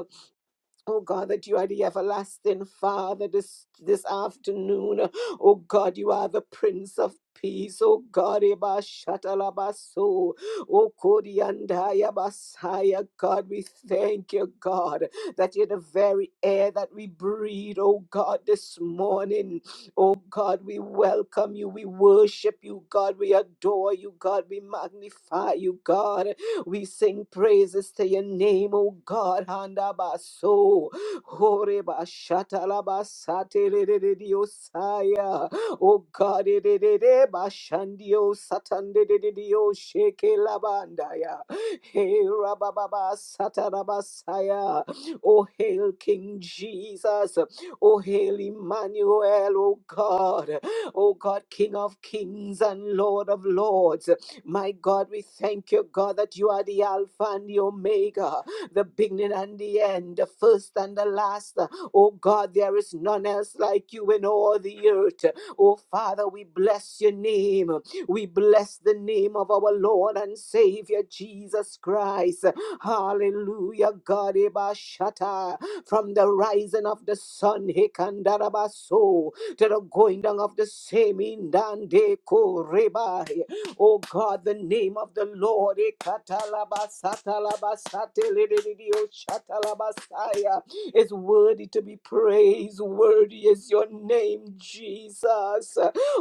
Oh God, that you are the everlasting Father this, this afternoon. Oh God, you are the Prince of Peace. Oh God, Eba Shatalabaso. Oh Kodiandaya Basaya. God, we thank you, God, that you're the very air that we breathe. Oh God, this morning. Oh God, we welcome you. We worship you, God. We adore you, God. We magnify you, God. We sing praises to your name, O God. Handabaso. Horeba shatalabasate rediosaya. O God, edede bashandio satandedio sheke labandaya. Hey, rabababa satarabasaya. O hail King Jesus. O hail Emmanuel, O God. O God, King of kings and Lord of lords. My God, we thank you, God, that you are the Alpha and the Omega, the beginning and the end, the first and the last. Oh God, there is none else like you in all the earth. Oh Father, we bless your name. We bless the name of our Lord and Savior Jesus Christ. Hallelujah, God. Eba Shatta. From the rising of the sun, Hekandarabaso, to the going down of the same, Indande Koreba. Oh God, the name of the Lord. Ekatalabasatalabasateledididiochatalabasaya Is worthy to be praised. Worthy is your name, Jesus.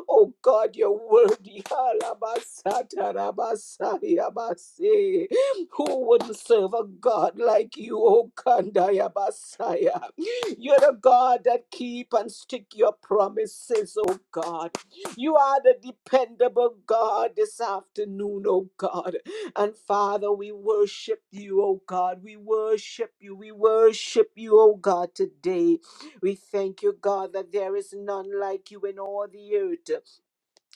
Oh God, you're worthy. Halabasatarabasayabase. Who wouldn't serve a God like you, O Kandaya Basaya? You're the God that keep and stick your promises, O God. You are the dependable God this afternoon, oh God. And Father, we worship you, oh God. We worship you. We worship you, oh God, today. We thank you, God, that there is none like you in all the earth.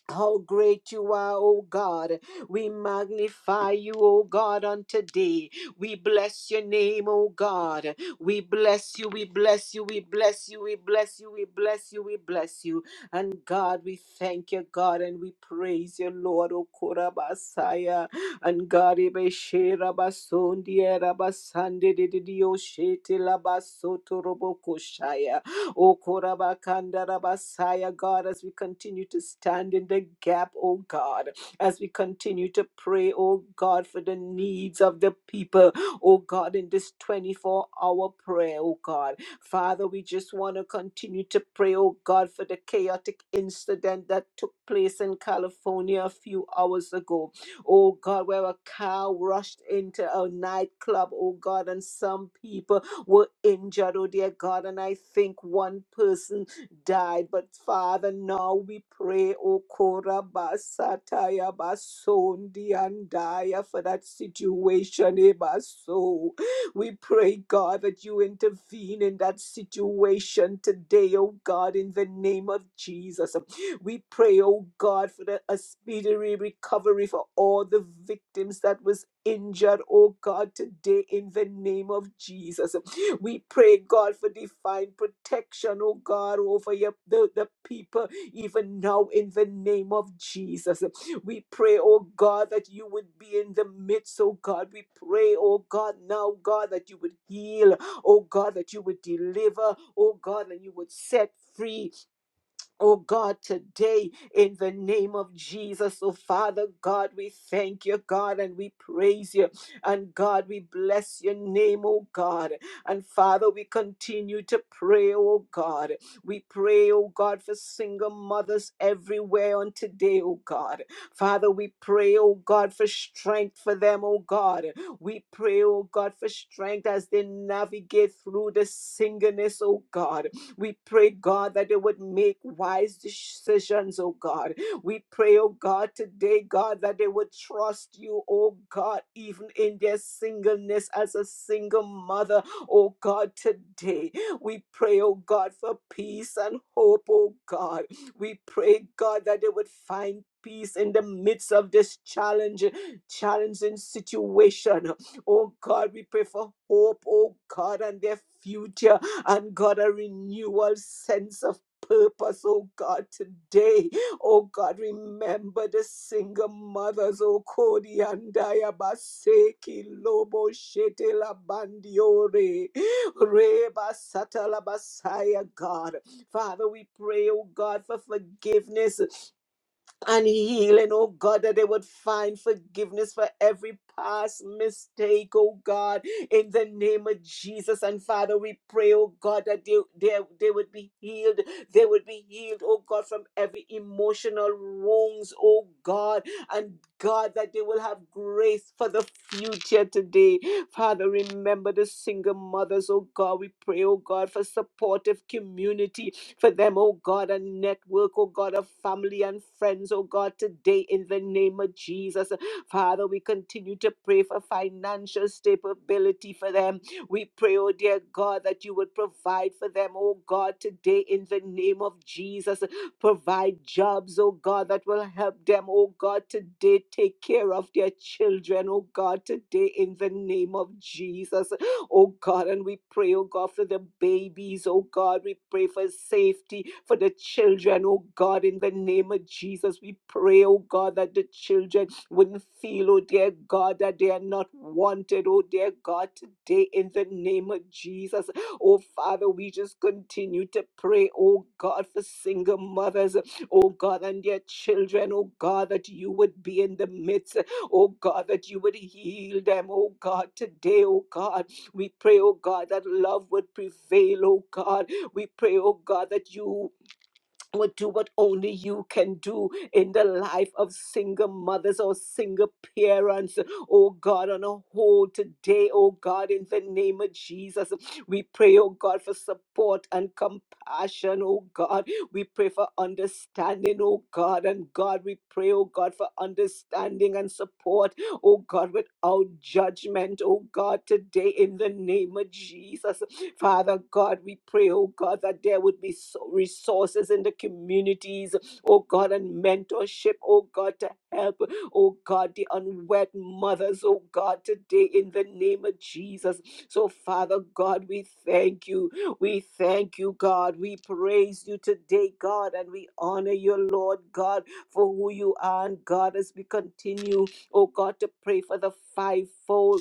How great you are, O God. We magnify you, O God, on today. We bless your name, O God. We bless you, we bless you, we bless you, we bless you, we bless you, we bless you. And God, we thank you, God, and we praise you, Lord, O Korabasaya. And God, Ebeshe Rabasondi Rabasande Didio Shete Labasoto Robokoshaya. O Korabakandalabasaya, God, as we continue to stand in the gap, O God, as we continue to pray, O God, for the needs of the people, O God, in this 24 hour prayer, O God. Father, we just want to continue to pray, oh God, for the chaotic incident that took place in California a few hours ago. Oh God, where a car rushed into a nightclub, oh God, and some people were injured, oh dear God. And I think one person died. But Father, now we pray, O Kora Basataya Basundi and Daya for that situation, Ebaso. We pray, God, that you intervene in that situation today, O God, in the name of Jesus. We pray, oh God, for the, a speedy recovery for all the victims that was injured, oh God, today in the name of Jesus. We pray, God, for divine protection, oh God, over your, the, the people, even now in the name of Jesus. We pray, oh God, that you would be in the midst, oh God. We pray, oh God, now, God, that you would heal, oh God, that you would deliver, oh God, and you would set free Oh God, today in the name of Jesus, oh Father God, we thank you, God, and we praise you. And God, we bless your name, oh God. And Father, we continue to pray, oh God. We pray, oh God, for single mothers everywhere on today, oh God. Father, we pray, oh God, for strength for them, oh God. We pray, oh God, for strength as they navigate through the singleness, oh God. We pray, God, that they would make wise decisions, oh God. We pray, oh God, today, God, that they would trust you, oh God, even in their singleness as a single mother, oh God, today. We pray, oh God, for peace and hope, oh God. We pray, God, that they would find peace in the midst of this challenge, challenging situation. Oh God, we pray for hope, oh God, and their future, and God, a renewal sense of purpose, oh God, today. Oh God, remember the single mothers, oh Kodi and Diabaseki, Lobo Shete Labandiore, Reba Satala Basaya, God. Father, we pray, oh God, for forgiveness and healing, oh God, that they would find forgiveness for every past mistake, oh God, in the name of Jesus. And Father, we pray, oh God, that they, they, they would be healed. They would be healed, oh God, from every emotional wounds, oh God and God, that they will have grace for the future today. Father, remember the single mothers, oh God. We pray, oh God, for supportive community for them, oh God, a network, oh God, of family and friends, oh God, today in the name of Jesus. Father, we continue to pray for financial stability for them. We pray, oh dear God, that you would provide for them, oh God, today in the name of Jesus. Provide jobs, oh God, that will help them, oh God, today take care of their children, oh God, today in the name of Jesus, oh God. And we pray, oh God, for the babies, oh God. We pray for safety for the children, oh God, in the name of Jesus. We pray, oh God, that the children wouldn't feel, oh dear God, that they are not wanted, oh dear God, today in the name of Jesus. Oh, Father, we just continue to pray, oh God, for single mothers, oh God, and their children, oh God, that you would be in the midst, oh God, that you would heal them, oh God, today, oh God. We pray, oh God, that love would prevail, oh God. We pray, oh God, that you would do what only you can do in the life of single mothers or single parents. Oh God, on a whole today, oh God, in the name of Jesus, we pray, oh God, for support and compassion, oh God. We pray for understanding, oh God, and God, we pray, oh God, for understanding and support oh God, without judgment, oh God, today in the name of Jesus. Father God, we pray, oh God, that there would be so- resources in the communities, oh God, and mentorship, oh God, to help, oh God, the unwed mothers, oh God, today in the name of Jesus. So, Father God, we thank you. We thank you, God. We praise you today, God, and we honor you, Lord God, for who you are, and God, as we continue. Oh God, to pray for the fivefold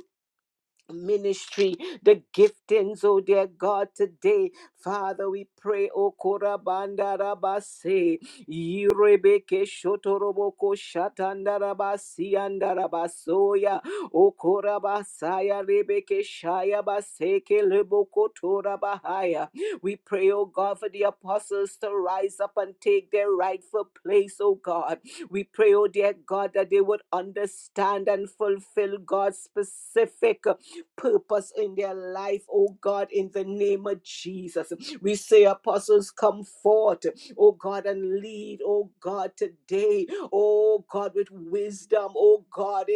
ministry, the giftings, oh dear God, today. Father, we pray, O Korabandarabase, Yirebeke Shotoroboko Shatandarabasi Andarabasoya, O Korabasaya Rebeke Shaya Baseke Leboko Torabahaya. We pray, O God, for the apostles to rise up and take their rightful place, O God. We pray, O dear God, that they would understand and fulfill God's specific purpose in their life, oh God, in the name of Jesus. We say, Apostles, come forth, oh God, and lead, oh God, today, oh God, with wisdom, oh God,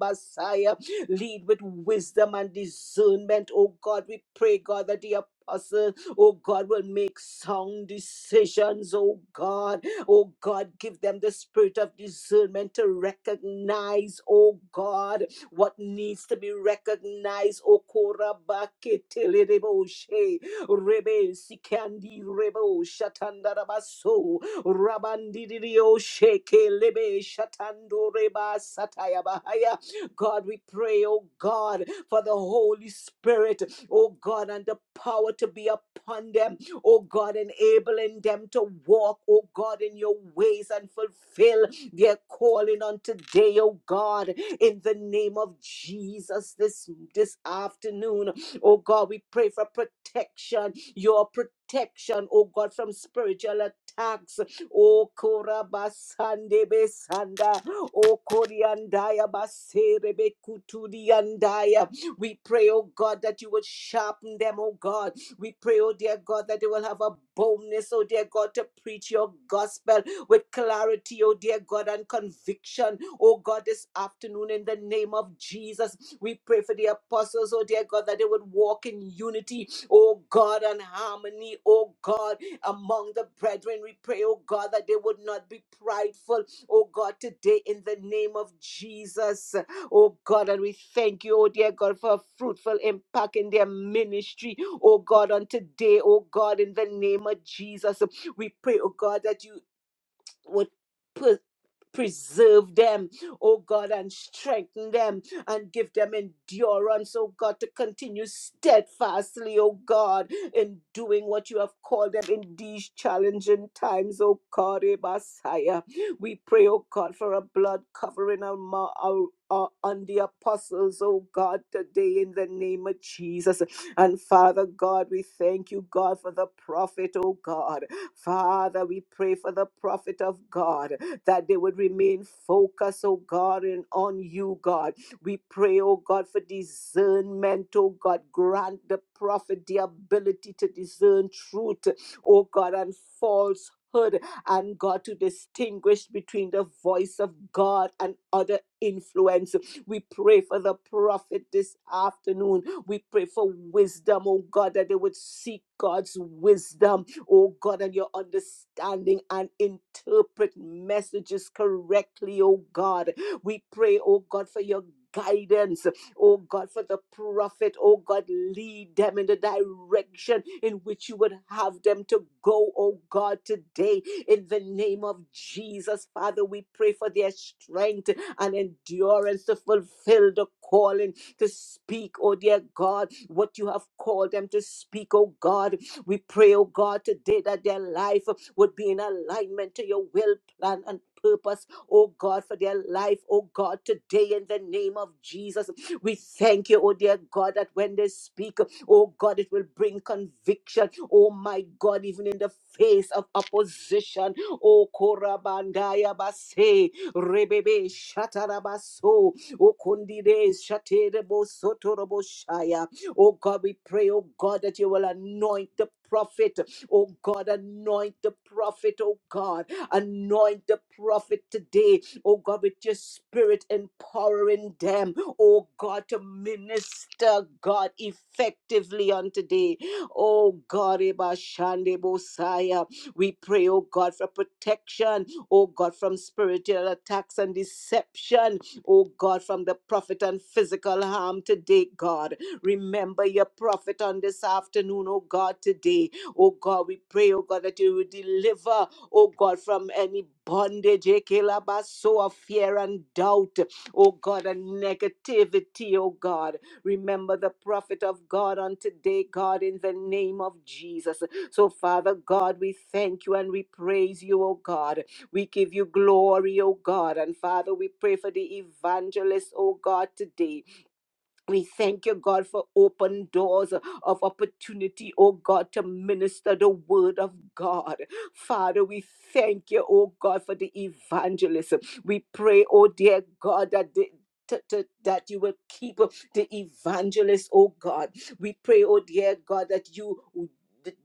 Basaya. lead with wisdom and discernment, oh God. We pray, God, that the apostle, oh God, will make sound decisions, oh God Oh God, give them the spirit of discernment to recognize, oh God, what needs to be recognized. Oh Korabaketeleboshe. Rebe Sikandi Rebo Shatandarabaso Rabandirio Sheke Lebe Shatando Reba Satayabahaya. God, we pray, oh God, for the Holy Spirit, oh God, and the power to be upon them oh God, enabling them to walk, oh God, in your ways and fulfill their calling on today, oh God, in the name of Jesus this, this afternoon. Oh God, we pray for protection, your protection, oh God, from spiritual attacks. Oh Korabasande Besanda, oh Koriandaya Baserebe Kutudiandaya. We pray, oh God, that you would sharpen them, oh God we pray, oh dear God, that they will have a boldness, oh dear God, to preach your gospel with clarity, oh dear God, and conviction, oh God, this afternoon in the name of Jesus. We pray for the apostles, oh dear God, that they would walk in unity, oh God, and harmony, oh God, among the brethren. We pray, oh God, that they would not be prideful, oh God, today in the name of Jesus. Oh God, and we thank you, oh dear God, for a fruitful impact in their ministry. Oh God, on today, oh God, in the name of Jesus, we pray, oh God, that you would. Preserve them, oh God, and strengthen them and give them endurance, oh God, to continue steadfastly, oh God, in doing what you have called them in these challenging times, oh God, eh, Messiah. We pray, oh God, for a blood covering on, ma- our- uh, on the apostles, oh God, today in the name of Jesus. And Father God, we thank you, God, for the prophet, oh God. Father, we pray for the prophet of God that they would remain focused, oh God, and on you, God. We pray, oh God, for discernment, oh God. Grant the prophet the ability to discern truth, oh God, and falsehood, and God, to distinguish between the voice of God and other influence. We pray for the prophet this afternoon. We pray for wisdom, oh God, that they would seek God's wisdom oh God, and your understanding and interpret messages correctly, oh God. We pray, oh God, for your guidance, oh God, for the prophet, oh God, lead them in the direction in which you would have them to go, oh God, today. In the name of Jesus, Father, we pray for their strength and endurance to fulfill the calling to speak, oh dear God, what you have called them to speak, oh God. We pray, oh God, today that their life would be in alignment to your will, plan, and purpose, oh God, for their life, oh God, today in the name of Jesus. We thank you, oh dear God, that when they speak, oh God, it will bring conviction, oh my God, even in the face of opposition. Oh Korabandaya Base, Rebebe Shatarabaso, O Kondide Shaterebo Sotorobo Oh God, we pray, oh God, that you will anoint the prophet. Oh God, anoint the prophet, oh God. Anoint the prophet today, oh God, with your spirit empowering them, oh God, to minister, God, effectively on today. Oh God, Eba Shande Bosaya. we pray, oh God, for protection, oh God, from spiritual attacks and deception, oh God, from the prophet and physical harm today, God. Remember your prophet on this afternoon, oh God, today. Oh God, we pray, oh God, that you will deliver, oh God, from any bondage, so of fear and doubt, oh God, and negativity, oh God. Remember the prophet of God on today, God, in the name of Jesus. So, Father God, we thank you and we praise you, oh God. We give you glory, oh God. And Father, we pray for the evangelist, oh God, today. We thank you, God, for open doors of opportunity, oh God, to minister the word of God. Father, we thank you, oh God, for the evangelism. We pray, oh dear God, that the to- to- that you will keep the evangelists, oh God. We pray, oh dear God, that you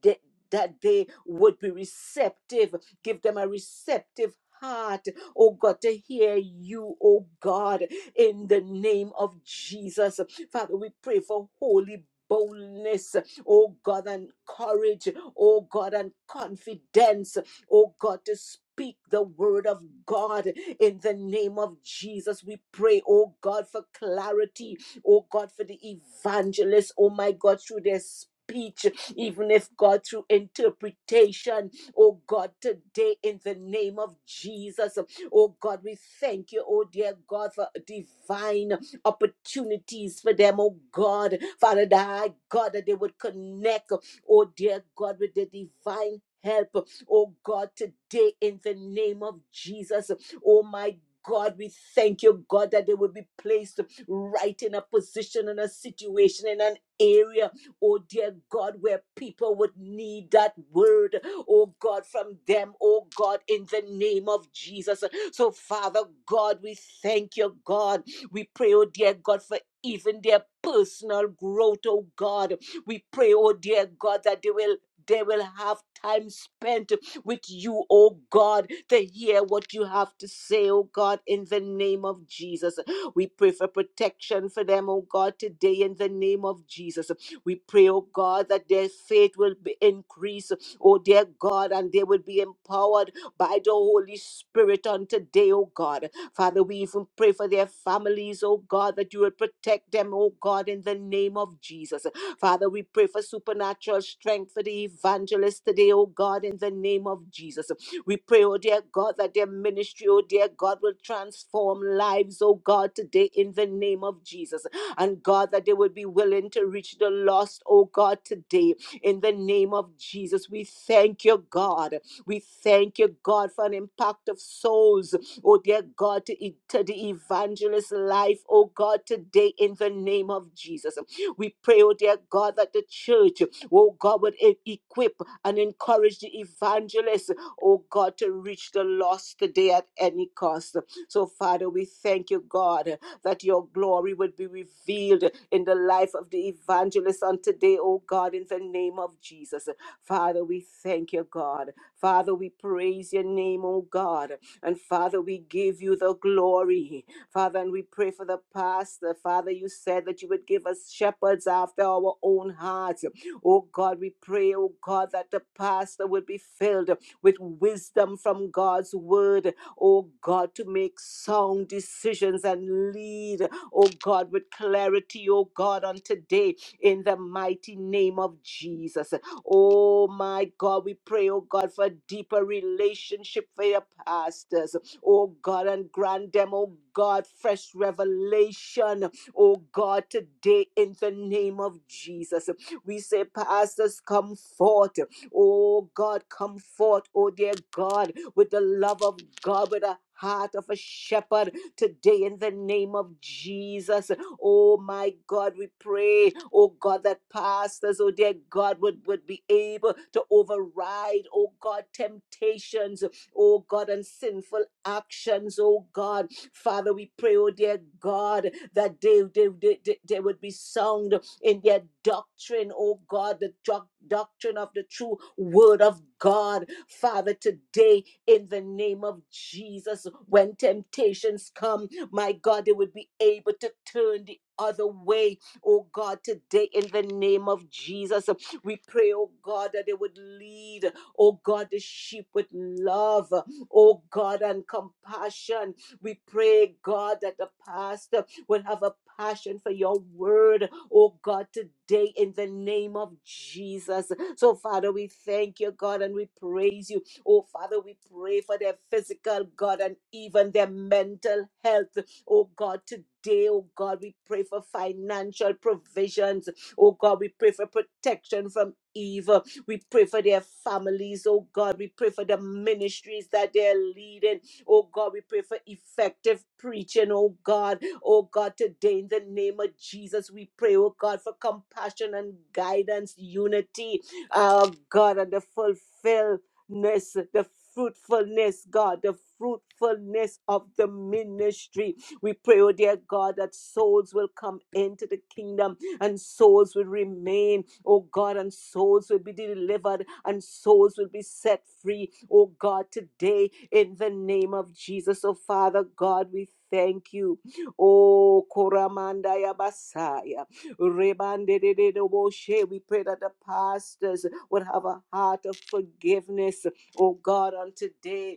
that that they would be receptive. Give them a receptive heart, oh God, to hear you, oh God, in the name of Jesus. Father, we pray for holy boldness, oh God, and courage, oh God, and confidence, oh God, to speak the word of God in the name of Jesus. We pray, oh God, for clarity, oh God, for the evangelists, oh my God, through their speech, even if God, through interpretation, oh God, today in the name of Jesus, oh God, we thank you, oh dear God, for divine opportunities for them, oh God. Father, that I, God, that they would connect, oh dear God, with the divine help, oh God, today in the name of Jesus, oh my God, we thank you, God, that they would be placed right in a position, in a situation, in an area, oh dear God, where people would need that word, oh God, from them, oh God, in the name of Jesus. So, Father God, we thank you, God. We pray, oh dear God, for even their personal growth, oh God. We pray, oh dear God, that they will they will have time spent with you, oh God, to hear what you have to say, oh God, in the name of Jesus. We pray for protection for them, oh God, today in the name of Jesus. We pray, oh God, that their faith will be increased, oh dear God, and they will be empowered by the Holy Spirit on today, oh God. Father, we even pray for their families, oh God, that you will protect them, oh God, in the name of Jesus. Father, we pray for supernatural strength for the evangelist today, oh God, in the name of Jesus. We pray, oh dear God, that their ministry, oh dear God, will transform lives, oh God, today in the name of Jesus. And God, that they would be willing to reach the lost, oh God, today in the name of Jesus. We thank you, God. We thank you, God, for an impact of souls oh dear God, to, e- to the evangelist life, oh God, today in the name of Jesus. We pray, oh dear God, that the church, oh God, would e- equip and encourage the evangelists, oh God, to reach the lost today at any cost. So, Father, we thank you, God, that your glory would be revealed in the life of the evangelist on today, oh God, in the name of Jesus. Father, we thank you, God. Father, we praise your name, oh God. And Father, we give you the glory. Father, and we pray for the pastor. Father, you said that you would give us shepherds after our own hearts. Oh God, we pray, oh God, that the pastor would be filled with wisdom from God's word. Oh God, to make sound decisions and lead, oh God, with clarity, oh God, on today in the mighty name of Jesus. Oh my God, we pray, oh God, for a deeper relationship for your pastors. Oh God, and grant them, oh God, fresh revelation. Oh God, today in the name of Jesus. We say, Pastors, come forth. Oh God, come forth, oh dear God, with the love of God, with a heart of a shepherd today in the name of Jesus. Oh my God, we pray, oh God, that pastors, oh dear God, would, would be able to override, oh God, temptations, oh God, and sinful actions, oh God. Father, we pray, oh dear God, that they, they, they, they they would be sound in their doctrine, oh God, the doc- doctrine of the true word of God. Father, today, in the name of Jesus, when temptations come, my God, they would be able to turn the other way. Oh God, today in the name of Jesus, we pray, oh God, that they would lead, oh God, the sheep with love, oh God, and compassion. We pray, God, that the pastor would have a passion for your word, oh God, today in the name of Jesus. So, Father, we thank you, God, and we praise you. Oh, Father, we pray for their physical, God, and even their mental health. Oh God, today, oh God, we pray for financial provisions. Oh God, we pray for protection from evil. We pray for their families, oh God. We pray for the ministries that they're leading. Oh God, we pray for effective preaching, oh God. Oh God, today in the name of Jesus, we pray, oh God, for compassion and guidance, unity, oh God, and the fulfillness, the fruitfulness, God, the fruitfulness of the ministry. We pray, oh dear God, that souls will come into the kingdom and souls will remain, oh God, and souls will be delivered and souls will be set free, oh God, today in the name of Jesus. Oh Father God, we thank you. Oh Koramanda Yabasaya. Rebandedededoboshe. We pray that the pastors would have a heart of forgiveness, oh God, on today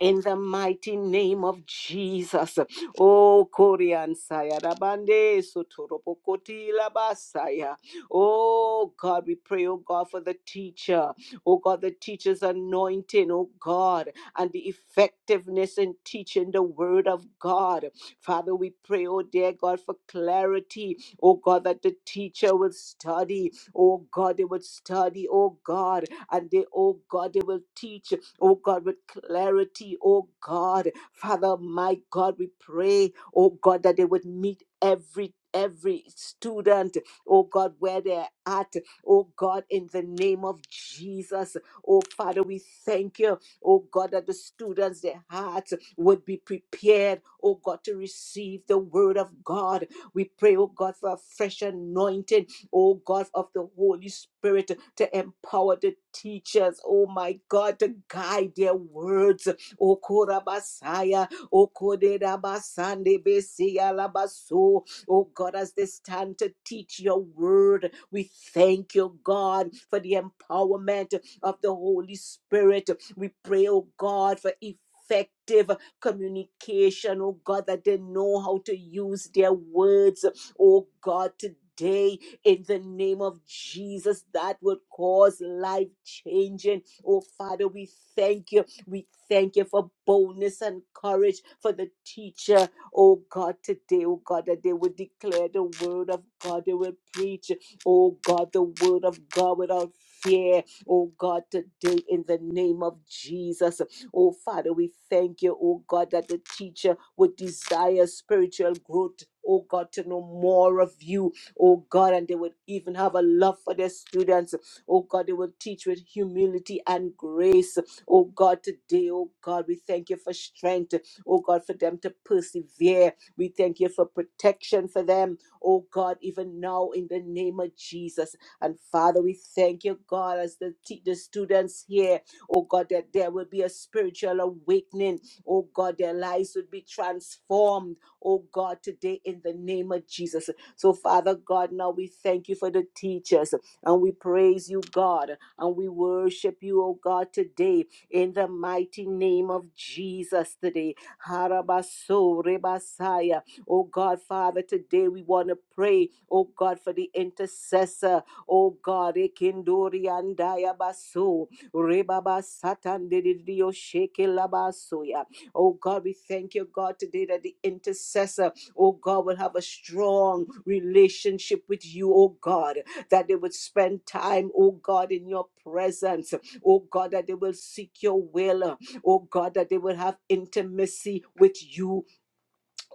in the mighty name of Jesus. Oh, Korean Saya Rabande Sotorobokoti Labasaya. Oh, God, we pray, oh God, for the teacher. Oh, God, the teacher's anointing, oh God, and the effectiveness in teaching the word of God. Father, we pray, oh dear God, for clarity. Oh, God, that the teacher would study. Oh, God, they would study, oh God, and they, oh God, they will teach, oh God, with clarity, oh God. Father, my God, we pray, oh God, that they would meet every every student oh god where they're at oh god in the name of jesus oh father we thank you oh god that the students their hearts would be prepared oh god to receive the word of god we pray oh god for a fresh anointing oh God, of the Holy Spirit to empower the teachers, oh my God, to guide their words. O Korabasaya, O Koderabasande Besia Labaso, oh God, as they stand to teach your word, we thank you, God, for the empowerment of the Holy Spirit. We pray, oh God, for effective communication, oh God, that they know how to use their words, oh God, today in the name of Jesus that would cause life changing. Oh Father, we thank you. We thank you for boldness and courage for the teacher. Oh God, today, oh God, that they would declare the word of God. They will preach, oh God, the word of God without fear. Oh God, today in the name of Jesus. Oh, Father, we thank you, oh God, that the teacher would desire spiritual growth. Oh God, to know more of you. Oh God, and they would even have a love for their students. Oh God, they will teach with humility and grace. Oh God, today, oh God, we thank you for strength. Oh God, for them to persevere. We thank you for protection for them. Oh God, even now in the name of Jesus. And Father, we thank you, God, as the, te- the students here oh God, that there will be a spiritual awakening, oh God, their lives would be transformed, oh God, today in the name of Jesus. So, Father God, now we thank you for the teachers and we praise you, God, and we worship you, oh God, today in the mighty name of Jesus today. Harabaso rebasaya. Oh God, Father, today we want to pray, oh God, for the intercessor, oh God, ekindori and Dayabaso. Rebaba Satan Didio Sheke Labasoya. Oh God, we thank you, God, today that the intercessor, oh God, will have a strong relationship with you, oh God, that they would spend time, oh God, in your presence, oh God, that they will seek your will, oh God, that they will have intimacy with you,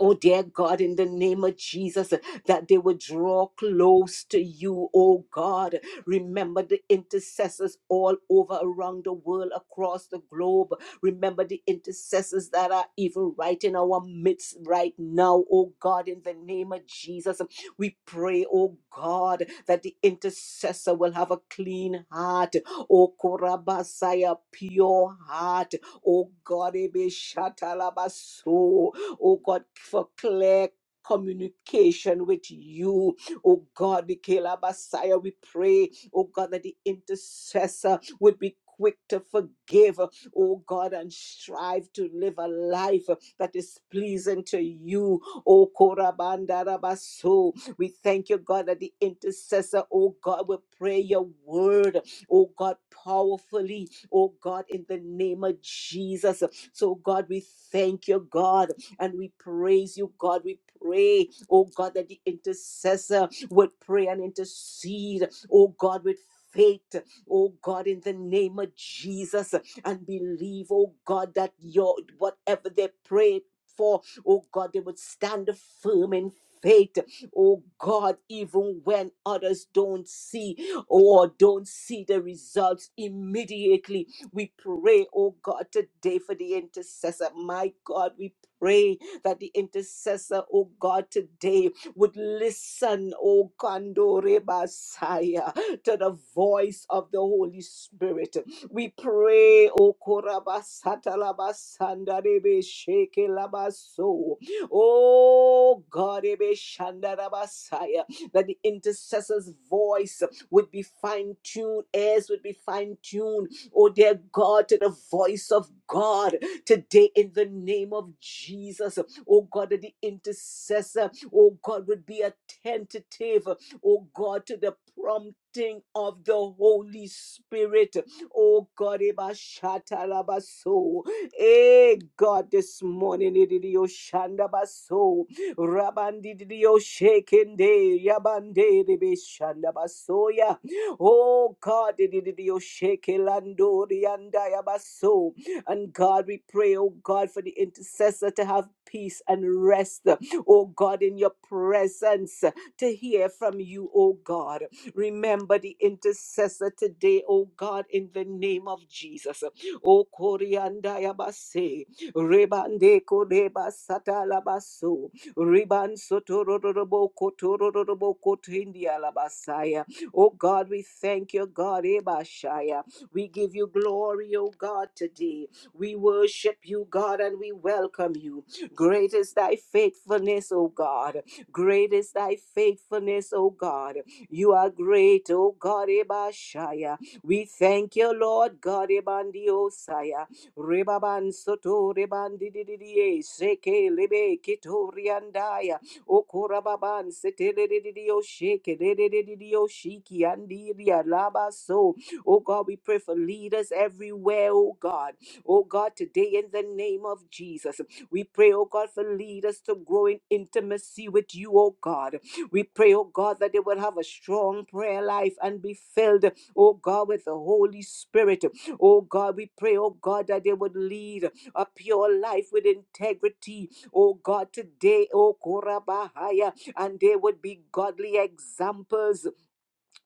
Oh, dear God, in the name of Jesus, that they would draw close to you, oh God. Remember the intercessors all over around the world, across the globe. Remember the intercessors that are even right in our midst right now, oh God, in the name of Jesus. We pray, oh God, that the intercessor will have a clean heart, oh Korabasaya, pure heart, oh God, Ebe Shatalabaso oh God, for clear communication with you. Oh God, Michaela Messiah, we pray, oh God, that the intercessor would be quick to forgive, oh God, and strive to live a life that is pleasing to you. Oh Korabandarabaso. We thank you, God, that the intercessor, oh God, will pray your word, oh God, powerfully, oh God, in the name of Jesus. So, God, we thank you, God. And we praise you, God. We pray, oh God, that the intercessor would pray and intercede, oh God, with faith, oh God, in the name of Jesus, and believe, oh God, that your whatever they prayed for, oh God, they would stand firm in faith, oh God, even when others don't see or don't see the results immediately. We pray, oh God, today for the intercessor. My God, we pray that the intercessor, oh God, today would listen, oh Kandore Basaya, to the voice of the Holy Spirit. We pray, oh Korabasata Labasanda Rebe Sheke Labaso, oh God, Rebe Shanda Rabasaya, that the intercessor's voice would be fine tuned, ears would be fine tuned, oh dear God, to the voice of God today in the name of Jesus. Oh God, that the intercessor, oh God, would be attentive, oh God, to the prompting of the Holy Spirit. Oh God, Eba Shata Laba So. Eh God, this morning, Ididio Shanda Baso, Rabandidio Shekende, Yabande, Rebe Shanda Basoya. Oh God, Ididio Shekelando, Rianda Yabaso. And God, we pray, oh God, for the intercessor to have peace and rest, oh God, in your presence to hear from you, oh God. Remember the intercessor today, oh God, in the name of Jesus. O Oh Koriandayabase, Rebande Koreba Satalabaso, Riban Sotororobo Kotororobo Kotindia labasaya. Oh God, we thank you, God, Ebashaya. We give you glory, oh God, today. We worship you, God, and we welcome you. Great is thy faithfulness, O God. Great is thy faithfulness, O God. You are great, O God, Ebashaya. We thank you, Lord God, Ebandi Osaya. Rebaban Soto Rebandi Didie, Seke Lebe Kitoriandaya, Okorababan Seteledio Sheke, Ledio Shiki, Andiria Laba So. Oh God, we pray for leaders everywhere, oh God. Oh God, today in the name of Jesus, we pray, oh God, for lead us to grow in intimacy with you, oh God. We pray, oh God, that they will have a strong prayer life and be filled, oh God, with the Holy Spirit. Oh God, we pray, oh God, that they would lead a pure life with integrity. Oh God, today, oh Korabahaya, and they would be godly examples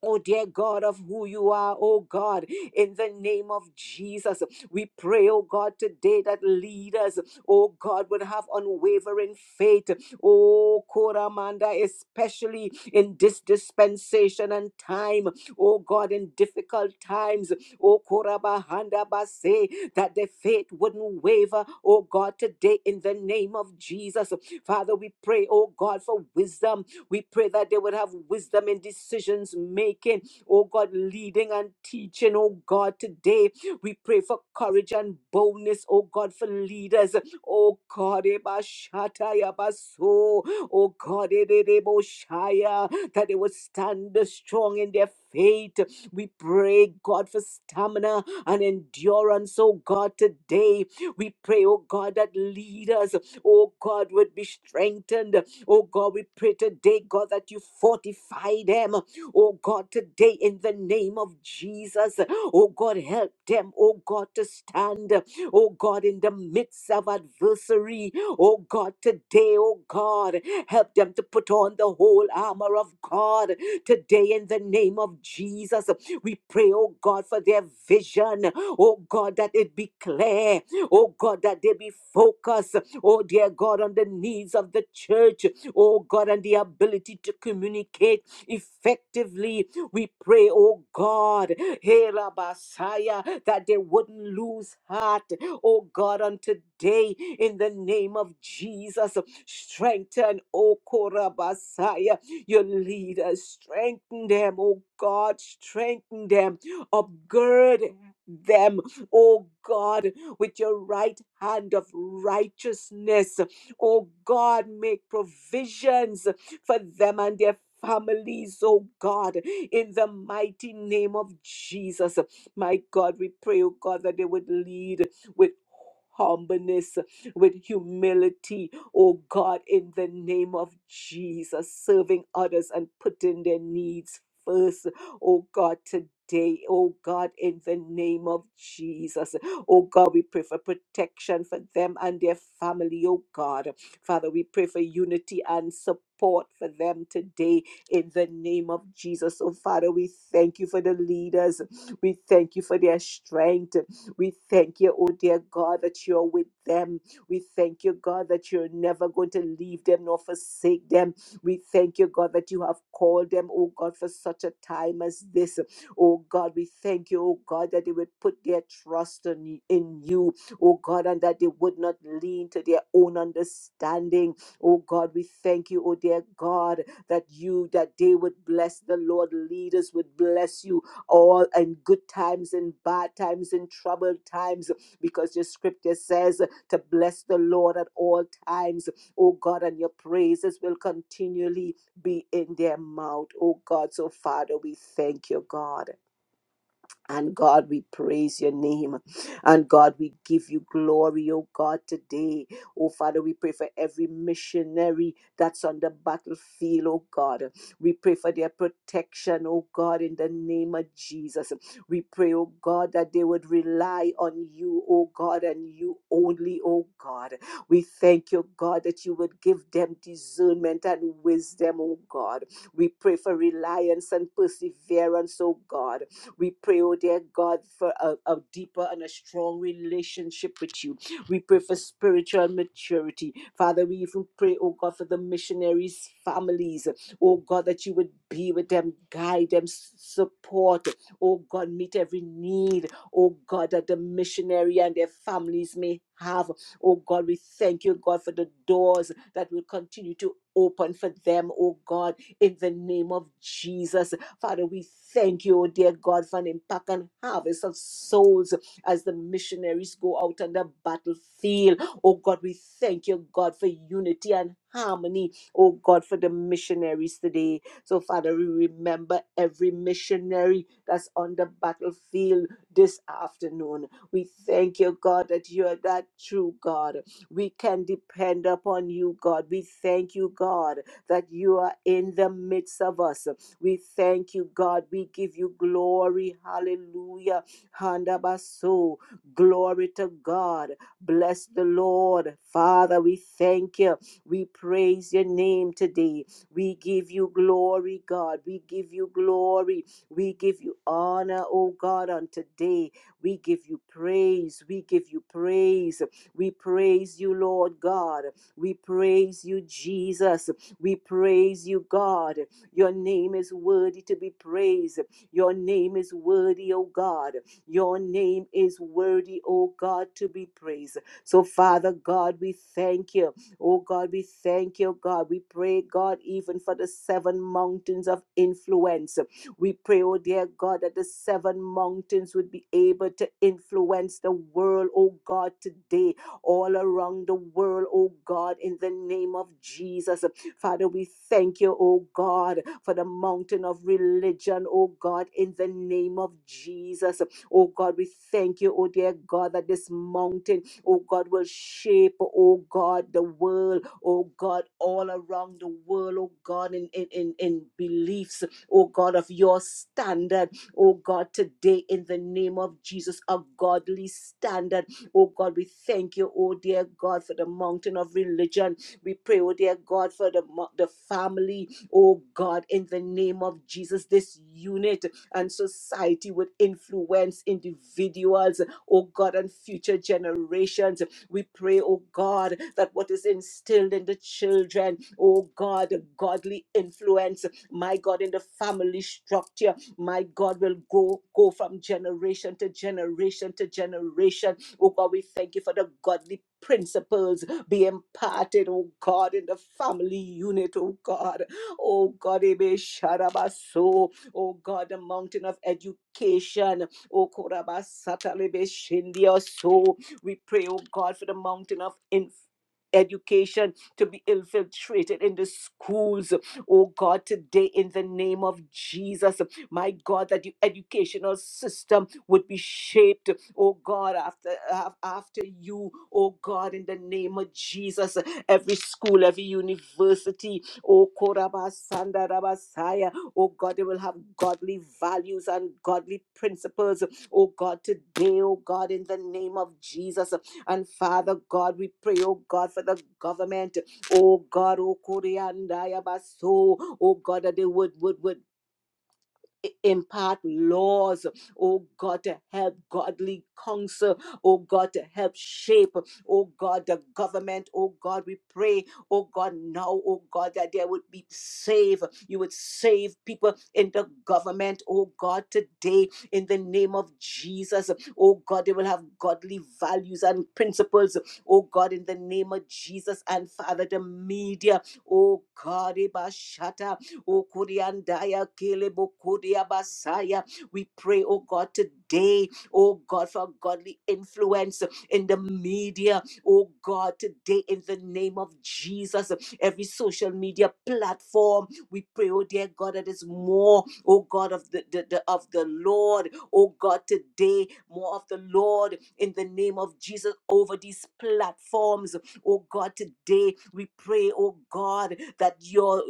Oh, dear God, of who you are, oh God, in the name of Jesus, we pray, oh God, today that leaders, oh God, would have unwavering faith, oh Koramanda, especially in this dispensation and time, oh God, in difficult times, oh Korabahanda Base, that their faith wouldn't waver, oh God, today in the name of Jesus. Father, we pray, oh God, for wisdom we pray that they would have wisdom in decisions making. Oh God, leading and teaching. Oh God, today we pray for courage and boldness. Oh God, for leaders. Oh God, Eba Shatta Yaba So. oh God, Edebo Shaya, that they would stand strong in their faith. We pray, God, for stamina and endurance. Oh God, today we pray, oh God, that leaders, oh God, would be strengthened. Oh God, we pray today, God, that you fortify them. Oh God, today in the name of Jesus. Oh God, help them, oh God, to stand. Oh God, in the midst of adversary. Oh God, today, oh God, help them to put on the whole armor of God. Today, in the name of Jesus, we pray, oh God, for their vision. Oh God, that it be clear. Oh God, that they be focused. Oh dear God, on the needs of the church oh God, and the ability to communicate effectively. We pray, oh God, hey, Rabasaya, that they wouldn't lose heart, oh God, on today in the name of Jesus. Strengthen, oh Korabasaya, your leaders, strengthen them, oh God, strengthen them, upgird them, oh God, with your right hand of righteousness. Oh God, make provisions for them and their families, oh God, in the mighty name of Jesus. My God, we pray, oh God, that they would lead with humbleness, with humility, oh God, in the name of Jesus, serving others and putting their needs first, oh God, today. Oh God, in the name of Jesus. Oh God, we pray for protection for them and their family, oh God. Father, we pray for unity and support for them today in the name of Jesus. Oh Father, we thank you for the leaders. We thank you for their strength. We thank you, oh dear God, that you're with them. We thank you, God, that you're never going to leave them nor forsake them. We thank you, God, that you have called them, oh God, for such a time as this. Oh God, we thank you, oh God, that they would put their trust in, in you, oh God, and that they would not lean to their own understanding. Oh God, we thank you, oh dear God, that you, that they would bless the Lord, leaders would bless you all in good times, in bad times, in troubled times, because your scripture says to bless the Lord at all times, oh God, and your praises will continually be in their mouth, oh God. So, Father, we thank you, God. And God, we praise your name. And God, we give you glory, oh God, today. Oh Father, we pray for every missionary that's on the battlefield, oh God. We pray for their protection, oh God, in the name of Jesus. We pray, oh God, that they would rely on you, oh God, and you only, oh God. We thank you, God, that you would give them discernment and wisdom, oh God. We pray for reliance and perseverance, oh God. We pray, oh dear God, for a, a deeper and a strong relationship with you. We pray for spiritual maturity. Father, we even pray, oh God, for the missionaries' families. Oh God, that you would be with them, guide them, s- support. Oh God, meet every need. Oh God, that the missionary and their families may have. Oh God, we thank you, God, for the doors that will continue to open for them, oh God, in the name of Jesus. Father, we thank you, oh dear God, for an impact and harvest of souls as the missionaries go out on the battlefield. Oh God, we thank you, God, for unity and harmony. Oh God, for the missionaries today. So, Father, we remember every missionary that's on the battlefield this afternoon. We thank you, God, that you are that true God. We can depend upon you, God. We thank you, God, that you are in the midst of us. We thank you, God. We give you glory. Hallelujah. Handabaso. Glory to God. Bless the Lord. Father, we thank you. We praise your name today. We give you glory, God. We give you glory. We give you honor, oh God, on today. We give you praise. We give you praise. We praise you, Lord God. We praise you, Jesus. We praise you, God. Your name is worthy to be praised. Your name is worthy, O God. Your name is worthy, O God, to be praised. So, Father God, we thank you. Oh God, we thank you, God. We pray, God, even for the seven mountains of influence. We pray, oh dear God, that the seven mountains would be able to influence the world, oh God, today, all around the world, oh God, in the name of Jesus. Father, we thank you, oh God, for the mountain of religion, oh God, in the name of Jesus. Oh God, we thank you, oh dear God, that this mountain, oh God, will shape, oh God, the world, oh God, all around the world, oh God, in, in, in, in beliefs, oh God, of your standard, oh God, today in the name of Jesus, a godly standard. Oh God, we thank you, oh dear God, for the mountain of religion we pray, oh dear God, for the, mo- the family, oh God, in the name of Jesus, this unit and society would influence individuals, oh God, and future generations. We pray, oh God, that what is instilled in the children, oh God, a godly influence, my God, in the family structure, my God, will go, go from generation to generation to generation. Oh God, we thank you for the godly principles be imparted, oh God, in the family unit, oh God. Oh God, Ebe Sharabaso, oh God, the mountain of education, oh Korabasatalebe Shindia. So we pray, oh God, for the mountain of inf- Education to be infiltrated in the schools, oh God, today in the name of Jesus. My God, that the educational system would be shaped, oh God, after af- after you, oh God, in the name of Jesus. Every school, every university, oh Korabasanda Rabasaya, oh God, they will have godly values and godly principles, oh God, today, oh God, in the name of Jesus. And Father God, we pray, oh God, for the government, oh God, oh Koreanda Yabaso, oh God, that they would would would impart laws, oh God, to help godly counsel, oh God, to help shape, oh God, the government, oh God, we pray, oh God, now, oh God, that there would be save, you would save people in the government, oh God, today, in the name of Jesus, oh God, they will have godly values and principles, oh God, in the name of Jesus, and Father, the media, oh God, Ibashata. Okuriandaya Kelebokodia Basaya. We pray, oh God, today, oh God, for godly influence in the media, oh God, today in the name of Jesus, every social media platform. We pray, oh dear God, that is more, oh God, of the, the, the of the Lord, oh God, today, more of the Lord in the name of Jesus over these platforms Oh God, today we pray, oh God, that your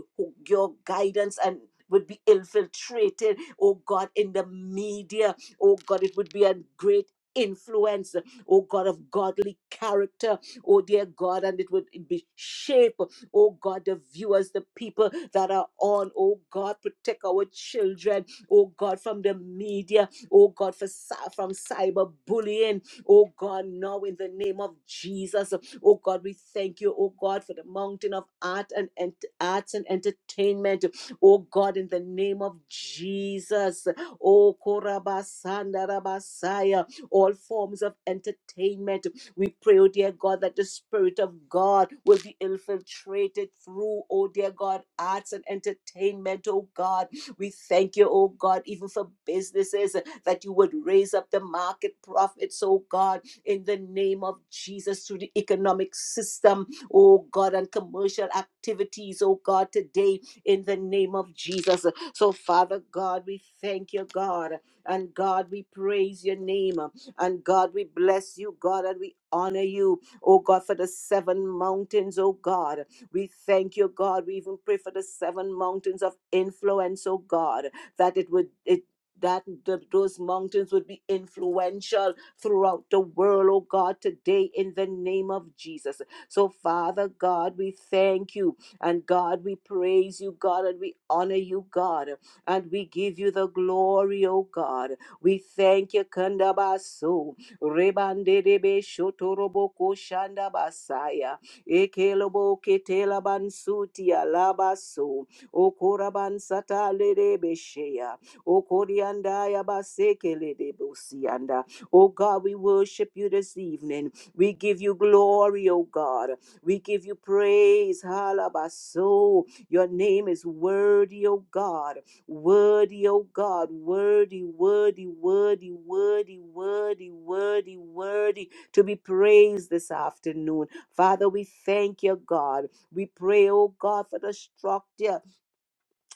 your guidance and would be infiltrated, oh God, in the media. Oh God, it would be a great influence, oh God, of godly character, oh dear God, and it would be shape, oh God, the viewers, the people that are on, oh God, protect our children, oh God, from the media, oh God, for, cy- from cyberbullying, oh God, now in the name of Jesus, Oh God, we thank you, oh God, for the mountain of art and, and arts and entertainment. Oh God, in the name of Jesus. Oh Korabasanda Rabasaya, all forms of entertainment. We pray, oh dear God, that the Spirit of God will be infiltrated through, oh dear God, arts and entertainment, oh God. We thank you, oh God, even for businesses that you would raise up the market profits, oh God in the name of Jesus through the economic system, oh God, and commercial activities, oh God, today in the name of Jesus. So, Father God, we thank you, God, and God, we praise your name, and God, we bless you, God, and we honor you, oh God, for the seven mountains, oh God. We thank you, God. We even pray for the seven mountains of influence, oh God, that it would it that th- those mountains would be influential throughout the world, oh God, today in the name of Jesus. So, Father God, we thank you and God, we praise you, God, and we honor you, God, and we give you the glory, oh God. We thank you, Kandabaso. Rebandedebe Shotoroboko Shandabasaya. Ekelobo Ketela Bansutia Labaso. Okoraban Sata Ledebe Shea. Okoriandaya Baseke Ledebosianda. Oh God, we worship you this evening. We give you glory, oh God. We give you praise. Halabaso. Your name is worthy, oh God. Worthy, oh God. Worthy, worthy, worthy, worthy, worthy, worthy, worthy to be praised this afternoon. Father, we thank you, God. We pray, oh God, for the structure.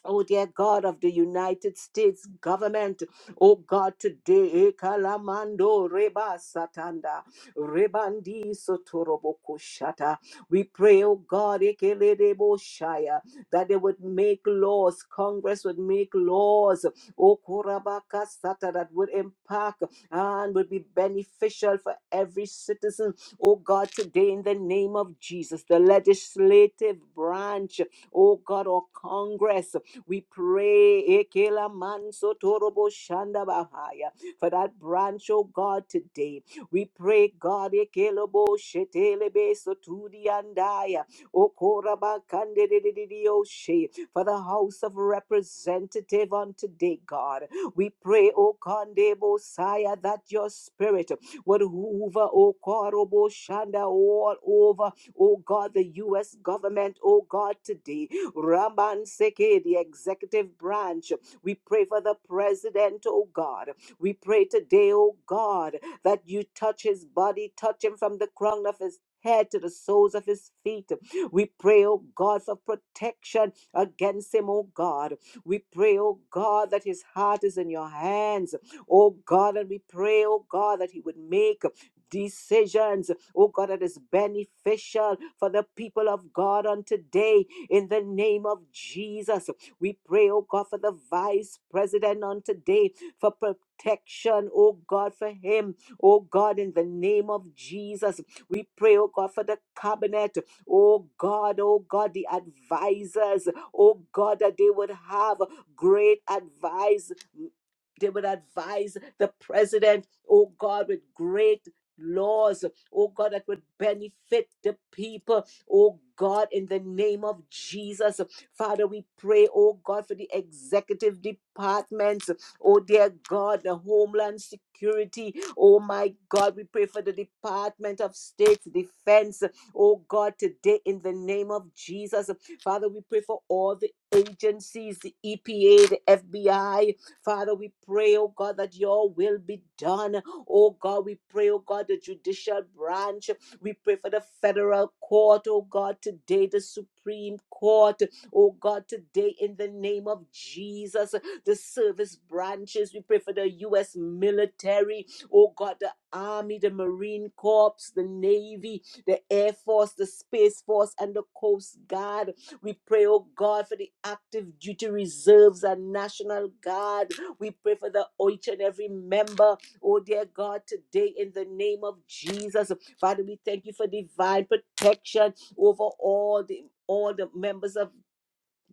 Oh, dear God of the United States government, oh God, today, ekalamando Reba Satanda, Rebandi Sotoroboko Shata. We pray, oh God, Ekelebo Shaya, that they would make laws, Congress would make laws, oh Korabaka Sata, that would impact and would be beneficial for every citizen, oh God, today, in the name of Jesus, the legislative branch, oh God, or Congress. We pray Ekela Manso Torobo Shanda Bahaya, for that branch, oh God, today. We pray, God, Ekelebo Shetelebe Sotudi Andaya, Okoraba Kandidididioshe, for the House of Representative on today, God. We pray, O Kandebo Saya, that your spirit would hoover, O Korobo Shanda, all over, O God, the U.S. government, O God, today. Raman Seke, the executive branch. We pray for the president, oh God. We pray today, oh God, that you touch his body, touch him from the crown of his head to the soles of his feet. We pray, oh God, for protection against him, oh God. We pray, oh God, that his heart is in your hands, oh God, and we pray, oh God, that he would make decisions, oh God, that is beneficial for the people of God on today. In the name of Jesus, we pray, oh God, for the vice president on today, for protection, oh God, for him, oh God, in the name of Jesus. We pray, oh God, for the cabinet, oh God, oh God, the advisors, oh God, that they would have great advice they would advise the president, oh God, with great laws, oh God, that would benefit the people, oh God, in the name of Jesus. Father, we pray, oh God, for the executive departments, oh dear God, the Homeland Security, oh my God, we pray for the Department of State Defense, oh God, today in the name of Jesus. Father, we pray for all the agencies, the EPA, the FBI, Father, we pray, oh God, that your will be done. Oh God, we pray, oh God, the judicial branch. We pray for the federal court, oh God, today, the Supreme Court, oh God, today, in the name of Jesus, the service branches. We pray for the U.S. military, oh God, the Army, the Marine Corps, the Navy, the Air Force, the Space Force, and the Coast Guard. We pray, oh God, for the active duty reserves and National Guard. We pray for the oh, each and every member, oh dear God, today in the name of Jesus. Father, we thank you for divine protection over all the all the members of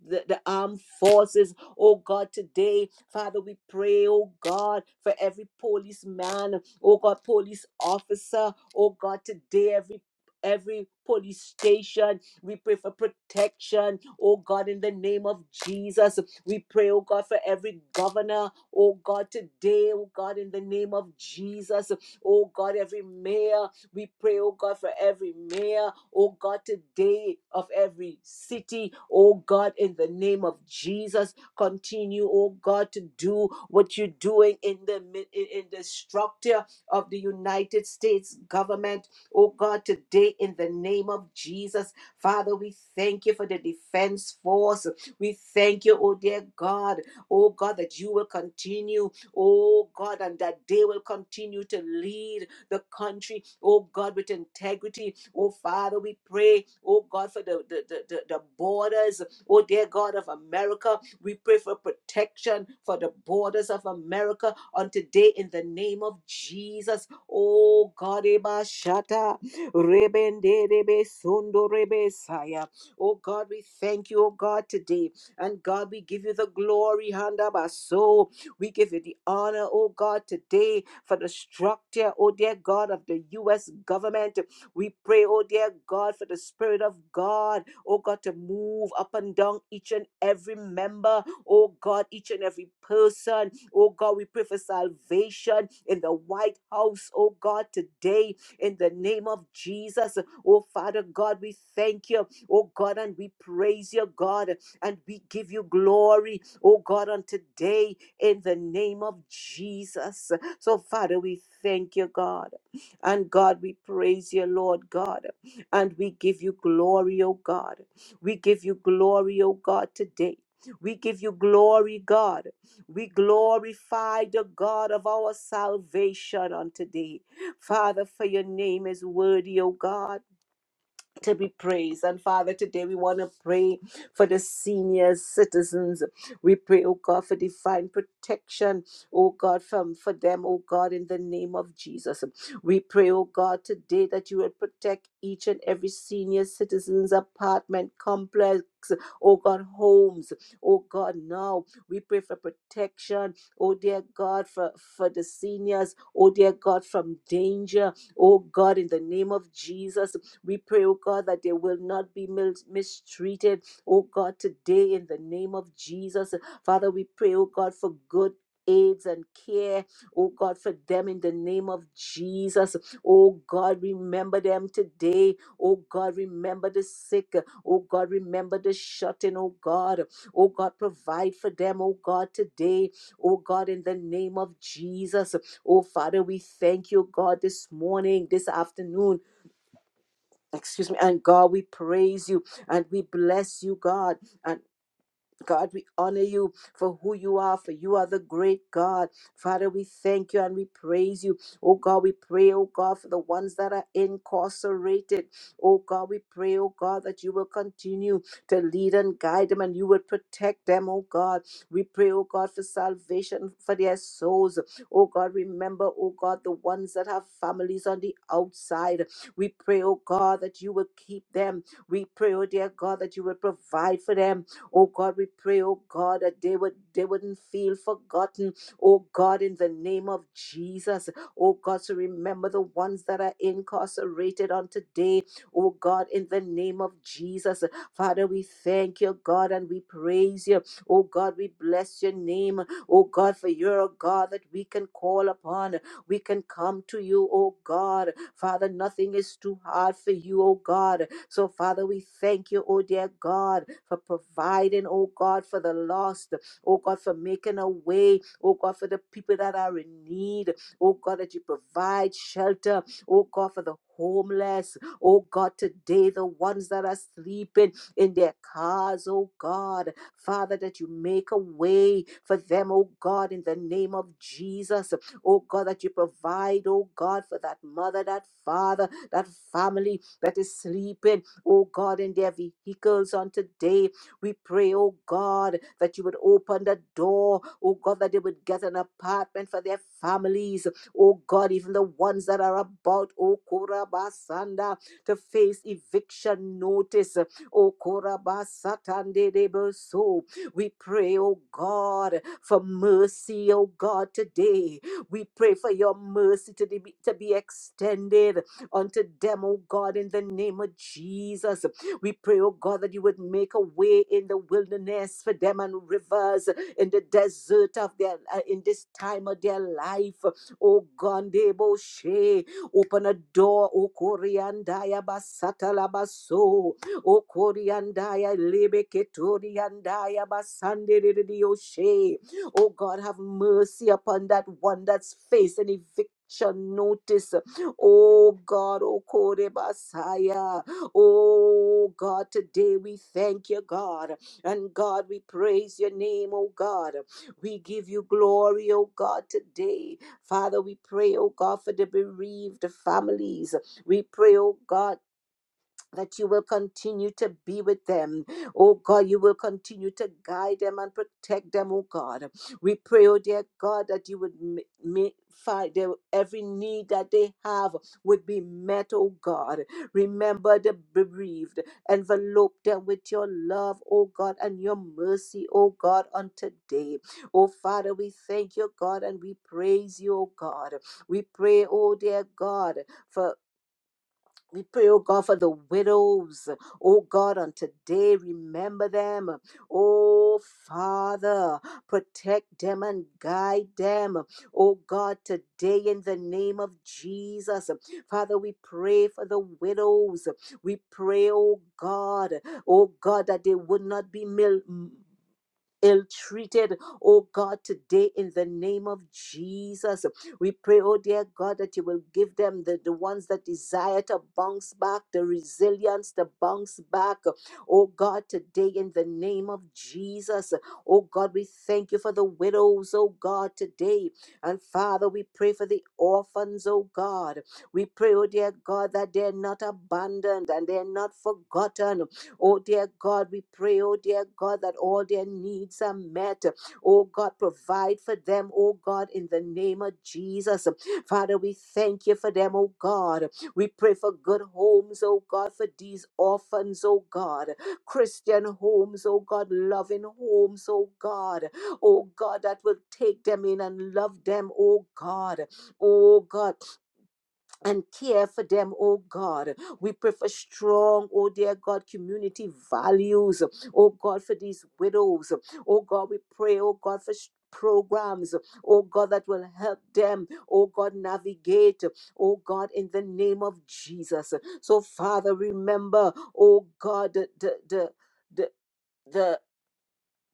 the, the armed forces. Oh God, today, Father, we pray, oh God, for every policeman, oh God, police officer, oh God, today, every Every police station, we pray for protection, oh God, in the name of Jesus. We pray, oh God, for every governor, oh God, today, oh God, in the name of Jesus, oh God, every mayor, we pray, oh God, for every mayor, oh God, today of every city, oh God, in the name of Jesus. Continue, oh God, to do what you're doing in the mi- in, in the structure of the United States government, oh God, today in the name of Jesus. Father, we thank you for the defense force. We thank you, oh dear God, oh God, that you will continue, oh God, and that they will continue to lead the country, oh God, with integrity. Oh Father, we pray, oh God, for the, the, the, the, the borders, oh dear God of America. We pray for protection for the borders of America on today in the name of Jesus. Oh God, Eba Shata, Rebende Rebe Sundo Rebe Saya. Oh God, we thank you, oh God, today. And God, we give you the glory, Handa Baso. We give you the honor, oh God, today for the structure, oh dear God, of the U.S. government. We pray, oh dear God, for the Spirit of God, oh God, to move up and down each and every member, oh God, each and every person. Oh God, we pray for salvation in the White House, oh God, today in the name of Jesus. Oh Father God, we thank you, oh God, and we praise you, God, and we give you glory, oh God, on today in the name of Jesus. So, Father, we thank you, God. And God, we praise you, Lord God. And we give you glory, O God. We give you glory, O God, today. We give you glory, God. We glorify the God of our salvation on today. Father, for your name is worthy, O God to be praised. And Father, today we want to pray for the senior citizens. We pray, oh God, for divine protection, oh God, from for them, oh God, in the name of Jesus. We pray, oh God, today that you will protect each and every senior citizens apartment complex. Oh God, homes. Oh God, now we pray for protection. Oh dear God, for, for the seniors. Oh dear God, from danger. Oh God, in the name of Jesus. We pray, oh God, that they will not be mis- mistreated, oh God, today in the name of Jesus. Father, we pray, oh God, for good. Aids and care, oh God, for them in the name of Jesus. Oh God, remember them today. Oh God, remember the sick. Oh God, remember the shut in. Oh God, oh God, provide for them. Oh God, today. Oh God, in the name of Jesus. Oh Father, we thank you, God, this morning, this afternoon. Excuse me, and God, we praise you and we bless you, God. And God, we honor you for who you are, for you are the great God. Father, we thank you and we praise you. Oh God, we pray, oh God, for the ones that are incarcerated. Oh God, we pray, oh God, that you will continue to lead and guide them and you will protect them, oh God. We pray, oh God, for salvation for their souls. Oh God, remember, oh God, the ones that have families on the outside. We pray, oh God, that you will keep them. We pray, oh dear God, that you will provide for them. Oh God, we pray, oh God, that they would they wouldn't feel forgotten. Oh God, in the name of Jesus. Oh God, so remember the ones that are incarcerated on today. Oh God, in the name of Jesus. Father, we thank you, God, and we praise you. Oh God, we bless your name. Oh God, for you're a God that we can call upon. We can come to you, oh God. Father, nothing is too hard for you, oh God. So, Father, we thank you, oh dear God, for providing, oh God, for the lost, oh God, for making a way, oh God, for the people that are in need, oh God, that you provide shelter, oh God, for the homeless, oh God, today, the ones that are sleeping in their cars, oh God, Father, that you make a way for them, oh God, in the name of Jesus, oh God, that you provide, oh God, for that mother, that father, that family that is sleeping, oh God, in their vehicles on today. We pray, oh God, that you would open the door, oh God, that they would get an apartment for their families, oh God, even the ones that are about, oh Korabasanda, to face eviction notice, oh Korabasatande debo so. We pray, oh God, for mercy, oh God, today. We pray for your mercy to be, to be extended unto them, oh God, in the name of Jesus. We pray, oh God, that you would make a way in the wilderness for them and rivers in the desert of their uh, in this time of their life. Oh God, Debo She, open a door, oh Koriandaya Basatalabaso, oh Koriandaya Lebeketoriandaya She. Oh God, have mercy upon that one that's facing eviction notice. Oh God, oh Kore Messiah. Oh God, today we thank you, God. And God, we praise your name, oh God. We give you glory, oh God, today. Father, we pray, oh God, for the bereaved families. We pray, oh God that you will continue to be with them. Oh God, you will continue to guide them and protect them, oh God. We pray, oh dear God, that you would m- m- find their every need that they have would be met, oh God. Remember the bereaved, envelope them with your love, oh God, and your mercy, oh God, on today. Oh Father, we thank you, God, and we praise you, oh God. We pray, oh dear God, for we pray, oh God, for the widows. Oh God, on today, remember them. Oh Father, protect them and guide them. Oh God, today in the name of Jesus. Father, we pray for the widows. We pray, oh God, oh God, that they would not be mil- ill treated. Oh God, today in the name of Jesus, we pray, oh dear God, that you will give them the, the ones that desire to bounce back, the resilience to bounce back. Oh God, today in the name of Jesus, oh God, we thank you for the widows, oh God, today. And Father, we pray for the orphans, oh God. We pray, oh dear God, that they're not abandoned and they're not forgotten. Oh, dear God, we pray, oh, dear God, that all their needs are met. Oh, God, provide for them, oh, God, in the name of Jesus. Father, we thank you for them, oh, God. We pray for good homes, oh, God, for these orphans, oh, God. Christian homes, oh, God, loving homes, oh, God. Oh, God, that will take them in and love them, oh, God. Oh, God and care for them, oh God. We pray for strong, oh dear God, community values, oh God, for these widows. Oh God, we pray, oh God, for s- programs, oh God, that will help them, oh God, navigate, oh God, in the name of Jesus. So, Father, remember, oh God, the, the, the, the the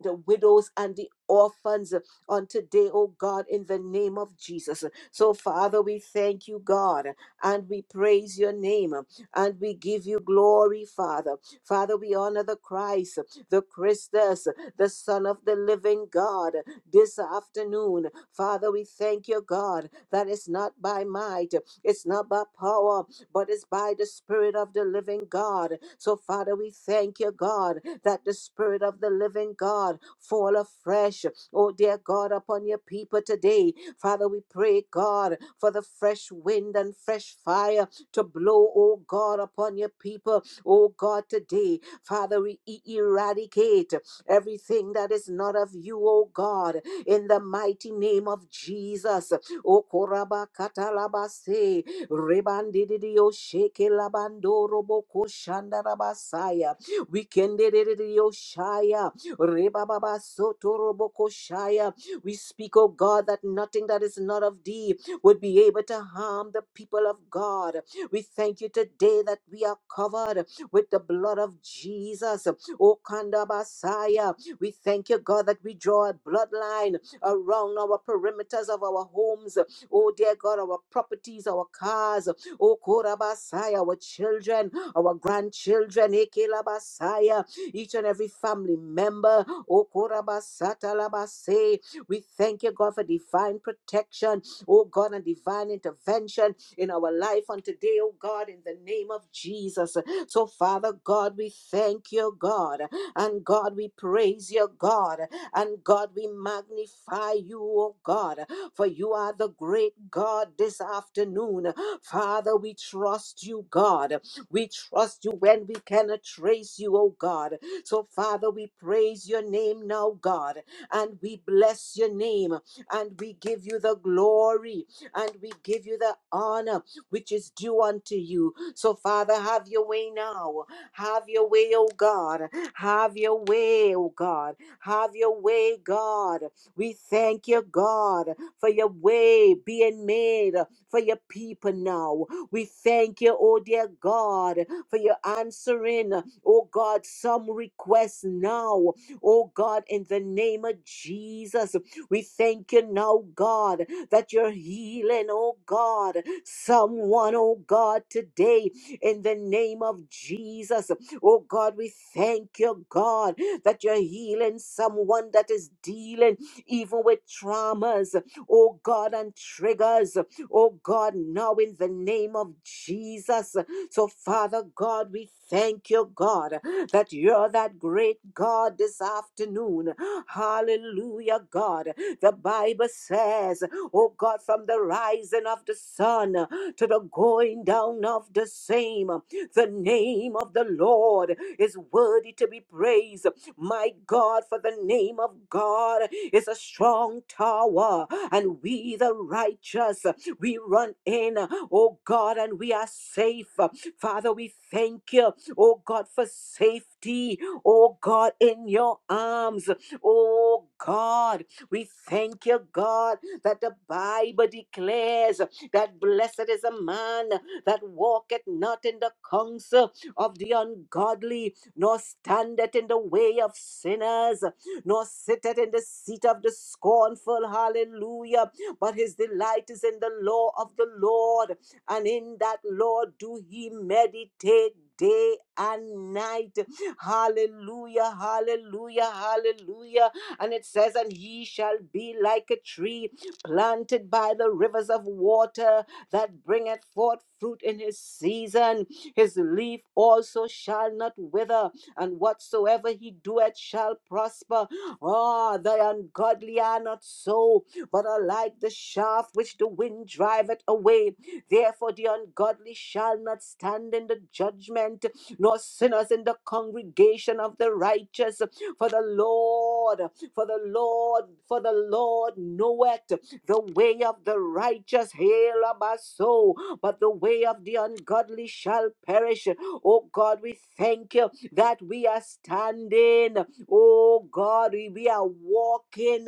the widows and the orphans on today, oh God, in the name of Jesus. So, Father, we thank you, God, and we praise your name and we give you glory, Father. Father, we honor the Christ, the Christus, the Son of the living God this afternoon. Father, we thank you, God, that it's not by might, it's not by power, but it's by the Spirit of the living God. So, Father, we thank you, God, that the Spirit of the living God fall afresh, oh dear God, upon your people today. Father, we pray, God, for the fresh wind and fresh fire to blow, oh God, upon your people, oh God, today. Father, we eradicate everything that is not of you, O God, in the mighty name of Jesus. O koraba katalabase, rebandidio sheke labando roboko shandarabasaya, wikendidio shaya, rebababa soto roboko shaya. We speak, O God, that nothing that is not of thee would be able to harm the people of God. We thank you today that we are covered with the blood of Jesus. O Kandabasaya. We thank you, God, that we draw a bloodline around our perimeters of our homes. Oh, dear God, our properties, our cars. Oh, Korabasaya, our children, our grandchildren. Ekelabasaya each and every family member. O Oh, Korabasatalabase. We thank you, God, for divine protection, oh God, and divine intervention in our life on today, oh God, in the name of Jesus. So, Father God, we thank you, God, and God, we praise you, God. God. And God, we magnify you, O God, for you are the great God this afternoon. Father, we trust you, God. We trust you when we cannot trace you, O God. So, Father, we praise your name now, God, and we bless your name and we give you the glory and we give you the honor which is due unto you. So, Father, have your way now. Have your way, O God. Have your way, O God. Have your way, God. We thank you, God, for your way being made for your people now. We thank you, oh dear God, for your answering, oh God, some requests now. Oh God, in the name of Jesus. We thank you now, God, that you're healing, oh God, someone, oh God, today in the name of Jesus. Oh God, we thank you, God, that you're healing someone that is dealing even with traumas, oh God, and triggers. Oh God, now in the name of Jesus. So, Father God, we thank you, God, that you're that great God this afternoon. Hallelujah, God. The Bible says, oh God, from the rising of the sun to the going down of the same, the name of the Lord is worthy to be praised. My God, for the name of God is a strong tower, and we, the righteous, we run in, oh God, and we are safe. Father, we thank you, oh God, for safety, oh God, in your arms, oh God. We thank you, God, that the Bible declares that blessed is a man that walketh not in the counsel of the ungodly, nor standeth in the way of sinners, nor sitteth in the seat of the scornful. Hallelujah. But his delight is in the law of the Lord, and in that law do he meditate day and night. Hallelujah, hallelujah, hallelujah. And it says, And he shall be like a tree planted by the rivers of water that bringeth forth fruit in his season his leaf also shall not wither, and whatsoever he doeth shall prosper. Ah, the ungodly are not so, but are like the shaft which the wind driveth away. Therefore, the ungodly shall not stand in the judgment, nor sinners in the congregation of the righteous. For the Lord, for the Lord, for the Lord knoweth. The way of the righteous, hail of our soul, but the way of the ungodly shall perish. Oh God, we thank you that we are standing. Oh God, we we are walking.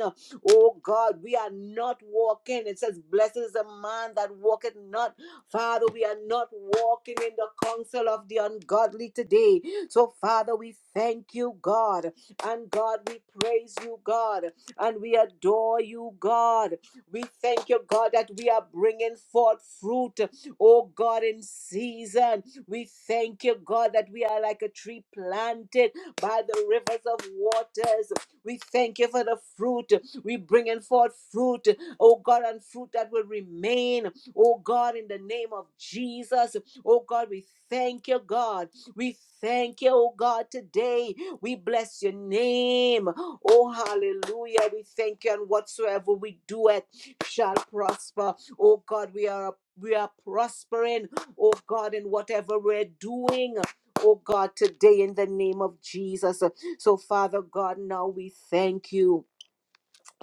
Oh God, we are not walking. It says, Blessed is the man that walketh not Father, we are not walking in the counsel of the ungodly today. So, Father, we thank you, God. And God, we praise you, God. And we adore you, God. We thank you, God, that we are bringing forth fruit, oh God, in season. We thank you, God, that we are like a tree planted by the rivers of waters. We thank you for the fruit. We bringing forth fruit, oh God, and fruit that will remain, oh God, in the name of Jesus. Oh God, we thank you, God. We thank you, oh God, today we bless your name. Oh, hallelujah. We thank you, and whatsoever we do it shall prosper. Oh, God, we are. We are prospering, oh God, in whatever we're doing, oh God, today in the name of Jesus. So, Father God, now we thank you.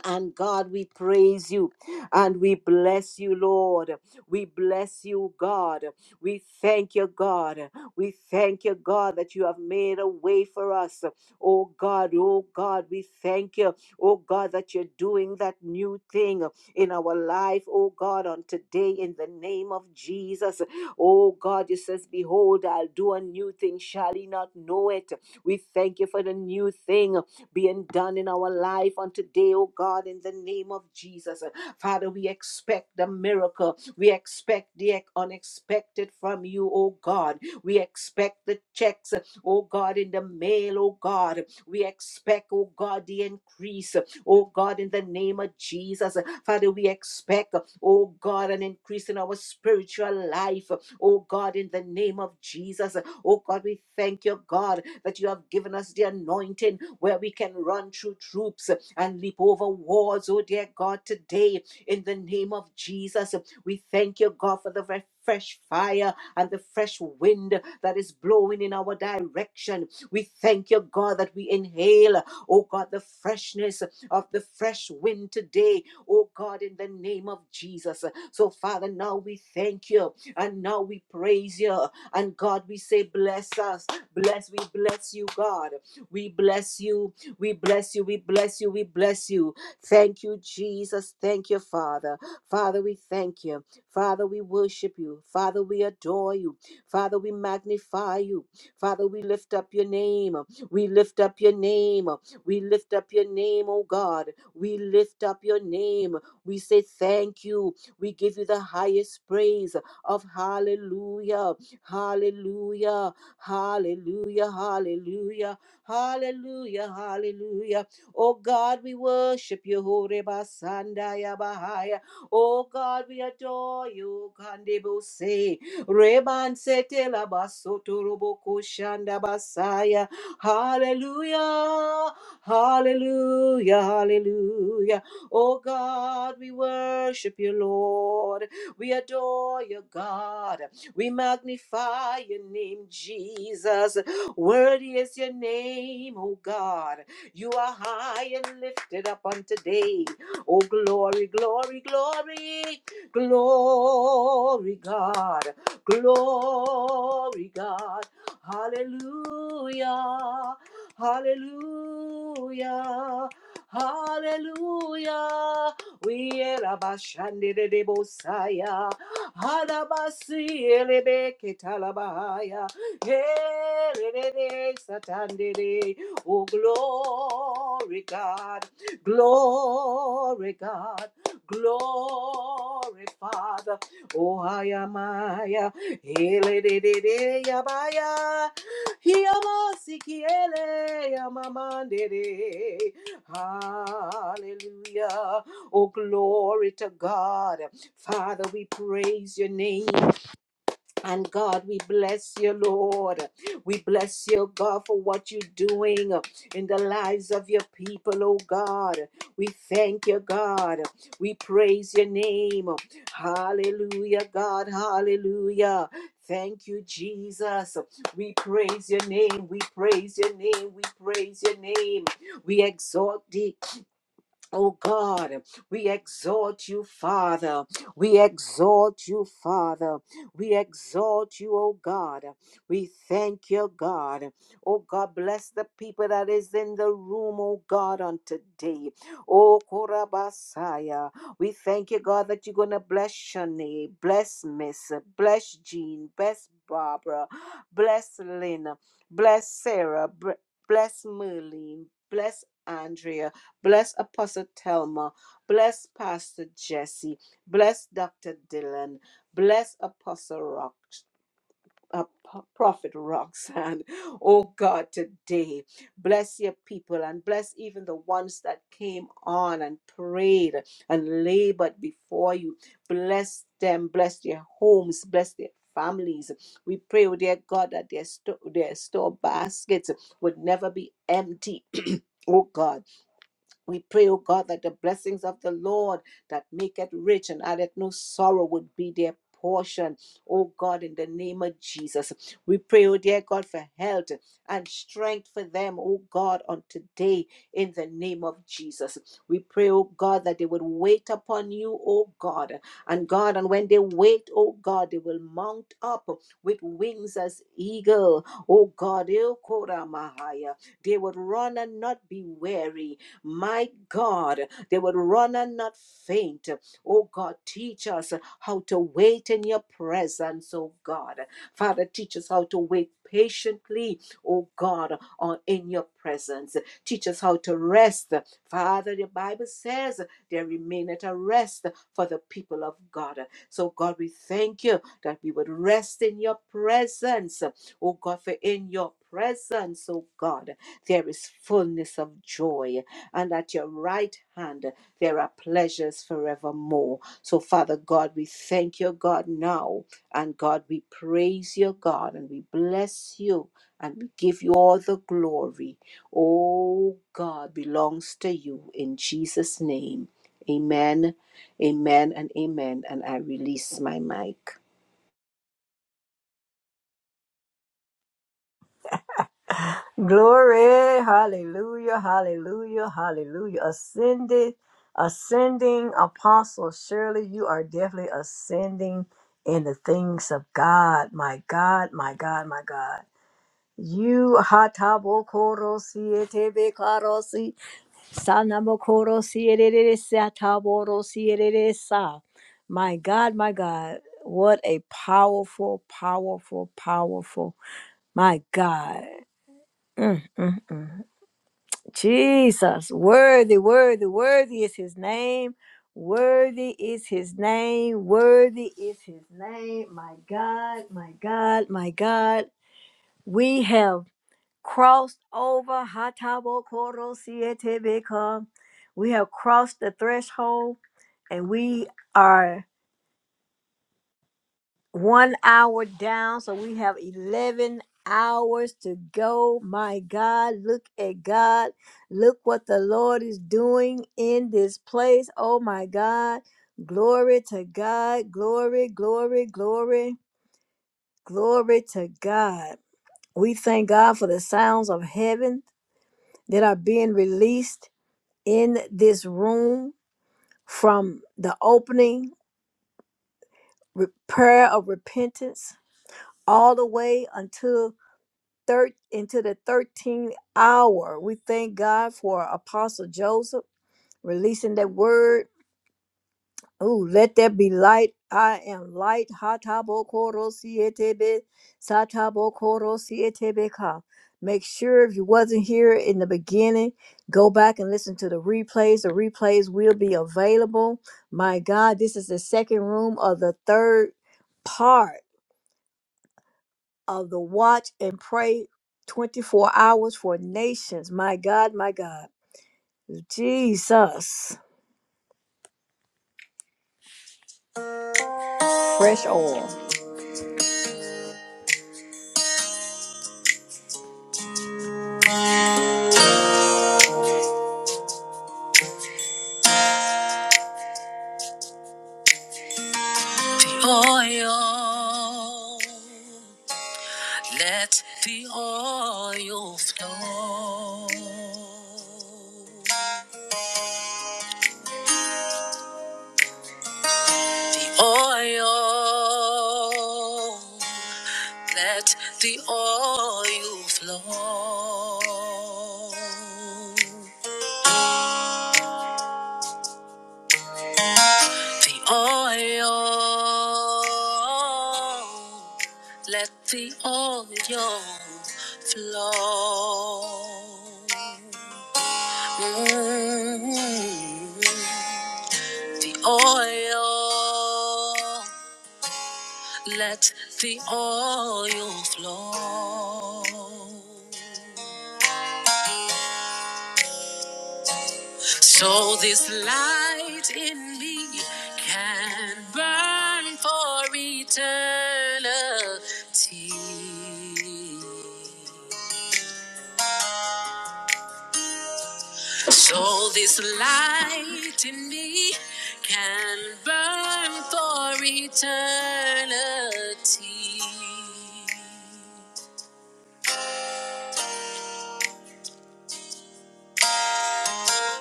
And God, we praise you and we bless you, Lord. We bless you, God. We thank you, God. We thank you, God, that you have made a way for us. Oh God, oh God, we thank you. Oh God, that you're doing that new thing in our life. Oh God, on today, in the name of Jesus. Oh God, you says, Behold, I'll do a new thing. Shall ye not know it? We thank you for the new thing being done in our life on today, oh God, in the name of Jesus. Father, we expect the miracle. We expect the unexpected from you, oh God. We expect the checks, oh God, in the mail, oh God. We expect, oh God, the increase, oh God, in the name of Jesus. Father, we expect, oh God, an increase in our spiritual life, oh God, in the name of Jesus. Oh God, we thank you, God, that you have given us the anointing where we can run through troops and leap over walls. Oh dear God, today in the name of Jesus, we thank you, God, for the very fresh fire and the fresh wind that is blowing in our direction we thank you, God, that we inhale, oh God, the freshness of the fresh wind today, oh God, in the name of Jesus. So, Father, now we thank you and now we praise you. And God, we say, bless us. Bless, we bless you, God. We bless you. We bless you. We bless you. We bless you. Thank you, Jesus. Thank you, Father. Father, we thank you. Father, we worship you. Father, we adore you. Father, we magnify you. Father, we lift up your name. We lift up your name. We lift up your name, oh God. We lift up your name. We say thank you. We give you the highest praise of hallelujah. Hallelujah. Hallelujah. Hallelujah. Hallelujah. Hallelujah. Oh God, we worship you. Horeba Sandaya Bahaya. Oh God, we adore you. Kandebo say. Reban setela basoto roboko shanda basaya. Hallelujah, hallelujah, hallelujah. Oh God, we worship you, Lord. We adore you, God. We magnify your name, Jesus. Worthy is your name, oh God. You are high and lifted up on today. Oh, glory, glory, glory, glory, God. Glory, God. Hallelujah. Hallelujah. Hallelujah. We erabashandere bosaya. Halabasi elebe ketalabaya. Herere satandere. Oh, glory, God. Glory, God. Glory, Father. Oh, I am I. Elelelele yabaya. Hiamasikiele yamamandere. Hallelujah. Oh, glory to God. Father, we praise your name. And God, we bless you, Lord. We bless you, God, for what you're doing in the lives of your people, oh God. We thank you, God. We praise your name. Hallelujah, God. Hallelujah. Thank you, Jesus. We praise your name. We praise your name. We praise your name. We exalt thee, Oh God, we exalt you, Father. We exalt you, Father. We exalt you, oh God. We thank you, God. Oh God, bless the people that is in the room, oh God, on today. Oh Korabasaya. We thank you, God, that you're gonna bless Shanae, bless Miss, bless Jean, bless Barbara, bless Lynn, bless Sarah, br- bless Merlene, bless Andrea. Bless Apostle Thelma. Bless Pastor Jesse. Bless Dr. Dylan. Bless Apostle Rock. Uh, P- Prophet Roxanne, <laughs> oh God, today bless your people and bless even the ones that came on and prayed and labored before you. Bless them, bless their homes, bless their families. We pray, oh dear God, that their, sto- their store baskets would never be empty. <clears throat> Oh God, we pray, O God, that the blessings of the Lord that maketh rich and addeth no sorrow would be their portion. O God, in the name of Jesus. We pray, O dear God, for health and strength for them, O God, on today, in the name of Jesus. We pray, O God, that they would wait upon you, O God. And God, and when they wait, O God, they will mount up with wings as eagle. O God, Ilkora Mahaya. They would run and not be weary my God, they would run and not faint. Oh God, teach us how to wait in your presence, oh God. Father, teach us how to wait patiently, oh God, on in your presence. Teach us how to rest. Father, the Bible says there remaineth a rest for the people of God. So God, we thank you that we would rest in your presence. Oh God, for in your presence, oh God there is fullness of joy, and at your right hand there are pleasures forevermore. So, Father God, we thank you, God, now, and God, we praise you, God, and we bless you, and we give you all the glory. Oh, God belongs to you in Jesus' name. Amen, amen, and amen. And I release my mic.
Glory, hallelujah, hallelujah, hallelujah. Ascended, ascending apostle. Surely you are definitely ascending in the things of God. My God, my God, my God. You hatabo korosi etebe karosi sanamo korosi erere sataborosi erere sa. My God, my God. What a powerful, powerful, powerful, my God. Mm, mm, mm. Jesus, worthy, worthy, worthy is his name. Worthy is his name. Worthy is his name. My God, my God, my God. We have crossed over Hatabo Koro Sietebeka. We have crossed the threshold and we are one hour down, so we have 11 hours to go. My God, look at God. Look what the Lord is doing in this place. Oh, my God. Glory to God. Glory, glory, glory, glory to God. We thank God for the sounds of heaven that are being released in this room from the opening re- prayer of repentance all the way until thir- into the 13th hour. We thank God for Apostle Joseph releasing that word. Ooh, let there be light. I am light. Hatabokoro sietebe, satabokoro sietebeka. Make sure if you wasn't here in the beginning, go back and listen to the replays. The replays will be available. My God, this is the second room of the third part of the watch and pray 24 hours for nations. My God, my God. Jesus. Fresh oil. The oil. Let the oil flow. The oil. Let the oil flow. the oil. Let the oil flow. Mm. The oil. Let the oil flow. So this light in me can burn for eternity. So this light in me can burn for eternity.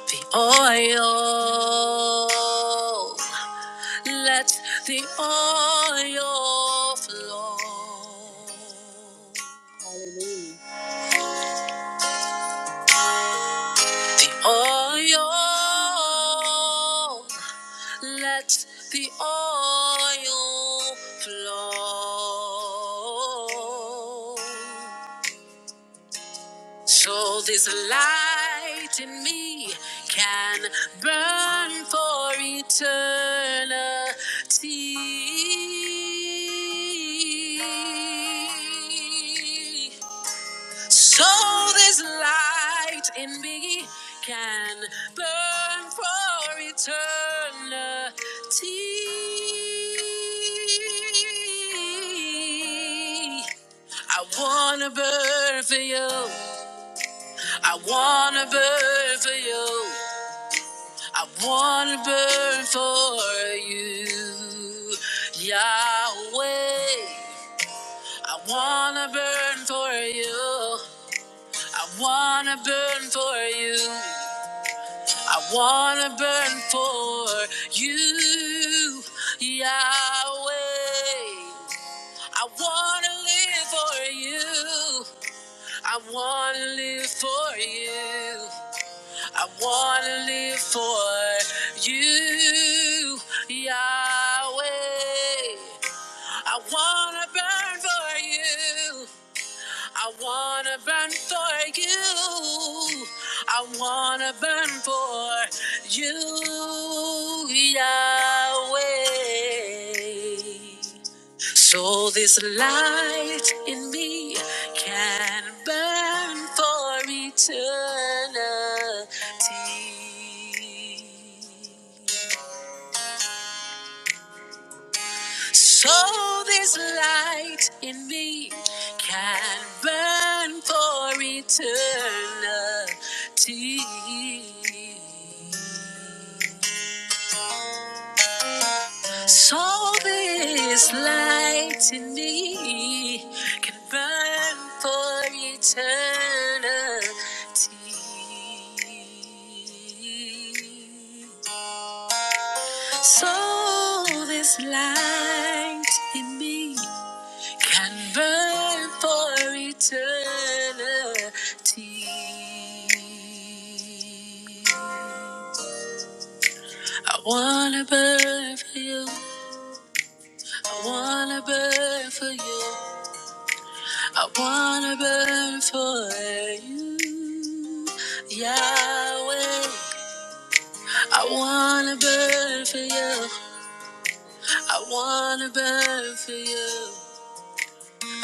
The oil. Let the oil flow. Hallelujah. The oil. Let the oil flow. So this light in me can burn for eternity. So this light in me can burn for eternity. I wanna burn for you. I wanna burn for you. I wanna burn for you, Yahweh. I wanna burn for you. I wanna burn for you. I wanna burn for you, Yahweh. I wanna live for you. I wanna live for you. I want to live for you, Yahweh. I want to burn for you. I want to burn for you. I want to burn for you, Yahweh. So this light in me can burn for eternity. So this light in me can burn for eternity. So this light in me can burn for eternity. So this light in me can burn for eternity. I wanna burn for you. I wanna burn for you. I wanna burn for you, Yahweh. I wanna burn for you. I wanna burn for you.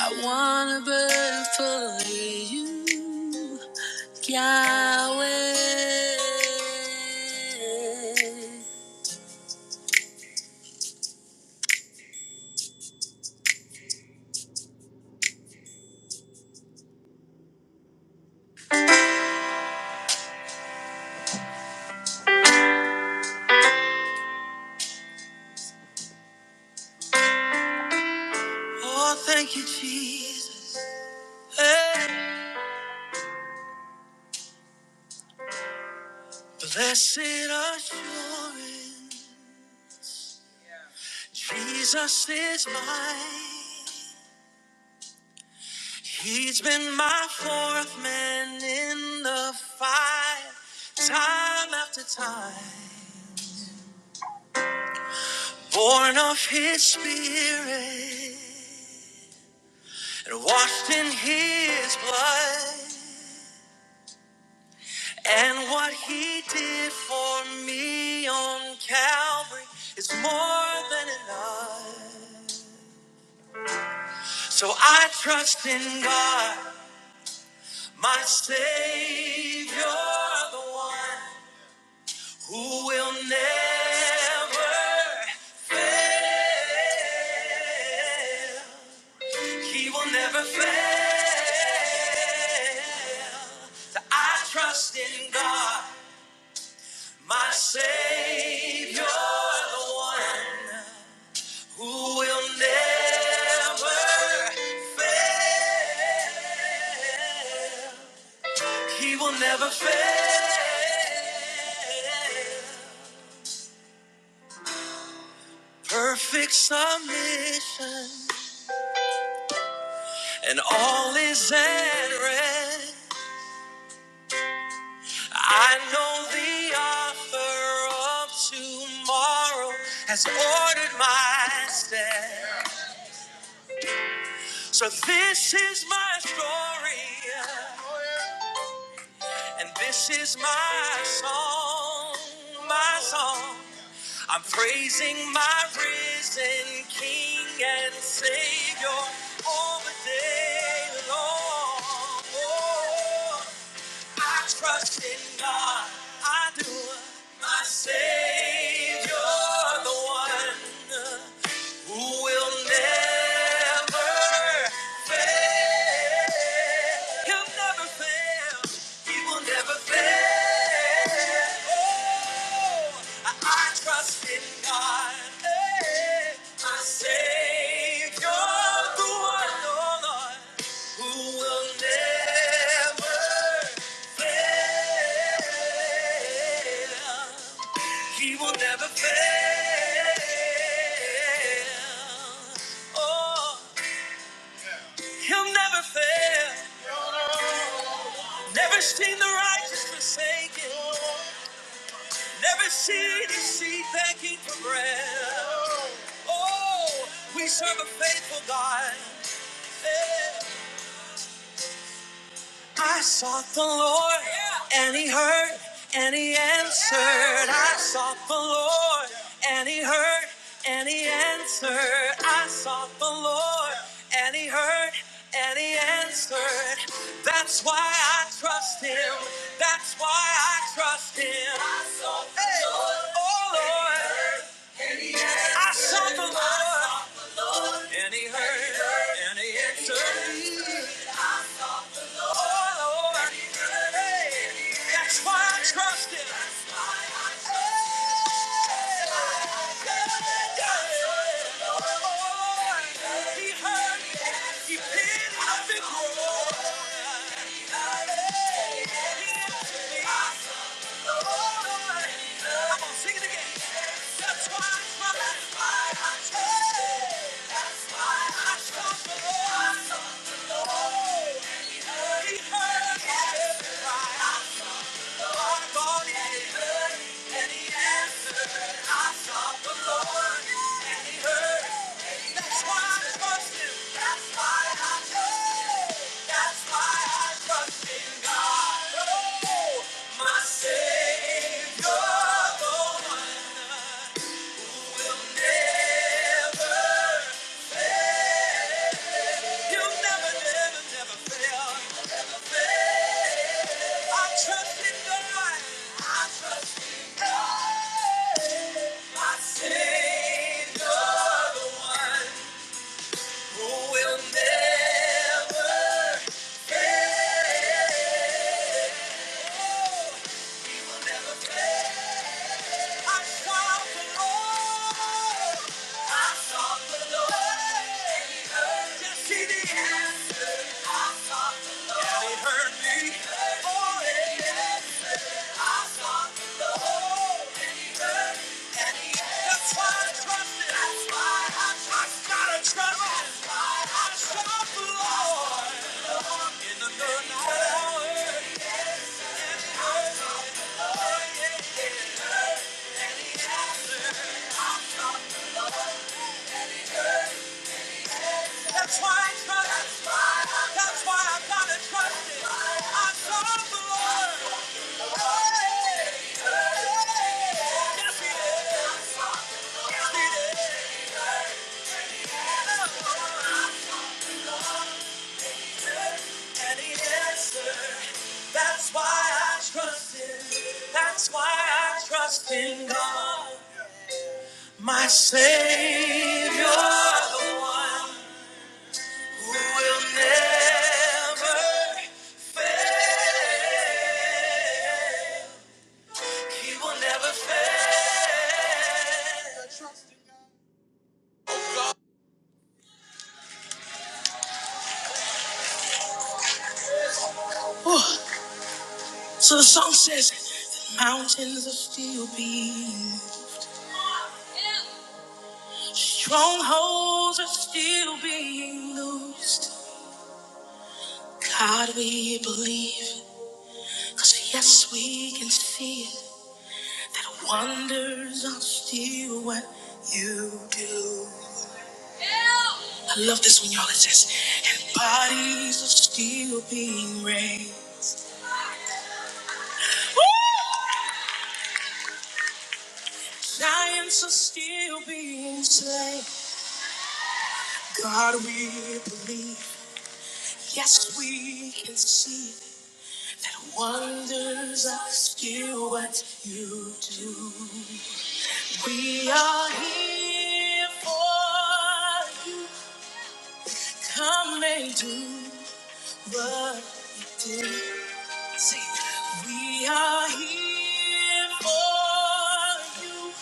I wanna burn for you, Yahweh. Oh, thank you, Jesus. Hey. Blessed assurance, Jesus is mine. He's been my fourth man in the fight, time after time, born of His Spirit. They're washed in his blood. And what he did for me on Calvary is more than enough. So I trust in God, my Savior, the one who will never fail. He will never fail. So I trust in God. My Savior, the one who will never fail. He will never fail. Perfect submission, and all is at rest. I know the author of tomorrow has ordered my steps. So this is my story, and this is my song, my song. I'm praising my risen King and Savior all the day long. Oh, I trust in God, I do, my Savior, the one who will never fail. He'll never fail. He will never fail. Oh, I, I trust in God, eh, my Savior, the one, oh Lord, who will never fail. He will never fail. Oh, he'll never fail. Never seen the righteous forsaken. Never seen his seed begging for bread. Oh, we serve a faithful God. Hey. I sought the Lord, and He heard, and He answered. I sought the Lord, and He heard, and He answered. I sought the Lord, and He heard, and He answered. That's why I trust Him. That's why I trust Him. I sought the Hey. Lord, oh Lord, and he heard. I sought the Lord, and He heard. and he answered. Oh, that's why I trust Him. That's why I That's why I chose. That's why I chose the the Lord. And He heard He heard and He answered. I sought the Lord. That's why I trust Him. That's why I trust That's why I trust in God. Oh, my Savior, the one who will never fail. You never, never, never fail. Never fail. I trust in God. I trust in God. My Savior, the one who will never fail. Oh. That's why I Trust the Lord in the third hour. That's why I trust. That's why I That's why I gotta trust it. I serve the Lord. Hey, hey. Yes, He is. Yes, He is. And He answered. That's why I trust Him. That's why I trust in God. My Savior, the one who will never fail. He will never fail. So the song says, the mountains are still being, strongholds are still being loosed. God, we believe, cause yes, we can see it. Wonders are still what you do. Love this one, y'all. It says, are still being raised. Giants are still being slain. God, we believe. Yes, we can see. No Wonders are still what you do. We are here for you. Come and do what you did. Sing. We are here for you.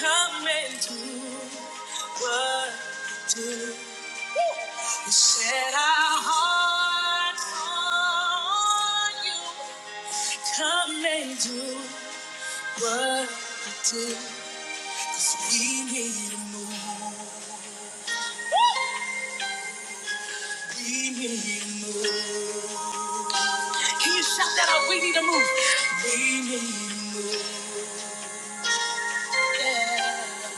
Come and do what you do. We Set our hearts on you. Come and do what you do. 'Cause we need a move. We need a move. Can you shout that out? We need a move. We need a move. Yeah.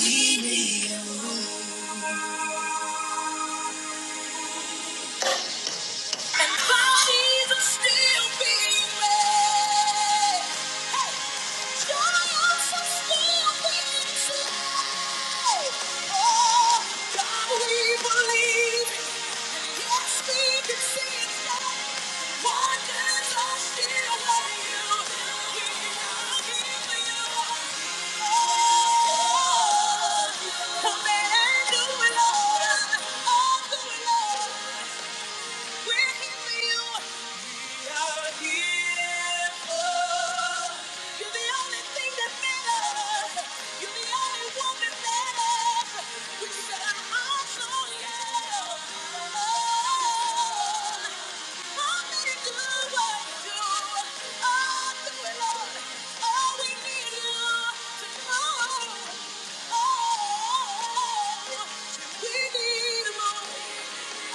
Leave me alone. And bodies are still being made. Hey, Jobs are still being saved. Oh, God, we believe. Yes, we can see that wonders are still waiting. We are giving you. hope. Oh, Oh, we need more.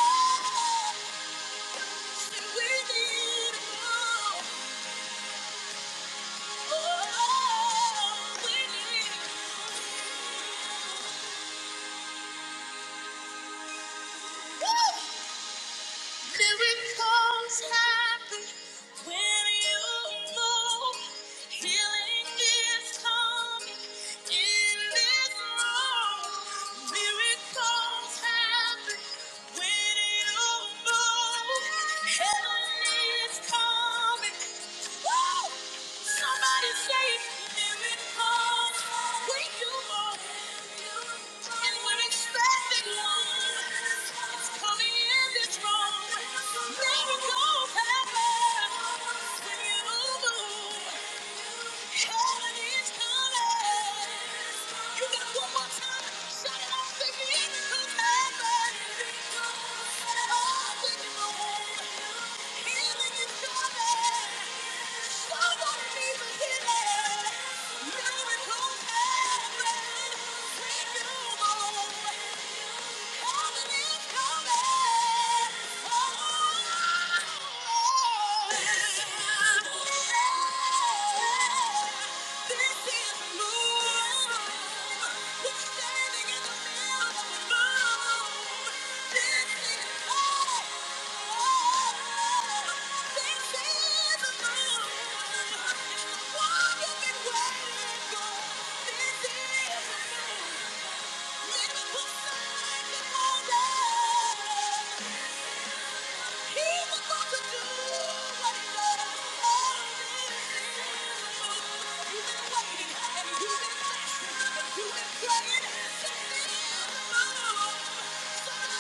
Oh. Woo! Miracles happen when you move. Healing is coming in this room. Miracles happen when you move. Heaven is coming. Woo! Somebody say miracles when you move. And we're expecting one. It's coming. Miracles happen. We do. This is Thank you.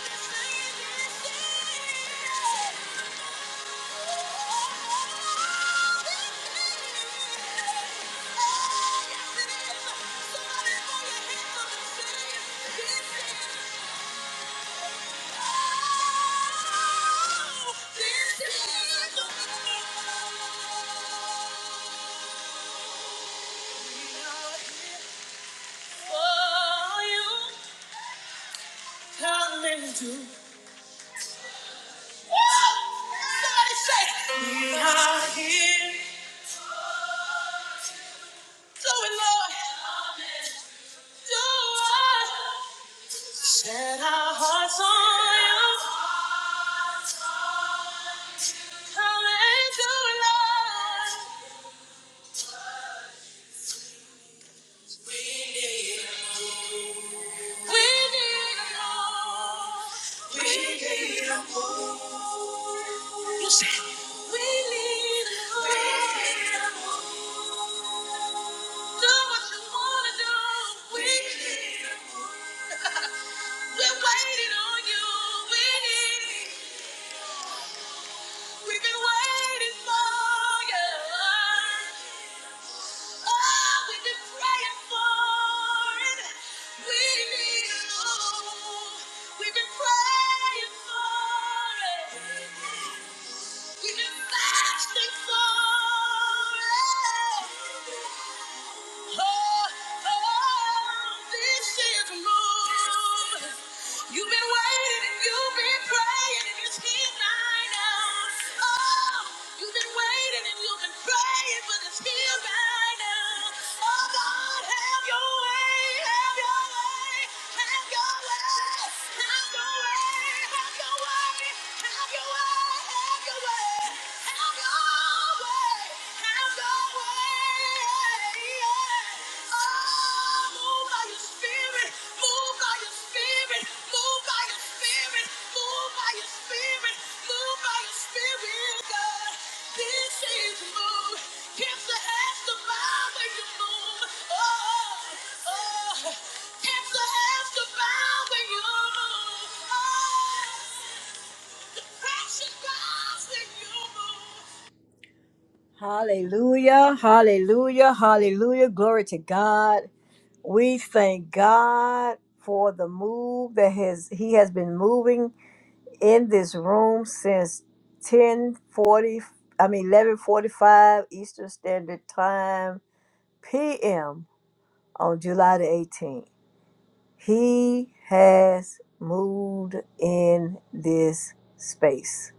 Somebody say. We are here. Do Lord. Do it. Set our hearts on you. Come and do it, Lord. We need a move. We need a move. We need a move. You said it. We need a move. We need a move. Do what you wanna do. We need a move. <laughs> We're waiting on you. We need it. We've been waiting for you. Oh, we've been praying for it. We need you. We've been praying for it. We've been fasting for it. Oh, oh, this is a move. You've been waiting and you've been praying and it's here right now. Oh, you've been waiting and you've been praying, but it's here right now. Oh, God, have your way, have your way, have your way, have your way, have your way, have your way, have your way, have your way. Precious God, when you move. Hallelujah, hallelujah, hallelujah. Glory to God. We thank God for the move that has he has been moving in this room since 1040 I mean 1145 Eastern Standard Time PM on July the 18th. He has moved in this space.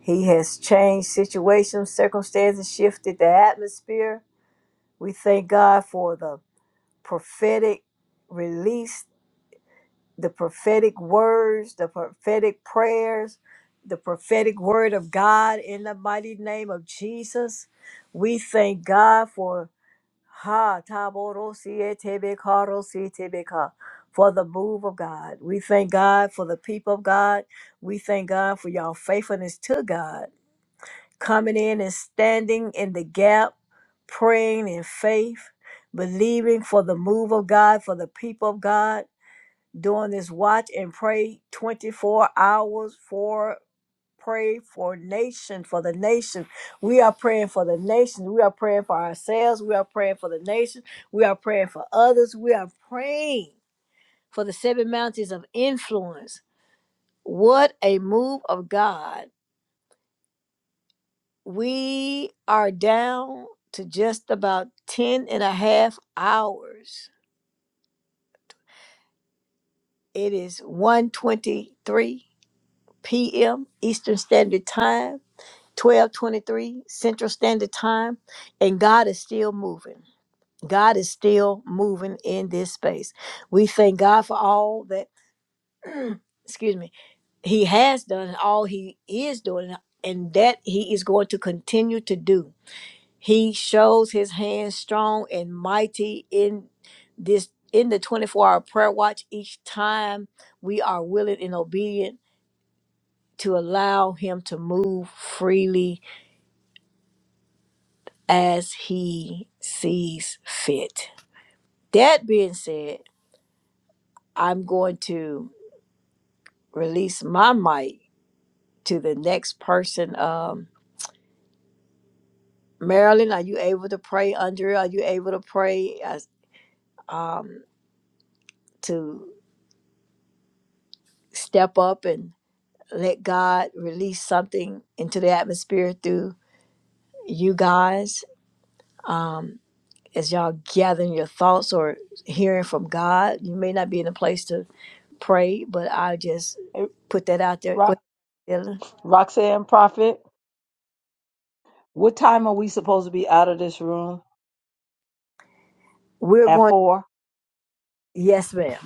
He has changed situations, circumstances, shifted the atmosphere We thank God for the prophetic release, the prophetic words, the prophetic prayers, the prophetic word of God in the mighty name of Jesus. We thank God for ha taborosietebekarosi for the move of God. We thank God for the people of God. We thank God for y'all faithfulness to God coming in and standing in the gap, praying in faith, believing for the move of God, for the people of God, doing this watch and pray 24 hours for pray for nation for the nation we are praying for the nation we are praying for ourselves we are praying for the nation we are praying for others we are praying for the seven mountains of influence what a move of god We are down to just about 10 and a half hours. It is one twenty-three p.m. Eastern Standard Time, 12:23 Central Standard Time, and God is still moving. God is still moving in this space. We thank God for all that, excuse me, he has done and all he is doing and that he is going to continue to do. He shows his hand strong and mighty in this in the 24-hour prayer watch each time we are willing and obedient to allow him to move freely as he sees fit. That being said, I'm going to release my mic to the next person. Um, Marilyn, are you able to pray? Andrea, are you able to pray as to step up and? let God release something into the atmosphere through you guys as y'all gathering your thoughts or hearing from God. You may not be in a place to pray, but I just put that out there. Go ahead. Dylan. We're going. Yes, ma'am.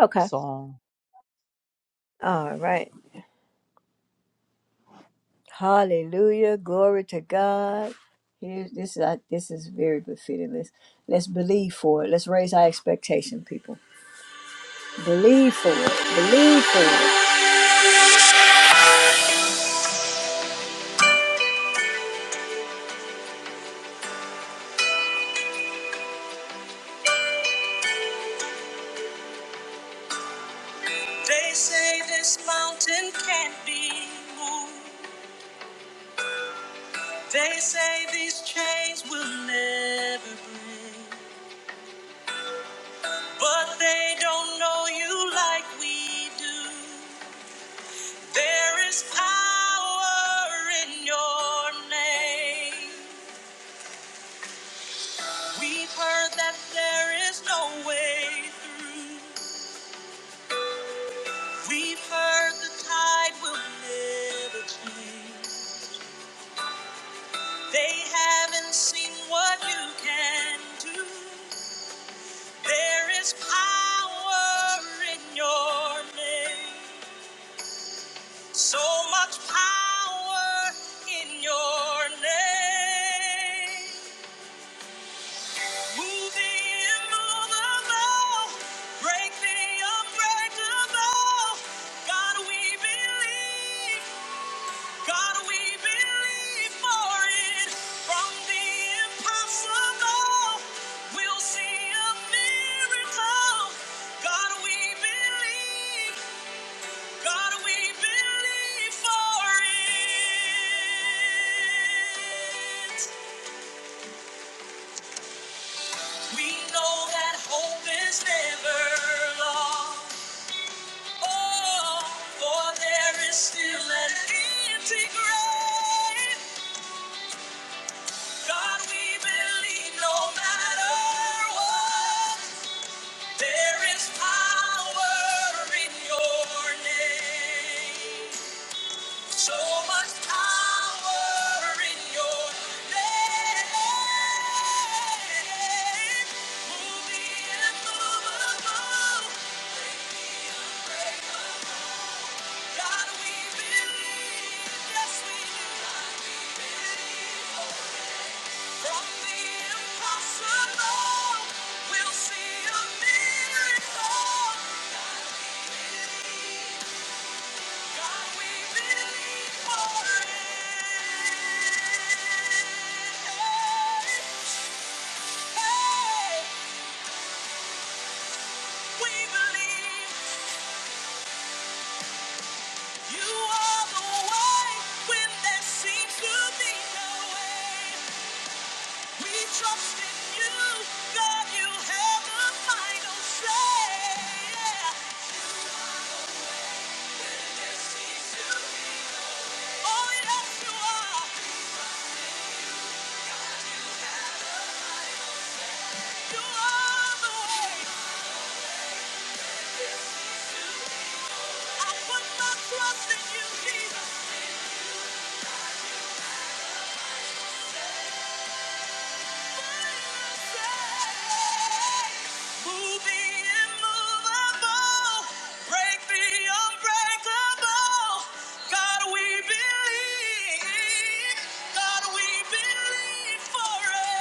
Okay. All right. Hallelujah. Glory to God. Here's this is I, this is very befitting. Let's let's believe for it. Let's raise our expectation, people. Believe for it. Believe for it. They say this mountain can't be moved. They say these chains will never break. But they don't know you like we do. There is power in your name. We've heard that there is no way through. We've heard the tide will never change. They haven't seen what you can do. There is power in your name. So much power in your name. Move the immovable, break the unbreakable. God, we believe. God, we believe for it. From the impossible, we'll see a miracle. God, we believe. God, we believe for it. We know that hope is never lost. Oh, for there is still an empty grave. God, we believe no matter what, there is power in your name. So much power in your name. Move the immovable. Break the unbreakable. God, we believe. Yes, we do. God, we believe. From the impossible, we'll see a miracle. Move the immovable, break the unbreakable. God, we believe. Says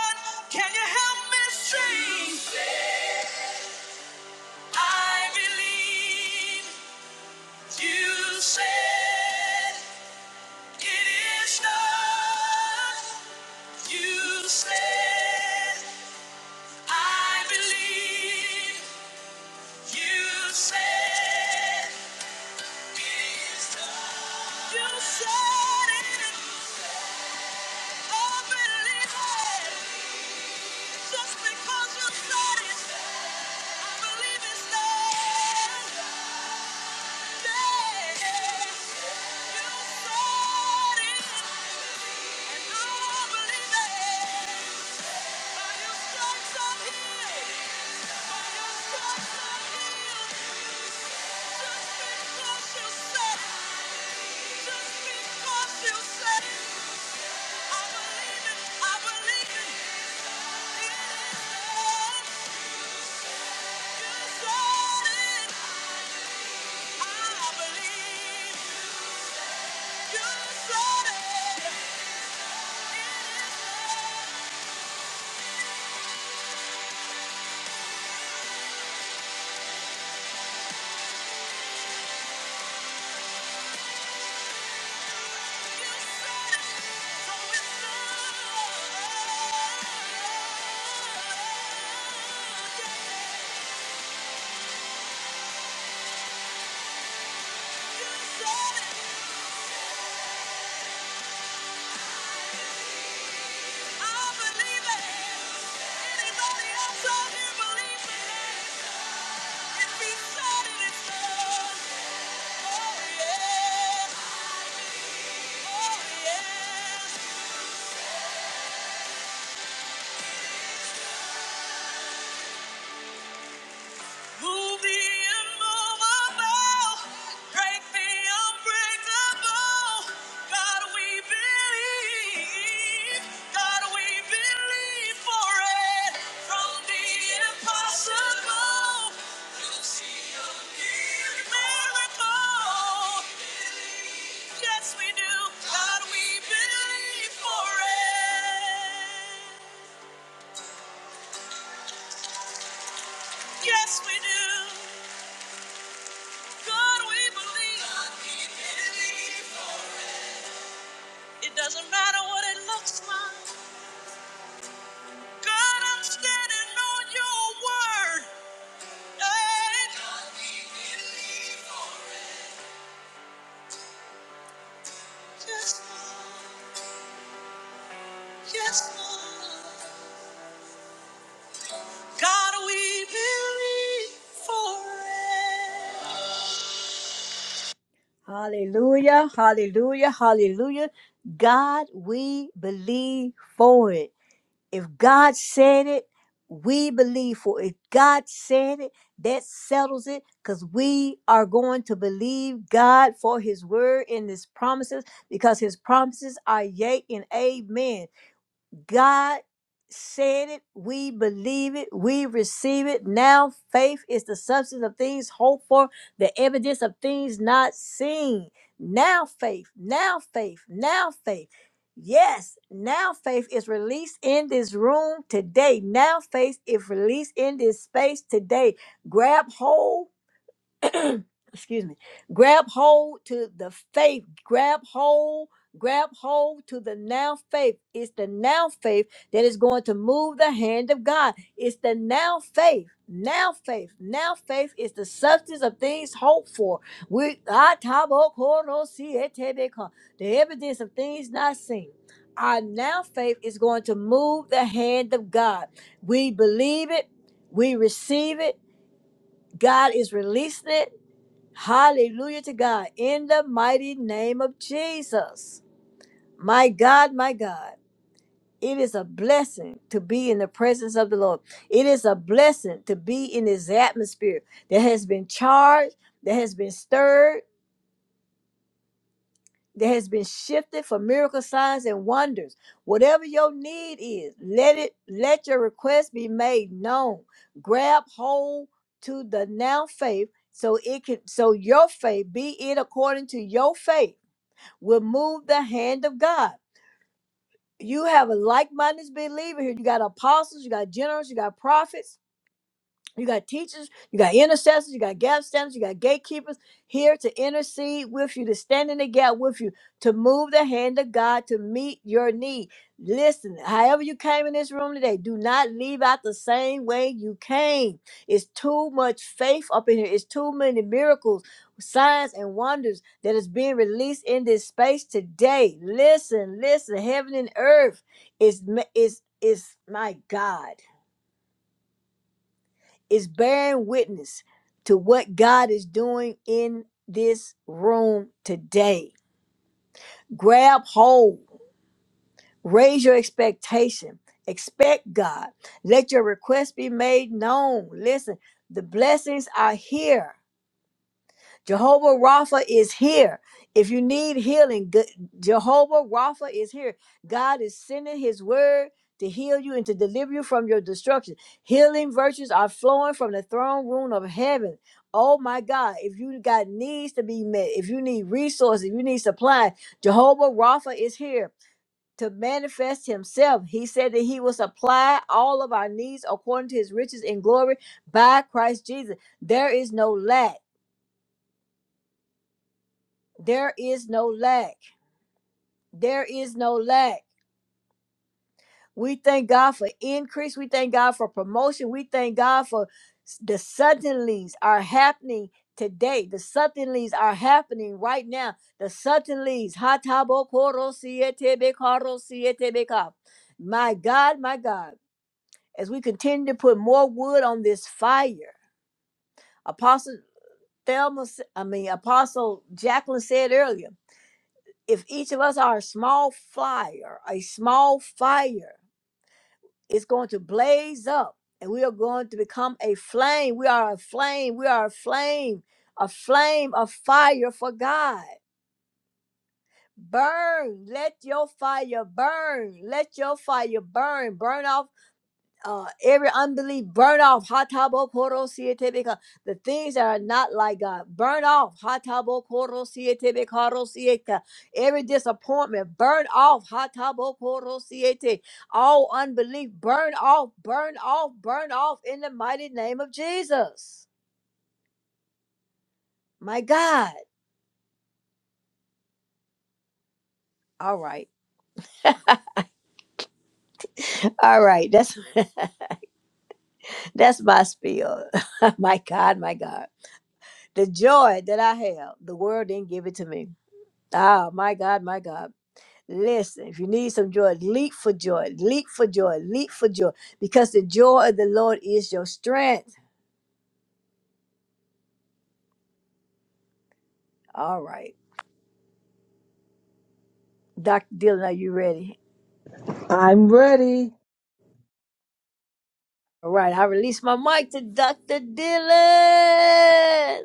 that it's true. I believe you says that I believe it is done. You said it and believe it. Just because you said it, don't say it. Just leave it alone. I believe. it. I believe it. Yeah. Oh, yeah. Move the immovable, break the unbreakable. God, we believe. God, we believe for it. From the impossible, you'll see a miracle. Yes, we do. God, we believe for it. Yes, we do. God, we believe. God, we believe It doesn't matter what it looks like. God, I'm standing on your word. Hey. Yes, Lord. Yes, Lord. God, we believe. Hallelujah, hallelujah, hallelujah. God, we believe for it. If God said it, we believe for it. If God said it, that settles it because we are going to believe God for his word and his promises because his promises are yea and amen. God said it. We believe it. We receive it. Now faith is the substance of things hoped for, the evidence of things not seen. Now faith, now faith, now faith. Yes, now faith is released in this room today. Now faith is released in this space today. Grab hold excuse me, grab hold to the faith, grab hold, grab hold to the now faith. It's the now faith that is going to move the hand of God. It's the now faith. Now faith, now faith is the substance of things hoped for. We ah, tabo, koro, si, etebeka, the evidence of things not seen. Our now faith is going to move the hand of God. We believe it, we receive it. God is releasing it. Hallelujah to God. In the mighty name of Jesus. My God, my God. It is a blessing to be in the presence of the Lord. It is a blessing to be in this atmosphere that has been charged, that has been stirred, that has been shifted for miracle signs and wonders. Whatever your need is, let it let your request be made known. Grab hold to the now faith so it can so your faith be it according to your faith will move the hand of God. You have a like minded believer here. You got apostles, you got generals, you got prophets you got teachers, you got intercessors, you got gap standers, you got gatekeepers here to intercede with you, to stand in the gap with you, to move the hand of God to meet your need. Listen, however you came in this room today, do not leave out the same way you came. It's too much faith up in here. It's too many miracles, signs, and wonders that is being released in this space today. Listen, listen, heaven and earth is is is my God is bearing witness to what God is doing in this room today. Grab hold, raise your expectation, expect God, let your request be made known. Listen, the blessings are here. Jehovah Rapha is here. If you need healing, G- Jehovah Rapha is here. God is sending his word to heal you and to deliver you from your destruction. Healing virtues are flowing from the throne room of heaven. Oh my God, if you got needs to be met, if you need resources, if you need supply, Jehovah Rapha is here to manifest himself. He said that he will supply all of our needs according to his riches and glory by Christ Jesus. There is no lack. There is no lack. There is no lack. We thank God for increase. We thank God for promotion. We thank God for s- the suddenlies are happening today. The suddenlies are happening right now. The suddenlies. ha ta bo ko ro si e te be ka ro si e te be ka. My God, my God. As we continue to put more wood on this fire, Apostle Thelma, s- I mean Apostle Jacqueline said earlier. if each of us are a small fire, a small fire, it's going to blaze up and we are going to become a flame. We are a flame. We are a flame, a flame of fire for God. Burn. Let your fire burn. Let your fire burn. Burn off uh, every unbelief burn off hatabo the things that are not like God burn off hatabo every disappointment burn off hatabo all unbelief burn off burn off burn off in the mighty name of Jesus my God all right all right that's that's my spiel <laughs> my God my God the joy that I have the world didn't give it to me ah my God my God Listen, if you need some joy, leap for joy, leap for joy, leap for joy, because the joy of the Lord is your strength. All right, Dr. Dylan, are you ready? All right, I release my mic to Dr. Dylan.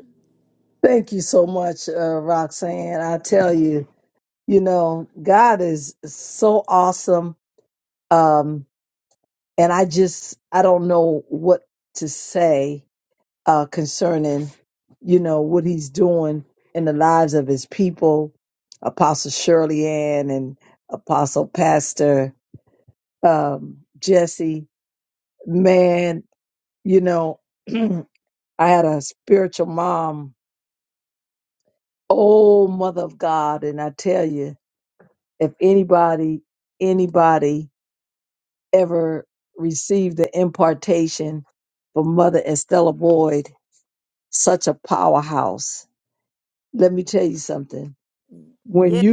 Yes,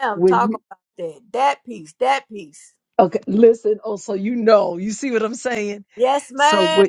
ma'am, talk about that. That piece, that piece. Yes, ma'am.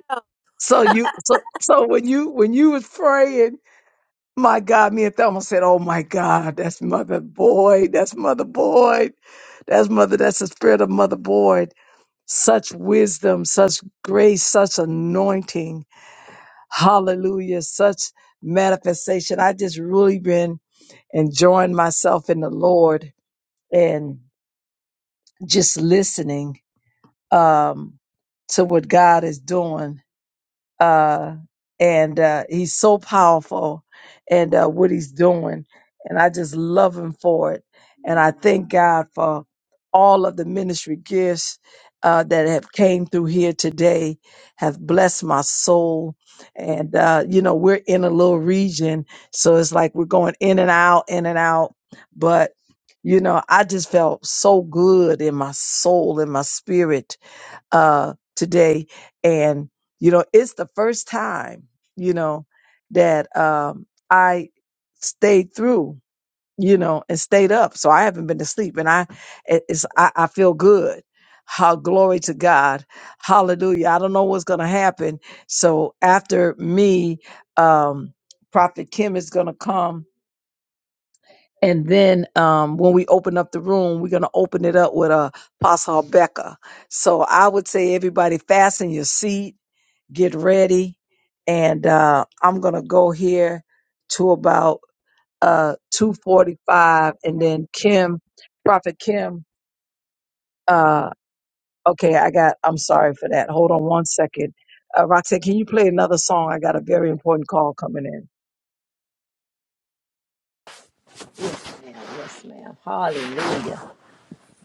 Yes, ma'am. Yes, ma'am. Hallelujah.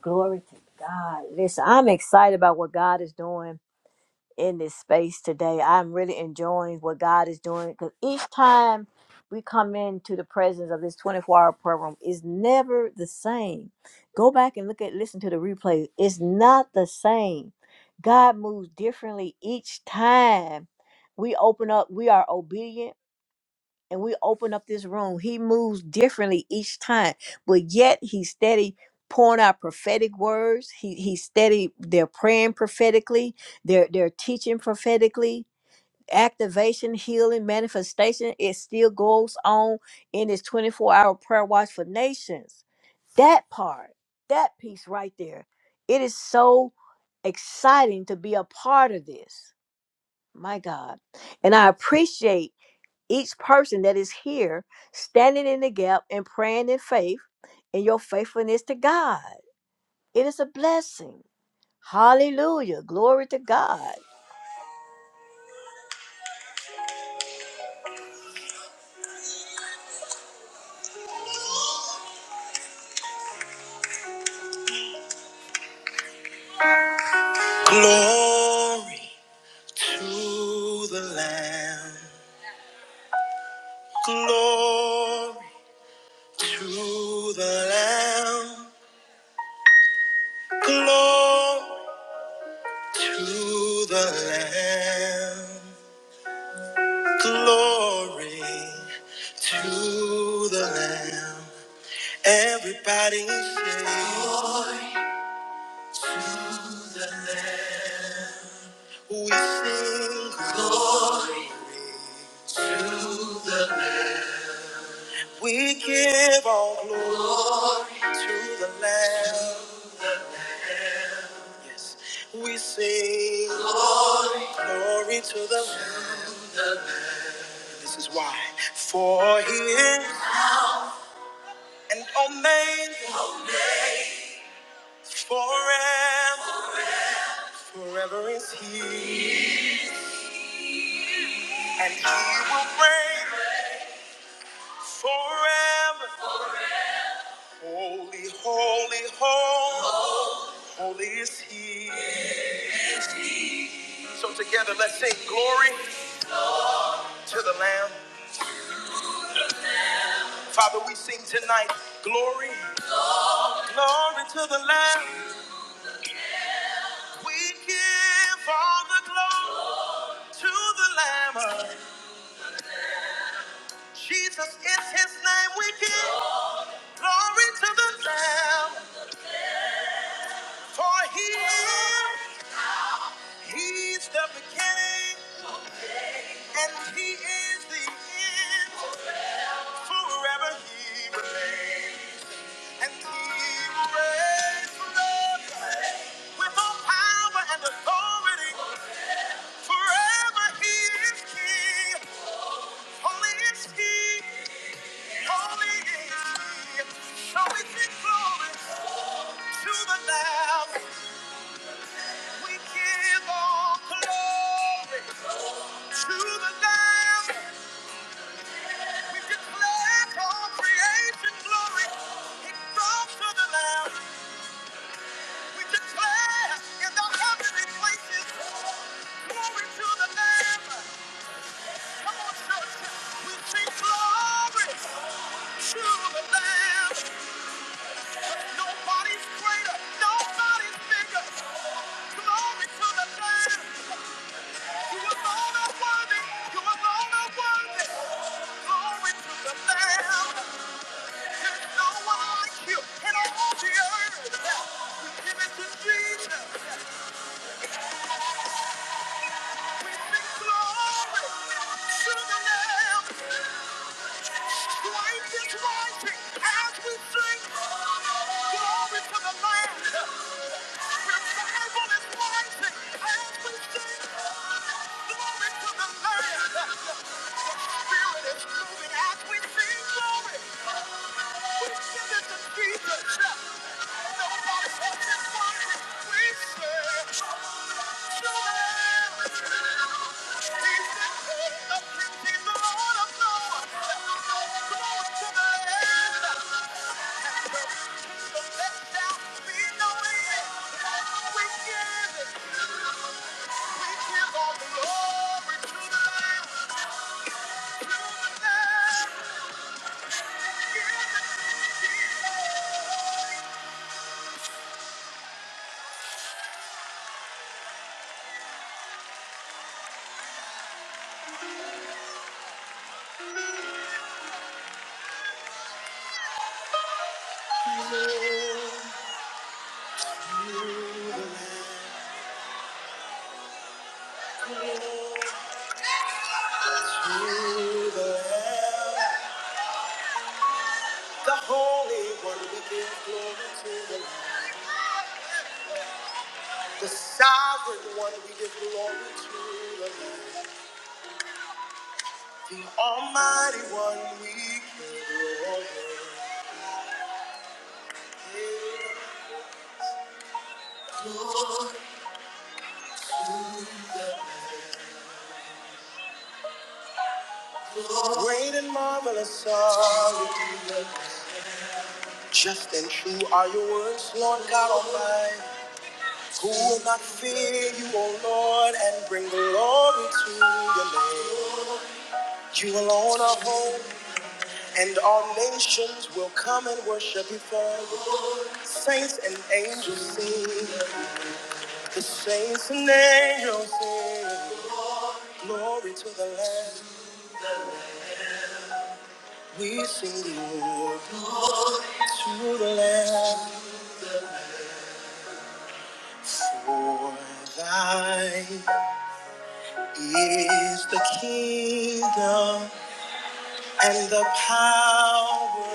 Glory to God. Listen, I'm excited about what God is doing. in this space today. I'm really enjoying what God is doing because each time we come into the presence of this 24 hour program is never the same. Go back and look at listen to the replay. It's not the same. God moves differently each time. We open up, we are obedient and we open up this room, he moves differently each time, but yet he's steady pouring out prophetic words. He he's steady. They're praying prophetically. They're they're teaching prophetically. Activation, healing, manifestation. It still goes on in his twenty four hour prayer watch for nations. That part, that piece right there, it is so exciting to be a part of this. My God, and I appreciate. Each person that is here standing in the gap and praying in faith in your faithfulness to God. It is a blessing. Hallelujah. Glory to God. Glory to the Lamb. Glory to the Lamb. Glory to the Lamb. Everybody sing. We give all glory to the Lamb. Yes, we sing. Glory to the Lamb. This is why. For he is an omega forever. Forever is he. And he will reign forever. Holy, holy, holy. Holy is he. So together let's sing glory to the Lamb. Father, we sing tonight. Glory, glory to the Lamb. We give all the glory to the Lamb. Jesus is his name. We give. Glory to the Lamb, for he is, he's the beginning and he is the end. Forever he remains, and he reigns forever with all power and authority. Forever he is king, holy is he, holy is he. So we give glory to the Lamb, we give all glory. To the Lamb, we declare all creation glory. It belongs to the Lamb. We declare in the heavenly places, glory to the Lamb. Come on, church, we sing glory to the Lamb. Nobody's greater, nobody's bigger. Glory to the Lamb. You alone are worthy. You alone are worthy. Glory to the Lamb. Jesus, that's why we serve? The Holy One, we give glory to the Lamb. The Sovereign One, we give glory to the Lamb. The Almighty One, we give glory. Great and marvelous are you. Just and true are your words, Lord God Almighty. Who will not fear you, O Lord, and bring glory to your name? You alone. is the kingdom and the power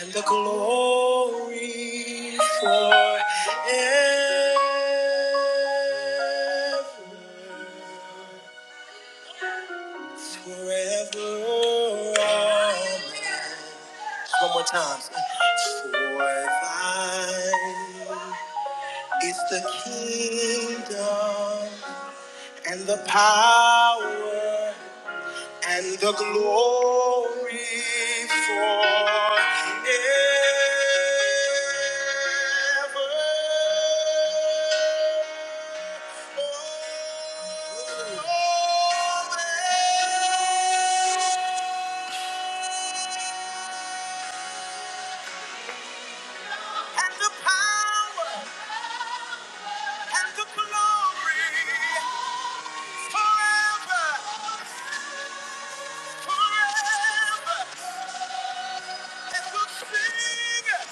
and the glory forever. Forever. Amen. Times. For thine is the kingdom and the power and the glory forever. forever. forever, And and the the power and the glory will sing.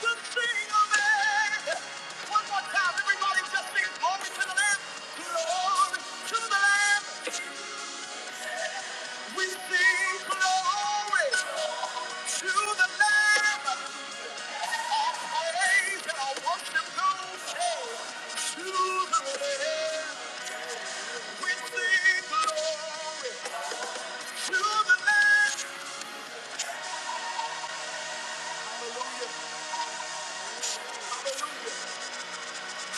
Good thing of One more time, everybody just sing glory to the Lamb. Glory to the Lamb. We sing glory to the Lamb. Praise and our worship goes to the Lamb. We sing glory to the Lamb.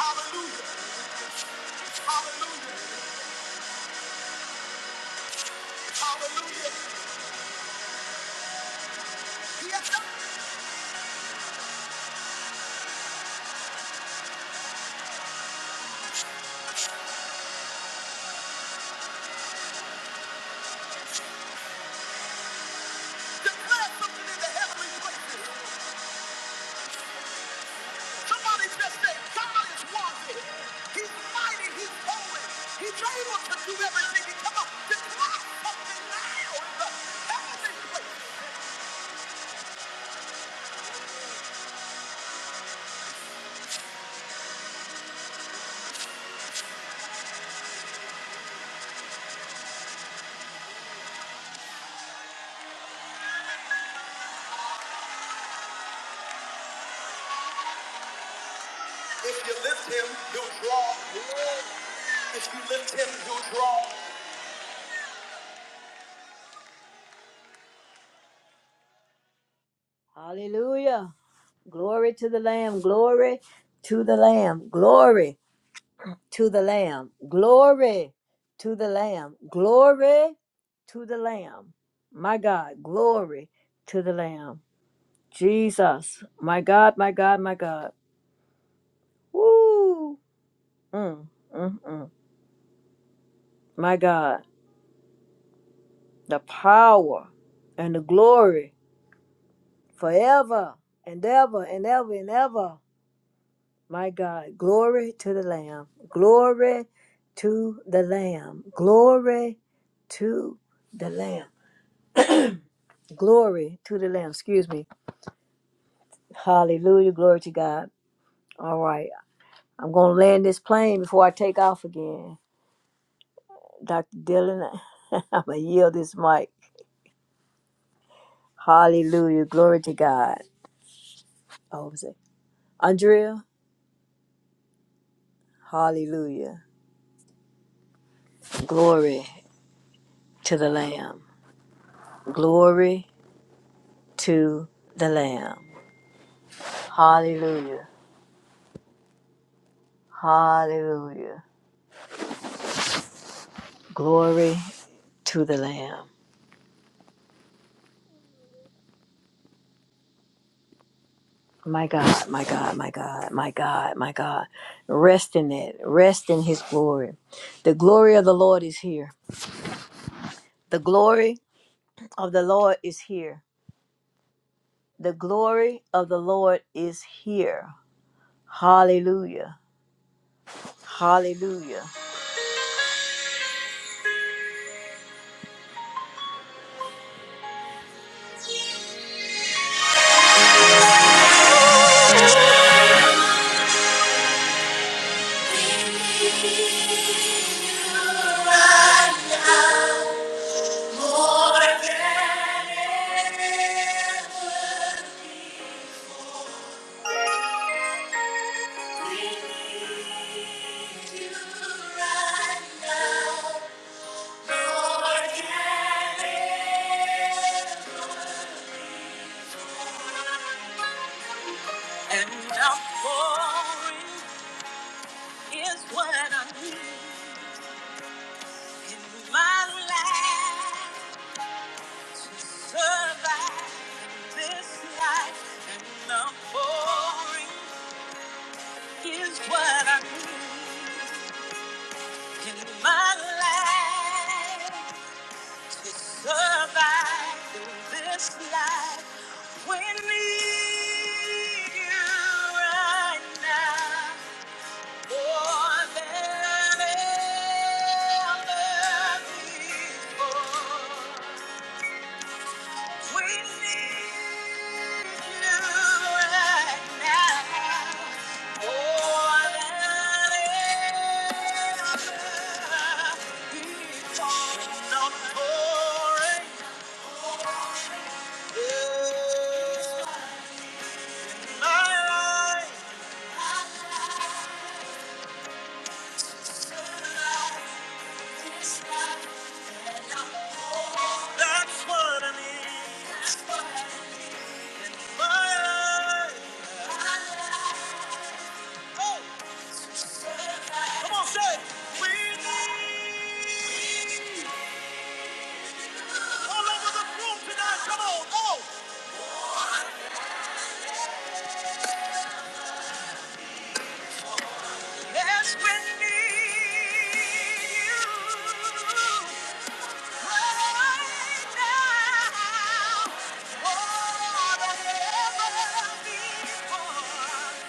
Hallelujah, hallelujah, hallelujah, hallelujah, come on, just come on, something loud. Everything If you lift him, he'll draw. If you lift him, he'll draw. Hallelujah. Glory to the Lamb. Glory to the Lamb. Glory to the Lamb. Glory to the Lamb. Glory to the Lamb. My God. Glory to the Lamb. Jesus. My God, my God, my God. Woo. Mm, mm, mm. My God. The power and the glory. forever and ever and ever and ever. My God, glory to the Lamb. Glory to the Lamb. Glory to the Lamb. Glory to the Lamb. Excuse me. Hallelujah. Glory to God. All right. I'm going to land this plane before I take off again. Dr. Dylan, <laughs> I'm going to yield this mic. Hallelujah. Glory to God. Oh, was it Andrea? Hallelujah. Glory to the Lamb. Glory to the Lamb. Hallelujah. Hallelujah. Glory to the Lamb. My God, my God, my God, my God, my God. Rest in it. Rest in his glory. The glory of the Lord is here. The glory of the Lord is here. The glory of the Lord is here. Hallelujah. Hallelujah. And I'm pouring Is what I need in my life to survive this life and the pouring is what I need in my life to survive this life. We need you right now. More than ever before. We need you right now. More than ever before. Don't worry. My life, that's what I need. My life, oh. Come on, say We need all over the room tonight. Come on, oh. Yes, we need you right now. More than ever before. Oh, God, we need you now. More than ever.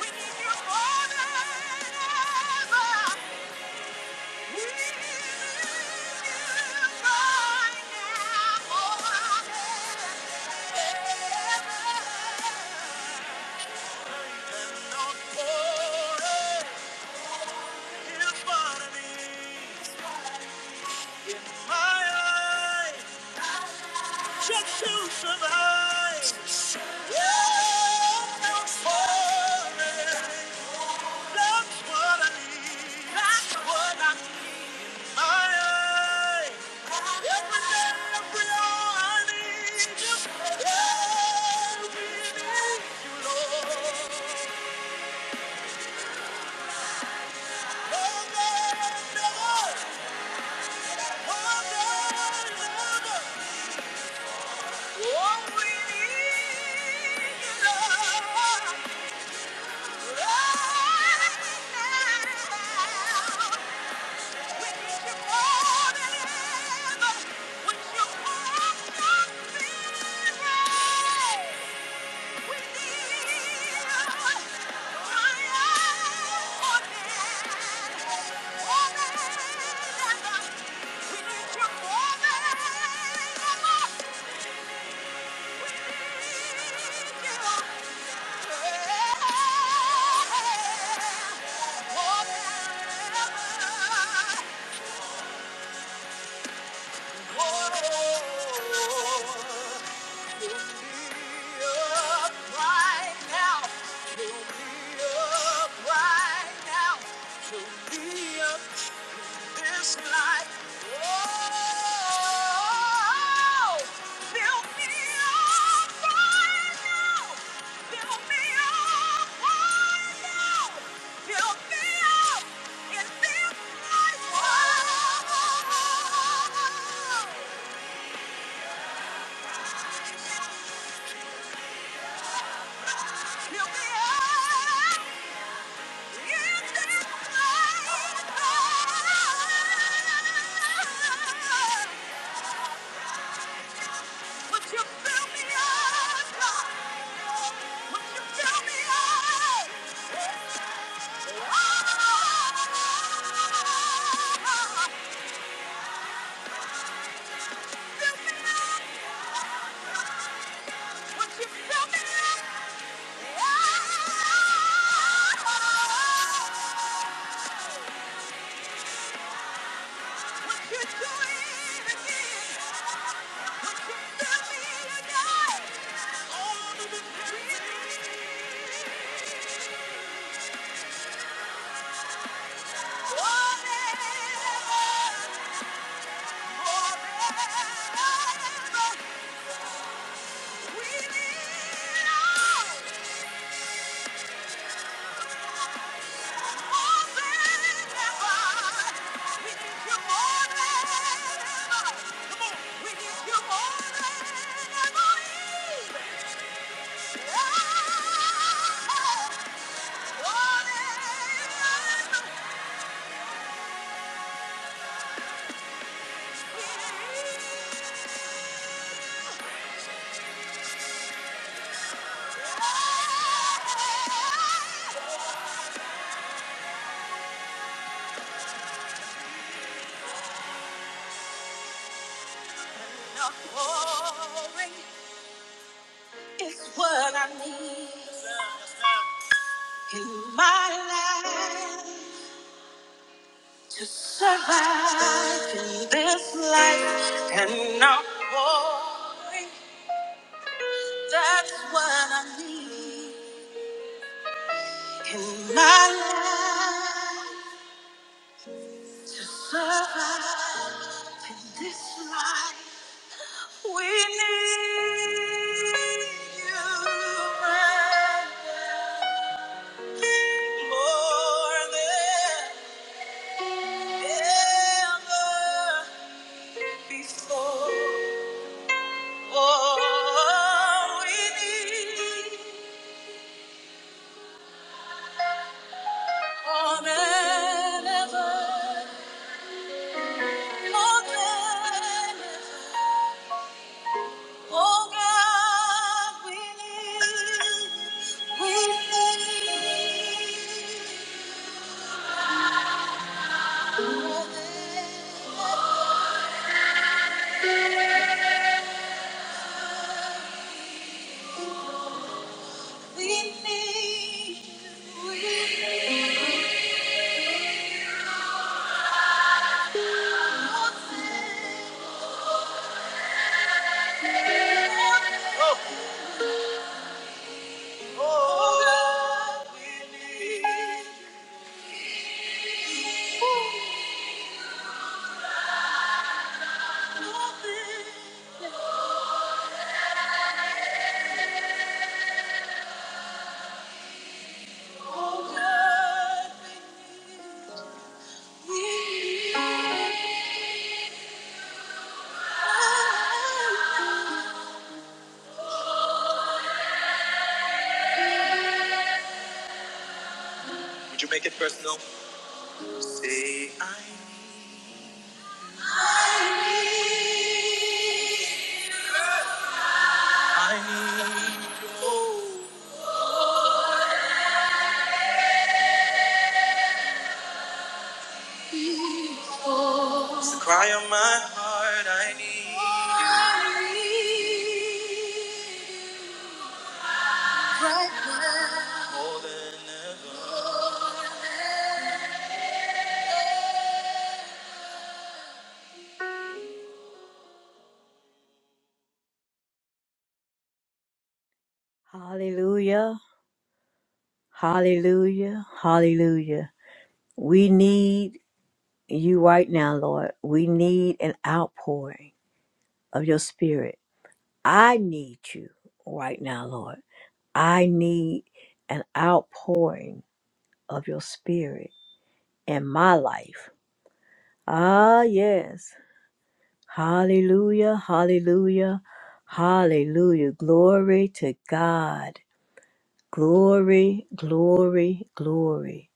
We need you now. Yeah. Just to survive. Yeah, I'm falling. That's what I need. That's what I need. My eye. Every day, every hour, I need you. Yeah, we need you, Lord. Oh, God, never. Oh, God, never. Oh, we need you, Lord. We We need your Thank you. Would you fill me up, Would you fill me up? Oh, It's what I need in my life to survive in this life. Glory, that's what I need in my life to survive in this life. We need you more than ever before. Oh, we need, oh God. Oh God, we need, we need more than ever. We need, you, we need more than ever. Oh, God, we need you. Oh, God, we need you. Would you make it personal? Say, I need. Cry hard, I need. I need. you. Right now. Hallelujah. Hallelujah. Hallelujah. We need you right now, Lord. We need an outpouring of your spirit. I need you right now, Lord. I need an outpouring of your spirit in my life. Ah, yes. Hallelujah. Hallelujah. Hallelujah. Glory to God. Glory, glory, glory.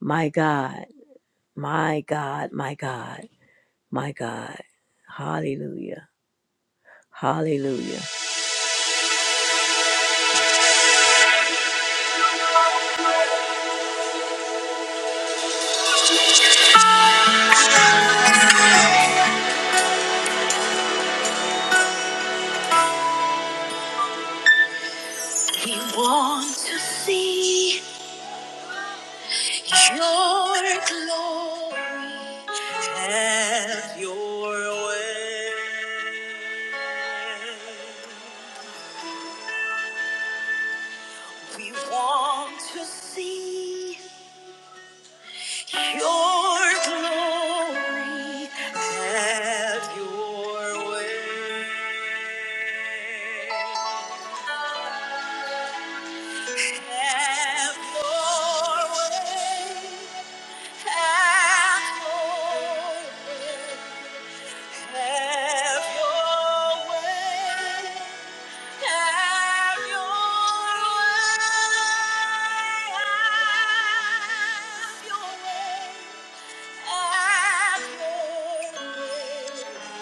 My God. My God, my God, my God. Hallelujah. Hallelujah. We want to see your glory. Have your way. We want to see. Your glory, have your way. Have your way. Have your way. Have Have your way. Have your way. Have your way.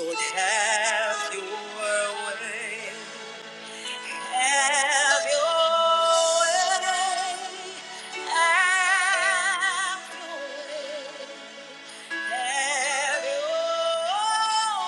Lord, have your way. Have your- have your-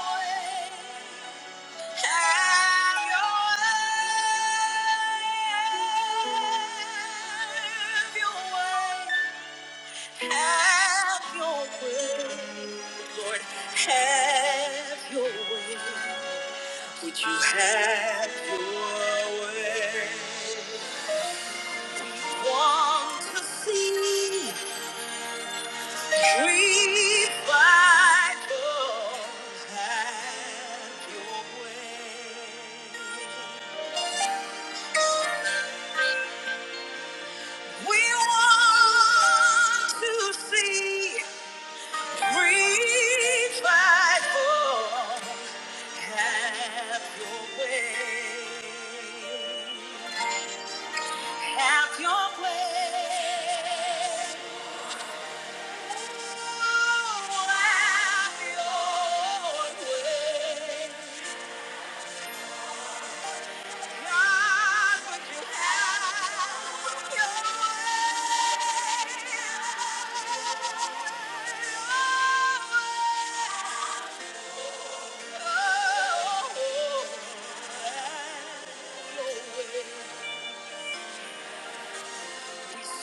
way.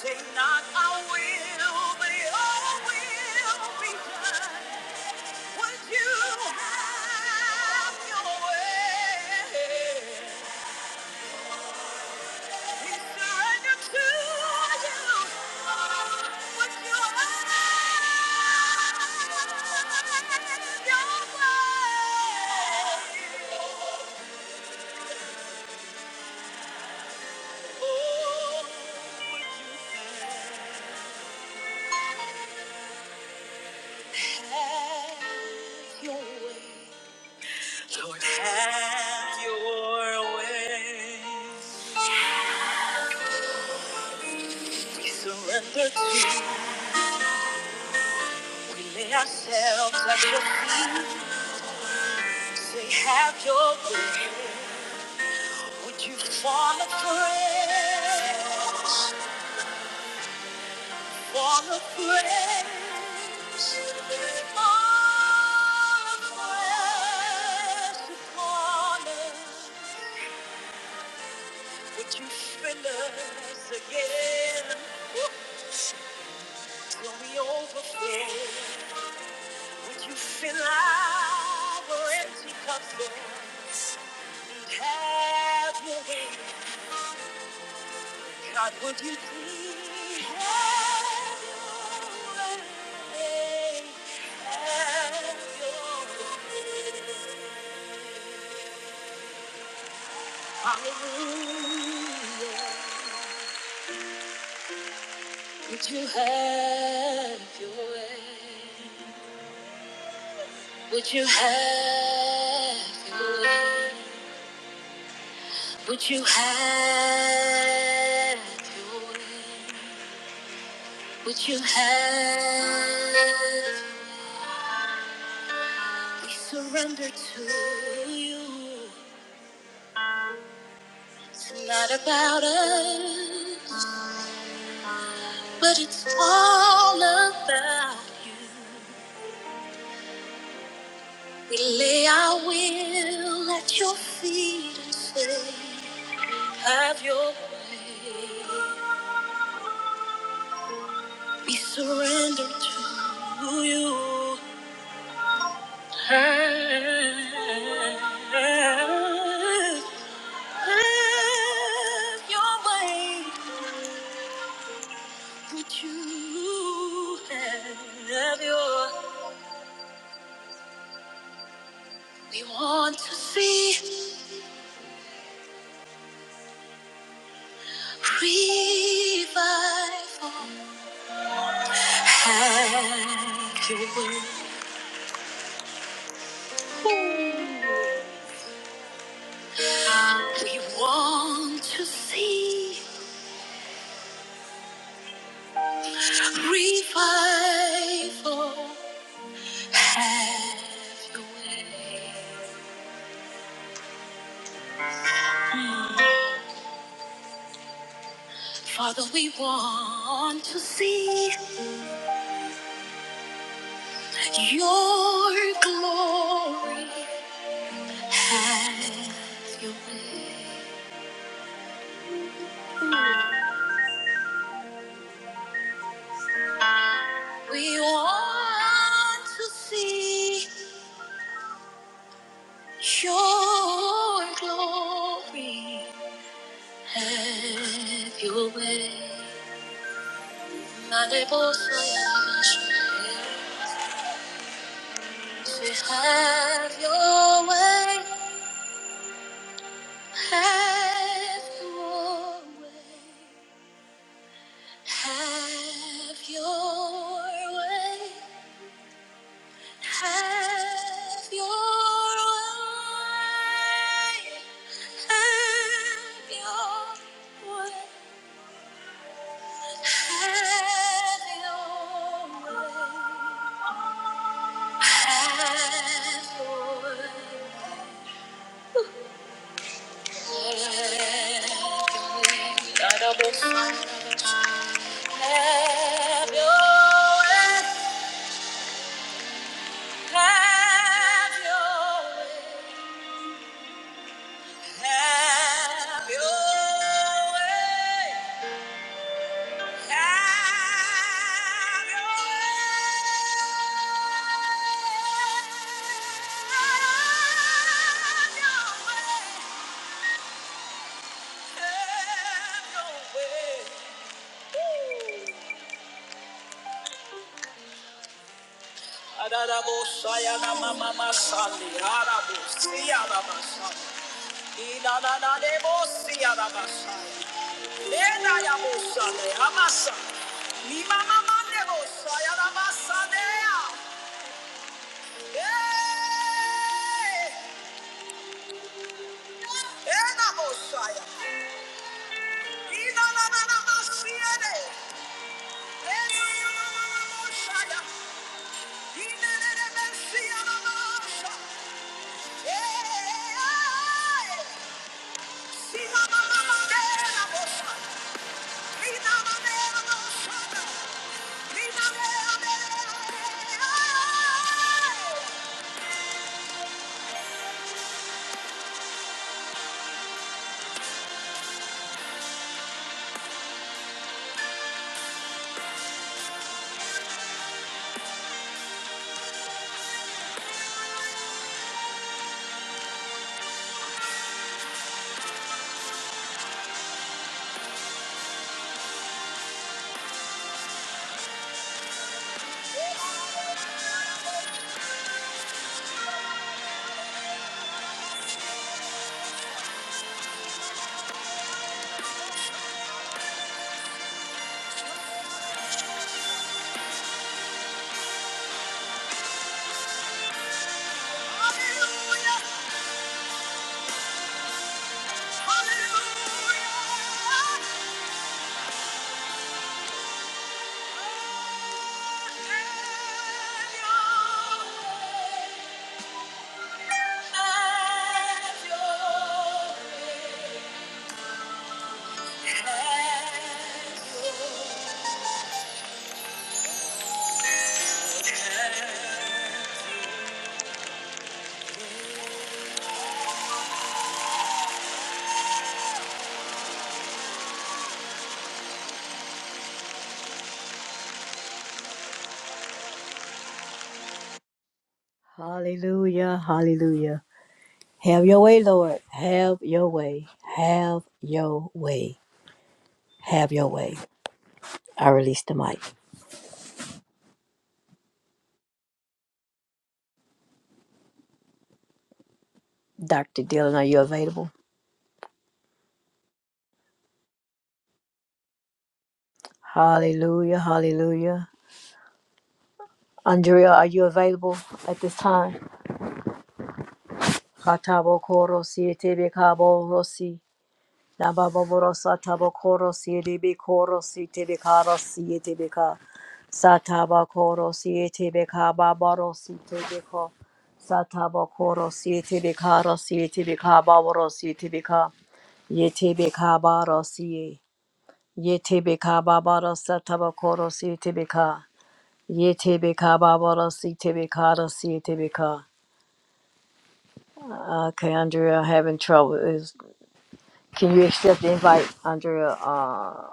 Say not I will, but your will be done. Would you have your way? We surrender to you. Would you have your way? Have your way. Lord, have your way. Surrender to You. we lay ourselves at your feet. Say, have your way. Would you fall a prayer? Fall a prayer. Would you fill us again till we overflow? You fill our empty cups, Lord. Have your way. God, would you please have your way? Have your way. Hallelujah. Would you have your way? Would you have your way? Would you have your way? Would you have we surrender to you? It's not about us, but it's all about you. We lay our will at your feet and say, Have your way. We surrender to you. Have your We want to see revival. We want to see revival. Have your way. Father, we want to see your glory. Have your way. We want to see your glory. Have your way. Mande por favor. Have your way. Have your way. Have your way. Have your way. Have your way. Have your way. Have your way. Have your way. Have your way. Adarabo sayana mama masali arabo siarabasai. Ida da da debo siarabasai. Lena ya bosane amasa. Ni mama mande bosa ya la masa dea. Eh, ena bosa ya. Ina na na na masiere. Ena na na na na ya. Ine ne ne mesi na masa. Eh, eh, eh. Si mama mama dea bosa. Ina na na na bosa ya. Ina na na na. Hallelujah, hallelujah. Have your way, Lord. Have your way. Have your way. Have your way. I release the mic. Dr. Dillon, are you available? Hallelujah, hallelujah. Andrea, are you available at this time? Katabo koro siete be kabo rosi. Nababoro satabokoro siedebe koro sietebe karo sietebe ka. Satabokoro sietebe ka baboro sietebe ko. Satabokoro sietebe karo sietebe ka baboro sietebe ka. Yetebe ka baro siye. Yetebe ka baboro satabokoro sietebe ka. Yetebe ka baboro sietebe karo sietebe ka. Okay, Andrea, having trouble. Is can you accept the invite, Andrea? Uh,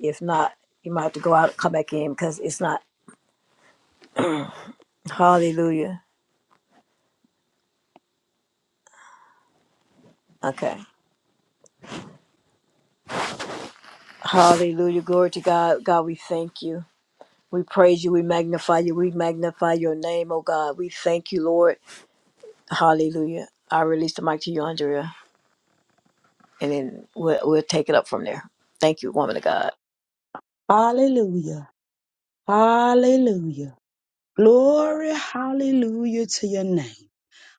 If not, you might have to go out and come back in because it's not. Hallelujah. Okay. Hallelujah. Glory to God. God, we thank you. We praise you. We magnify you. We magnify your name, oh God. We thank you, Lord. Hallelujah. I release the mic to you, Andrea, and then we'll, we'll take it up from there. Thank you, woman of God.
Hallelujah. Hallelujah. Glory, hallelujah to your name.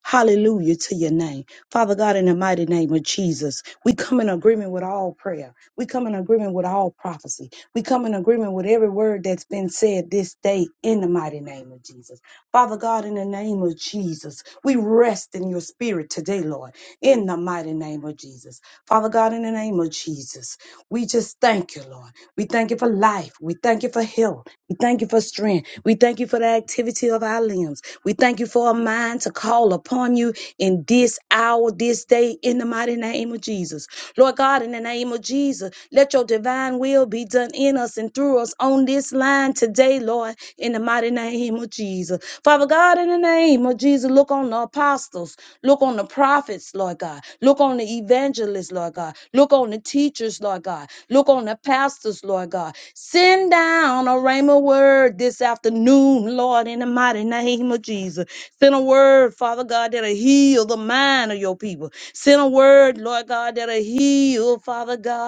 Hallelujah to your name. Father God, in the mighty name of Jesus, we come in agreement with all prayer. We come in agreement with all prophecy. We come in agreement with every word that's been said this day in the mighty name of Jesus. Father God, in the name of Jesus, we rest in your spirit today, Lord, in the mighty name of Jesus. Father God, in the name of Jesus, we just thank you, Lord. We thank you for life. We thank you for health. We thank you for strength. We thank you for the activity of our limbs. We thank you for a mind to call upon you in this hour, this day, in the mighty name of Jesus. Lord God, in the name of Jesus, let your divine divine will be done in us and through us on this line today, Lord, in the mighty name of Jesus. Father God, in the name of Jesus, look on the apostles, look on the prophets, Lord God, look on the evangelists, Lord God, look on the teachers, Lord God, look on the pastors, Lord God. Send down a rhema word this afternoon, Lord, in the mighty name of Jesus. Send a word, Father God, that'll heal the mind of your people. Send a word, Lord God, that'll heal, Father God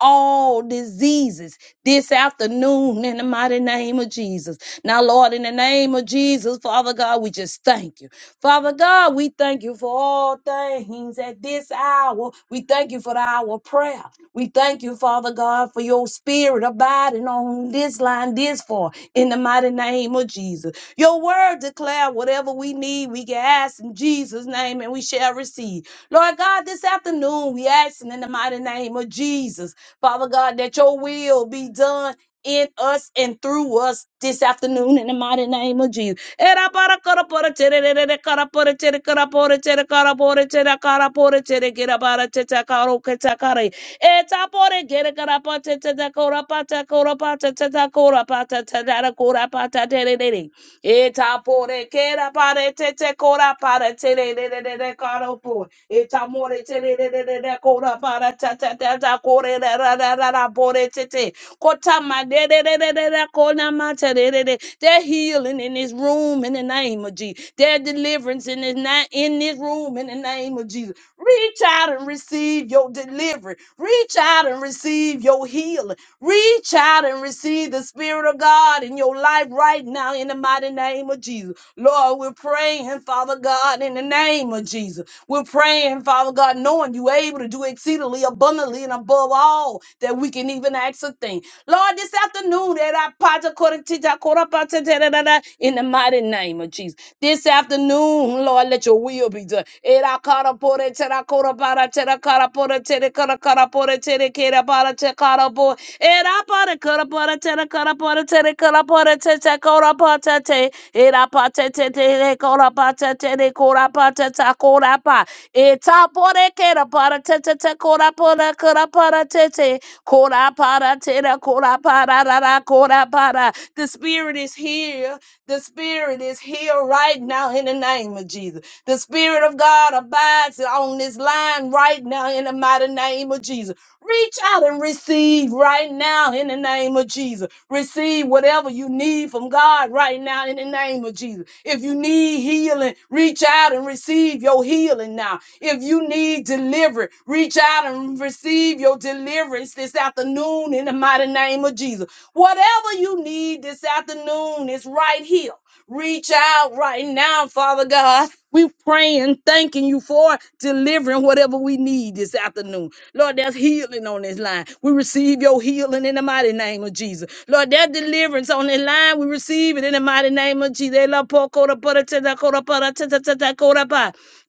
all diseases this afternoon in the mighty name of Jesus. Now, Lord, in the name of Jesus, Father God, we just thank you. Father God, we thank you for all things at this hour. We thank you for the hour of prayer. We thank you, Father God, for your spirit abiding on this line this far in the mighty name of Jesus. Your word declare whatever we need, we can ask in Jesus' name and we shall receive. Lord God, this afternoon we asking in the mighty name of Jesus Father God, that your will be done in us and through us this afternoon in the mighty name of Jesus. Era para cara para tere re re re cara para tere cara para tere cara para tere cara para tere gira para tete caro que te care. Eta para gira cara para tete cora para cora para tete cora para tete cora para tete Eta pore kera pare te te kora pare te re re re re re karo po. Eta more te re re re re kora pare ta ta ta ta kore re re re re re pore te te. Kota ma de re re re re re kona ma te re re re. They're healing in this room in the name of Jesus. They're deliverance in this na- in this room in the name of Jesus. Reach out and receive your delivery. Reach out and receive your healing. Reach out and receive the Spirit of God in your life right now in the mighty name of Jesus. Lord, we're praying, Father God, in the name of Jesus. We're praying, Father God, knowing you able to do exceedingly abundantly and above all that we can even ask a thing. Lord, this afternoon, that I part according to thy quarter part to da- da- da- da, in the mighty name of Jesus. This afternoon, Lord, let your will be done. Era cara pore, tera cora para, tera cara pore, tera cara cara pore, tera karabo era para karapara tera karapara tera karapara tera karapara te era pata te te karapata te te karapata ta karapa eta pore kera para te te te karapara karapara te te karapara tera karapara ra ra karapara the spirit is here the spirit is here right now in the name of Jesus the spirit of God abides on this line right now in the mighty name of Jesus Reach out and receive right now in the name of Jesus. Receive whatever you need from God right now in the name of Jesus. If you need healing, reach out and receive your healing now. If you need deliverance, reach out and receive your deliverance this afternoon in the mighty name of Jesus. Whatever you need this afternoon is right here Reach out right now, Father God. We praying, thanking you for delivering whatever we need this afternoon. Lord, there's healing on this line. We receive your healing in the mighty name of Jesus. Lord, there's deliverance on this line. We receive it in the mighty name of Jesus.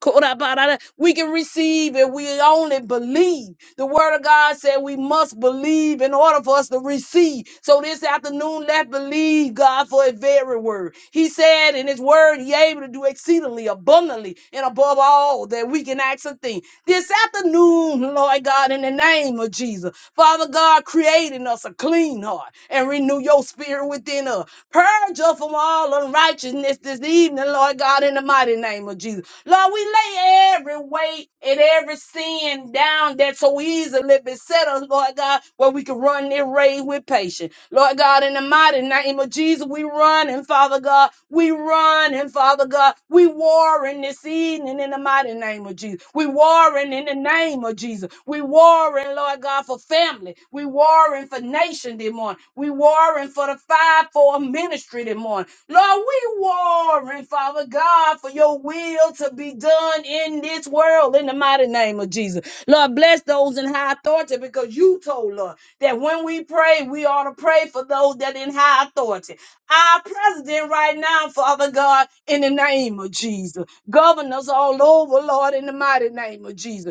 Korabarara. We can receive if we only believe. The word of God said we must believe in order for us to receive. So this afternoon, let believe God for a very word. He said in his word, he able to do exceedingly abundantly and above all that we can ask a thing. This afternoon, Lord God, in the name of Jesus, Father God, create in us a clean heart and renew your spirit within us. Purge us from all unrighteousness this evening, Lord God, in the mighty name of Jesus. Lord, we lay every weight and every sin down that so easily beset us, Lord God, where we can run this race with patience. Lord God, in the mighty name of Jesus, we run and Father God, we run and Father God, we warring this evening in the mighty name of Jesus. We warring in the name of Jesus. We warring, Lord God, for family. We warring for nation this morning. We warring for the five for ministry this morning. Lord, we warring, Father God, for your will to be done in this world in the mighty name of Jesus. Lord, bless those in high authority because you told us that when we pray, we ought to pray for those that in high authority. Our president right now, Father God, in the name of Jesus. Governors all over, Lord, in the mighty name of Jesus.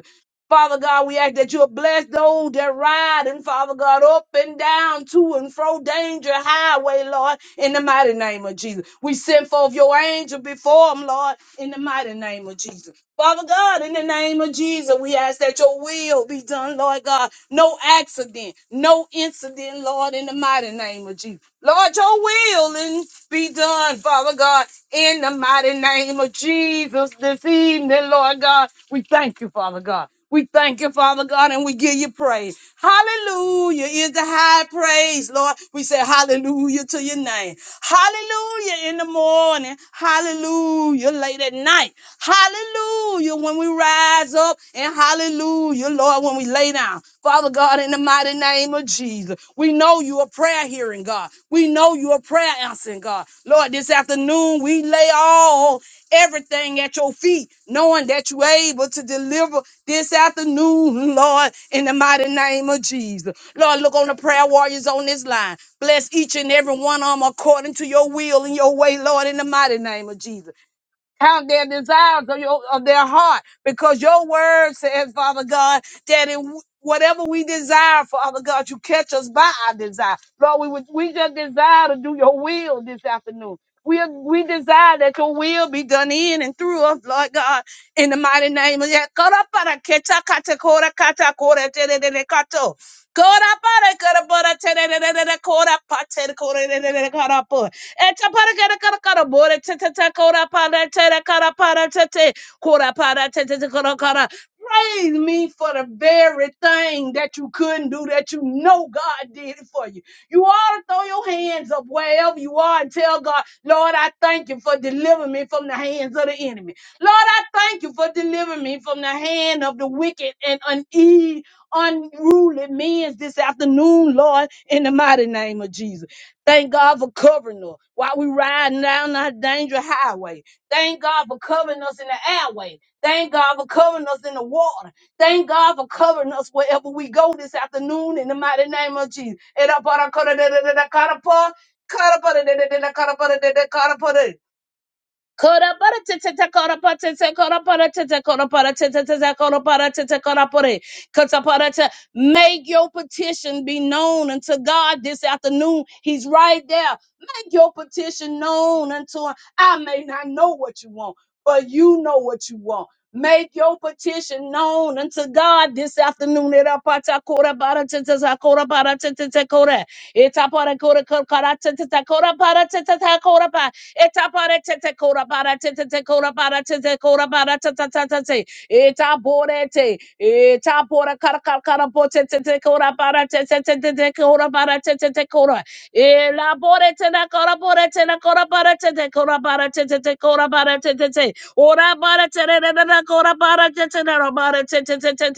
Father God, we ask that you'll bless those that ride and Father God up and down to and fro danger highway, Lord, in the mighty name of Jesus. We send forth your angel before them, Lord, in the mighty name of Jesus. Father God, in the name of Jesus, we ask that your will be done, Lord God. No accident, no incident, Lord, in the mighty name of Jesus. Lord, your will and be done, Father God, in the mighty name of Jesus this evening, Lord God. We thank you, Father God. We thank you, Father God, and we give you praise. Hallelujah is the high praise, Lord. We say hallelujah to your name. Hallelujah in the morning. Hallelujah late at night. Hallelujah when we rise up. And hallelujah, Lord, when we lay down. Father God, in the mighty name of Jesus, we know you are prayer hearing, God. We know you are prayer answering, God. Lord, this afternoon we lay all everything at your feet, knowing that you're able to deliver this afternoon, Lord, in the mighty name of Jesus. Lord, look on the prayer warriors on this line. Bless each and every one of them according to your will and your way, Lord, in the mighty name of Jesus. Count their desires of, your, of their heart because your word says, Father God, that in wh- whatever we desire, Father God, you catch us by our desire. Lord, we, would, we just desire to do your will this afternoon. We, we desire that your will be done in and through us, Lord God, in the mighty name of Yah. Praise me for the very thing that you couldn't do that you know God did it for you. You ought to throw your hands up wherever you are and tell God, Lord, I thank you for delivering me from the hands of the enemy. Lord, I thank you for delivering me from the hand of the wicked and une- unruly men this afternoon, Lord, in the mighty name of Jesus. Thank God for covering us while we riding down that dangerous highway. Thank God for covering us in the airway. Thank God for covering us in the water. Thank God for covering us wherever we go this afternoon in the mighty name of Jesus. Make your petition be known unto God this afternoon. He's right there. Make your petition known unto him. I may not know what you want, but you know what you want. Make your petition known unto God this afternoon. Itapara Eta para tete kora para tete te kora para tete kora para tata tata te. Eta bore te. Eta bora kara kara kara bo tete te kora para tete tete te kora para tete te kora. Ela bore te na kora bore te na kora para tete kora para tete te kora para tete te. Ora para tete na na kora para tete na na para tete te te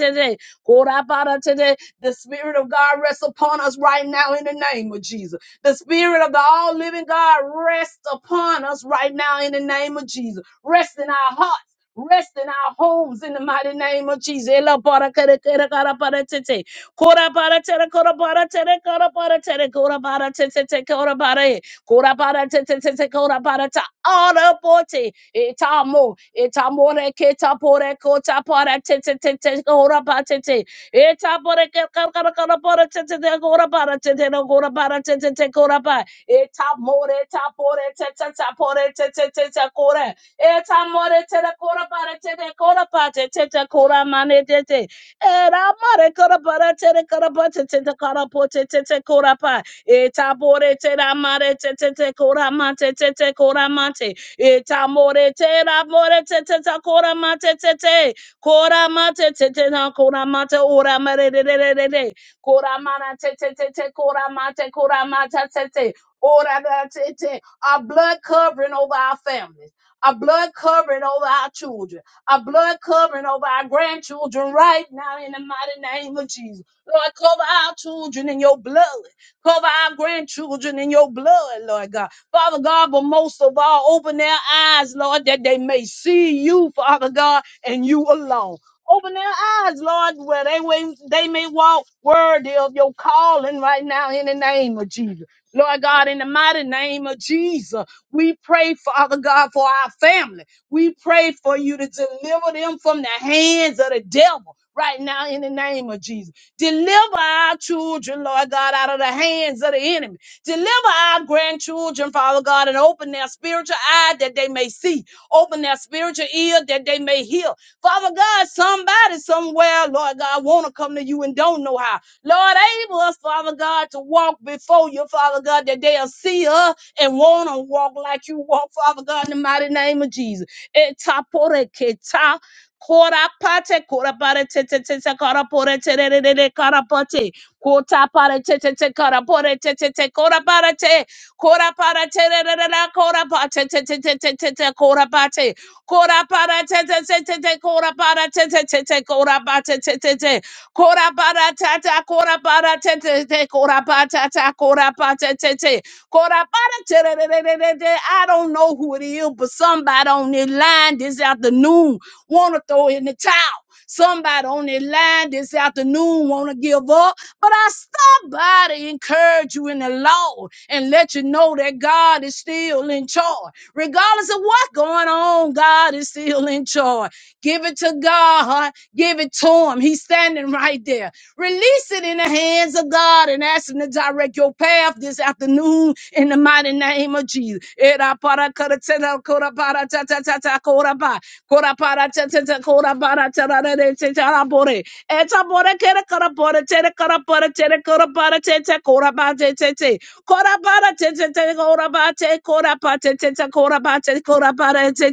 Kora para tete. The Spirit of God rests upon us right now in the name of Jesus. The spirit of the all living God rests upon us right now in the name of Jesus. Rest in our hearts. Rest in our homes in the mighty name of Jesus. Ela para kere kere kara para tete. Kora para tere kora para tere kora para tere kora para tete tete kora para e. Kora para tete tete kora para ta. Ora pote. Eta mo. Eta more keta pore kota para tete tete kora para tete. Eta bora ke ka ka ka bora te te te gora bara te te no gora bara te te te gora ba. Eta more eta bora te te te bora te te te te gora. Eta more te te gora bara te te gora ba te te te gora mane te te. Era mare gora bara te te gora ba te te te gora po te te te gora ba. Eta bora te ra mare te te te gora ma te te te gora ma te. Eta more te ra more te te te gora ma te te te. Koramate tetena koramate oramare de de de de de. Koramana te te te te koramate koramata te te. Ora da te te. Our blood covering over our families. Our blood covering over our children. Our blood covering over our grandchildren right now in the mighty name of Jesus. Lord, cover our children in your blood. Cover our grandchildren in your blood, Lord God. Father God, but most of all, open their eyes, Lord, that they may see you, Father God and you alone. Open their eyes, Lord, where they, may- they may walk worthy of your calling right now in the name of Jesus. Lord God, in the mighty name of Jesus, we pray, Father God, for our family. We pray for you to deliver them from the hands of the devil right now in the name of Jesus. Deliver our children, Lord God, out of the hands of the enemy. Deliver our grandchildren, Father God, and open their spiritual eye that they may see. Open their spiritual ear that they may hear. Father God, somebody somewhere, Lord God, want to come to you and don't know how. Lord, able us, Father God, to walk before you, Father God, that they'll see us and want to walk like you walk, Father God, in the mighty name of Jesus. Etaporeketa, korapate, korapare, te- te- te- te- korapore, te- re- re- re- re- korapate, kotapare, te- te- te- korapore, te- te- te- korapare, te- korapare, te- re- re- re- re- korapate, te- te- te- te- te- te- korapate. Kora para te te te te te kora para te te te te kora para te te te te kora para ta ta kora para te te te kora para ta ta kora para te te te kora para te te te te te. te. I don't know who it is, but somebody on this line this afternoon wanna throw in the towel. Somebody on this line this afternoon wanna give up, but I stop by to encourage you in the Lord and let you know that God is still in charge. Regardless of what's going on, God is still in charge. Give it to God. Give it to him. He's standing right there. Release it in the hands of God and ask him to direct your path this afternoon in the mighty name of Jesus. Era para kara tera kora para ta ta ta ta kora ba. Kora para ta ta ta kora para ta ra ra re te ta ra bore. Eta bore kere kara bora tere kora bora tere kora bora te te kora ba te te te kora bora te te te kora ba te kora ba te te te kora ba te kora ba te te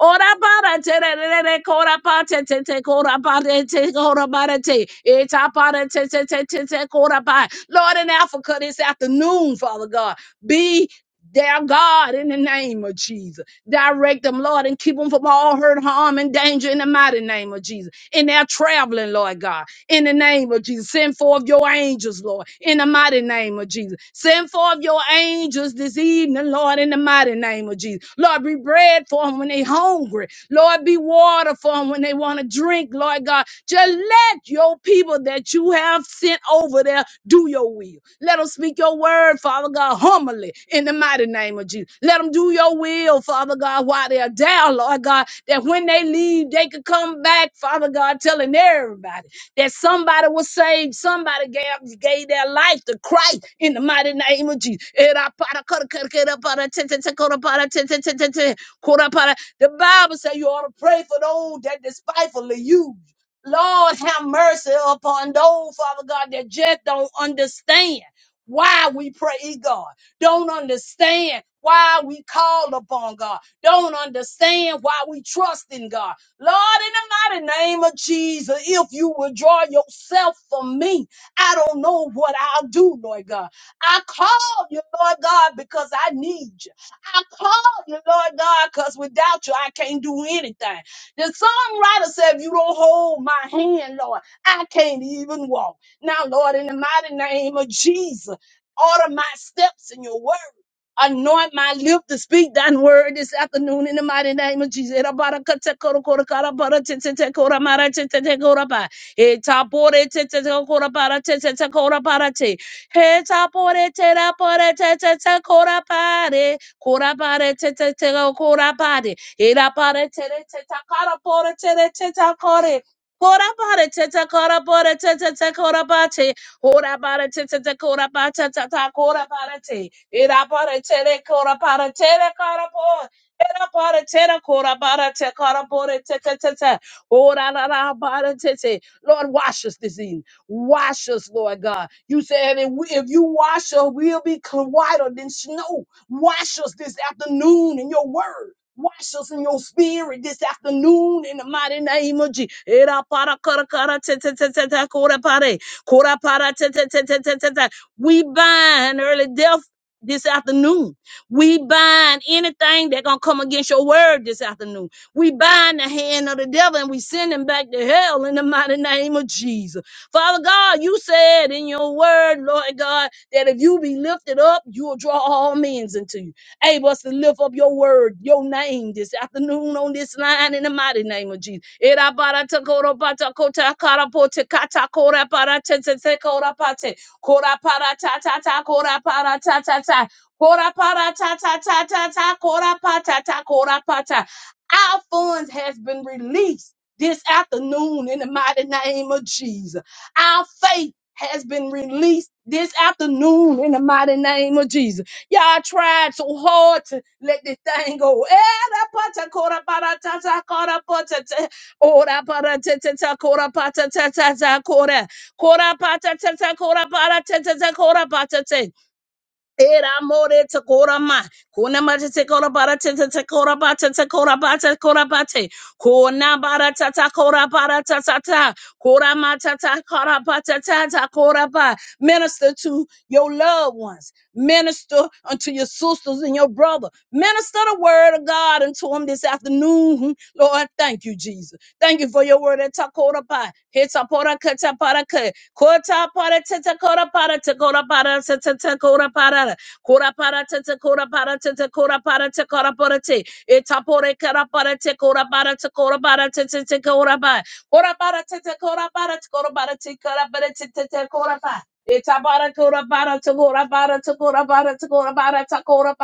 ora bora tere re re kora ba te te te kora ba te te kora ba te te eta bora te te te te te kora ba Lord in Africa this afternoon Father God be their God, in the name of Jesus. Direct them, Lord, and keep them from all hurt, harm, and danger in the mighty name of Jesus. In their traveling, Lord God, in the name of Jesus. Send forth your angels, Lord, in the mighty name of Jesus. Send forth your angels this evening, Lord, in the mighty name of Jesus. Lord, be bread for them when they are hungry. Lord, be water for them when they want to drink, Lord God. Just let your people that you have sent over there do your will. Let them speak your word, Father God, humbly in the mighty name of Jesus. Let them do your will, Father God, while they're down, Lord God, that when they leave, they could come back, Father God, telling everybody that somebody was saved, somebody gave, gave their life to Christ in the mighty name of Jesus. The Bible says you ought to pray for those that despitefully use you. Lord, have mercy upon those, Father God, that just don't understand why we pray, God. Don't understand why we call upon God. Don't understand why we trust in God. Lord, in the mighty name of Jesus, if you withdraw yourself from me, I don't know what I'll do, Lord God. I call you, Lord God, because I need you. I call you, Lord God, because without you, I can't do anything. The songwriter said, if you don't hold my hand, Lord, I can't even walk. Now, Lord, in the mighty name of Jesus, order my steps in your word. Anoint my lip to speak thine word this afternoon in the mighty name of Jesus. <laughs> Ira pare tere teta kara pore tere teta kore. Kora pare teta kara pore teta teta kora pate. Ora pare teta teta kora pate teta kora pare te. Ira pare tere kora pare tere kara pore. Ira pare tere kora pare te kara pore teta teta. Ora la la pare tete. Lord, wash us this evening. Wash us, Lord God. You said if, we, if you wash us, we'll be cl- whiter than snow. Wash us this afternoon in your word. Wash us in your spirit this afternoon in the mighty name of Jesus. We bind early death this afternoon. We bind anything that gonna come against your word this afternoon. We bind the hand of the devil and we send him back to hell in the mighty name of Jesus. Father God, you said in your word, Lord God, that if you be lifted up, you will draw all men into you able us to lift up your word, your name this afternoon on this line in the mighty name of Jesus. Era bara ta kora ba ta kara po te kora bara te te te kora pa Kora para ta ta ta kora para ta ta ta. Kora para ta ta ta ta ta kora pa ta kora pa Our funds has been released this afternoon in the mighty name of Jesus. Our faith has been released this afternoon in the mighty name of Jesus. Y'all tried so hard to let this thing go. <laughs> Era more te kora ma. Kona ma te te kora bara te te te kora ba te te kora ba te kora ba te. Kona bara ta ta kora bara ta ta ta. Kora ma ta ta kora ba ta ta ta kora ba. Minister to your loved ones. Minister unto your sisters and your brother. Minister the word of God unto them this afternoon. Lord, thank you, Jesus. Thank you for your word. Ta kora ba. He ta pora ka ta para ka. Kota para tata kora para tata kora para tata tata kora para kora para tata kora para tata kora para tata kora para te etapore kora para te kora para te kora para te te te kora para kora para tata kora para te kora para te kora para te te te kora para Itabara kora para te kora para te kora para te kora para te kora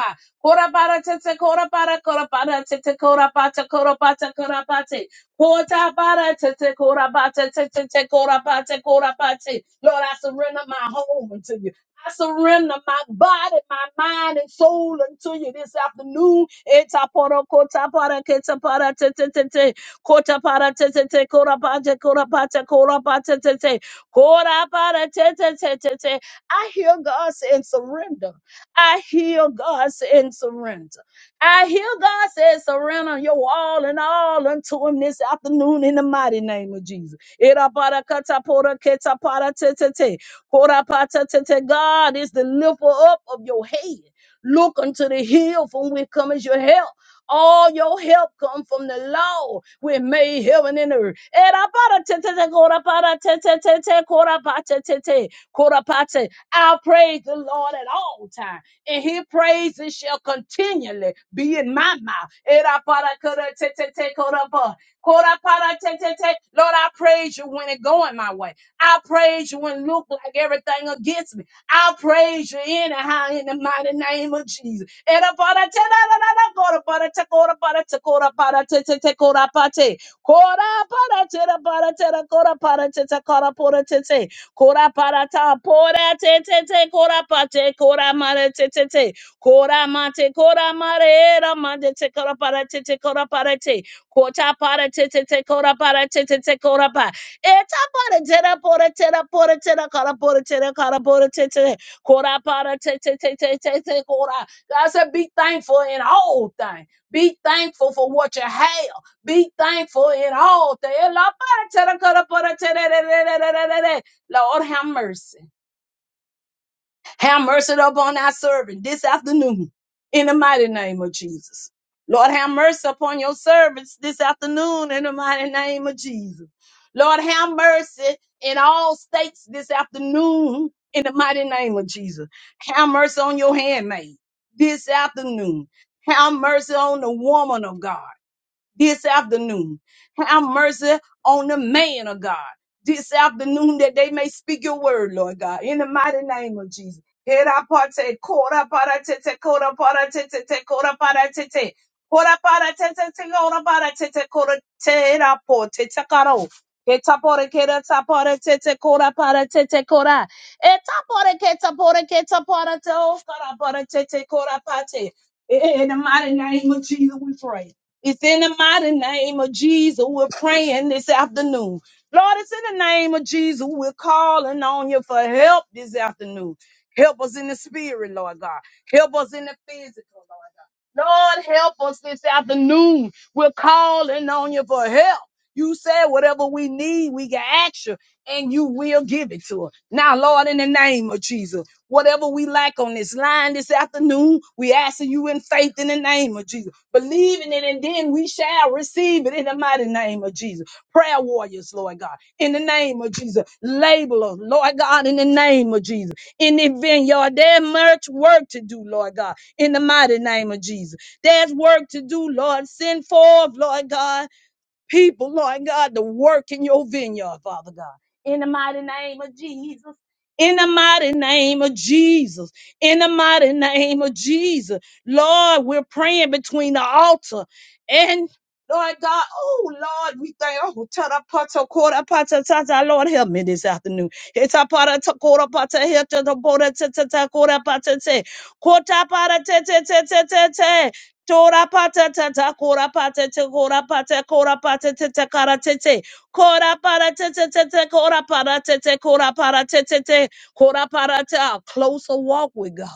para kora para te te kora para kora para te te kora para te kora para te kora para Kota bara te te kora ba te te te te kora ba te kora ba te. Lord, I surrender my home unto you. I surrender my body, my mind, and soul unto you this afternoon. Eta poro kota para keta para te te te te. Kota para te te te kora ba te kora ba te kora ba te te te. Kora bara te te te te te. I hear God saying surrender. I hear God saying surrender. I hear God says, surrender your all and all unto him this afternoon in the mighty name of Jesus. Iraparakataporaketaparatete. Korapatatete. God is the lifter up of your head. Look unto the hill from which comes your help. All your help come from the Lord. which made heaven and earth. Iraparatete, koraparatete, korapatatete, korapate. I'll praise the Lord at all times and his praises shall continually be in my mouth. Era para kara te te te kora pa. Kora para te te te. Lord, I praise you when it's going my way. I praise you when it look like everything against me. I praise you anyhow in the mighty name of Jesus. Era para te la la la la kora para te kora para te kora para te te te kora pa te. Kora para te la para te la kora para te te kora para te te. Kora parata pora te te te kora pate kora mare te te te kora mate kora mare era mande te kora para te te kora para te kota para te te te kora para te te te kora pa eta para te ra pora te ra pora te ra kara pora te ra kara pora te te kora para te te te te te te kora. God said, be thankful in all things. Be thankful for what you have. Be thankful in all things. Lord, have mercy. Have mercy upon our servant this afternoon in the mighty name of Jesus. Lord, have mercy upon your servants this afternoon in the mighty name of Jesus. Lord, have mercy in all states this afternoon in the mighty name of Jesus. Have mercy on your handmaid this afternoon. Have mercy on the woman of God this afternoon. Have mercy on the man of God this afternoon that they may speak your word, Lord God, in the mighty name of Jesus. Hera pate, kora para te te, kora para te te te, kora para te te. Kora para te te te, kora para te te, kora te ra po te te karo. Ke tapore ke ra tapore te te, kora para te te kora. E tapore ke tapore ke tapore te o, kora para te te, kora pate. In the mighty name of Jesus, we pray. It's in the mighty name of Jesus. We're praying this afternoon. Lord, it's in the name of Jesus. We're calling on you for help this afternoon. Help us in the spirit, Lord God. Help us in the physical, Lord God. Lord, help us this afternoon. We're calling on you for help. You said whatever we need, we can ask you, and you will give it to us. Now, Lord, in the name of Jesus, whatever we lack on this line this afternoon, we asking you in faith in the name of Jesus, believing it, and then we shall receive it in the mighty name of Jesus. Prayer warriors, Lord God, in the name of Jesus, laborers, Lord God, in the name of Jesus, in the vineyard, there's much work to do, Lord God, in the mighty name of Jesus. There's work to do, Lord. Send forth, Lord God people, Lord God, to work in your vineyard, Father God. In the mighty name of Jesus. In the mighty name of Jesus. In the mighty name of Jesus. Lord, we're praying between the altar and Lord God, oh Lord, we thank oh tada pata kora pata tata. Lord, help me this afternoon. Heta para ta kora pata heta ta bora ta ta ta kora pata te. Kota para te te te te te te. Tora pata tata kora pata te kora pata kora pata te te kara te te kora para te te te te kora para te te kora para te te te kora para te a closer walk with God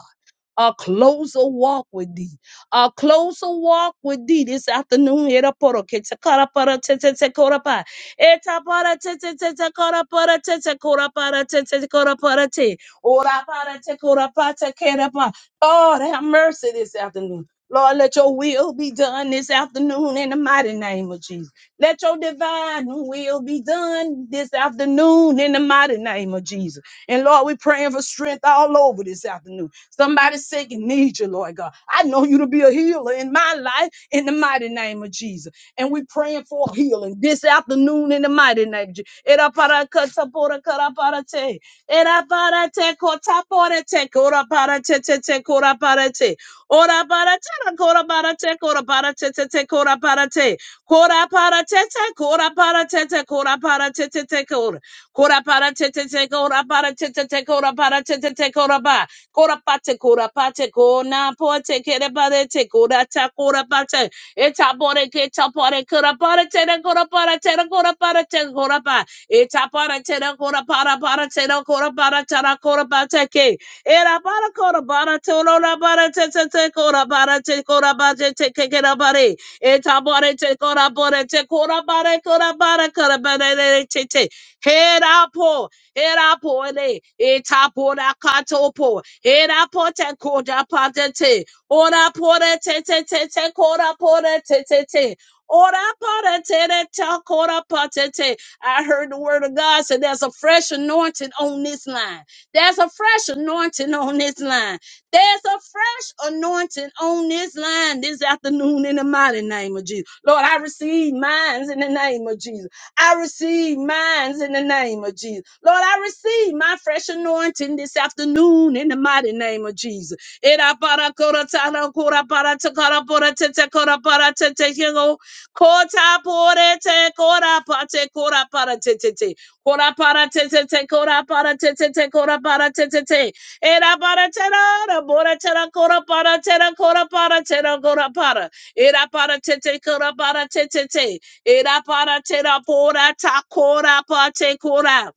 a closer walk with thee, a closer walk with thee this afternoon. Era poro que te cara para te te te cora pa. Eta para te te te te cara para te te cora para te te cora para te. Ora para te cora pa te quera pa. Lord, have mercy this afternoon. Lord, let your will be done this afternoon in the mighty name of Jesus. Let your divine will be done this afternoon in the mighty name of Jesus. And Lord, we're praying for strength all over this afternoon. Somebody sick and needs you, Lord God. I know you to be a healer in my life in the mighty name of Jesus. And we are praying for healing this afternoon in the mighty name of Jesus. Eraparakataporakaraparate. Eraparatekotaporete. Koraparatete-koraparate. Oraparatera-koraparate. Koraparatete-koraparate. Koraparatete. Koraparatete. Koraparatete-kora. Koraparatete-kora. Koraparatete-kora. Koraparatete-kora. Korapate, korapate, kona pote, kereparete, korata, korapate, etapore, ketapore, koraparate, koraparate, koraparate, korapa, etapate, koraparaparate, koraparate, korapate, ke, erapara, koraparate, koraparate, koraparate, koraparate, kekerapare, etapore, te korapore, te korapare, korapare, korapare, te, te, herapo, Erapo ele, etapora katopo, Era pote koda patete. Ora pore te te te te kora pore te te te. Ora pore te te te kora patete. I heard the word of God said there's a fresh anointing on this line. There's a fresh anointing on this line. There's a fresh anointing on this line this afternoon in the mighty name of Jesus. Lord, I receive mines in the name of Jesus. I receive mines in the name of Jesus. Lord, I receive my fresh anointing this afternoon in the mighty name of Jesus. Era para kora tara kora para takara pora tete kora para tete higo. Kota pore te kora pate kora para tete te. Kora para tete te kora para tete te kora para tete te. Era para tera ra bora tera kora para tera kora para tera kora para. Era para tete kora para tete te. Era para tera pora ta kora pa te kora.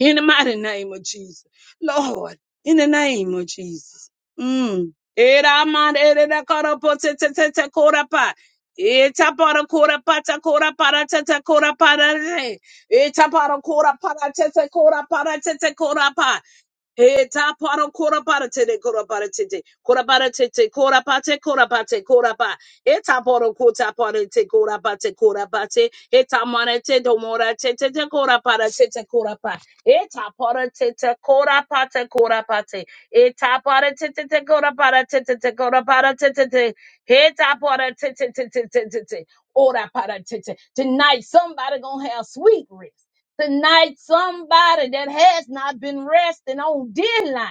In the mighty name of Jesus. Lord, in the name of Jesus. Mm. Era man era da kora po te te te te kora pa. Eta para kora pa ta kora para te te kora para te. Eta para kora para te te kora para te te kora pa. He ta paro kora para te de kora para te te kora para te te kora pa te kora pa te kora pa he ta paro kota para te kora pa te kora pa te he ta mara te do mora te te te kora para te te kora pa he ta paro te te kora pa te kora pa te he ta paro te te te kora para te te te kora para te te te he ta paro te te te te te te te ora para te te tonight somebody gonna have sweet rest tonight somebody that has not been resting on deadline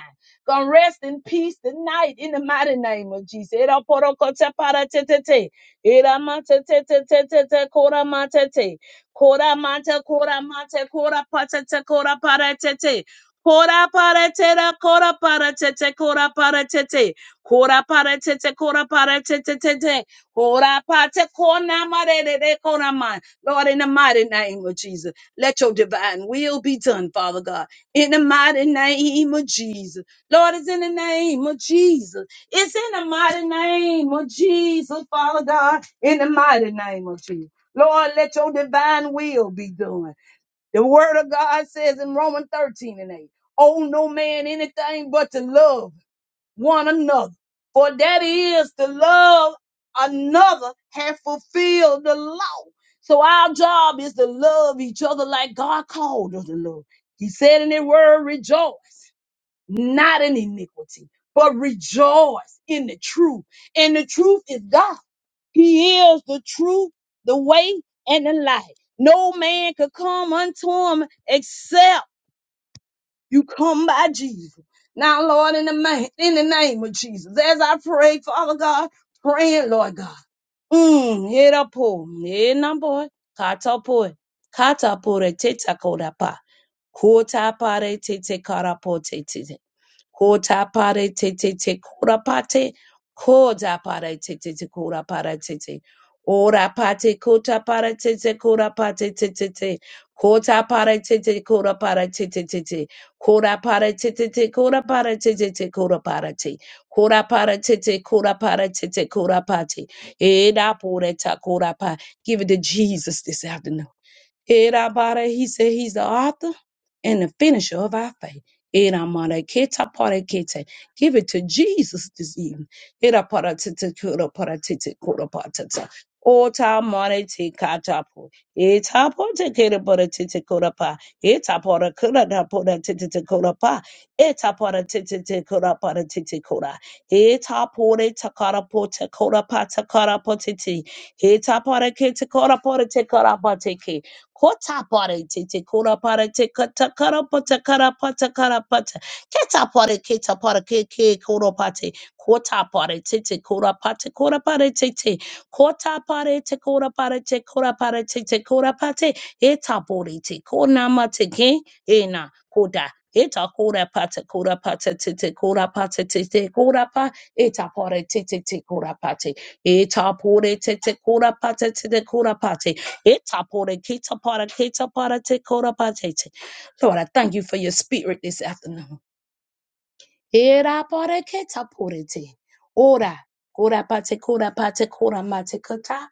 gonna rest in peace tonight in the mighty name of jesus Era poro kote para te te te. Era ma te te te te te te kora ma te te. Kora ma te kora ma te kora pa te te kora para te te. Kora para te ra kora para te te kora para te te. Kora para te te kora para te te te te. Kora pa te kona ma re re re kora ma. Lord, in the mighty name of Jesus. Let your divine will be done, Father God, in the mighty name of Jesus. Lord, it's in the name of Jesus. It's in the mighty name of Jesus, Father God, in the mighty name of Jesus. Lord, let your divine will be done. The word of God says in Romans 13 and 8, owe no man anything but to love one another. For that is to love another have fulfilled the law. So our job is to love each other like God called us to love. He said in the word, rejoice, not in iniquity, but rejoice in the truth. And the truth is God. He is the truth, the way, and the light. No man could come unto him except you come by Jesus. Now, Lord, in the, ma- in the name of Jesus, as I pray, Father God, praying, Lord God. Mm, hit up, pull. Hit up, boy. Kata, boy. Kata, boy, tete, koda, pa. Kota, pare, tete, kara, po, tete. Kota pare te te te kora pate. Kota pare te te te kora pare te te. Ora pate kota pare te te kora pate te te te. Kota pare te te kora pare te te te te. Kora pare te te te kora pare te te te kora pare te. Kora pare te te kora pare te te kora pate. Eda pore ta kora pa. Give it to Jesus this afternoon. Eda pare. He said he's the author and the finisher of our faith. Eramadaketa parakete. Give it to Jesus this evening. Eraparatete koraparatete korapatata. Ota marete katapo. Etapo te kereparatete korapa. Etapora koraparatete korapa. Etaparatete koraparatete kora. Etapore takarapote korapata karapotete. Etaparakete koraporete korapateke. Kota pare te te kora pare te kata kara pata kara pata kara pata. Keta pare keta pare ke ke koro pate. Kota pare te te kora pate kora pare te te. Kota pare te kora pare te kora pare te te kora pate. Eta pore te kona mate ke ena koda. Eta kora pata kora pata te te kora pata te te kora pa. Eta pare te te te kora pate. Eta pore te te kora pata te te kora pate. Itapore kitapara kitapara tekorapatete. Lord, I thank you for your spirit this afternoon. Era pore keta porete. Ora, kora pate kora pate kora mate kata.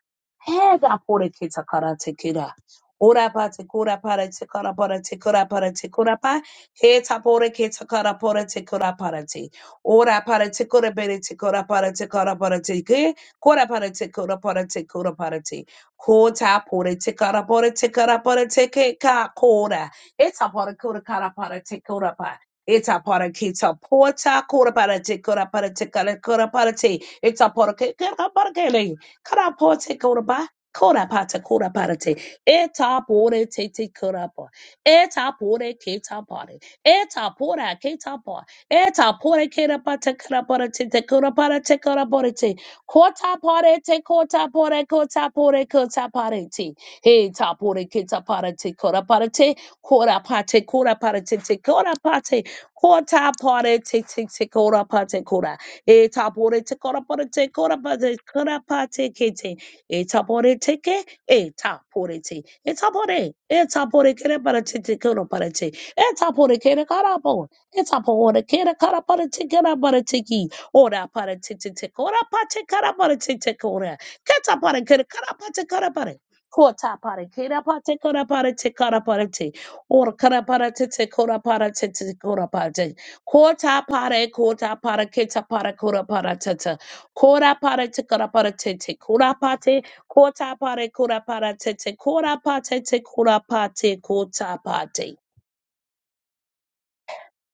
Hega pore keta karate kira. Ora pate kora parate kora parate kora parate kora pa. Heta pore keta kara porete kora parate. Ora parate kora berete kora parate kora parate ke. Kora parate kora parate kora parate. Kota porete kara porete kara porete ke ka kora. Eta pore kora kara parate kora pa. Eta para kita porta kora para te kora para te kora kora para te. Eta para ke kora para ke le. Kora para te kora ba. Kora para kora para te. Eta pore te te kora pa. Eta pore kita pare. Eta pora kita pa. Eta pore kora para te kora para te te kora para te kora para te. Kota pare te kota pore kota pore kota pare te. Eta pore kita para te kora para te. Kora pate, kora pate, te, kora pate. Kota pare te te te kora pate kora. E tapore te kora pare te kora pate kora pate kete. E tapore te ke e tapore te. E tapore e tapore kere pare te te kora pare te. E tapore kere kara po. E tapore kere kara pare te kara pare te ki. Ora pare te te te kora pate kara pare te te kora. Keta pare kere kara pate kara pare. Kota pare kere pate kora pare te kara pare te. Ora kara para tete kora para tete kora para tete. Kota para kota para keta para kora para tete. Kora para te kora para tete kora pate. Kota para kora para tete kora pate te kora pate kota pate.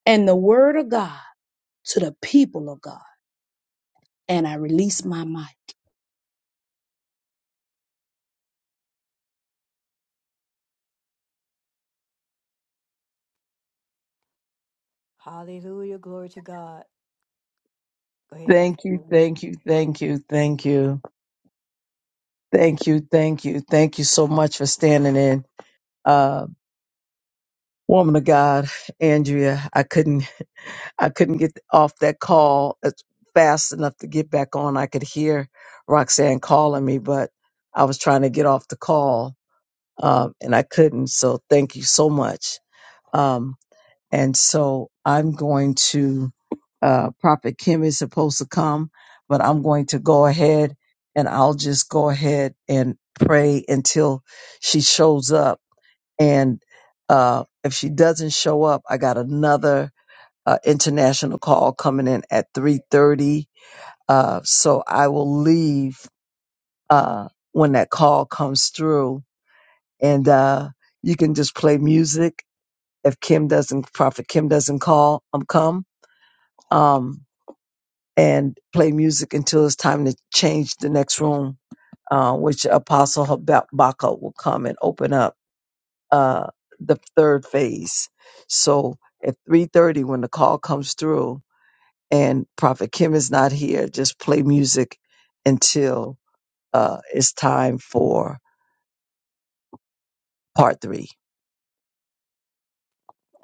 And the word of God to the people of God. And I release my mind.
Hallelujah. Glory to God. Go ahead, Dr. Dillon.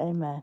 Amen.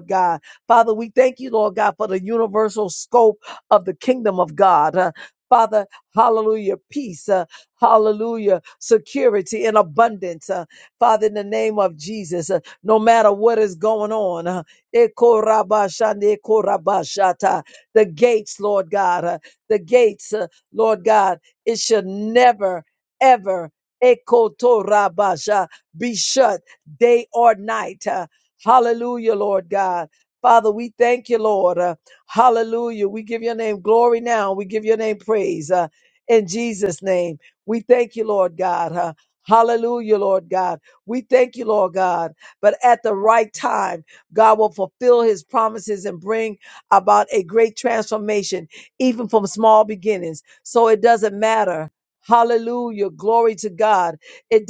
Lord God. Father, we thank you, Lord God, for the universal scope of the kingdom of God. Uh, Father, hallelujah, peace, uh, hallelujah, security and abundance. uh, Father, in the name of Jesus, uh, no matter what is going on, uh, Ekorabashande, Ekorabashata, the gates, Lord God, uh, the gates, uh, Lord God, it should never, ever Ekotorabasha, be shut day or night. huh? Hallelujah, Lord God. Father, we thank you, Lord. Uh, hallelujah. We give your name glory now. We give your name praise uh, in Jesus' name. We thank you, Lord God. Uh, hallelujah, Lord God. We thank you, Lord God. But at the right time, God will fulfill his promises and bring about a great transformation, even from small beginnings. So it doesn't matter. Hallelujah. Glory to God. It,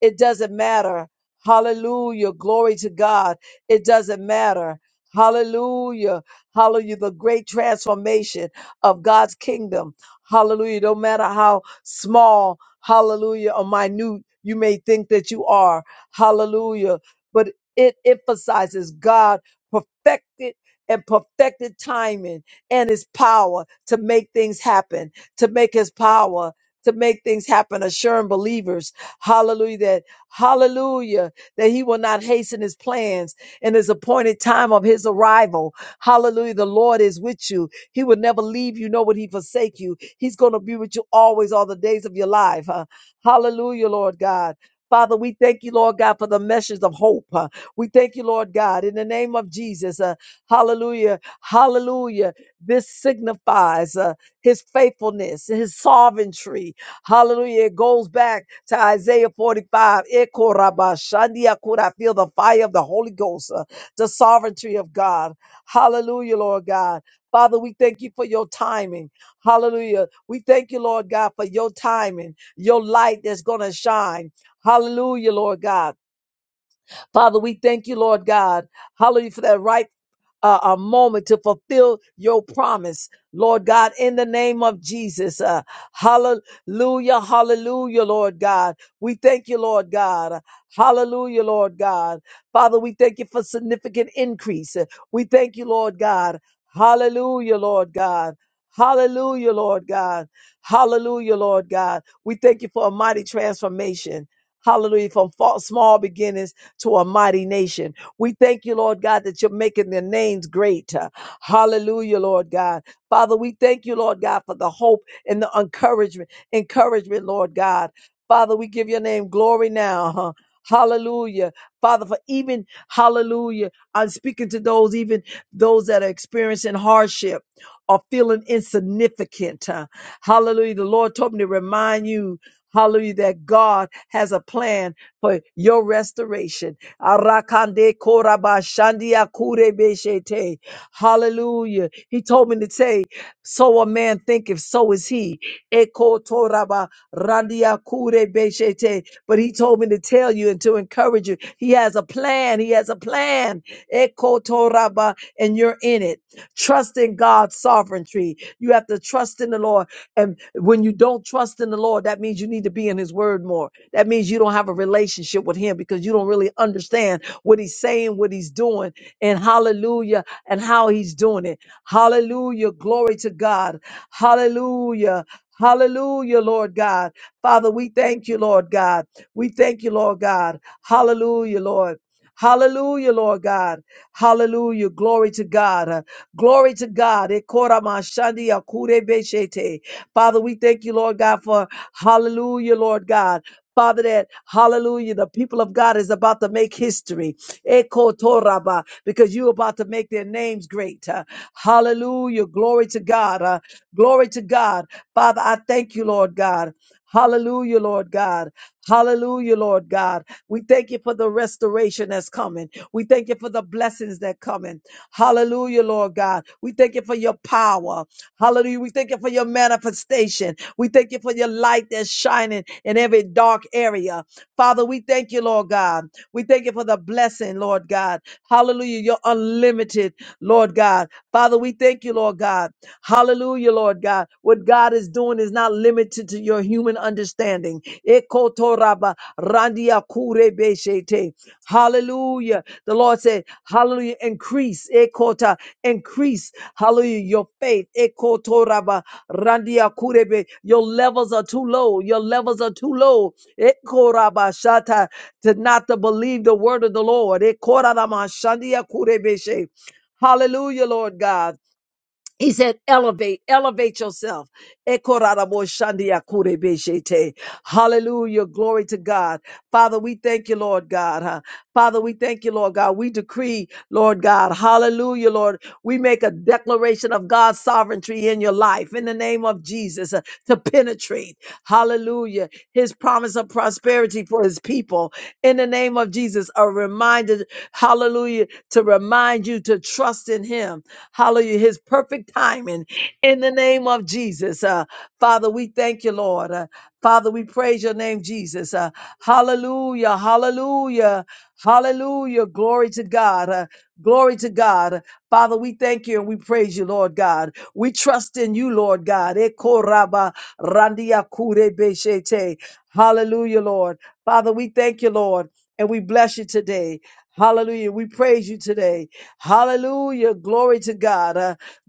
it may think that you are, hal- but it God perfected and per- he will never leave you, nor would he forsake. He's going to be with you always, all the days of your life. huh? Hallelujah, Lord God. Message of hope. huh? We thank you, Lord God. Jesus. Uh, hallelujah. Hallelujah. This signifies uh, his faithfulness, his sovereignty. Hallelujah. It goes back to Isaiah 45. I feel the fire of the Holy Ghost, uh, the sovereignty of God. Hallelujah, Lord God. Father, we thank you for your timing. Hallelujah. We thank you, Lord God, for your timing, your light that's going to shine. Hallelujah, Lord God. Glory to God. Father, we do. Hallelujah. His promise of prosperity for his people. Name of Jesus. are rendered, Hallelujah. To you to trust in him. Hallelujah. His perfect timing in the name of Jesus.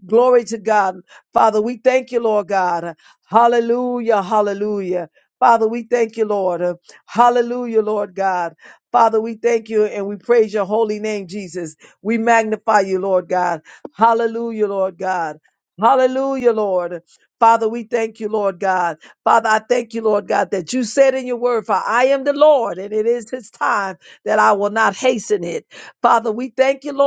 Glory to God. Father, we thank you, Lord God. Hallelujah. Hallelujah. Father, we thank you. Hallowed God. Father, we thank you. It's your holy name, Jesus. We God. Hallowed God. Hallelujah, Lord. Father, Lord God. Father, I thank that you said. Lord, and it is His time that I will not hasten it. Father, we thank you, Lord.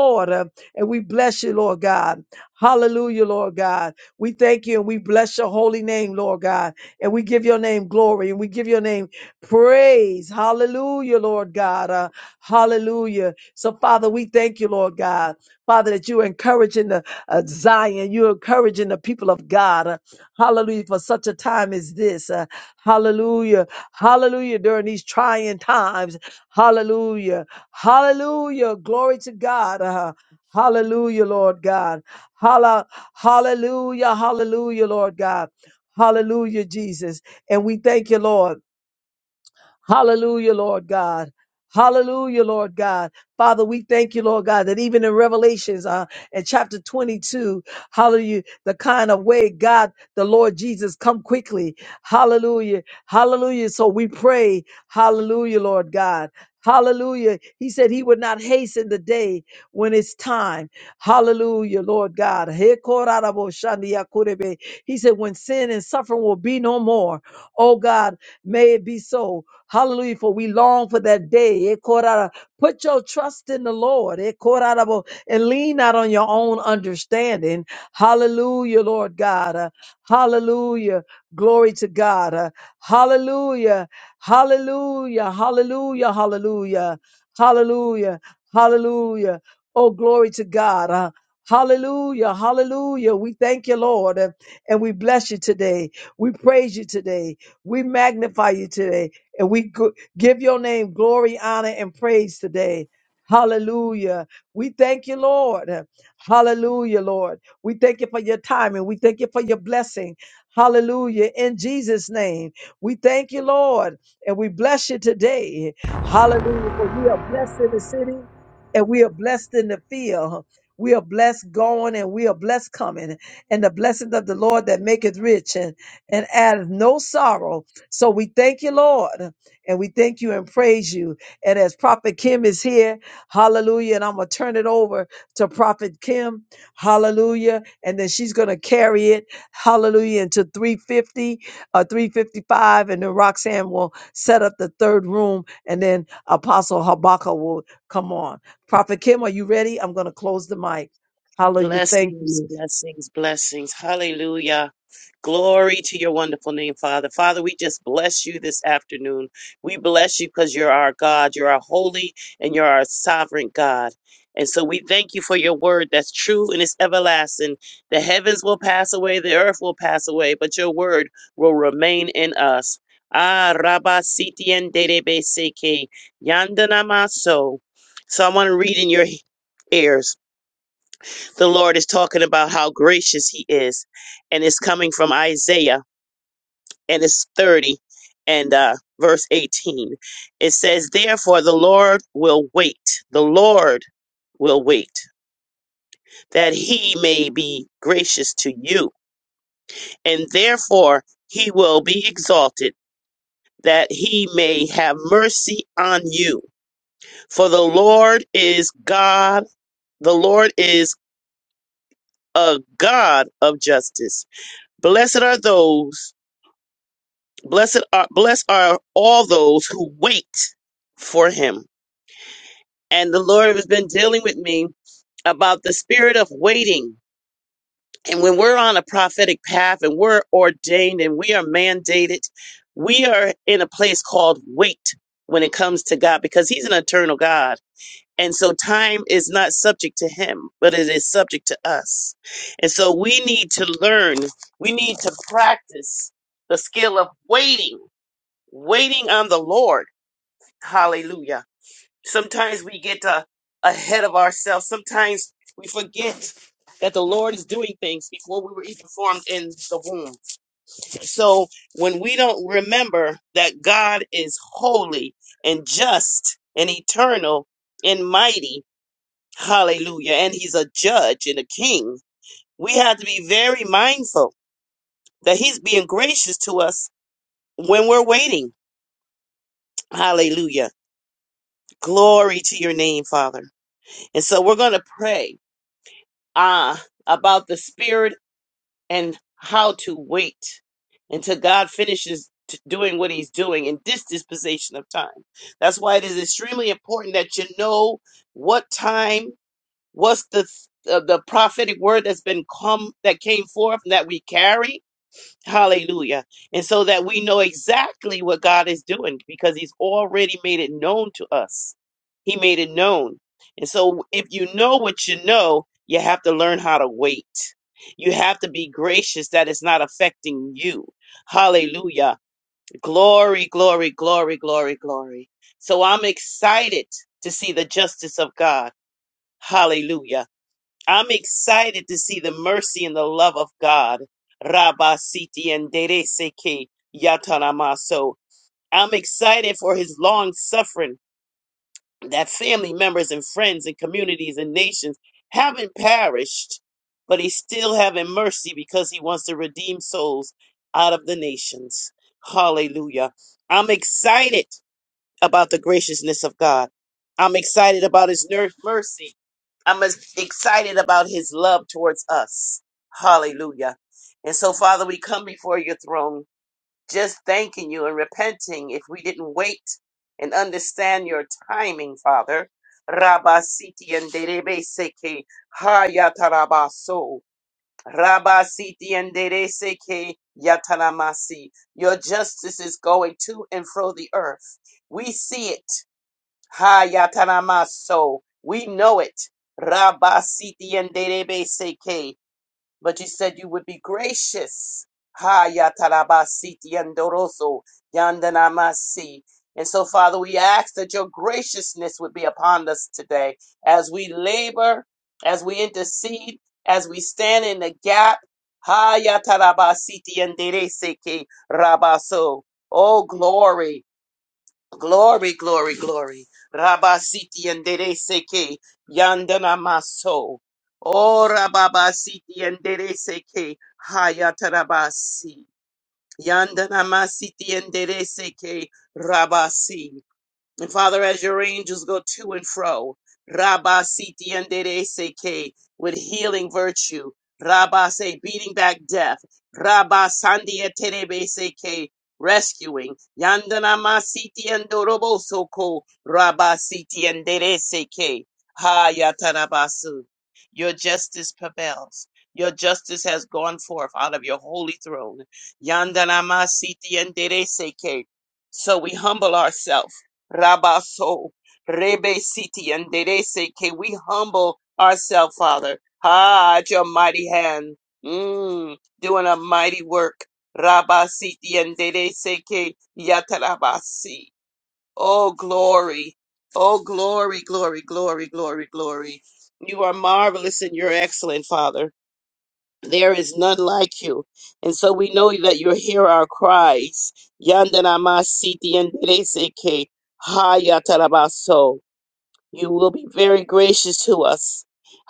Blessings, blessings, blessings. Hallelujah. Glory to your wonderful name, Father. Father, we just bless you this afternoon. We bless you because you're our God. You're our holy and you're our sovereign God. And so we thank you for your word that's true and it's everlasting. The heavens will pass away, the earth will pass away, but your word will remain in us. Ah, Rabba Sitien Derebe Seke, Yandanamaso. So I want to read in your ears. The Lord is talking about how gracious He is, and it's coming from Isaiah, and it's 30 and uh, verse 18. It says, Therefore, the Lord will wait, the Lord will wait, that He may be gracious to you, and therefore He will be exalted. That he may have mercy on you. For the Lord is God, the Lord is a God of justice. Blessed are those Blessed are blessed are all those who wait for him. And the Lord has been dealing with me about the spirit of waiting. And when we're on a prophetic path and we're ordained and we are mandated, we are in a place called wait when it comes to God because he's an eternal God. And so time is not subject to him, but it is subject to us. And so we need to learn, we need to practice the skill of waiting, waiting on the Lord Hallelujah. Sometimes we get uh, ahead of ourselves. Sometimes we forget that the Lord is doing things before we were even formed in the womb. So when we don't remember that God is holy and just and eternal and mighty, hallelujah, and he's a judge and a king, we have to be very mindful that he's being gracious to us when we're waiting. Hallelujah. Glory to your name, Father. And so we're going to pray. uh, about the spirit and how to wait until God finishes t- doing what he's doing in this dispensation of time. That's why it is extremely important that you know what time, what's the th- uh, the prophetic word that's been come that came forth and that we carry Hallelujah. And so that we know exactly what God is doing because He's already made it known to us. He made it known. And so if you know what you know, you have to learn how to wait. You have to be gracious that it's not affecting you. Hallelujah. Glory, glory, glory, glory, glory. So I'm excited to see the justice of God. Hallelujah I'm excited to see the mercy and the love of God. Rabba Siti and Dereseke Yatanamaso. I'm excited for his long suffering that family members and friends and communities and nations haven't perished, but he's still having mercy because he wants to redeem souls out of the nations. Hallelujah. I'm excited about the graciousness of God. I'm excited about his ner- mercy. I'm as excited about his love towards us. Hallelujah. And so, Father, we come before your throne just thanking you and repenting if we didn't wait and understand your timing, Father. Rabasiti and derebe seke hayatarabaso. Rabasiti and dere seke yataramasi. Your justice is going to and fro the earth. We see it. Hayatanamaso. We know it. Rabba Siti and Derebe Seke. But you said you would be gracious. Hayataraba Siti and Doroso Yandanamasi. And so, Father, we ask that your graciousness would be upon us today as we labor, as we intercede, as we stand in the gap. Hayataraba Siti and Dere Seke Rabaso. Oh, glory. Glory, glory, glory. Rabasiti and Dereseke, Yandana Maso. Oh, Rababasiti and Dereseke, Hayatarabasi. Yandana Masiti and Dereseke, Rabasi. And Father, as your angels go to and fro, Rabba Siti Andere Seke, with healing virtue, Rabba Se, beating back death, Rabba Sandia Terebe Seke, rescuing, Yandana Ma Siti Andorobo Soko, Rabba Siti Andere Seke, Ha Yatarabasu. Your justice prevails. Your justice has gone forth out of your holy throne. Yandana Ma Siti Seke. So we humble ourselves. Rabaso, Rebe Siti, and Derese, can we humble ourselves, Father? Ah, at your mighty hand, mm, doing a mighty work. Rabasiti and Derese, ke Yatarabasi. Oh, glory. Oh, glory, glory, glory, glory, glory. You are marvelous and you're excellent, Father. There is none like you. And so we know that you hear our cries. Yandanama siti yanderese ke hayatarabaso. You will be very gracious to us.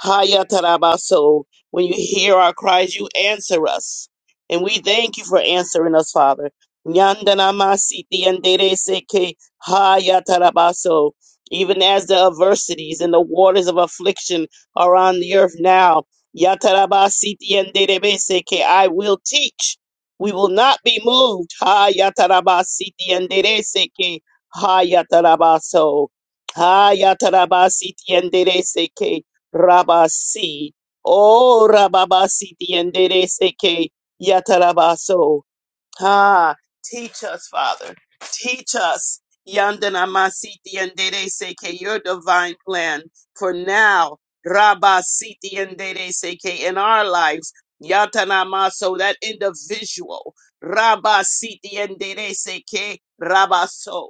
Hayatarabaso. When you hear our cries, you answer us. And we thank you for answering us, Father. Nyandanamasiti yandereseke hayatarabaso. Even as the adversities and the waters of affliction are on the earth now, yatarabasiti yanderebeseke, I will teach. We will not be moved. Hayatarabasiti yandereseke hayatarabaso. Hayatarabasi tienderese que rabasi. Oh, rababasi tienderese que yatarabaso. Ha, teach us, Father. Teach us. Yandanamasi tienderese que your divine plan for now. Rabasi tienderese que in our lives. Yatanamaso, that individual. Rabasi tienderese que rabaso.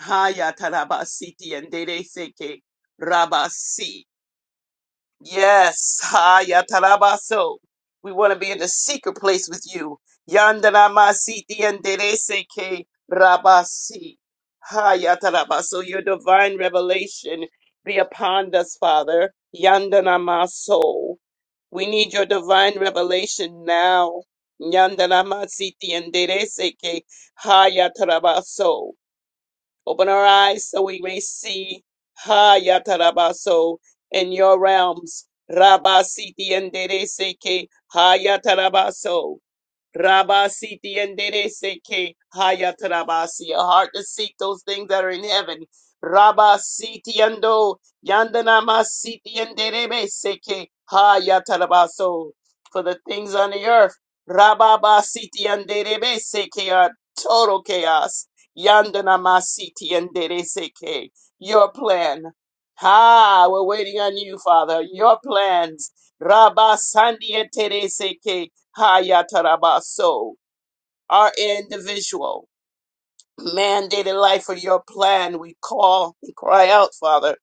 Haya tarabasiti and dere seke rabasi. Yes, haya tarabaso. We want to be in the secret place with you. Yandanamasiti and dere seke rabasi. Haya tarabaso. Your divine revelation be upon us, Father. Yandanamaso. We need your divine revelation now. Yandanamasiti and dere seke haya tarabaso. Open our eyes so we may see Ha Yatarabaso in your realms. Rabasiti and Dereseke Ha Yatarabaso. Rabasiti and Dereseke Hayatarabasi, a heart to seek those things that are in heaven. Rabasiti and Do Yandanamasiti and Derebeseke Hayatarabaso, for the things on the earth. Rababasiti and Derebe seke are total chaos. Yandanamasiti and Dereseke, your plan. Ha, we're waiting on you, Father. Your plans. Rabasandi and Tereseke. Hayatarabaso, our individual mandated life for your plan. We call and cry out, Father.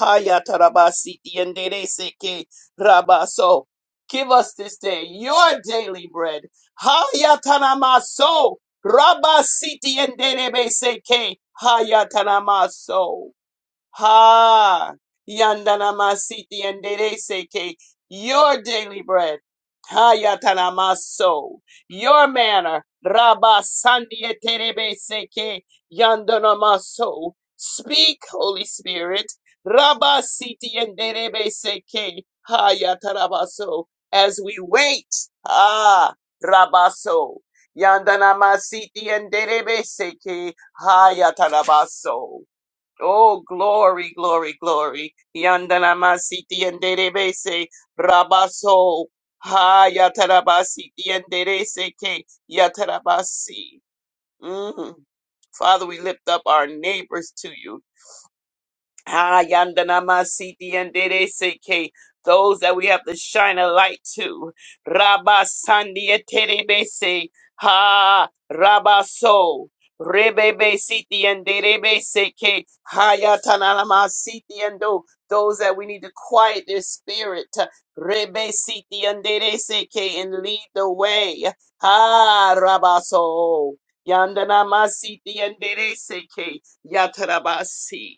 Hayatarabasi tiendereseke rabaso. Give us this day your daily bread. Hayatanamaso rabasi tienderebeseke hayatanamaso. Ha! Yandanamasiti and Dereseke, your daily bread. Ha yatanamaso, your manner. Rabba Sandia Terebeseke, Yandanamaso. Speak, Holy Spirit. Rabba Siti and Derebeseke, Ha yatarabaso, as we wait. Ah, Rabaso. Yandanamasiti and Derebeseke, Ha yatarabaso. Oh, glory, glory, glory. Yandanamasiti and Derebese, Rabaso, Ha Yatarabasi, Yanderese, Ke Yatarabasi. Mm. Father, we lift up our neighbors to you. Ah, Yandanamasiti and Dede Seke. Those that we have to shine a light to. Rabba Sandia Terebese. Ha Rabba So. Rebebe Siti and Derebe Seke. Hayatanamasiti and Do. Those that we need to quiet their spirit. Rebe Siti and Dede Seke and lead the way. Ha Rabba So. Yandanamasiti and Dede Seke. Yatarabasi.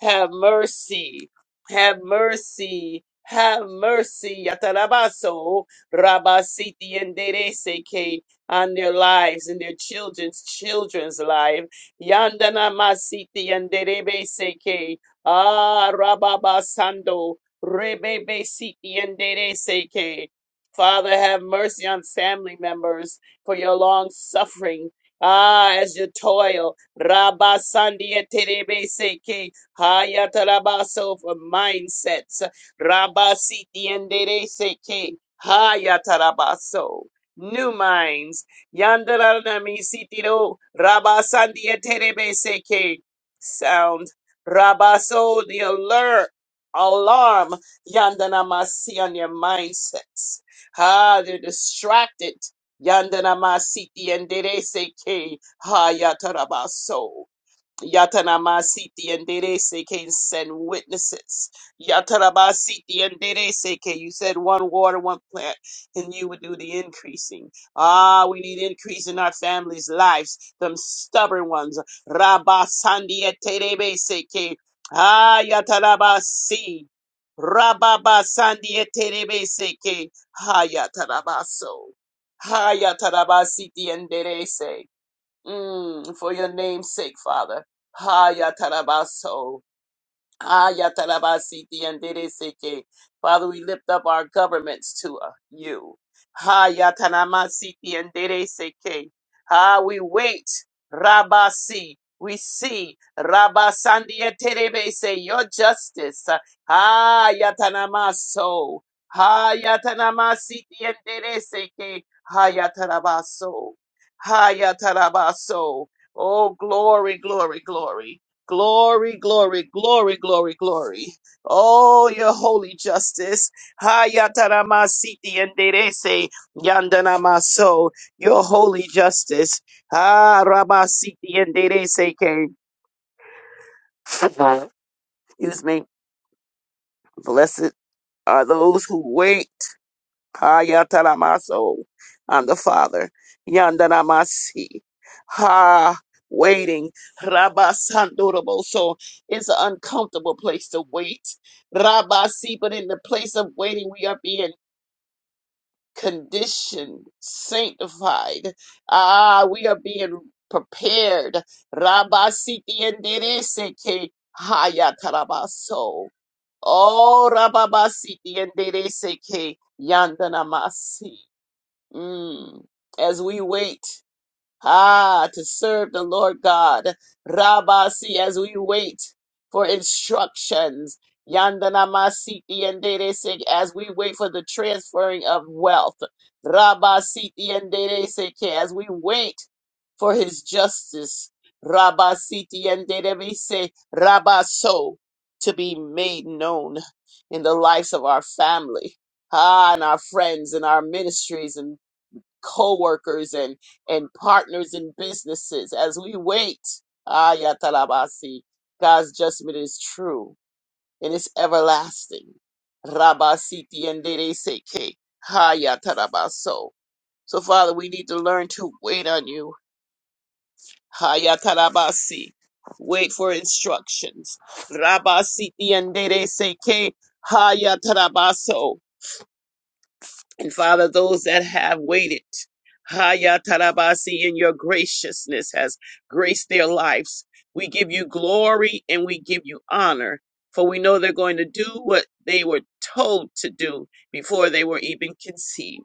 Have mercy. Have mercy. Have mercy. Yatarabaso. Rabasiti and Dereseke on their lives and their children's children's life. Yandana Masiti and Derebeseke. Ah Rababasando. Rebebe Siti and Dereseke. Father, have mercy on family members for your long suffering. Ah, as you toil. Rabasandi and Terebeseke. Hayatarabaso for mindsets. Rabasi diendereseke. Hayatarabaso. New minds. Yandaranami sitiro. Rabasandieterebeseke. Sound. Rabaso the alert. Alarm. Yandanamasi on your mindsets. Ha, they're distracted. Yandanamasi diendereseke. Hayatarabaso. Yatanamasiti and Derese can send witnesses. Yatanamasiti and Derese you said one water, one plant, and you would do the increasing. Ah, we need increase in our families' lives, them stubborn ones. Rabasandi and Terebese Ah, Yatanabasi. Rababasandi and Terebese can. Ha Yatanabaso. Ha Yatanabasiti and Derese. Mm, for your name's sake, Father. Ha, ya tarabaso. Hayatarabasiti and Dereseke. Father, we lift up our governments to uh, you. Hayatanamasiti and Dereseke. Ah, we wait. Rabasi. We see Rabasandia Terebese, your justice. Ah, Yatanamaso. Hayatanamasiti and Dereseke. Hayatarabaso. Hayatarabaso. Oh, glory, glory, glory. Glory, glory, glory, glory, glory. Oh, your holy justice. Hayataramasiti and Derese Yandanamaso, your holy justice. Ah, Ramasiti and Derese came. Excuse me. Blessed are those who wait. Hayatalamaso. I'm the Father. Yandanamasi. Ha. Waiting. Rabba Sandorobo. So It's an uncomfortable place to wait. Rabasi, but in the place of waiting, we are being conditioned, sanctified. Ah, we are being prepared. Rabasi tiendereseke. Hayatalabaso. Oh, Rababasi que Yandanamasi. Mm. As we wait, ah, to serve the Lord God, Rabasi, as we wait for instructions, Yandana Masiti and Deresig, as we wait for the transferring of wealth, Rabasiti and Deresig, as we wait for his justice, Rabasiti and Derese, Rabaso, to be made known in the lives of our family, ah, and our friends and our ministries co-workers and and partners in businesses as we wait. Ah, Yatalabasi. God's judgment is true and it's everlasting. Rabasiti and Dereseke. Hayatarabaso. So Father, we need to learn to wait on you. Hayatarabasi. Wait for instructions. Rabasiti and Dereseke. Hayatarabaso. And Father, those that have waited, Haya Tarabasi, in your graciousness has graced their lives. We give you glory and we give you honor, for we know they're going to do what they were told to do before they were even conceived.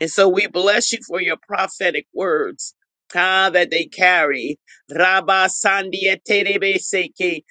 And so we bless you for your prophetic words. Ah, that they carry. Rabba Sandia Terebe Seke.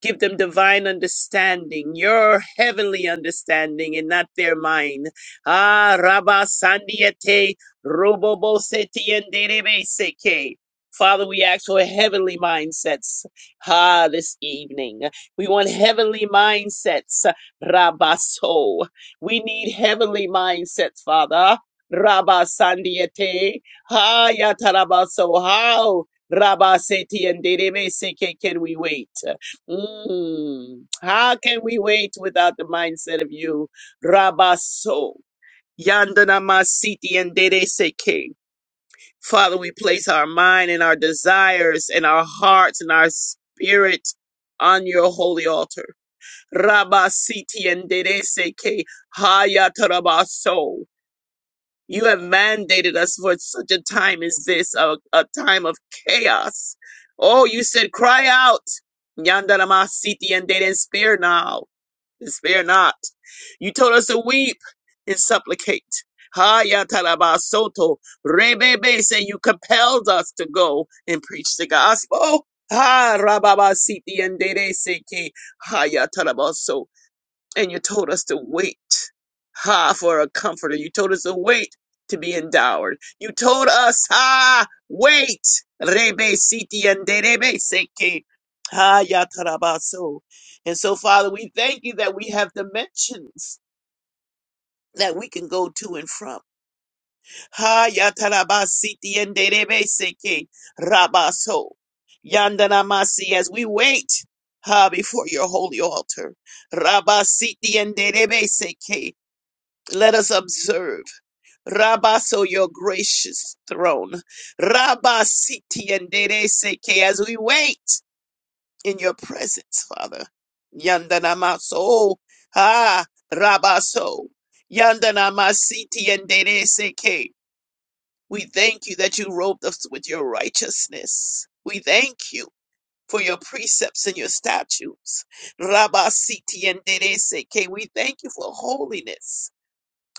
Give them divine understanding, your heavenly understanding, and not their mind. Ah, Rabba Sandiete, Robobo Seti and Derebe Seke. Father, we ask for heavenly mindsets. Ah, this evening. We want heavenly mindsets. Rabaso. We need heavenly mindsets, Father. Rabba Sandiete. Ha Yatarabaso. How? Rabba Seti and Derebe Seke. Can we wait? Mm. How can we wait without the mindset of you, Rabaso, Yandana Masiti and Dede Seke? Father, we place our mind and our desires and our hearts and our spirit on your holy altar. Rabasiti and Dede Seke, Hayatarabaso. You have mandated us for such a time as this, a, a time of chaos. Oh, you said, cry out. Yandarama siti and they didn't spare now, and spare not. You told us to weep and supplicate. Ha yataraba soto. Rebebe say you compelled us to go and preach the gospel. Ha rababa siti and dere say, ha yatarabaso and you told us to wait ha for a comforter you told us to wait to be endowed you told us ha wait rebe siti and rebe seki ha ya tarabaso and so father we thank you that we have dimensions that we can go to and from ha ya tarabasiti and rebe seki rabaso yandanamasi as we wait ha before your holy altar rabasiti and rebe seki let us observe. Rabaso, your gracious throne. Rabasiti and Dereseke, as we wait in your presence, Father. Yandanamaso. Ah, Rabaso. Yandanamasiti and Dereseke. We thank you that you robed us with your righteousness. We thank you for your precepts and your statutes. Rabasiti and Dereseke. We thank you for holiness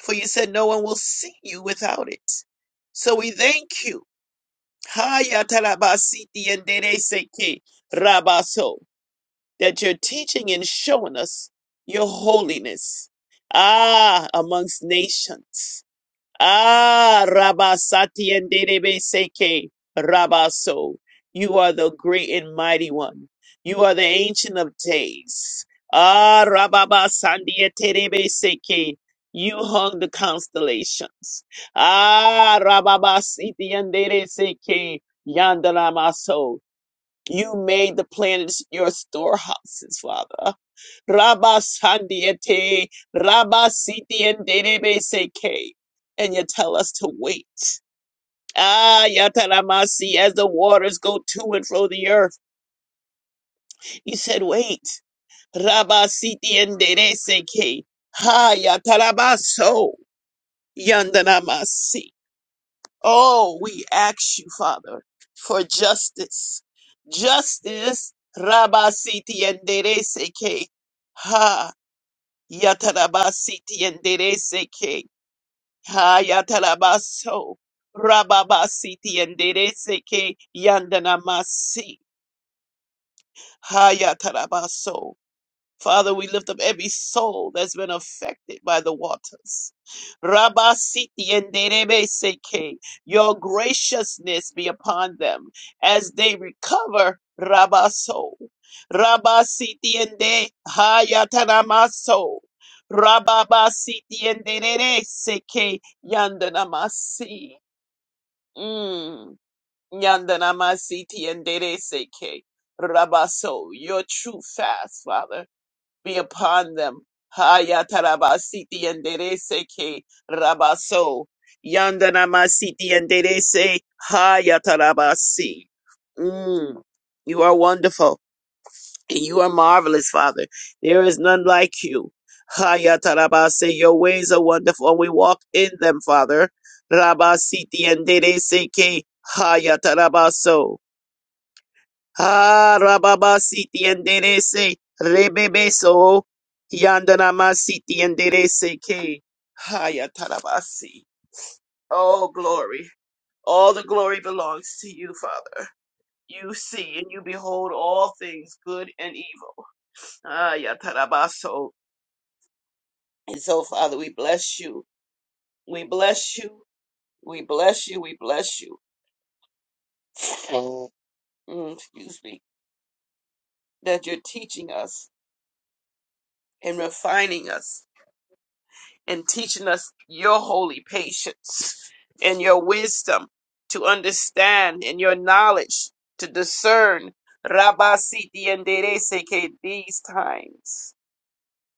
for you said no one will see you without it. So we thank you. Haya talabasiti endereseke Rabaso, that you're teaching and showing us your holiness. Ah, amongst nations. Ah, Rabasati and Derebe Seke, Rabaso. You are the great and mighty one. You are the ancient of days. Ah, Rababa Sandia Terebe Seke. You hung the constellations. Ah, Rababa Siti and Dere Seke, Yandaramaso. You made the planets your storehouses, Father. Rabasandiete, Rabasitienderebeseke. And Denebe Seke. And you tell us to wait. Ah, Yataramasi, as the waters go to and fro the earth. You said, wait. Rabasiti and Dene seke. Ha, Yatarabaso, Yandanamasi. Oh, we ask you, Father, for justice. Justice, Rabasiti and Dene seke. Ha. Yatarabasiti and Dereseke. Hayatarabaso. Rababasiti and Dereseke Yandanamasi. Hayatarabaso. Father, we lift up every soul that's been affected by the waters. Rabba Siti and Derebe Seke, your graciousness be upon them as they recover Rabba soul. Rabba Siti and De Hayatanama soul. Rabba Ba Siti and Derebe Seke Yandanamasi. Mm. Yandanamasi Tiendere Seke. Rabba soul, your true fast, Father be upon them. Hayatarabasiti and Derese ke Rabaso. Yandanamasiti and Derese Hayatarabasi. Mm. You are wonderful. And you are marvelous, Father. There is none like you. Hayatarabase. Your ways are wonderful, and we walk in them, Father. Rabasiti and Derese ke Hayatarabaso. Ah, Rababa Siti and Derese, Rebebeso, Yandanama Siti enderece Derese K. Haya Tarabasi. Oh, glory. All the glory belongs to you, Father. You see and you behold all things good and evil. Ah, ya tarabaso, And so, Father, we bless you. We bless you. We bless you. We bless you. Mm, excuse me. That you're teaching us and refining us and teaching us your holy patience and your wisdom to understand and your knowledge to discern Rabba Siti and Dereseke these times.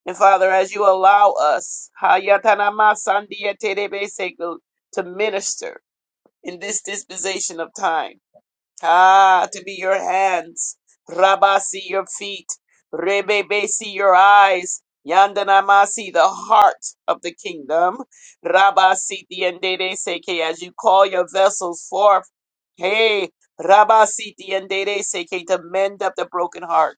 And Father, as you allow us Hayatanama Sandia Terebeseke, to minister in this dispensation of time. Ah, to be your hands. Rabasi, your feet. Rebebesi, your eyes. Yandanamasi, the heart of the kingdom. Rabasi, diendere seke, as you call your vessels forth. Hey, Rabasi, diendere seke, to mend up the broken heart.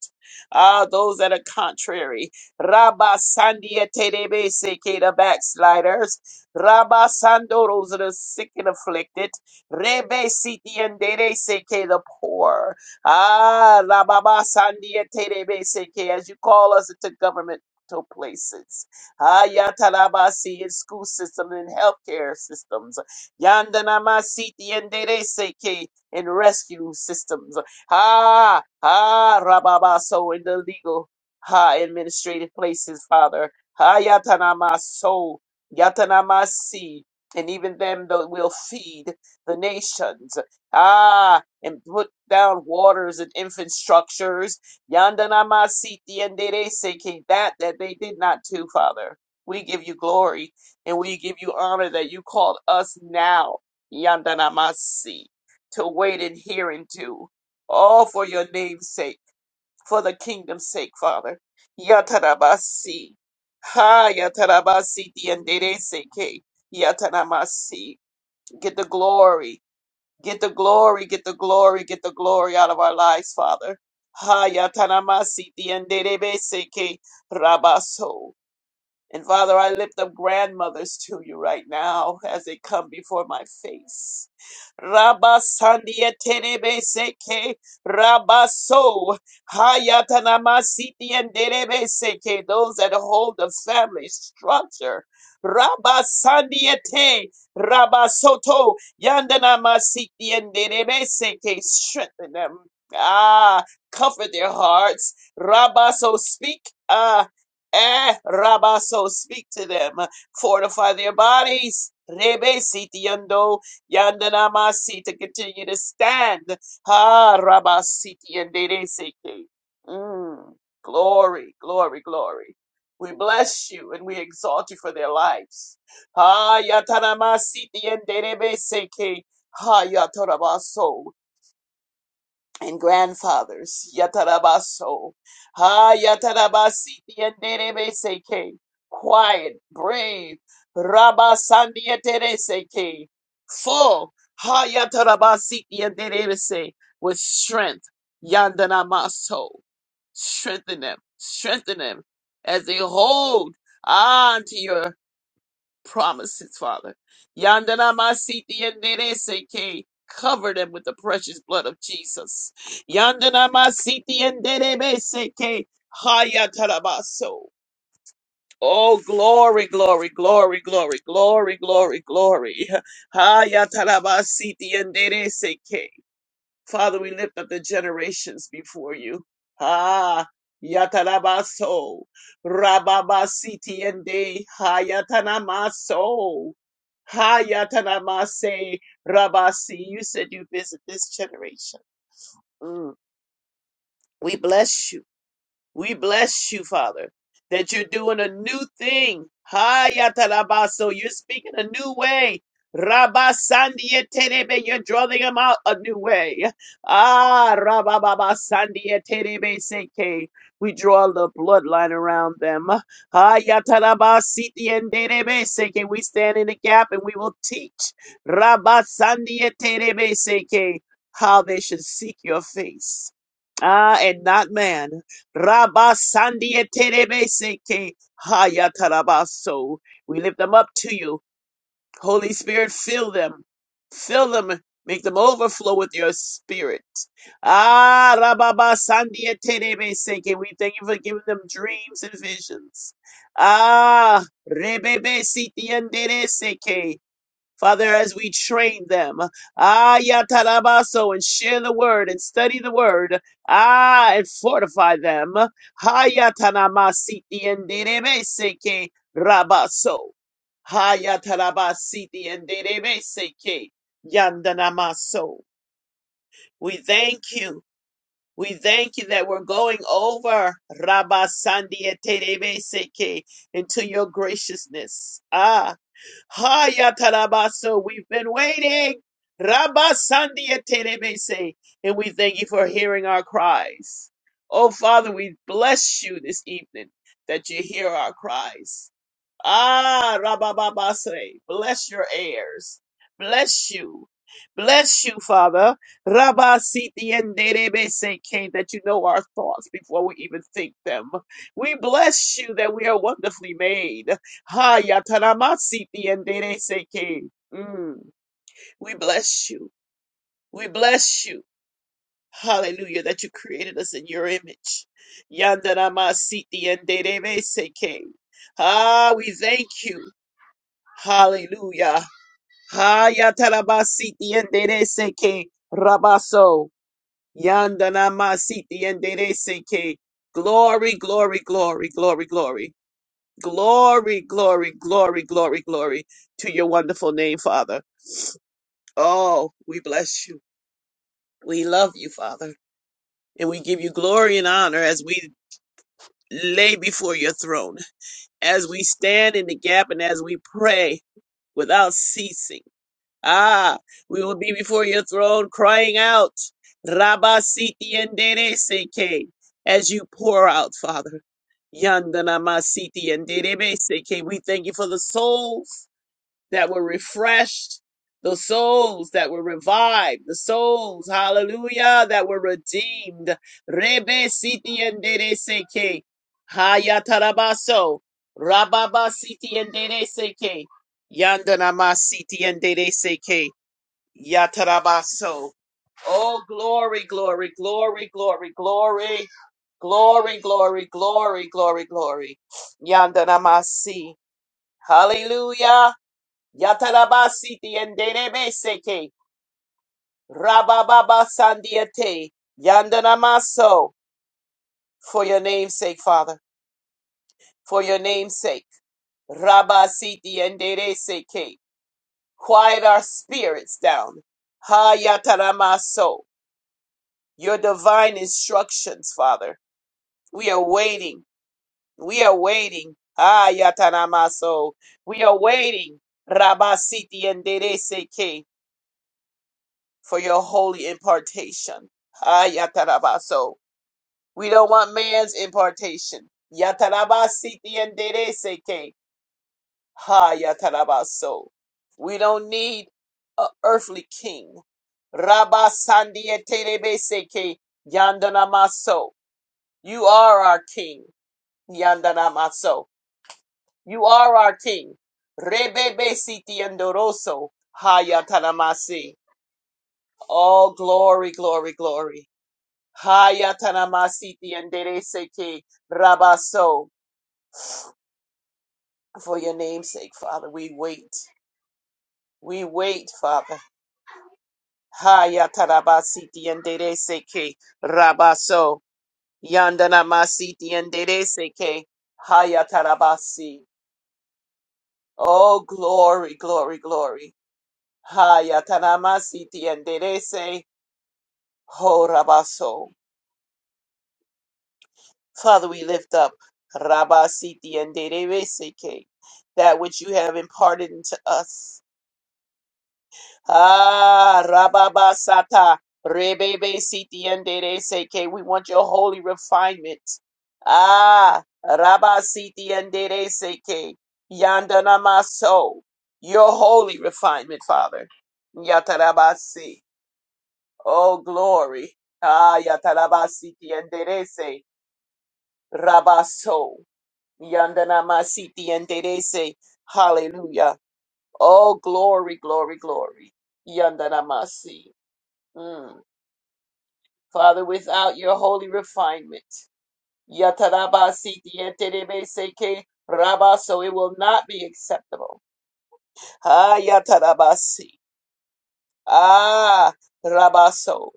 Ah, those that are contrary. Rabasandi, terebe seke, the backsliders. Rabasando, the sick and afflicted. Rebe siti endere seke the poor. Ah, la baba sandia terebe seke as you call us into governmental places. Ah, yatalabasi in school systems and healthcare systems. Yandanama siti endere seke in rescue systems. Ah, ah, rababaso in the legal, ah, administrative places, Father. Ah, yatanama so, yatanama see and even them that will feed the nations. Ah, and put down waters and infrastructures. Yandanamasiti and Dereseke, that that they did not do, Father. We give you glory and we give you honor that you called us now, Yandanamasi, to wait and hear and do. All for your name's sake, for the kingdom's sake, Father. Yatarabasi. Ha Yatarabasi and Dereseke. Yatanamasi. Get the glory Get the glory, get the glory, get the glory out of our lives, Father. Hayatanamasiti and Derebeseke Rabaso. And Father, I lift up grandmothers to you right now as they come before my face. Rabasandia terebe seke rabaso hayatanamasiti and derebe seke those that hold the family structure. Rabasandia te rabasoto yandanamasiti and derebe seke strengthen them. Ah, comfort their hearts. Rabaso speak. ah, Eh, Rabaso, speak to them. Fortify their bodies. Rebe siti yando yandana masi to continue to stand. Ha rabasiti yandere seke. Mm. Glory, glory, glory. We bless you and we exalt you for their lives. Ha yatana masiti yandere seke. Ha yatarabaso and grandfathers. Yatarabaso. Ha yatarabasi seke. Quiet, brave. Rabasandietereseke. Full. Ha yatarabasi se With strength. Yandanamaso. Strengthen them. Strengthen them as they hold on to your promises, Father. Yandana masiti enderece que cover them with the precious blood of Jesus. Yandana masiti enderebece Haya tarabaso. Oh, glory, glory, glory, glory, glory, glory, glory. <laughs> Haya Hayatarabasiti enderece Father, we lift up the generations before you. Ah, Yatarabaso, Rababasiti and De, Hayatanamaso, Hayatanamase, Rabasi. You said you visit this generation. Mm. We bless you. We bless you, Father, that you're doing a new thing. Hayatarabaso, you're speaking a new way. Rabasandieterebe, you're drawing them out a new way. Ah, Rabababasandieterebe seke. We draw the bloodline around them. Hayatarabasitienderebe seke. We stand in the gap and we will teach Rabasandieterebe seke, how they should seek your face. Ah, and not man. Rabasandieterebeseke hayatarabaso. We lift them up to you. Holy Spirit, fill them. Fill them. Make them overflow with your spirit. Ah, rababasandieterebeseke. We thank you for giving them dreams and visions. Ah, rebebesitiandereseke. Father, as we train them, ah, yatarabaso, and share the word and study the word, ah, and fortify them, ha, yatanamasiti, and derebeseke, rabaso, ha, yatarabasiti, and derebeseke, yandanamaso. We thank you. We thank you that we're going over Rabasandi and Terebeseke into your graciousness. ah. Hayatarabaso, we've been waiting. Rabasandia terebese. And we thank you for hearing our cries. Oh, Father, we bless you this evening that you hear our cries. Ah, Rabababase, bless your heirs. Bless you. Bless you, Father. Rabba, siti and Rabasitienderebeseke, That you know our thoughts before we even think them. We bless you that we are wonderfully made. Ha yataramasitiendereseke. Mm. We bless you. We bless you. Hallelujah, that you created us in your image. Yandarama Siti and Yandaramasitienderebeseke. Ah, we thank you. Hallelujah. Hayatarabasiti endereseke rabaso. Yandanamasiti endereseke. Glory, glory, glory, glory, glory. Glory, glory, glory, glory, glory to your wonderful name, Father. Oh, we bless you. We love you, Father. And we give you glory and honor as we lay before your throne, as we stand in the gap and as we pray without ceasing Ah, we will be before your throne crying out, Rabba Siti and Dere Seke, as you pour out, Father. Yandana Masiti and Dere Seke. We thank you for the souls that were refreshed, the souls that were revived, the souls, hallelujah, that were redeemed. Rebe Siti and Dere Seke. Hayatarabaso. Rababa Siti and Dere Seke. Yandana Masiti and Dere Seke. Yatarabaso. Oh, glory, glory, glory, glory, glory, glory, glory, glory, glory, glory. Yandanamasi. Hallelujah. Yatarabasi tienderebeseke. Rabababa sandiate. Yandanamaso. For your name's sake, Father. For your name's sake. Rabasi tiendereseke. Quiet our spirits down. Ha yataramaso. your divine instructions, Father. We are waiting. We are waiting. Ah, Yatanamaso. We are waiting. Rabasiti and Dereseke for your holy impartation. Ah, Yatarabaso. We don't want man's impartation. Yatarabasiti and Dereseke. Ha, Yatarabaso. We don't need an earthly king. Rabasandi and Terebeseke Yandanamaso. You are our king. Yandanamaso. You are our King. Rebebe siti andoroso. Hayatanamasi. All glory, glory, glory. Hayatanamasiti anderese ke rabaso. For your name's sake, Father, we wait. We wait, Father. Hayatanabasiti anderese ke rabaso. Yandanamasi Yandanamasiti anderese ke hayatanabasi. Oh, glory, glory, glory. Hayatanamasiti and Derese Ho Rabaso. Father, we lift up Rabasiti and Dereseke, that which you have imparted into us. Ah Rababasata Rebebe Siti and Dereseke. We want your holy refinement. Ah Rabasiti and Dereseke. so, Your holy refinement, Father. Yatarabasi. Oh, glory. Aya tarabasiti enderece. Rabaso. Yandanamasiti enderece. Hallelujah. Oh, glory, glory, glory. Yandanamasi. Mm. Father, without your holy refinement, yatarabasiti enderebese que rabaso, it will not be acceptable. Aya tarabasi. Ah, rabaso.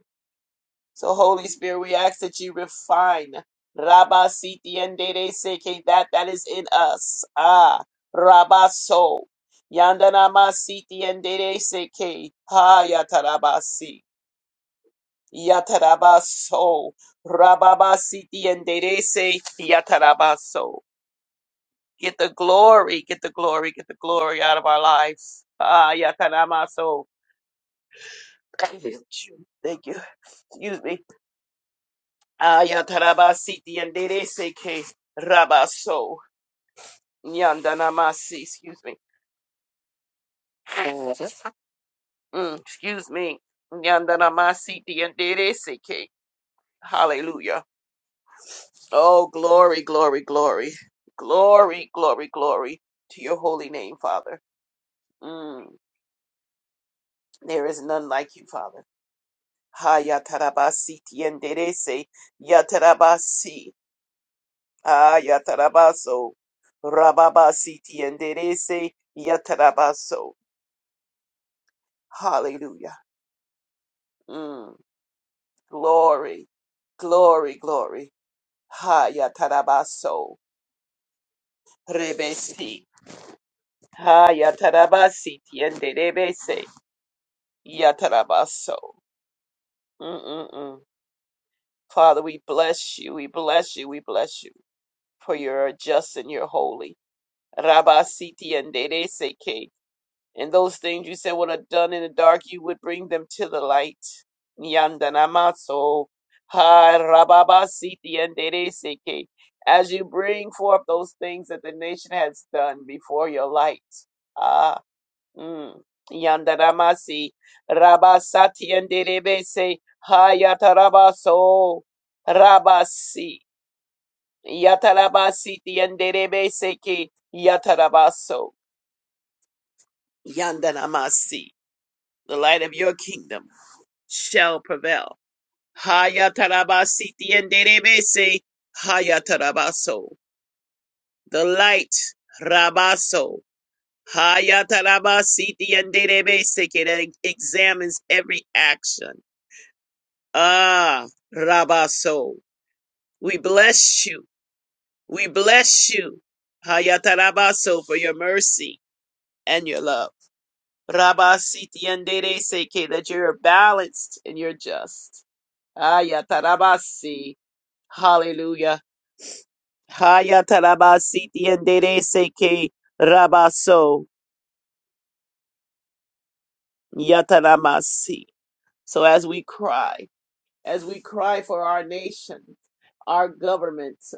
So, Holy Spirit, we ask that you refine Rabba Siti and Dede Seke, that that is in us. Ah, Rabba So. Yandanama Siti and Dede Seke, Ha Yatarabasi. Yatarabaso. Rababa Siti and Dede Se, Yatarabaso. Get the glory, get the glory, get the glory out of our lives. Ah, Yataramaso. Thank you. Thank you. Excuse me. Ayatarabasiti and Dereseke Rabaso Yandanamasi, excuse me. Mm, excuse me. Yandanamasiti and Dereseke. Hallelujah. Oh, glory, glory, glory. Glory, glory, glory to your holy name, Father. Mm, there is none like you, Father. Hayatarabasiti and Derese Yatarabasi. Ah, Yatarabaso. Rababasiti enderese Yatarabaso. Hallelujah. Mm, glory, glory, glory. Ha Yatarabaso. Rebesi. Ha Yatarabasiti enderebese Yatarabaso. Mm-mm-mm. Father, we bless you, we bless you, we bless you, for you're just and you're holy. Rabasiti enderese And those things you said would have done in the dark, you would bring them to the light. Nyandanamaso. Ha rababasiti andereseke. As you bring forth those things that the nation has done before your light. Ah, mm. Yandanamasi. Rabasati anderebese. Ha yatarabaso. Rabasi. Yatarabasiti anderebeseke. Yatarabaso. Yandanamasi. the light of your kingdom shall prevail. Haya tarabasiti and Derebese Haya tarabaso. The light Rabaso. Haya tarabasiti and Derebese It examines every action. Ah Rabaso. We bless you. We bless you. Haya tarabaso for your mercy and your love. Rabasiti and Derebese that you're balanced and you're just. Ayatarabasi. Hallelujah. Hayatarabasi tiendereseke rabaso yataramasi. So as we cry, as we cry for our nation, our governments,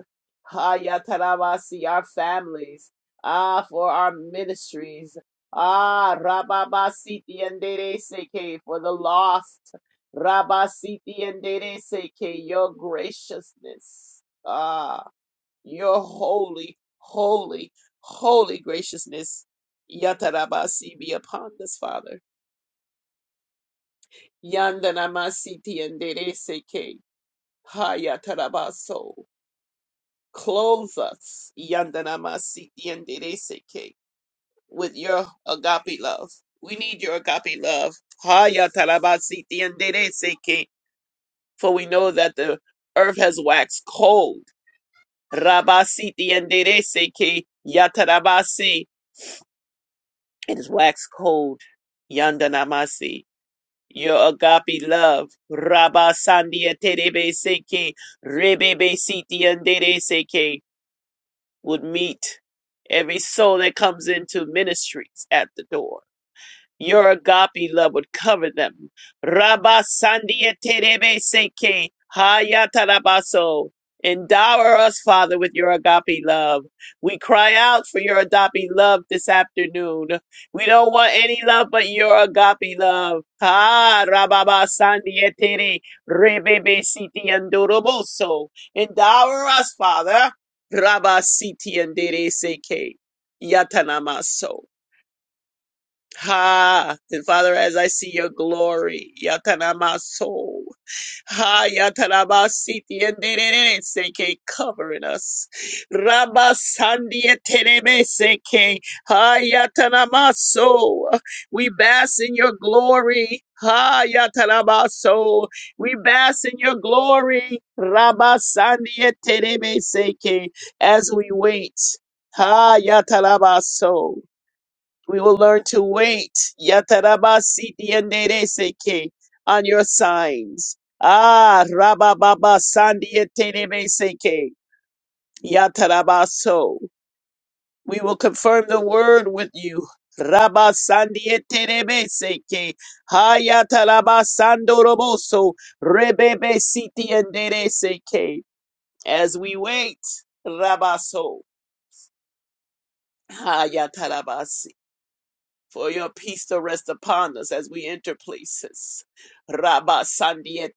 hayatarabasi, our families, ah, for our ministries, ah, rababasi tiendereseke, for the lost, rabasi tiendereseke, your graciousness. ah. Your holy, holy, holy graciousness, Yatarabasi, be upon us, Father. Yandanamasi tiendereseke, Hayatarabaso. Clothe us, Yandanamasi tiendereseke, with your agape love. We need your agape love, Hayatarabasi tiendereseke, for we know that the earth has waxed cold. Rabasi tiendereseke, Yatarabasi. It is wax cold. Yandanamasi. Your agape love. Rabba Sandia Terebe Seke. Rebebe Siti Andere Seke. Would meet every soul that comes into ministries at the door. Your agape love would cover them. Rabba Sandia Terebe Seke Hayatarabaso. Endower us, Father, with your agape love. We cry out for your agape love this afternoon. We don't want any love but your agape love. Ah, Rababa Sandia Tere Rebebe Siti Andoroboso. Endower us, Father. Rabba Siti Andere Seke Yatanamaso. Ha! And Father, as I see your glory, Yatanamaso, Ha Yatanabasiti and Dene Seke covering us. Rabasandia Teneme Seke, Ha Yatanamaso, we bask in your glory. Ha Yatanabaso, we bask in your glory. Rabasandia Teneme Seke, as we wait. Ha Yatanabaso. We will learn to wait. Yatarabasidianereseke on your signs. Ah, Rabababa Sandiaterebeseke. Yatarabaso. We will confirm the word with you. Rabba Sandiaterebeseke. Hayatarabasandoroboso. Rebebe Sitianereseke. As we wait, Rabaso. for your peace to rest upon us as we enter places. Rabba Sandia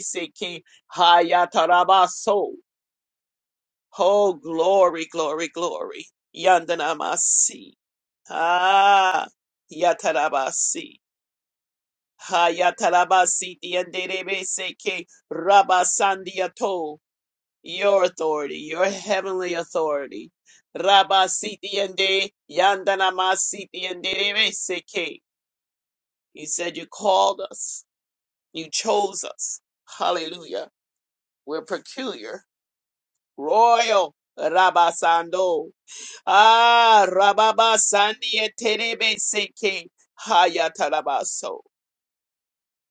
Seki Hayata Rabba So. Oh, glory, glory, glory. Yandanamasi. Ah, Yatarabasi. Hayatarabasi Tianderebe Seki Rabba Sandia To. Your authority, your heavenly authority. Rabba Siti Yande Yandanamasi Tianderebe Seki. You said you called us. You chose us. Hallelujah. We're peculiar, royal. Rabasando. Ah, Rababasandi eterebe seke. Hayatarabaso.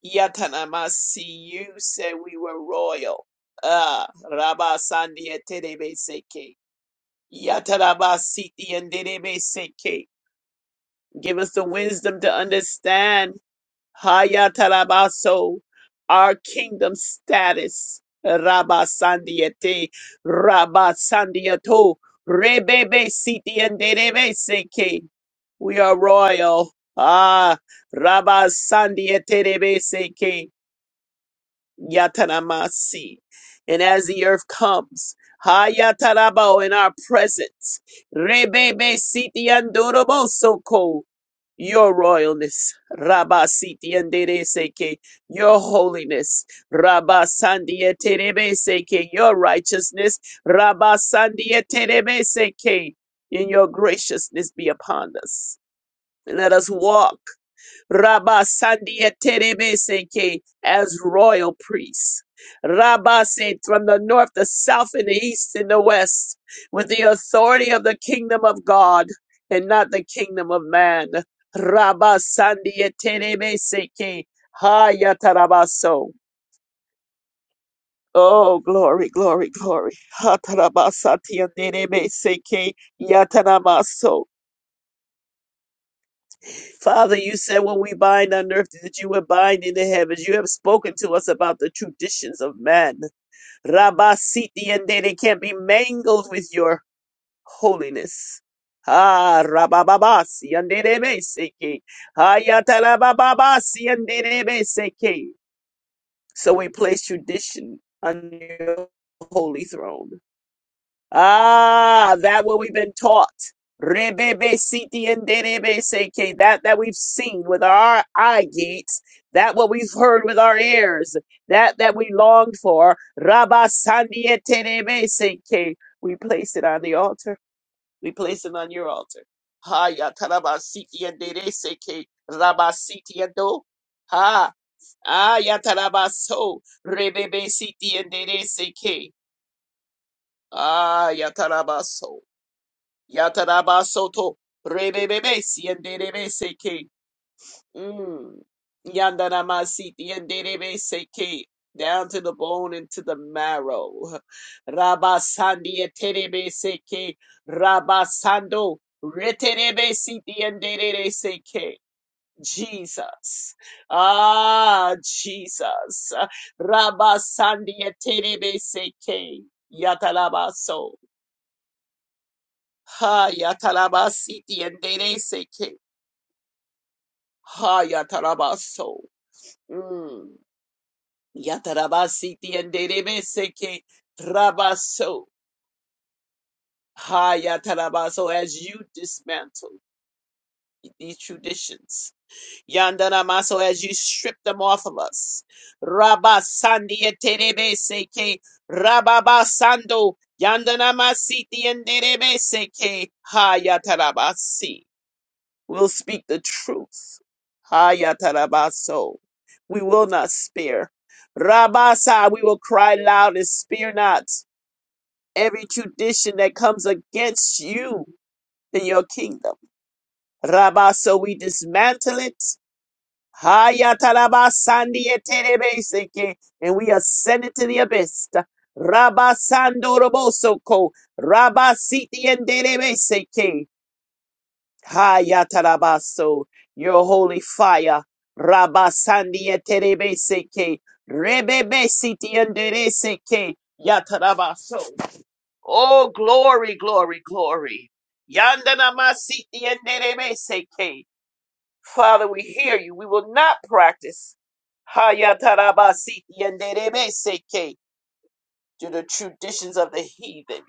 Yatanamasi. You said we were royal. Ah, Rabasandi eterebe seke. Yatarabasiti enderebe seke. Give us the wisdom to understand. Hayatarabaso, our kingdom status. Rabasandiate, Rabasandiato, Rebebe Siti and Derebe Seke. We are royal. Ah, Rabasandiate Rebe Seke. Yataramasi. And as the earth comes, Hayatarabo in our presence, Rebebe Siti Andorobo Soko, your royalness, Rabba Siti Andere Seke, your holiness, Rabba Sandia Terebe Seke, your righteousness, Rabba Sandia Terebe Seke, and your graciousness be upon us. And let us walk. Rabba Sandia Terebeseke as royal priests. Rabba said from the north, the south, and the east, and the west, with the authority of the kingdom of God and not the kingdom of man. Rabba Sandia Terebeseke Hayatarabaso. Oh, glory, glory, glory. Hatarabasatianerebeseke Yatarabaso. Father, you said what we bind on earth that you would bind in the heavens. You have spoken to us about the traditions of man. Rabba Siti and they they can't be mangled with your holiness. Ah, Rabababasi and Dedebeseke. Ayatarabababasi and Dedebeseke. So we place tradition on your holy throne. Ah, that what we've been taught. Rebebe siti and derebe seke, that that we've seen with our eye gates, that what we've heard with our ears, that that we longed for. Rabba sandia terebe seke, we place it on the altar. We place it on your altar. Ha ya taraba siti and dere seke, rabba siti and do. Ha, ah ya taraba so, rebebe siti and dere seke, ah ya taraba so. Yataraba soto rebebebe sienderebe seke. Mm. Yandanamasiti enderebe seke. Down to the bone and to the marrow. Rabasandi eterebe seke. Rabasando reterebe siti enderebe seke. Jesus. Ah, Jesus. Rabasandi eterebe seke. Yatarabaso. Ha yatarabasiti and dere seke. Ha yatarabaso. Mm. Yatarabasiti and dere seke. Rabaso. Ha yatarabaso as you dismantle these traditions. Yandaramaso as you strip them off of us. Rabasandi and dere seke. Rababasando. Yandanamasiti and dere seke. Ha yatarabasi. We will speak the truth. Hayatarabaso. We will not spare. Rabasa, we will cry loud and spare not every tradition that comes against you in your kingdom. Rabaso, we dismantle it. Hayatarabasandieterebeseke, And we ascend it to the abyss. Rabasandorobosoko. Rabasitienderebeseke. Hayatarabaso, your holy fire. Rabasandia terebeseke, rebebesiti andereseke, yatarabaso. Oh, glory, glory, glory. Yandanamasiti anderebeseke. Father, we hear you. We will not practice Hayatarabasiti anderebeseke to the traditions of the heathen.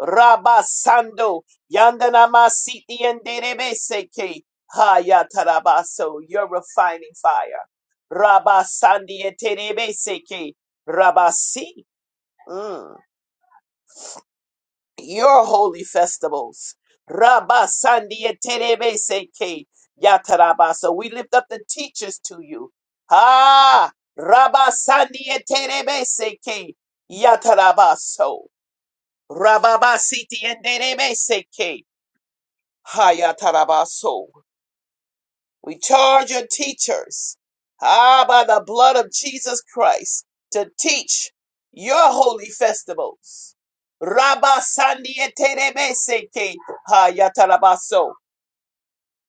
Rabasando, Yandanamasiti and Derebeseke, Hayatarabaso, your refining fire. Rabasandi and Terebeseke, Rabasi, mm, your holy festivals. Rabasandi and Terebeseke, Yatarabaso, we lift up the teachers to you. Ah, Rabasandi and Terebeseke, Yatarabaso, Rababasiti and Derebeseke. Hayatarabaso. We charge your teachers, ah, by the blood of Jesus Christ, to teach your holy festivals. Rabba Sandieterebeseke Hayatarabaso.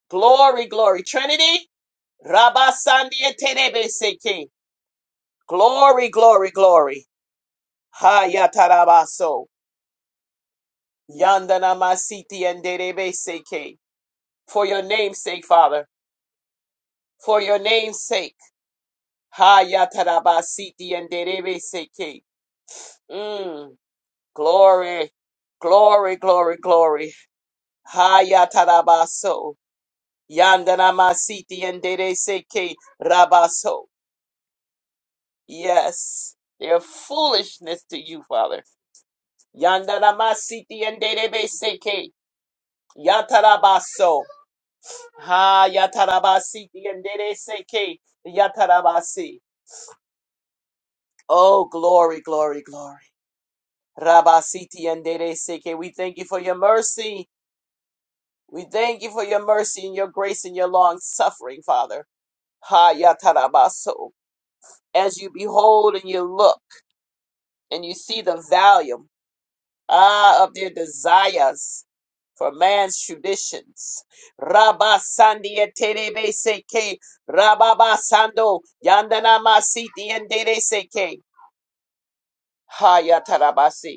Glory, glory, Trinity. Rabba Sandieterebeseke. Glory, glory, glory. Hayatarabaso. Yandana Masiti and derebeseke. For your name's sake, Father. For your name's sake. Hayatarabasiti and Derebe seke, Mm. Glory, glory, glory, glory. Hayatarabaso. Yandanamasiti and Dere seke, Rabaso. Yes. They're foolishness to you, Father. Yandanamasiti and Derebeseke. Yatarabaso. Hayatarabasiti and Derebeseke. Yatarabasi. Oh, glory, glory, glory. Rabasiti and Dede Seke. We thank you for your mercy. We thank you for your mercy and your grace and your long suffering, Father. Ha Yatarabaso. As you behold and you look and you see the value ah, of their desires for man's traditions. Rabba Sandia Terebe Seke. Rababa Sando Yandana Masiti and Dede Seke. Ha Yatarabasi.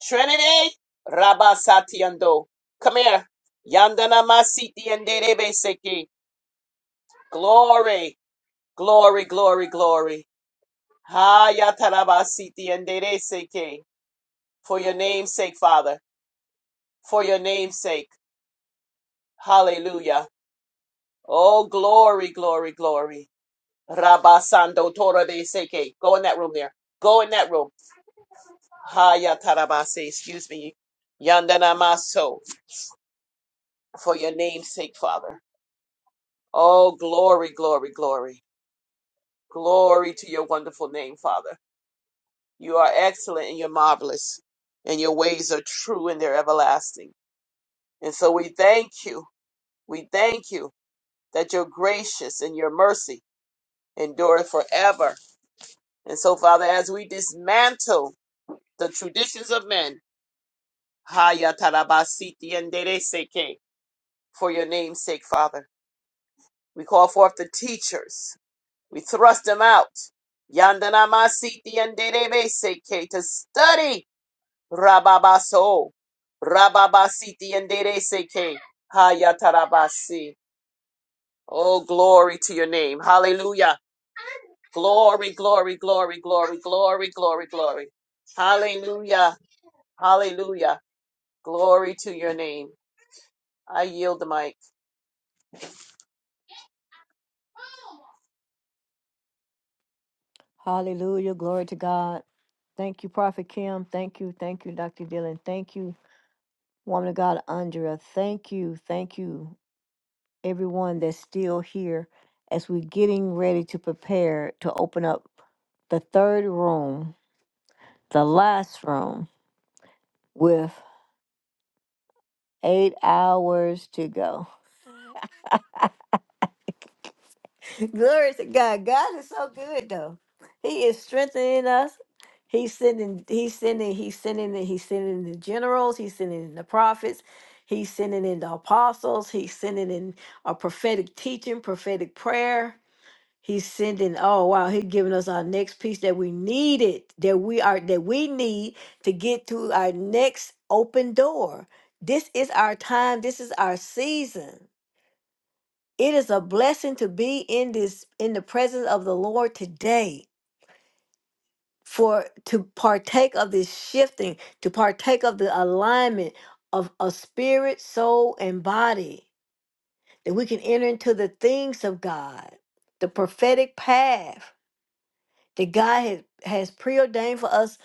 Trinity, Rabasatiando. Come here. Yandana Masiti and Derebe Seki. Glory, glory, glory, glory. Hayatarabasiti and Dere Seki. For your name's sake, Father. For your name's sake. Hallelujah. Oh, glory, glory, glory. Rabasando Torabe Seki. Go in that room there. Go in that room. Hayatarabase. Excuse me. Yandana Maso. For your name's sake, Father. Oh, glory, glory, glory. Glory to your wonderful name, Father. You are excellent and you're marvelous, and your ways are true and they're everlasting. And so we thank you. We thank you that you're gracious and your mercy endureth forever. And so, Father, as we dismantle the traditions of men, Haya tarabasiti and dereseke, for your name's sake, Father, we call forth the teachers. We thrust them out. Yandanamasiti and Derebeseke to study Rababaso. Rababasiti and Derebeseke. Hayatarabasi. Oh, glory to your name. Hallelujah. Glory, glory, glory, glory, glory, glory, glory. Hallelujah. Hallelujah. Glory to your name. I yield the mic.
Hallelujah. Glory to God. Thank you, Prophet Kim. Thank you. Thank you, Dr. Dillon. Thank you. Woman of God, Andrea, thank you. Thank you, everyone that's still here as we're getting ready to prepare to open up the third room, the last room, with eight hours to go. <laughs> Glory to God. God is so good though. He is strengthening us. He's sending, he's sending, he's sending, the- he's sending the generals, he's sending in the prophets, he's sending in the apostles, he's sending in a prophetic teaching, prophetic prayer He's sending, oh wow, he's giving us our next piece that we needed, that we are that we need to get to our next open door. This is our time, this is our season. It is a blessing to be in this in the presence of the Lord today for to partake of this shifting, to partake of the alignment of a spirit, soul, and body, that we can enter into the things of God, the prophetic path that God has, has preordained for us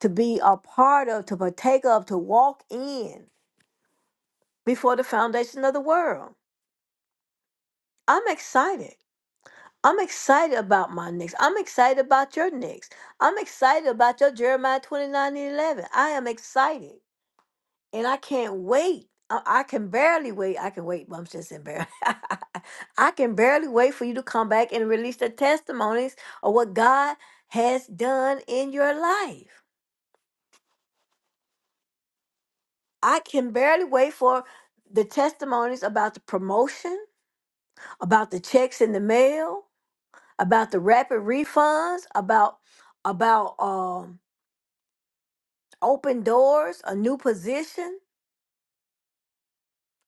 to be a part of, to partake of, to walk in before the foundation of the world. I'm excited. I'm excited about my next. I'm excited about your next. I'm excited about your Jeremiah 29 and 11. I am excited and I can't wait. I, I can barely wait. I can wait, but I'm just embarrassed. <laughs> I can barely wait for you to come back and release the testimonies of what God has done in your life. I can barely wait for the testimonies about the promotion, about the checks in the mail, about the rapid refunds, about about um open doors, a new position.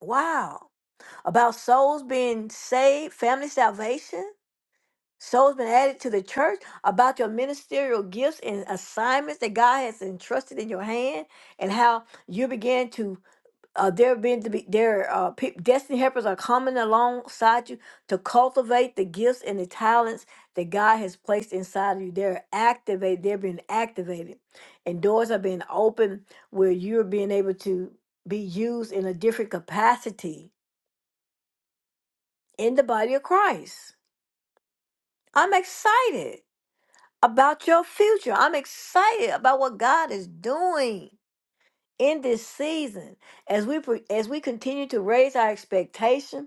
Wow. About souls being saved, family salvation, souls been added to the church, about your ministerial gifts and assignments that God has entrusted in your hand and how you begin to uh, they been being to be their uh, pe- destiny helpers are coming alongside you to cultivate the gifts and the talents that God has placed inside of you. They're activated. They're being activated, and doors are being opened where you're being able to be used in a different capacity in the body of Christ. I'm excited about your future. I'm excited about what God is doing in this season as we pro- as we continue to raise our expectation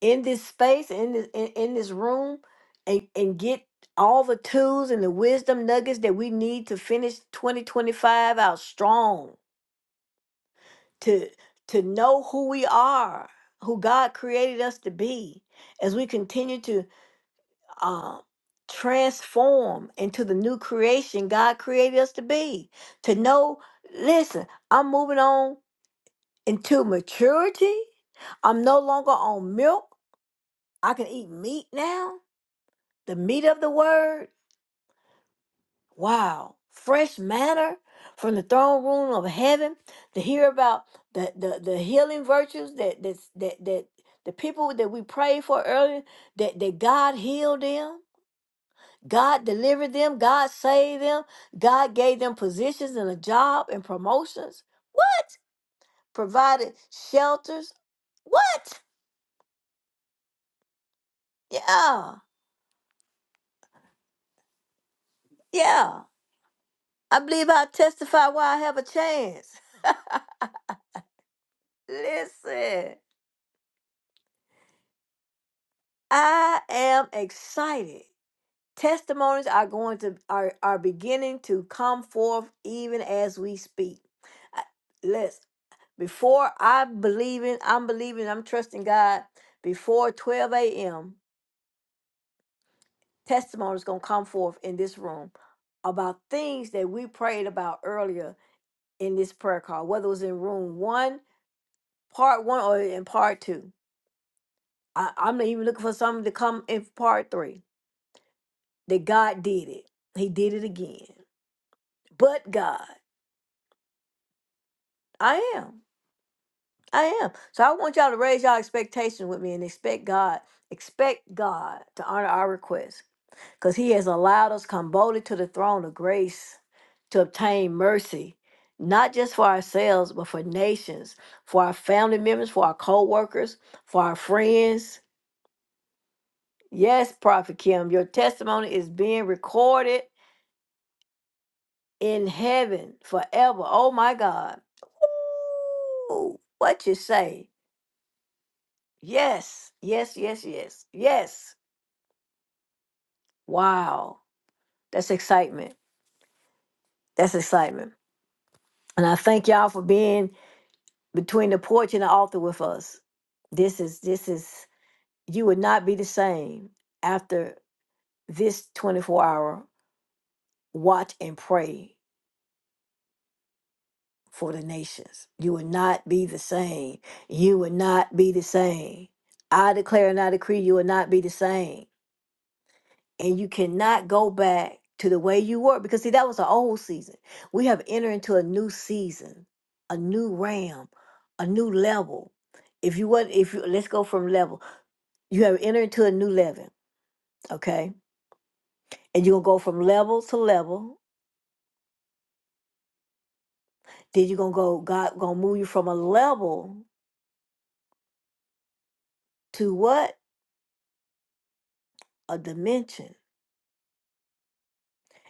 in this space in this in, in this room and and get all the tools and the wisdom nuggets that we need to finish 2025 out strong to to know who we are who god created us to be as we continue to um transform into the new creation god created us to be to know listen i'm moving on into maturity i'm no longer on milk i can eat meat now the meat of the word. Wow. Fresh manner from the throne room of heaven to hear about the, the, the healing virtues that, that, that, that the people that we prayed for earlier, that, that God healed them, God delivered them, God saved them, God gave them positions and a job and promotions. What? Provided shelters. What? Yeah. Yeah. I believe I testify why I have a chance. <laughs> Listen. I am excited. Testimonies are going to are are beginning to come forth even as we speak. I- Let's before I believe in, I'm believing, I'm trusting God. Before 12 a.m., testimonies gonna come forth in this room about things that we prayed about earlier in this prayer call, whether it was in room one, part one, or in part two. I, I'm even looking for something to come in part three. That God did it. He did it again. but God. I am. I am. So I want y'all to raise y'all expectations with me and expect God, expect God to honor our requests because He has allowed us come boldly to the throne of grace to obtain mercy, not just for ourselves, but for nations, for our family members, for our co workers, for our friends. Yes, Prophet Kim, your testimony is being recorded in heaven forever. Oh my God. Ooh, what you say? Yes, yes, yes, yes, yes. Wow. That's excitement. That's excitement. And I thank y'all for being between the porch and the altar with us. This is, this is, you would not be the same after this 24 hour watch and pray for the nations. You would not be the same. You would not be the same. I declare and I decree you will not be the same. and you cannot go back to the way you were because see that was the old season we have entered into a new season a new realm a new level if you want if you let's go from level you have entered into a new level okay and you're gonna go from level to level then you're gonna go god gonna move you from a level to what a dimension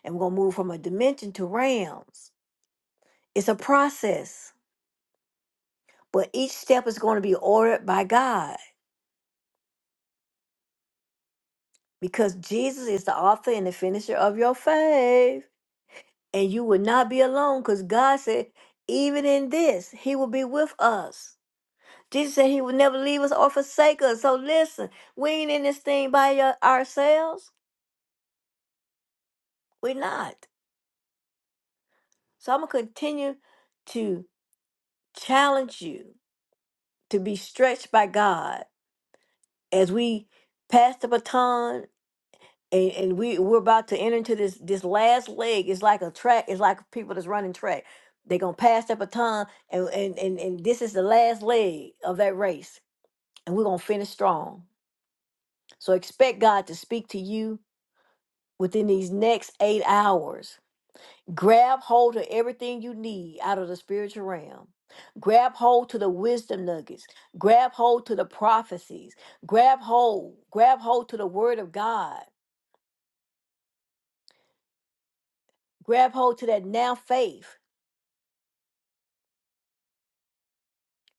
and we're gonna move from a dimension to realms it's a process but each step is going to be ordered by god because Jesus is the author and the finisher of your faith. And you will not be alone because God said, even in this, He will be with us. Jesus said He will never leave us or forsake us. So listen, we ain't in this thing by your- ourselves. We're not. So I'm going to continue to challenge you to be stretched by God as we pass the baton and, and we we're about to enter into this this last leg. It's like a track. It's like people that's running track. They're gonna pass that baton, and and and and this is the last leg of that race, and we're gonna finish strong. So expect God to speak to you within these next eight hours. Grab hold of everything you need out of the spiritual realm. Grab hold to the wisdom nuggets. Grab hold to the prophecies. Grab hold. Grab hold to the word of God. Grab hold to that now faith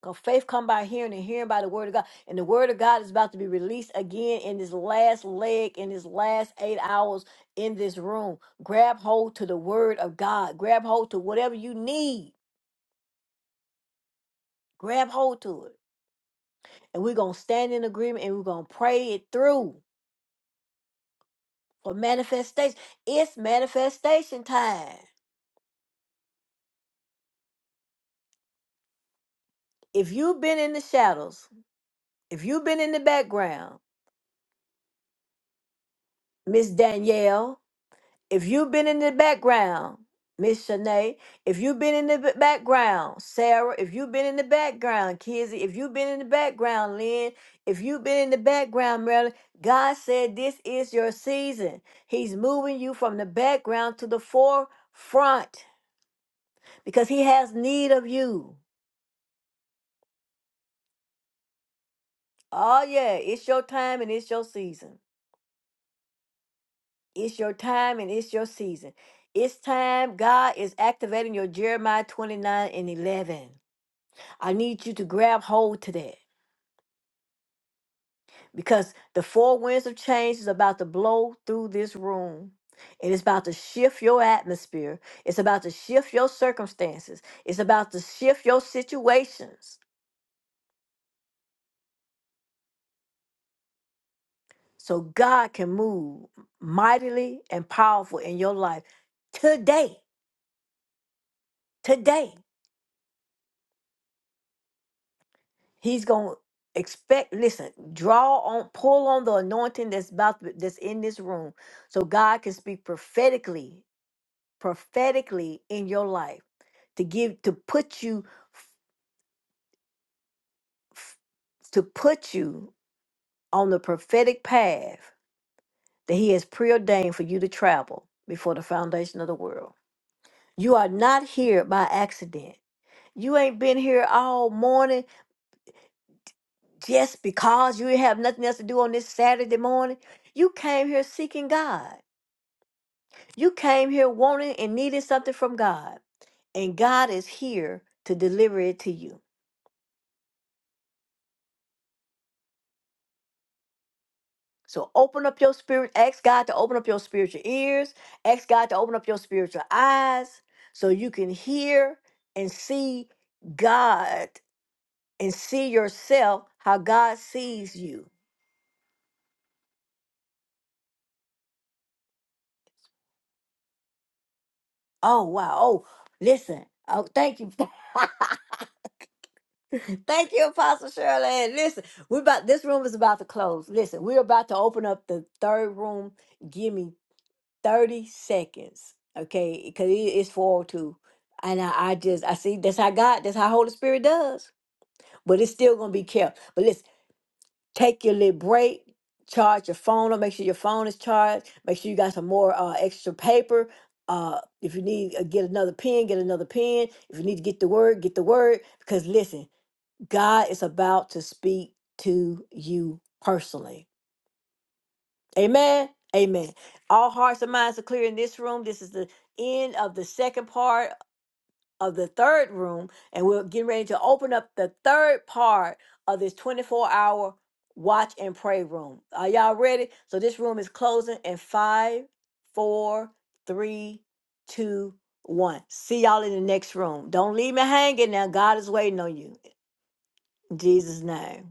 Cause faith come by hearing and hearing by the word of God. And the word of God is about to be released again in this last leg, in this last eight hours in this room. Grab hold to the word of God. Grab hold to whatever you need. Grab hold to it. And we're gonna stand in agreement and we're gonna pray it through for manifestation. It's manifestation time. If you've been in the shadows, if you've been in the background, Miss Danielle, If you've been in the background, Miss Shanae, if you've been in the b- background, Sarah, if you've been in the background, Kizzy, if you've been in the background, Lynn, if you've been in the background, Marilyn, God said this is your season. He's moving you from the background to the forefront because He has need of you. Oh, yeah, it's your time and it's your season. It's your time and it's your season. It's time God is activating your Jeremiah 29 and 11. I need you to grab hold to that because the four winds of change is about to blow through this room. And it's about to shift your atmosphere. It's about to shift your circumstances. It's about to shift your situations. So God can move mightily and powerful in your life today. Today. He's going to expect listen draw on pull on the anointing that's about to- that's in this room so god can speak prophetically prophetically in your life to give to put you f- f- to put you on the prophetic path that he has preordained for you to travel before the foundation of the world. You are not here by accident. You ain't been here all morning just because you have nothing else to do on this Saturday morning. You came here seeking God. You came here wanting and needing something from God, and God is here to deliver it to you. So open up your spirit. Ask God to open up your spiritual ears. Ask God to open up your spiritual eyes so you can hear and see God and see yourself how God sees you. Oh, wow. Oh, listen. Oh, thank you. <laughs> Thank you, Apostle Shirley. And listen, we're about this room is about to close. Listen, we're about to open up the third room. Gimme 30 seconds okay because it is 402 and I, I just i see that's how god that's how holy spirit does but it's still gonna be kept but let's take your little break charge your phone up make sure your phone is charged make sure you got some more uh, extra paper uh, if you need uh, get another pen get another pen if you need to get the word get the word because listen god is about to speak to you personally Amen. Amen. All hearts and minds are clear in this room. This is the end of the second part of the third room, and we're getting ready to open up the third part of this 24 hour watch and pray room. Are y'all ready? So this room is closing in five, four, three, two, one. See y'all in the next room. Don't leave me hanging now. God is waiting on you. In Jesus' name.